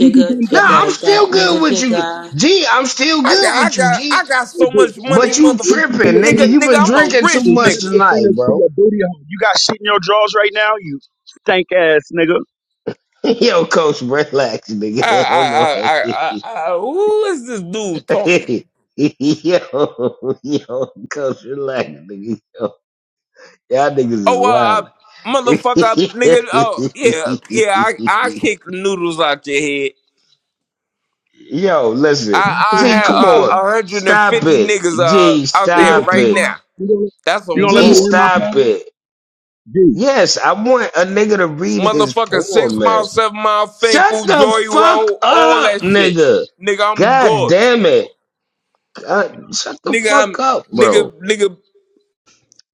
[SPEAKER 14] Diddy dum
[SPEAKER 1] Nah,
[SPEAKER 14] dumb
[SPEAKER 1] I'm
[SPEAKER 2] jigga,
[SPEAKER 1] still
[SPEAKER 2] that
[SPEAKER 1] good
[SPEAKER 2] nigga,
[SPEAKER 1] with you.
[SPEAKER 2] jigga.
[SPEAKER 1] G, I'm still
[SPEAKER 11] I
[SPEAKER 1] good
[SPEAKER 11] got, I
[SPEAKER 1] with you,
[SPEAKER 11] got,
[SPEAKER 1] G.
[SPEAKER 11] I got
[SPEAKER 14] Hey,
[SPEAKER 11] so
[SPEAKER 14] dude,
[SPEAKER 11] much money,
[SPEAKER 1] But you
[SPEAKER 11] mother,
[SPEAKER 14] reach into
[SPEAKER 1] tripping,
[SPEAKER 14] your
[SPEAKER 1] nigga.
[SPEAKER 11] nigga,
[SPEAKER 1] You
[SPEAKER 14] pants
[SPEAKER 11] nigga,
[SPEAKER 1] been
[SPEAKER 11] I'm a
[SPEAKER 1] drinking too
[SPEAKER 11] rich
[SPEAKER 14] and
[SPEAKER 1] much
[SPEAKER 14] slip
[SPEAKER 11] nigga.
[SPEAKER 14] your
[SPEAKER 1] tonight,
[SPEAKER 14] fingers to
[SPEAKER 1] bro.
[SPEAKER 14] your booty hole. You got shit in your drawers right now, you stank ass nigga.
[SPEAKER 1] Yo, coach, relax,
[SPEAKER 11] I,
[SPEAKER 1] nigga.
[SPEAKER 11] I,
[SPEAKER 1] Hold on.
[SPEAKER 11] I, I, I, I who is this dude talking?
[SPEAKER 1] yo, yo, coach, relax, nigga. Yo, y'all niggas is
[SPEAKER 11] Oh, uh,
[SPEAKER 1] wild.
[SPEAKER 11] I, motherfucker, nigga, oh, yeah, yeah, I, I kick noodles out your head.
[SPEAKER 1] yo, listen.
[SPEAKER 14] Can I say
[SPEAKER 11] I, I
[SPEAKER 14] my
[SPEAKER 1] G,
[SPEAKER 11] had
[SPEAKER 1] come
[SPEAKER 14] pants? yo? Are
[SPEAKER 1] on.
[SPEAKER 11] uh,
[SPEAKER 1] Stop
[SPEAKER 11] 150
[SPEAKER 1] it.
[SPEAKER 11] niggas uh,
[SPEAKER 1] G,
[SPEAKER 11] out
[SPEAKER 14] you,
[SPEAKER 11] there
[SPEAKER 1] stop
[SPEAKER 11] right
[SPEAKER 1] it.
[SPEAKER 14] gonna,
[SPEAKER 11] now.
[SPEAKER 14] you, gonna,
[SPEAKER 11] That's
[SPEAKER 14] you
[SPEAKER 11] on
[SPEAKER 14] gonna let
[SPEAKER 1] G,
[SPEAKER 14] me
[SPEAKER 11] guard.
[SPEAKER 14] land my
[SPEAKER 1] stop
[SPEAKER 14] pants?
[SPEAKER 1] it.
[SPEAKER 14] Dude.
[SPEAKER 1] Yes, I want a nigga to read his
[SPEAKER 11] Motherfucker, six
[SPEAKER 1] poem, man.
[SPEAKER 11] mile, seven mile,
[SPEAKER 1] Shut
[SPEAKER 11] Finkel,
[SPEAKER 1] the
[SPEAKER 11] Joy
[SPEAKER 1] fuck
[SPEAKER 11] Road, all
[SPEAKER 1] up,
[SPEAKER 11] that shit.
[SPEAKER 1] nigga.
[SPEAKER 11] Nigga, I'm
[SPEAKER 1] God
[SPEAKER 11] good.
[SPEAKER 1] damn it. God, shut the
[SPEAKER 11] Nigga,
[SPEAKER 1] fuck
[SPEAKER 11] I'm
[SPEAKER 1] up, bro.
[SPEAKER 11] nigga, nigga.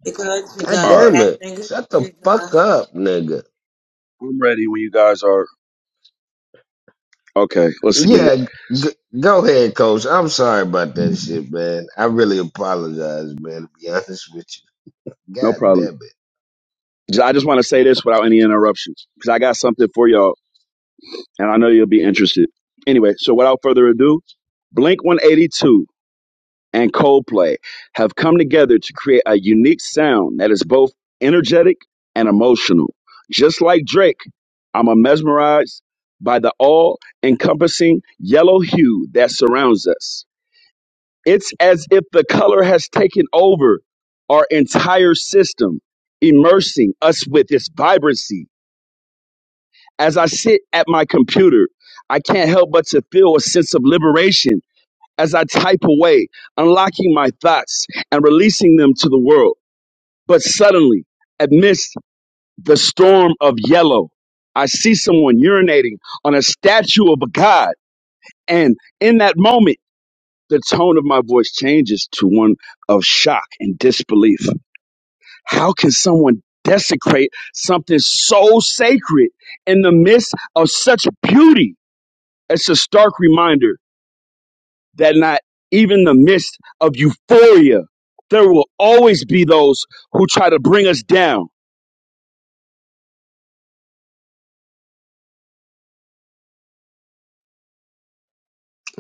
[SPEAKER 2] Jigga,
[SPEAKER 1] God
[SPEAKER 14] All
[SPEAKER 2] jigga,
[SPEAKER 14] right,
[SPEAKER 1] damn
[SPEAKER 2] that
[SPEAKER 1] it.
[SPEAKER 2] nigga,
[SPEAKER 1] Shut the fuck
[SPEAKER 2] jigga.
[SPEAKER 1] up, nigga.
[SPEAKER 14] I'm ready when you guys are. Okay, let's get it.
[SPEAKER 1] Yeah, g- go ahead, coach. I'm sorry about that shit, man. I really apologize, man, to be honest with you.
[SPEAKER 14] No
[SPEAKER 1] God
[SPEAKER 14] problem.
[SPEAKER 1] damn it.
[SPEAKER 14] J- I just want to say this without any interruption because I got something for y'all and I know you'll be interested. Anyway, so without further ado, Blink 182. and Coldplay have come together to create a unique sound that is both energetic and emotional. Just like Drake, I'm mesmerized by the all encompassing yellow hue that surrounds us. It's as if the color has taken over our entire system, immersing us with its vibrancy. As I sit at my computer, I can't help but to feel a sense of liberation as I type away, unlocking my thoughts and releasing them to the world. But suddenly, amidst the storm of yellow, I see someone urinating on a statue of a god. And in that moment, the tone of my voice changes to one of shock and disbelief. How can someone desecrate something so sacred in the midst of such beauty? It's a stark reminder that not even in the midst of euphoria, there will always be those who try to bring us down.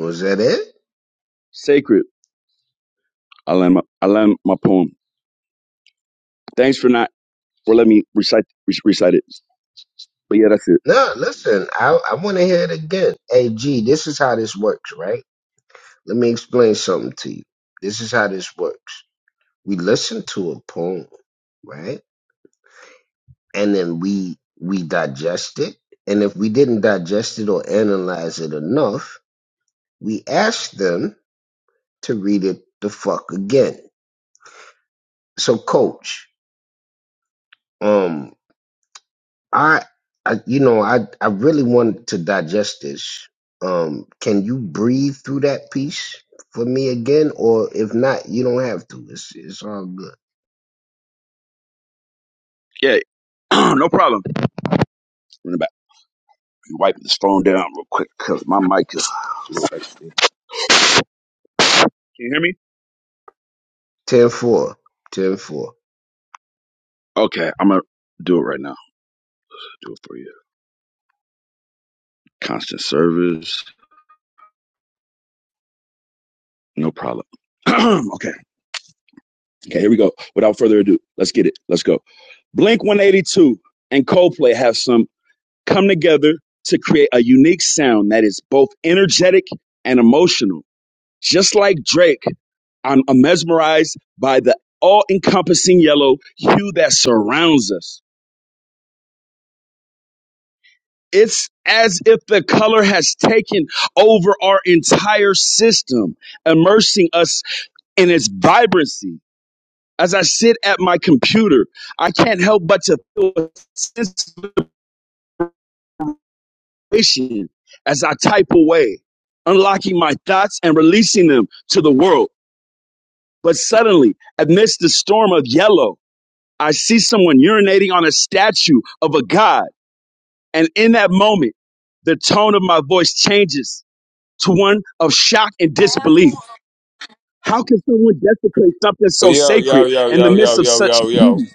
[SPEAKER 1] Was that it?
[SPEAKER 14] Sacred. I land my, I land my poem. Thanks for not, or let me recite, re- recite it. But yeah, that's it.
[SPEAKER 1] No, listen, I, I want to hear it again. Hey, G, this is how this works, right? Let me explain something to you. This is how this works. We listen to a poem, right? and then we we digest it. And if we didn't digest it or analyze it enough, we ask them to read it the fuck again. So, coach, um, I, I you know, I I really wanted to digest this. Um, can you breathe through that piece for me again, or if not, you don't have to. It's it's all good.
[SPEAKER 14] Yeah. no problem. Run it back. Let me Wipe this phone down real quick because my mic is. Can you hear me?
[SPEAKER 1] Ten four, ten four.
[SPEAKER 14] Okay, I'm gonna do it right now. do it for you. Constant service, no problem. okay, okay, here we go. Without further ado, let's get it. Let's go. Blink 182 and Coldplay have some come together to create a unique sound that is both energetic and emotional. Just like Drake, I'm, mesmerized by the all encompassing yellow hue that surrounds us. It's as if the color has taken over our entire system, immersing us in its vibrancy. As I sit at my computer, I can't help but to feel a sense situation as I type away, unlocking my thoughts and releasing them to the world. But suddenly, amidst the storm of yellow, I see someone urinating on a statue of a god. And in that moment, the tone of my voice changes to one of shock and disbelief. How can someone desecrate something so
[SPEAKER 11] Yo, yo,
[SPEAKER 14] sacred
[SPEAKER 11] yo,
[SPEAKER 14] in the
[SPEAKER 11] yo, yo,
[SPEAKER 14] midst of
[SPEAKER 11] yo,
[SPEAKER 14] such
[SPEAKER 11] yo, yo.
[SPEAKER 14] beauty?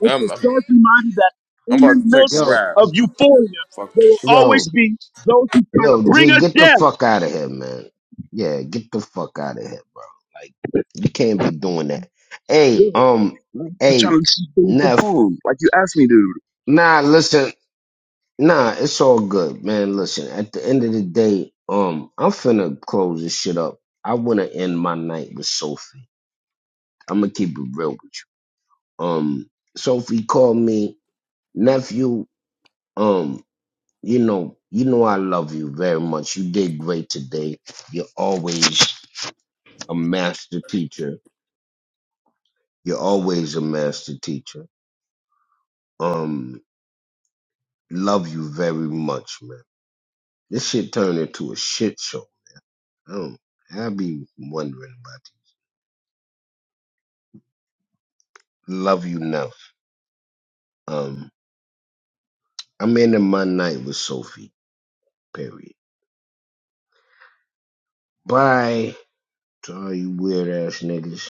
[SPEAKER 14] It's a
[SPEAKER 11] I'm I'm
[SPEAKER 14] stark reminder that in the
[SPEAKER 11] about to take a
[SPEAKER 14] midst
[SPEAKER 1] Yo,
[SPEAKER 11] ride.
[SPEAKER 14] of euphoria,
[SPEAKER 11] Fuck
[SPEAKER 14] there
[SPEAKER 11] this
[SPEAKER 14] will
[SPEAKER 11] shit.
[SPEAKER 1] yo,
[SPEAKER 14] always be those who try to
[SPEAKER 1] Yo,
[SPEAKER 14] bring
[SPEAKER 1] G,
[SPEAKER 14] us
[SPEAKER 1] get
[SPEAKER 14] down.
[SPEAKER 1] the fuck out of here, man. Yeah, get the fuck out of here, bro. Like, you can't be doing that.
[SPEAKER 14] Yo,
[SPEAKER 1] Hey, um,
[SPEAKER 14] man, I was trying to
[SPEAKER 1] hey,
[SPEAKER 14] just read the
[SPEAKER 1] Neff,
[SPEAKER 14] poem like you asked me to.
[SPEAKER 1] nah, listen, nah, it's all good, man. Listen, at the end of the day, um, I'm finna close this shit up. I wanna end my night with Sophie. I'm gonna keep it real with you. Um, Sophie called me, nephew, um, you know, you know I love you very much. You did great today. You're always a master teacher. You're always a master teacher. Um, love you very much, man. This shit turned into a shit show. I don't, I be wondering about it. Love you enough. Um, I'm ending my night with Sophie. Period. Bye to all you weird ass niggas.